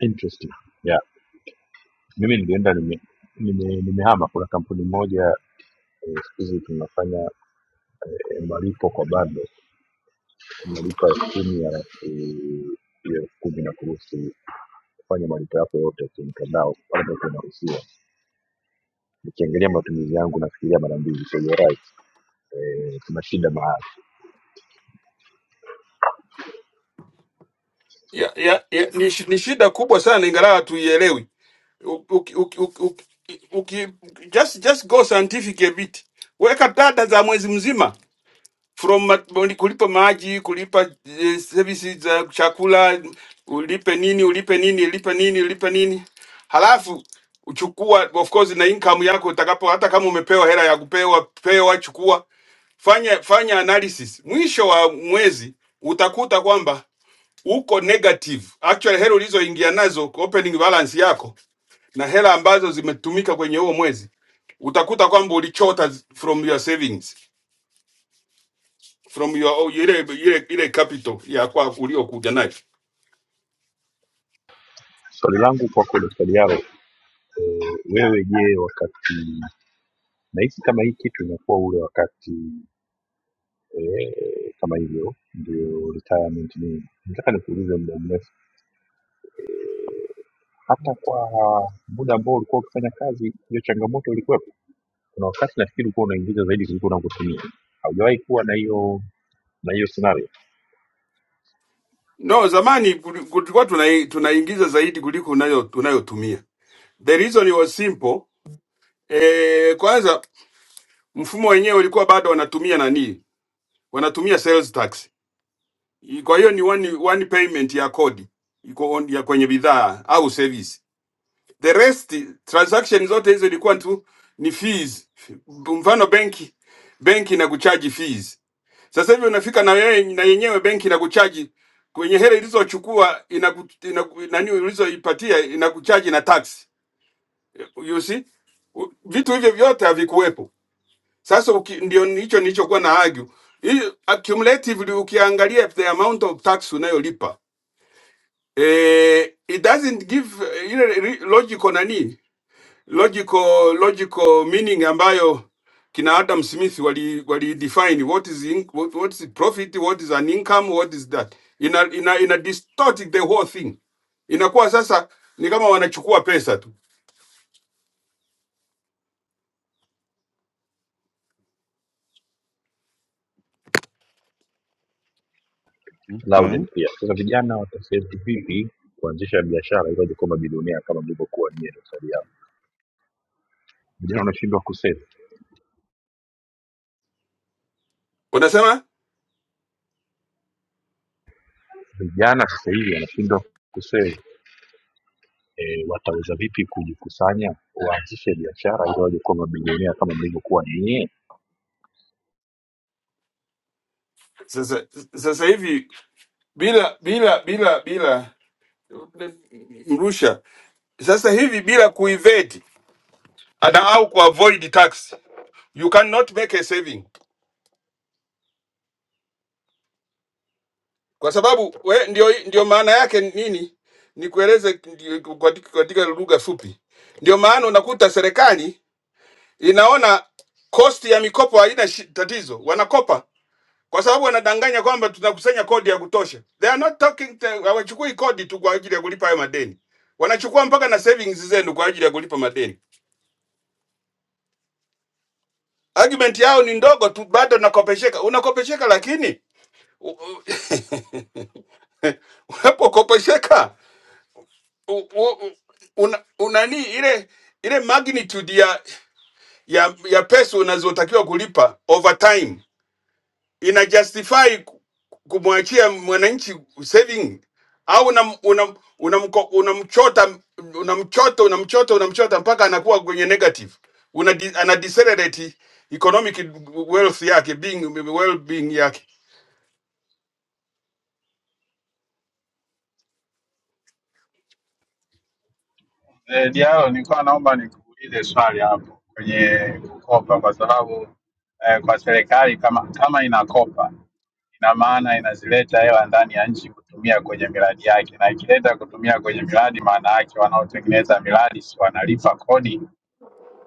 Speaker 1: Interesting. Yeah. Mimi nilienda nime nime- nimehama kuna kampuni moja eh, siku hizi tunafanya eh, malipo kwa bando, malipo ya elfu kumi ya elfu ya elfu kumi na kuruhusu kufanya malipo yako yote kwenye mtandao ambapo tunaruhusiwa. Nikiangalia matumizi yangu nafikiria mara mbili, so you're right. Eh, tuna shida mahali.
Speaker 19: ya, ya, ya, ni, shi- ni shida kubwa sana, ingawa hatuielewi. U- uki- uki- uki- uki- uki- Just, just go scientific a bit, weka data za mwezi mzima from ma- boni- kulipa maji, kulipa eh, services za chakula, ulipe nini, ulipe nini, ulipe nini, ulipe nini. Halafu uchukua of course na income yako utakapo, hata kama umepewa hela ya kupewa pewa, chukua, fanya fanya analysis. Mwisho wa mwezi utakuta kwamba uko negative, actually hela ulizoingia nazo opening balance yako na hela ambazo zimetumika kwenye huo mwezi utakuta kwamba ulichota from your savings from your oh, ile ile ile capital ya kwa uliokuja nayo.
Speaker 1: Swali langu kwako Dr. Diallo Wewe je, wakati nahisi kama hii kitu inakuwa ule wakati eh, kama hivyo ndio retirement ni. Nataka nikuulize muda mrefu, hata kwa muda ambao ulikuwa ukifanya kazi, hiyo changamoto ilikuwepo? Kuna wakati nafikiri ulikuwa unaingiza zaidi kuliko unavyotumia. Haujawahi kuwa na hiyo na hiyo scenario
Speaker 19: No, zamani kuli- kulikuwa tuna, tunaingiza zaidi kuliko unayo tunayotumia. The reason was simple. Eh, kwanza mfumo wenyewe ulikuwa bado wanatumia nani? Wanatumia sales tax. I- Kwa hiyo ni one, one payment ya kodi iko on- ya kwenye bidhaa au service. The rest transaction zote hizo ilikuwa tu ni fees. Mfano benki benki na kuchaji fees Sasa hivi unafika na wewe na yenyewe benki inakuchaji kwenye hela ilizochukua inaku, inaku, nani ulizoipatia inakuchaji na tax. You see? U- Vitu hivyo vyote havikuwepo. Sasa uki, ndio hicho nilichokuwa na argue. Hii accumulatively ukiangalia the amount of tax unayolipa eh, it doesn't give eh, ile re- logical nani logical logical meaning ambayo kina Adam Smith wali, wali define what is in, what, what is profit what is an income what is that ina ina, ina distort the whole thing inakuwa sasa ni kama wanachukua pesa tu
Speaker 8: Okay,
Speaker 1: Loudon pia. Sasa vijana wataseti vipi kuanzisha biashara ili waje kuwa mabilionea kama mlivyokuwa nyie dosari yao? Vijana wanashindwa kusave,
Speaker 19: unasema
Speaker 1: vijana sasa hivi wanashindwa kusave eh, wataweza vipi kujikusanya waanzishe biashara ili waje kuwa mabilionea kama mlivyokuwa nyie?
Speaker 19: sasa sasa hivi bila bila bila bila mrusha sasa hivi bila kuiveti ana au kuavoid tax you cannot make a saving kwa sababu we, ndio, ndio maana yake nini, nikueleze ndio- katika katika lugha fupi. Ndio maana unakuta serikali inaona kosti ya mikopo haina shi- tatizo, wanakopa kwa sababu wanadanganya kwamba tunakusanya kodi ya kutosha. They are not talking to, hawachukui kodi tu kwa ajili ya kulipa hayo madeni, wanachukua mpaka na savings zenu kwa ajili ya kulipa madeni. Argument yao ni ndogo tu, bado nakopesheka. Unakopesheka lakini [LAUGHS] u- u- unapokopesheka u- u- una, unani ile ile magnitude ya ya, ya pesa unazotakiwa kulipa over time ina justify ku- kumwachia mwananchi saving au unam- unam- unamko- unamchota unamchota unamchota unamchota mpaka anakuwa kwenye negative una ana decelerate economic wealth yake being well being yake
Speaker 21: Eh, Diallo, nilikuwa naomba nikuulize swali hapo kwenye kukopa, kwa sababu eh, kwa serikali kama kama inakopa ina maana inazileta hela ndani ya nchi kutumia kwenye miradi yake, na ikileta kutumia kwenye miradi, maana yake wanaotengeneza miradi si wanalipa kodi?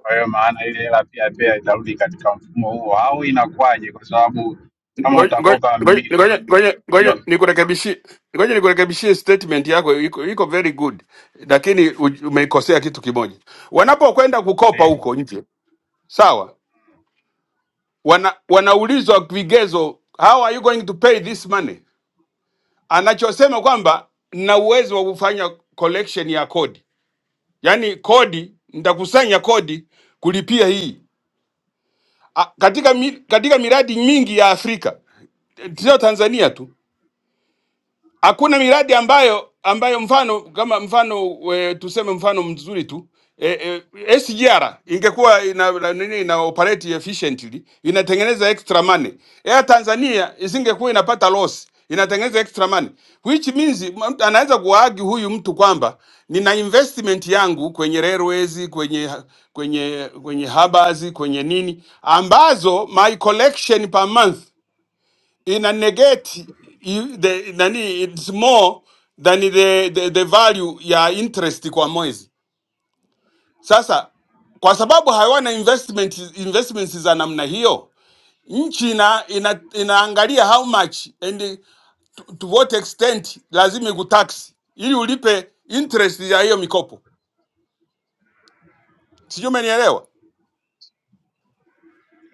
Speaker 21: Kwa hiyo maana ile hela pia pia itarudi katika mfumo huo, au inakuwaje? Kwa sababu kama
Speaker 19: Ngoja ngoja
Speaker 21: utakopa
Speaker 19: ngoja
Speaker 21: milioni
Speaker 19: ngoja ngoja
Speaker 21: milioni,
Speaker 19: nikurekebishie, ngoja nikurekebishie statement yako iko, iko very good, lakini u- umeikosea kitu kimoja. Wanapokwenda kukopa
Speaker 21: ndio
Speaker 19: huko nje, sawa, wana, wanaulizwa vigezo, how are you going to pay this money? Anachosema kwamba na uwezo wa kufanya collection ya kodi, yaani kodi, nitakusanya kodi kulipia hii A, katika, mi, katika miradi mingi ya Afrika sio Tanzania tu hakuna miradi ambayo ambayo mfano kama mfano e, tuseme mfano mzuri tu e, e, SGR ingekuwa ina, na- nini ina operate efficiently inatengeneza extra money. Air Tanzania isingekuwa inapata loss inatengeneza extra money which means mtu anaweza kuwaagi huyu mtu kwamba nina investment yangu kwenye railways, kwenye kwenye kwenye harbors, kwenye nini ambazo my collection per month ina negate you- the nani it's more than the, the, the value ya interest kwa mwezi. Sasa kwa sababu hawana investment, investments za namna hiyo nchi ina, ina, inaangalia how much and to, to what extent lazima ikutax ili ulipe interest ya hiyo mikopo. Sijui umenielewa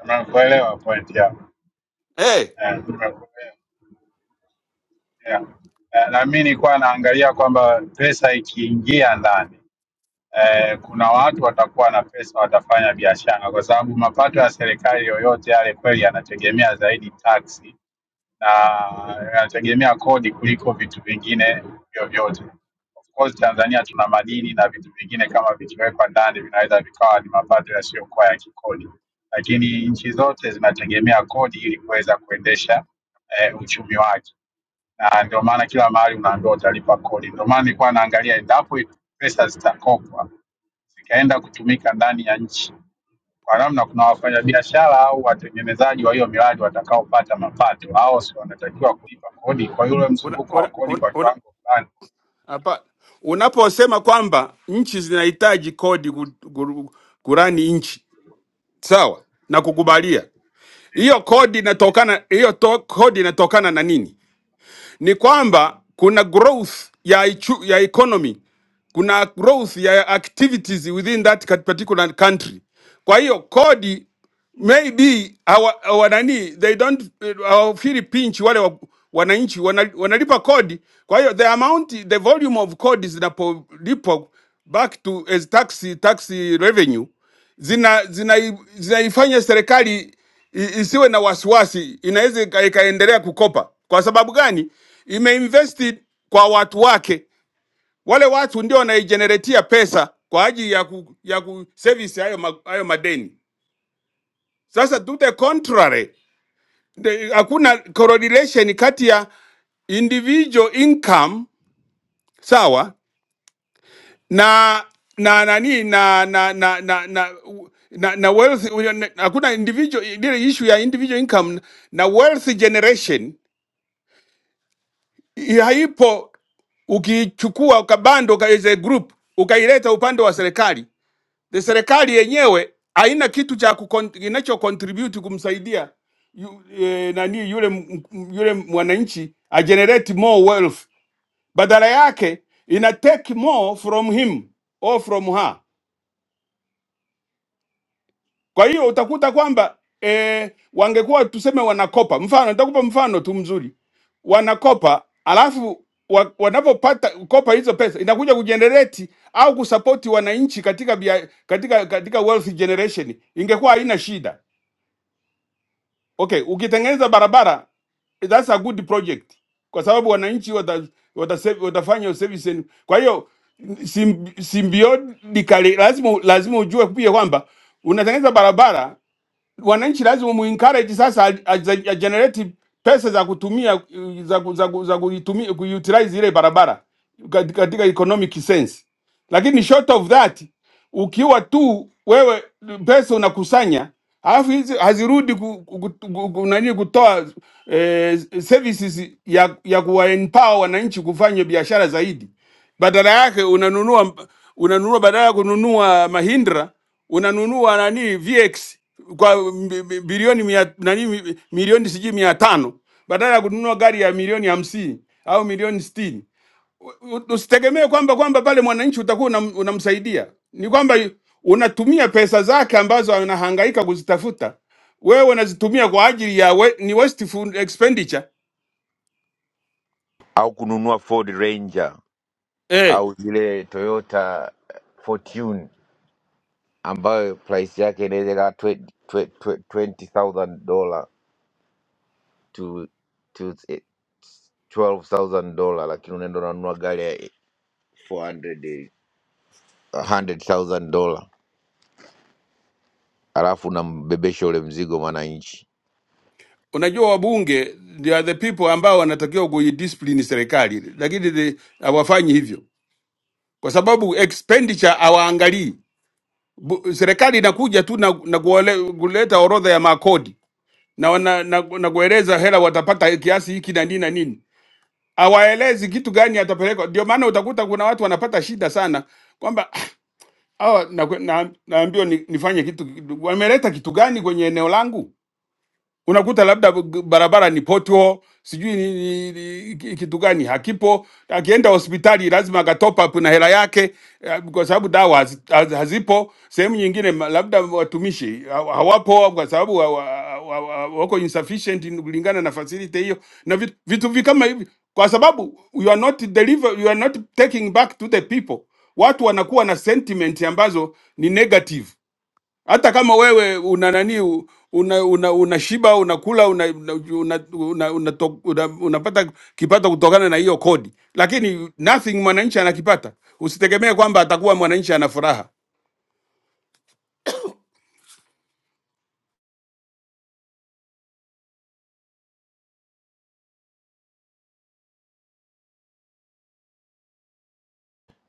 Speaker 21: umekuelewa point yangu
Speaker 19: hey,
Speaker 21: eh, nimekuelewa yeah. Eh, Na mimi nilikuwa naangalia kwamba pesa ikiingia ndani eh, kuna watu watakuwa na pesa watafanya biashara, kwa sababu mapato ya serikali yoyote yale kweli yanategemea zaidi taksi na yanategemea kodi kuliko vitu vingine vyovyote. Of course Tanzania tuna madini na vitu vingine kama vikiwekwa ndani vinaweza vikawa ni mapato yasiyokuwa ya kikodi, lakini nchi zote zinategemea kodi ili kuweza kuendesha eh, uchumi wake, na ndio maana kila mahali unaambiwa utalipa kodi. Ndio maana nilikuwa naangalia endapo pesa zitakopwa zikaenda kutumika ndani ya nchi. Kwa namna kuna wafanyabiashara au watengenezaji wa hiyo miradi watakaopata mapato, hao si wanatakiwa kulipa kodi. Kwa hiyo ule
Speaker 19: una,
Speaker 21: mzunguko wa
Speaker 19: una,
Speaker 21: kodi
Speaker 19: una,
Speaker 21: kwa
Speaker 19: una,
Speaker 21: kiwango fulani
Speaker 19: hapa unaposema kwamba nchi zinahitaji kodi ku- ku- kurani nchi Sawa, nakukubalia hiyo. Kodi inatokana hiyo to, kodi inatokana na nini? Ni kwamba kuna growth ya, ichu, ya economy kuna growth ya activities within that cat- particular country. Kwa hiyo kodi maybe hawa hawa nani they don't eh, hawafeel pinch wale wa- wananchi wana- wanalipa kodi. Kwa hiyo the amount the volume of kodi zinapolipwa back to as tax tax revenue zina zina zinaifanya serikali i- isiwe na wasiwasi, inaweza ika- ikaendelea kukopa. Kwa sababu gani? Imeinvest kwa watu wake wale watu ndio wanaijeneretia pesa kwa ajili ya ku, ya ku service hayo, ma, hayo madeni. Sasa to the contrary, the- hakuna correlation kati ya individual income sawa na na nani na na na na na na, na wealth hakuna individual ile issue ya individual income na wealth generation i- haipo ukiichukua ukabando as a group ukaileta upande wa serikali the serikali yenyewe haina kitu cha kukon- kinacho contribute kumsaidia yu, e, nani yule m- m- yule mwananchi a generate more wealth, badala yake ina take more from him or from her. Kwa hiyo utakuta kwamba e, wangekuwa tuseme wanakopa, mfano nitakupa mfano tu mzuri, wanakopa alafu wa- wanapopata kopa hizo pesa inakuja kujenerate au kusapoti wananchi katika, bia, katika katika wealth generation, ingekuwa haina shida Okay, ukitengeneza barabara that's a good project kwa sababu wananchi watafanya wata, wata, watafanya service. and- Kwa hiyo sim- symbiotically lazima lazima ujue pia kwamba unatengeneza barabara wananchi lazima muencourage sasa aj- aj- agenerate pesa za kutumia uh, za, ku- za, ku- za kuitumia kuutilize ile barabara kat- katika economic sense, lakini short of that, ukiwa tu wewe pesa unakusanya alafu hizi hazirudi ku, ku, ku, ku, ku- nani kutoa eh, services ya, ya kuwaempower wananchi kufanya biashara zaidi badala yake unanunua unanunua badala ya kununua Mahindra unanunua nani VX kwa bi- bi- bilioni mia, nani mi- milioni sijui mia tano badala ya kununua gari ya milioni hamsini au milioni sitini. U- u- Usitegemee kwamba kwamba pale mwananchi utakuwa unam, unamsaidia, ni kwamba unatumia pesa zake ambazo anahangaika kuzitafuta, wewe unazitumia kwa ajili ya we, ni wasteful expenditure
Speaker 17: au kununua Ford Ranger
Speaker 19: eh
Speaker 17: au zile Toyota Fortune ambayo price yake inaweza ikawa twe- twe- twe- $20,000 dollar to to $12,000 dollar, lakini unaenda unanunua gari ya 400 $100,000 dollar, alafu unambebesha ule mzigo mwananchi.
Speaker 19: unajua wabunge they are the people ambao wanatakiwa kuidiscipline serikali, lakini the- hawafanyi hivyo kwa sababu expenditure hawaangalii. Bu- Serikali inakuja tu na, na kuole, kuleta orodha ya makodi na, wana, na, na kueleza hela watapata kiasi hiki na nini na nini, hawaelezi kitu gani atapelekwa. Ndio maana utakuta kuna watu wanapata shida sana kwamba ah, hawa na, na, naambiwa ni, nifanye kitu, wameleta kitu gani kwenye eneo langu? unakuta labda g- barabara ni potho sijui ni, ni, ni, ki- kitu gani hakipo. Akienda hospitali lazima akatop up na hela yake eh, kwa sababu dawa hazi- haz- hazipo. Sehemu nyingine ma- labda watumishi ha- hawapo kwa sababu wa, wa, wa, wa, wako insufficient in- kulingana na facility hiyo na vitu, vitu vi kama hivi, kwa sababu you are not deliver, you are not taking back to the people. Watu wanakuwa na sentiment ambazo ni negative hata kama wewe una nani u- una una unashiba unakula una, una, una, una, una, to- una, unapata kipato kutokana na hiyo kodi, lakini nothing mwananchi anakipata. Usitegemee kwamba atakuwa mwananchi ana furaha.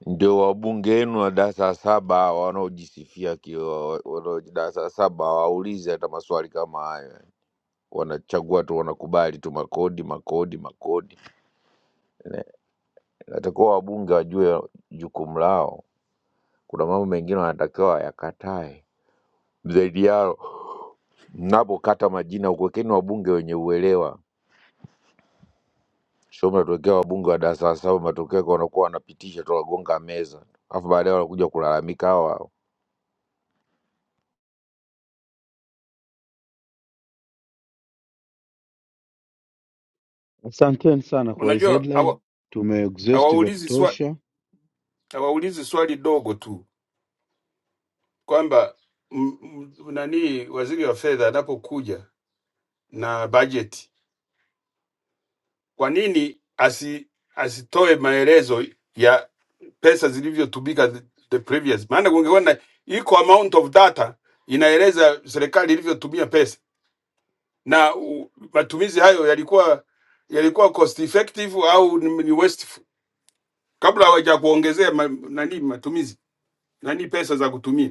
Speaker 17: Ndio wabunge wenu wa darasa la saba hawa wanaojisifia kiwa wanao- darasa la saba hawaulizi hata maswali kama hayo, wanachagua tu, wanakubali tu makodi, makodi, makodi. Inatakiwa wabunge wajue jukumu lao. Kuna mambo mengine wanatakiwa wayakatae zaidi yao. Mnapokata majina, kuwekeni wabunge wenye uelewa, sio mnatuwekea wabunge wa darasa la saba, matokeo yake wanakuwa wanapitisha tu, wagonga meza, alafu baadaye wanakuja kulalamika hao hao.
Speaker 8: asanteni sana kwa hii
Speaker 19: Unajua
Speaker 8: headline,
Speaker 19: hawa-
Speaker 8: tumeexhaust vya
Speaker 19: hawaulizi swali,
Speaker 8: kutosha.
Speaker 19: hawaulizi swali dogo tu kwamba m- m- nani waziri wa fedha anapokuja na bajeti Kwa nini asi, asitoe maelezo ya pesa zilivyotumika the the previous? Maana kungekuwa na iko amount of data inaeleza serikali ilivyotumia pesa na u, matumizi hayo yalikuwa yalikuwa cost effective au ni, ni wasteful, kabla hawaja kuongezea ma, nani matumizi nani pesa za kutumia.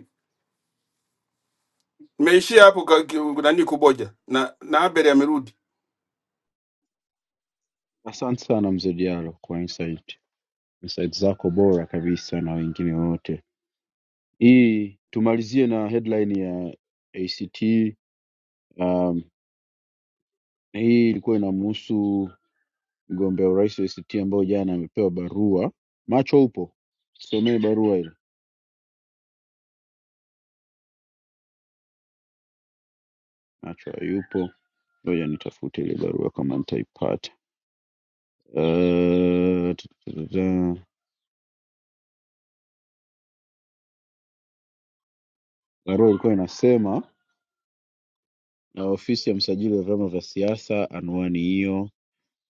Speaker 19: Nimeishia hapo ka- ki- nani kuboja na na Abel amerudi.
Speaker 8: Asante sana mzee Diallo kwa insight, insight zako bora kabisa na wengine wote. Hii tumalizie na headline ya ACT. Um, hii ilikuwa inamhusu mgombea urais wa ACT ambayo jana amepewa barua. Macho upo, somee barua ile. Macho hayupo Ngoja nitafute ile barua kama nitaipata. Eh, tu- tu- tu- tu. Barua ilikuwa inasema na ofisi ya msajili wa vyama vya siasa, anwani hiyo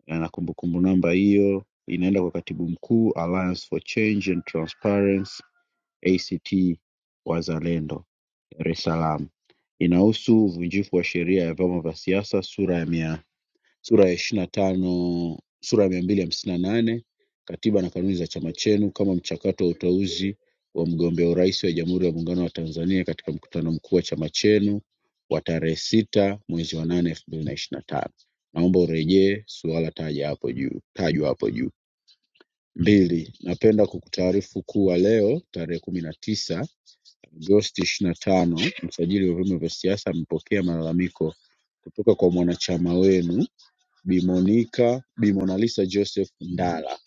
Speaker 8: na kumbukumbu namba hiyo, inaenda kwa katibu mkuu Alliance for Change and Transparency ACT Wazalendo, Dar es Salaam. Inahusu uvunjifu wa sheria ya vyama vya siasa sura ya 400 sura ya ishirini na tano sura ya mia mbili hamsini na nane katiba na kanuni za chama chenu kama mchakato wa uteuzi wa mgombea urais wa Jamhuri ya Muungano wa Tanzania katika mkutano mkuu wa chama chenu wa tarehe sita mwezi wa nane elfu mbili na ishirini na tano. Naomba urejee suala taja hapo juu tajwa hapo juu. Mbili, napenda kukutaarifu kuwa leo tarehe kumi na tisa Agosti ishirini na tano msajili wa vyama vya siasa amepokea malalamiko kutoka kwa mwanachama wenu Bi Monica, Bi Monalisa Joseph Ndala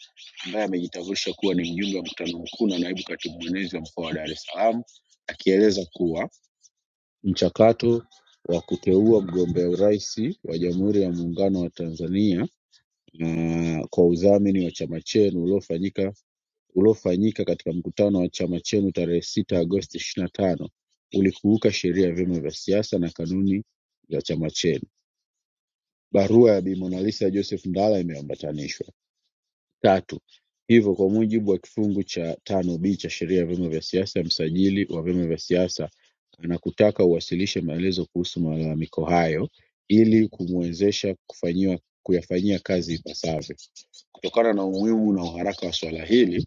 Speaker 8: ambaye amejitambulisha kuwa ni mjumbe wa mkutano mkuu na naibu katibu mwenezi wa mkoa wa Dar es Salaam akieleza kuwa mchakato wa kuteua mgombea urais wa Jamhuri ya Muungano wa Tanzania na kwa udhamini wa chama chenu uliofanyika uliofanyika katika mkutano wa chama chenu tarehe sita Agosti ishirini na tano ulikiuka sheria ya vyama vya siasa na kanuni za chama chenu. Barua ya Bi Monalisa Joseph Ndala imeambatanishwa tatu hivyo kwa mujibu wa kifungu cha tano b cha sheria ya vyama vya siasa msajili wa vyama vya siasa anakutaka uwasilishe maelezo kuhusu malalamiko hayo ili kumwezesha kufanyiwa kuyafanyia kazi ipasavyo kutokana na umuhimu na uharaka wa swala hili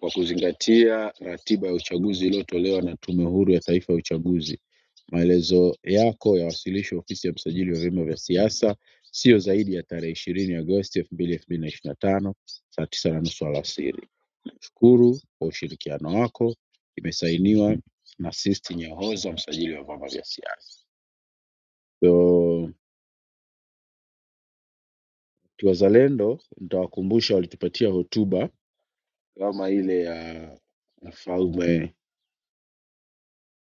Speaker 8: kwa kuzingatia ratiba ya uchaguzi iliyotolewa na Tume Huru ya Taifa ya Uchaguzi. Maelezo yako yawasilishwe Ofisi ya Msajili wa Vyama vya Siasa sio zaidi ya tarehe ishirini Agosti elfu mbili elfu mbili na ishirini na tano saa tisa na nusu alasiri. Nashukuru kwa ushirikiano wako. Imesainiwa na Sisti Nyahoza, msajili wa vyama vya siasa. So, kiwazalendo nitawakumbusha walitupatia hotuba kama ile ya Mfalme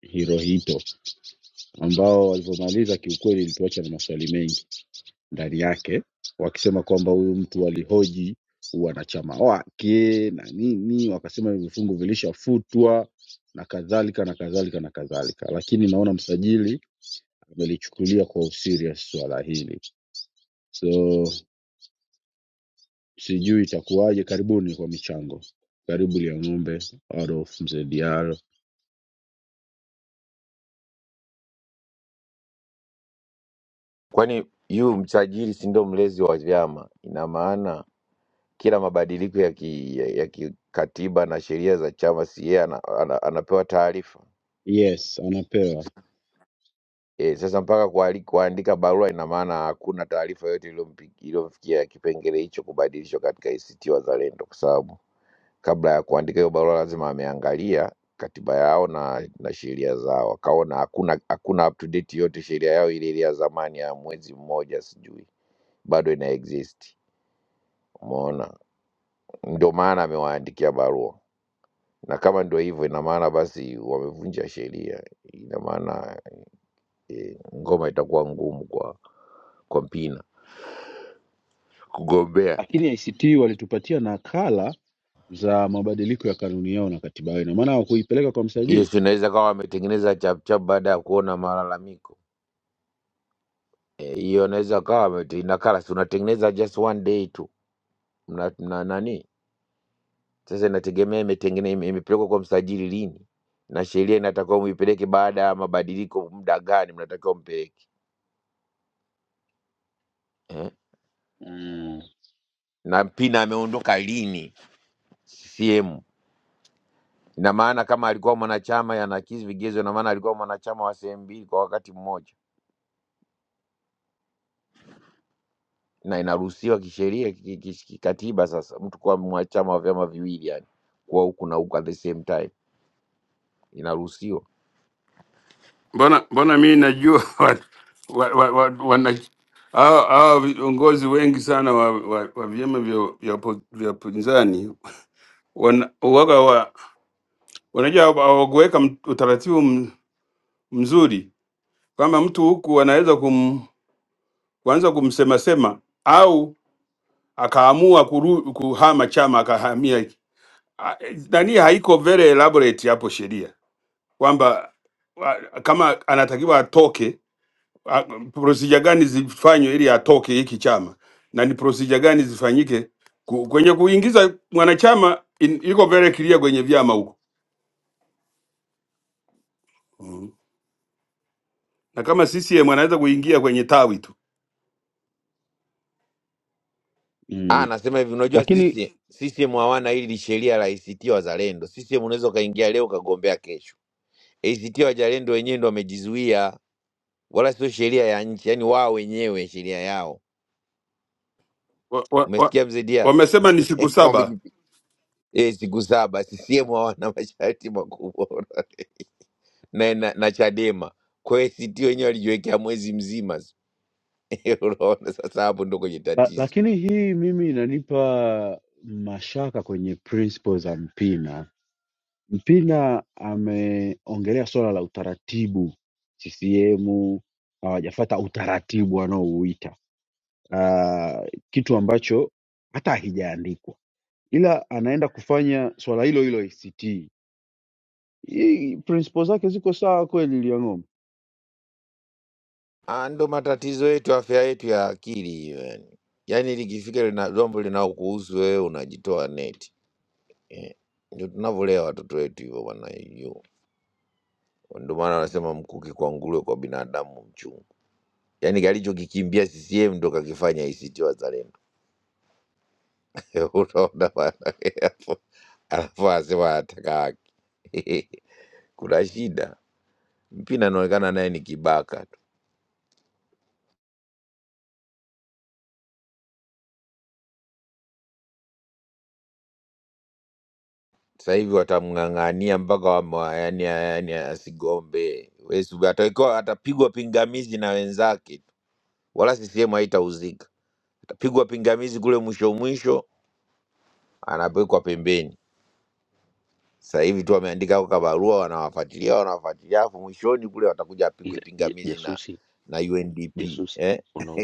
Speaker 8: Hirohito ambao walivyomaliza kiukweli ilituacha na maswali mengi ndani yake, wakisema kwamba huyu mtu alihoji wanachama wake na nini, wakasema hivi vifungu vilishafutwa na kadhalika na kadhalika na kadhalika, lakini naona msajili amelichukulia kwa userious swala hili, so sijui itakuwaje. Karibuni kwa michango, karibu Lia Ng'ombe, Adolf Mzee Diallo.
Speaker 17: Kwani yu msajili si ndio mlezi wa vyama? Ina maana kila mabadiliko ya ki- ya ya kikatiba na sheria za chama, si yeye ana, ana, anapewa taarifa?
Speaker 8: Yes, anapewa,
Speaker 17: E, sasa mpaka kuali- kuandika barua ina maana hakuna taarifa yoyote iliyompi- iliyomfikia kipengele hicho kubadilishwa katika ACT Wazalendo, kwa sababu kabla ya kuandika hiyo barua lazima ameangalia katiba yao na, na sheria zao, akaona hakuna hakuna up to date yote, sheria yao ile ile ya zamani ya mwezi mmoja sijui bado ina exist. Umeona, ndio maana amewaandikia barua, na kama ndio hivyo, ina maana basi wamevunja sheria, ina maana e, ngoma itakuwa ngumu kwa kwa Mpina kugombea.
Speaker 8: lakini ICT walitupatia nakala za mabadiliko ya kanuni yao na katiba yao, ina maana hawakuipeleka kwa
Speaker 17: Hiyo
Speaker 8: msajili
Speaker 17: si inaweza kawa wametengeneza chapchap baada ya kuona malalamiko Eh, hiyo inaweza kawa wamete- inakala, si unatengeneza just one day tu mna, mna nani sasa, inategemea imetengene ime- imepelekwa kwa msajili lini na sheria inatakiwa muipeleke baada ya mabadiliko, muda gani mnatakiwa mpeleke eh?
Speaker 8: mm.
Speaker 17: na Mpina ameondoka lini CCM? Ina maana kama alikuwa mwanachama yanakizi vigezo, ina maana alikuwa mwanachama wa sehemu mbili kwa wakati mmoja. na inaruhusiwa kisheria ki- ki- ki- kikatiba. Sasa mtu kuwa mwa- chama wa vyama viwili, yani kuwa huku na huku at the same time, inaruhusiwa.
Speaker 19: mbona mbona mi najua [LAUGHS] wat- wa- wa- wa- wana hao hao viongozi wengi sana wa, wa, wa vyama vya vya upo- vya upinzani wana- waga wa, wanajua hawakuweka m- utaratibu m- mzuri kwamba mtu huku anaweza kum, kuanza kumsemasema au akaamua kuru, kuhama chama akahamia A- nani, haiko very elaborate hapo sheria kwamba wa- kama anatakiwa atoke Ah, procedure gani zifanywe ili atoke hiki chama na ni procedure gani zifanyike ku- kwenye kuingiza mwanachama in, iko very clear kwenye vyama huko mm. Na kama CCM anaweza kuingia kwenye tawi tu,
Speaker 17: Ah,
Speaker 8: Mm.
Speaker 17: nasema hivi, unajua
Speaker 8: Lakini
Speaker 17: sisi CCM hawana hili sheria la ACT Wazalendo. CCM unaweza ukaingia leo ukagombea kesho. ACT Wazalendo wenyewe ndo wamejizuia, wala sio sheria ya nchi, yani wao wenyewe sheria yao.
Speaker 19: wamesema wa, wa, wa-
Speaker 17: Umesikia mzedia?
Speaker 19: wamesema ni siku
Speaker 17: [LAUGHS]
Speaker 19: saba
Speaker 17: Wamejipi- eh, siku saba CCM hawana masharti makubwa [LAUGHS] na, na, na Chadema kwa hiyo ACT wenyewe walijiwekea mwezi mzima [LAUGHS] Unaona sasa, hapo ndo kwenye
Speaker 8: la,
Speaker 17: tatizo.
Speaker 8: lakini hii mimi inanipa mashaka kwenye principles za Mpina. Mpina ameongelea swala la utaratibu, CCM hawajafata utaratibu wanaouita ah, kitu ambacho hata hakijaandikwa, ila anaenda kufanya swala hilo hilo ACT. Hii principles zake ziko sawa kweli, Liang'ombe?
Speaker 17: Ah, ndo matatizo yetu, afya yetu ya akili hiyo yani. Yaani likifika lina jambo linaokuhusu wewe unajitoa neti. Ndio tunavyolea watoto wetu hivyo bwana hiyo. Ndio maana wanasema mkuki kwa nguruwe, kwa binadamu mchungu. Yaani kalichokikimbia CCM ndo kakifanya ACT Wazalendo. [LAUGHS] Unaona bwana hapo. Alafu anasema anataka haki. [LAUGHS] Kuna shida. Mpina anaonekana naye ni kibaka Sasa hivi watamng'ang'ania mpaka wama, yani, yani asigombe Wesu, atakuwa atapigwa pingamizi na wenzake tu, wala CCM haitauzika. Atapigwa pingamizi kule mwisho mwisho, anapelekwa pembeni. Sasa hivi tu wameandika kwa barua, wanawafuatilia wanawafuatilia, afu mwishoni kule watakuja apigwe
Speaker 20: Ila ja-
Speaker 17: pingamizi na
Speaker 20: jasusi,
Speaker 17: na UNDP
Speaker 20: jasusi,
Speaker 17: eh,
Speaker 20: una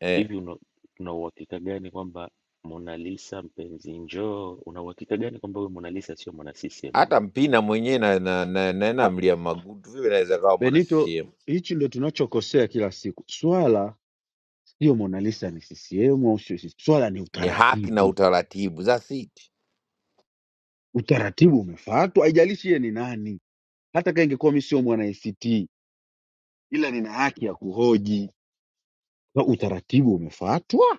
Speaker 17: eh.
Speaker 20: hivi una una uhakika gani kwamba Mona Lisa mpenzi njoo, una uhakika gani kwamba huyo Mona Lisa sio mwana CCM?
Speaker 17: Hata Mpina mwenyewe na, na, na, na,
Speaker 8: Ah,
Speaker 17: na Mlia Magutu vile naweza kawa mwana
Speaker 8: Benito,
Speaker 17: CCM.
Speaker 8: hichi ndio tunachokosea kila siku. Swala sio Mona Lisa ni CCM au sio CCM. Swala ni
Speaker 17: Ni haki na
Speaker 8: utaratibu,
Speaker 17: utaratibu, that's it.
Speaker 8: utaratibu umefuatwa, haijalishi yeye ni nani. Hata kama ingekuwa mimi sio mwana ACT, ila nina haki ya kuhoji. Na Utaratibu umefuatwa.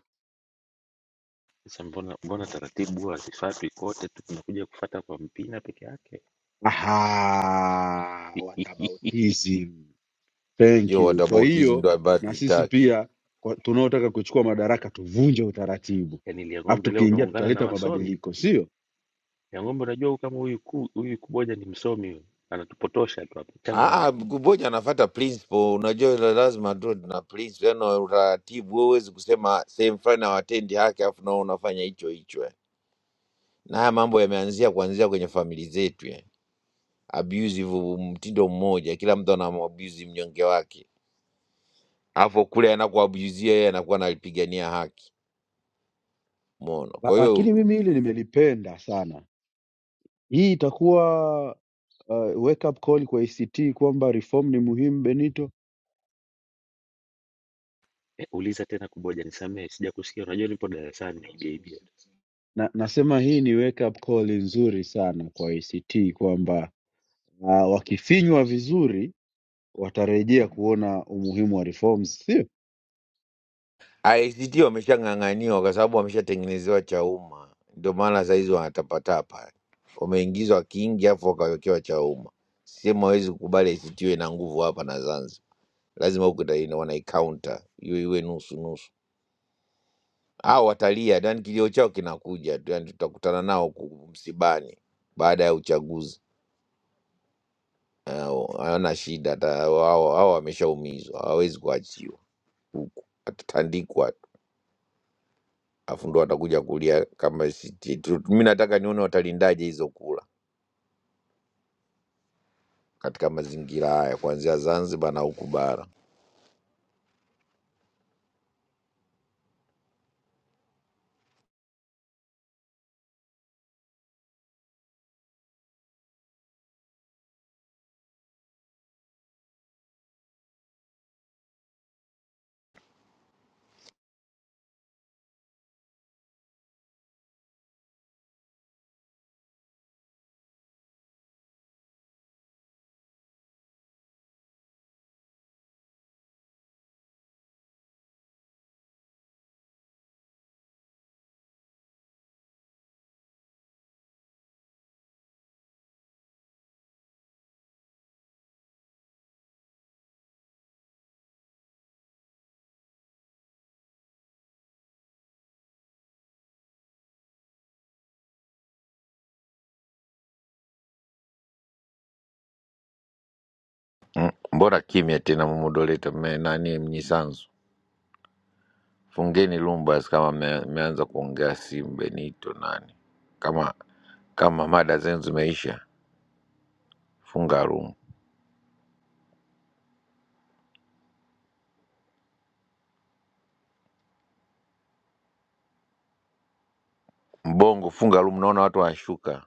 Speaker 20: Sasa mbona mbona taratibu huwa hazifuatwi kote tu tunakuja kufata kwa Mpina peke yake?
Speaker 8: Aha,
Speaker 20: [LAUGHS]
Speaker 8: whataboutism. Thank
Speaker 17: Hiyo
Speaker 8: you. Kwa
Speaker 17: whataboutism
Speaker 8: hiyo
Speaker 17: ndo ambayo
Speaker 8: na sisi
Speaker 17: tuitaki.
Speaker 8: pia kwa- tunaotaka kuchukua madaraka tuvunje utaratibu,
Speaker 20: Yaani
Speaker 8: alafu
Speaker 20: Liang'ombe leo
Speaker 8: tukiingia
Speaker 20: unaungana na
Speaker 8: tutaleta
Speaker 20: wasomi.
Speaker 8: mabadiliko, sio?
Speaker 20: Liang'ombe unajua huyu kama huyu ku, huyu Kuboja ni msomi huyu. Anatupotosha tu hapa. Achana naye.
Speaker 17: Ah, kuboja anafuata principle. Unajua la- lazima tu na principle, yani utaratibu. Wewe huwezi kusema sehemu fulani hawatendi haki afu nao unafanya hicho hicho. eh. Na haya mambo yameanzia kuanzia kwenye famili zetu eh. Abusive mtindo mmoja, kila mtu anamwabusi mnyonge wake, afu kule anakuabuzia yeye anakuwa analipigania haki, umeona?
Speaker 8: La-
Speaker 17: Kwa hiyo
Speaker 8: Lakini mimi hili nimelipenda sana. Hii itakuwa uh, wake up call kwa ACT kwamba reform ni muhimu Benito.
Speaker 20: Eh, uliza tena Kuboja nisamehe sijakusikia. Unajua nipo darasani naibia.
Speaker 8: Na, nasema hii ni wake up call nzuri sana kwa ACT kwamba uh, wakifinywa vizuri watarejea kuona umuhimu wa reforms, sio?
Speaker 17: ICT wameshang'ang'aniwa kwa sababu wameshatengenezewa cha umma, ndio maana sahizi wanatapatapa, wameingizwa kingi afu wakawekewa cha umma. Sehemu hawezi kukubali ICT iwe na nguvu hapa na Zanzibar, lazima huku ita- wanaikaunta iwe iwe nusu nusu. Hao watalia, yani kilio chao kinakuja tu, yani tutakutana nao huku msibani baada ya uchaguzi. Hao Hawana shida, hata hao hao wameshaumizwa, hawawezi kuachiwa huku, watatandikwa afu ndo watakuja kulia kama siti. Tu- mi nataka nione watalindaje hizo kula katika mazingira haya kuanzia Zanzibar na huku bara. Mm, Mbona kimya tena mumodoleta nani mnyisanzu? Fungeni lumbas kama mme- mmeanza kuongea simu Benito nani, kama kama mada zenu zimeisha, funga room. Mbongo funga room, naona watu wanashuka.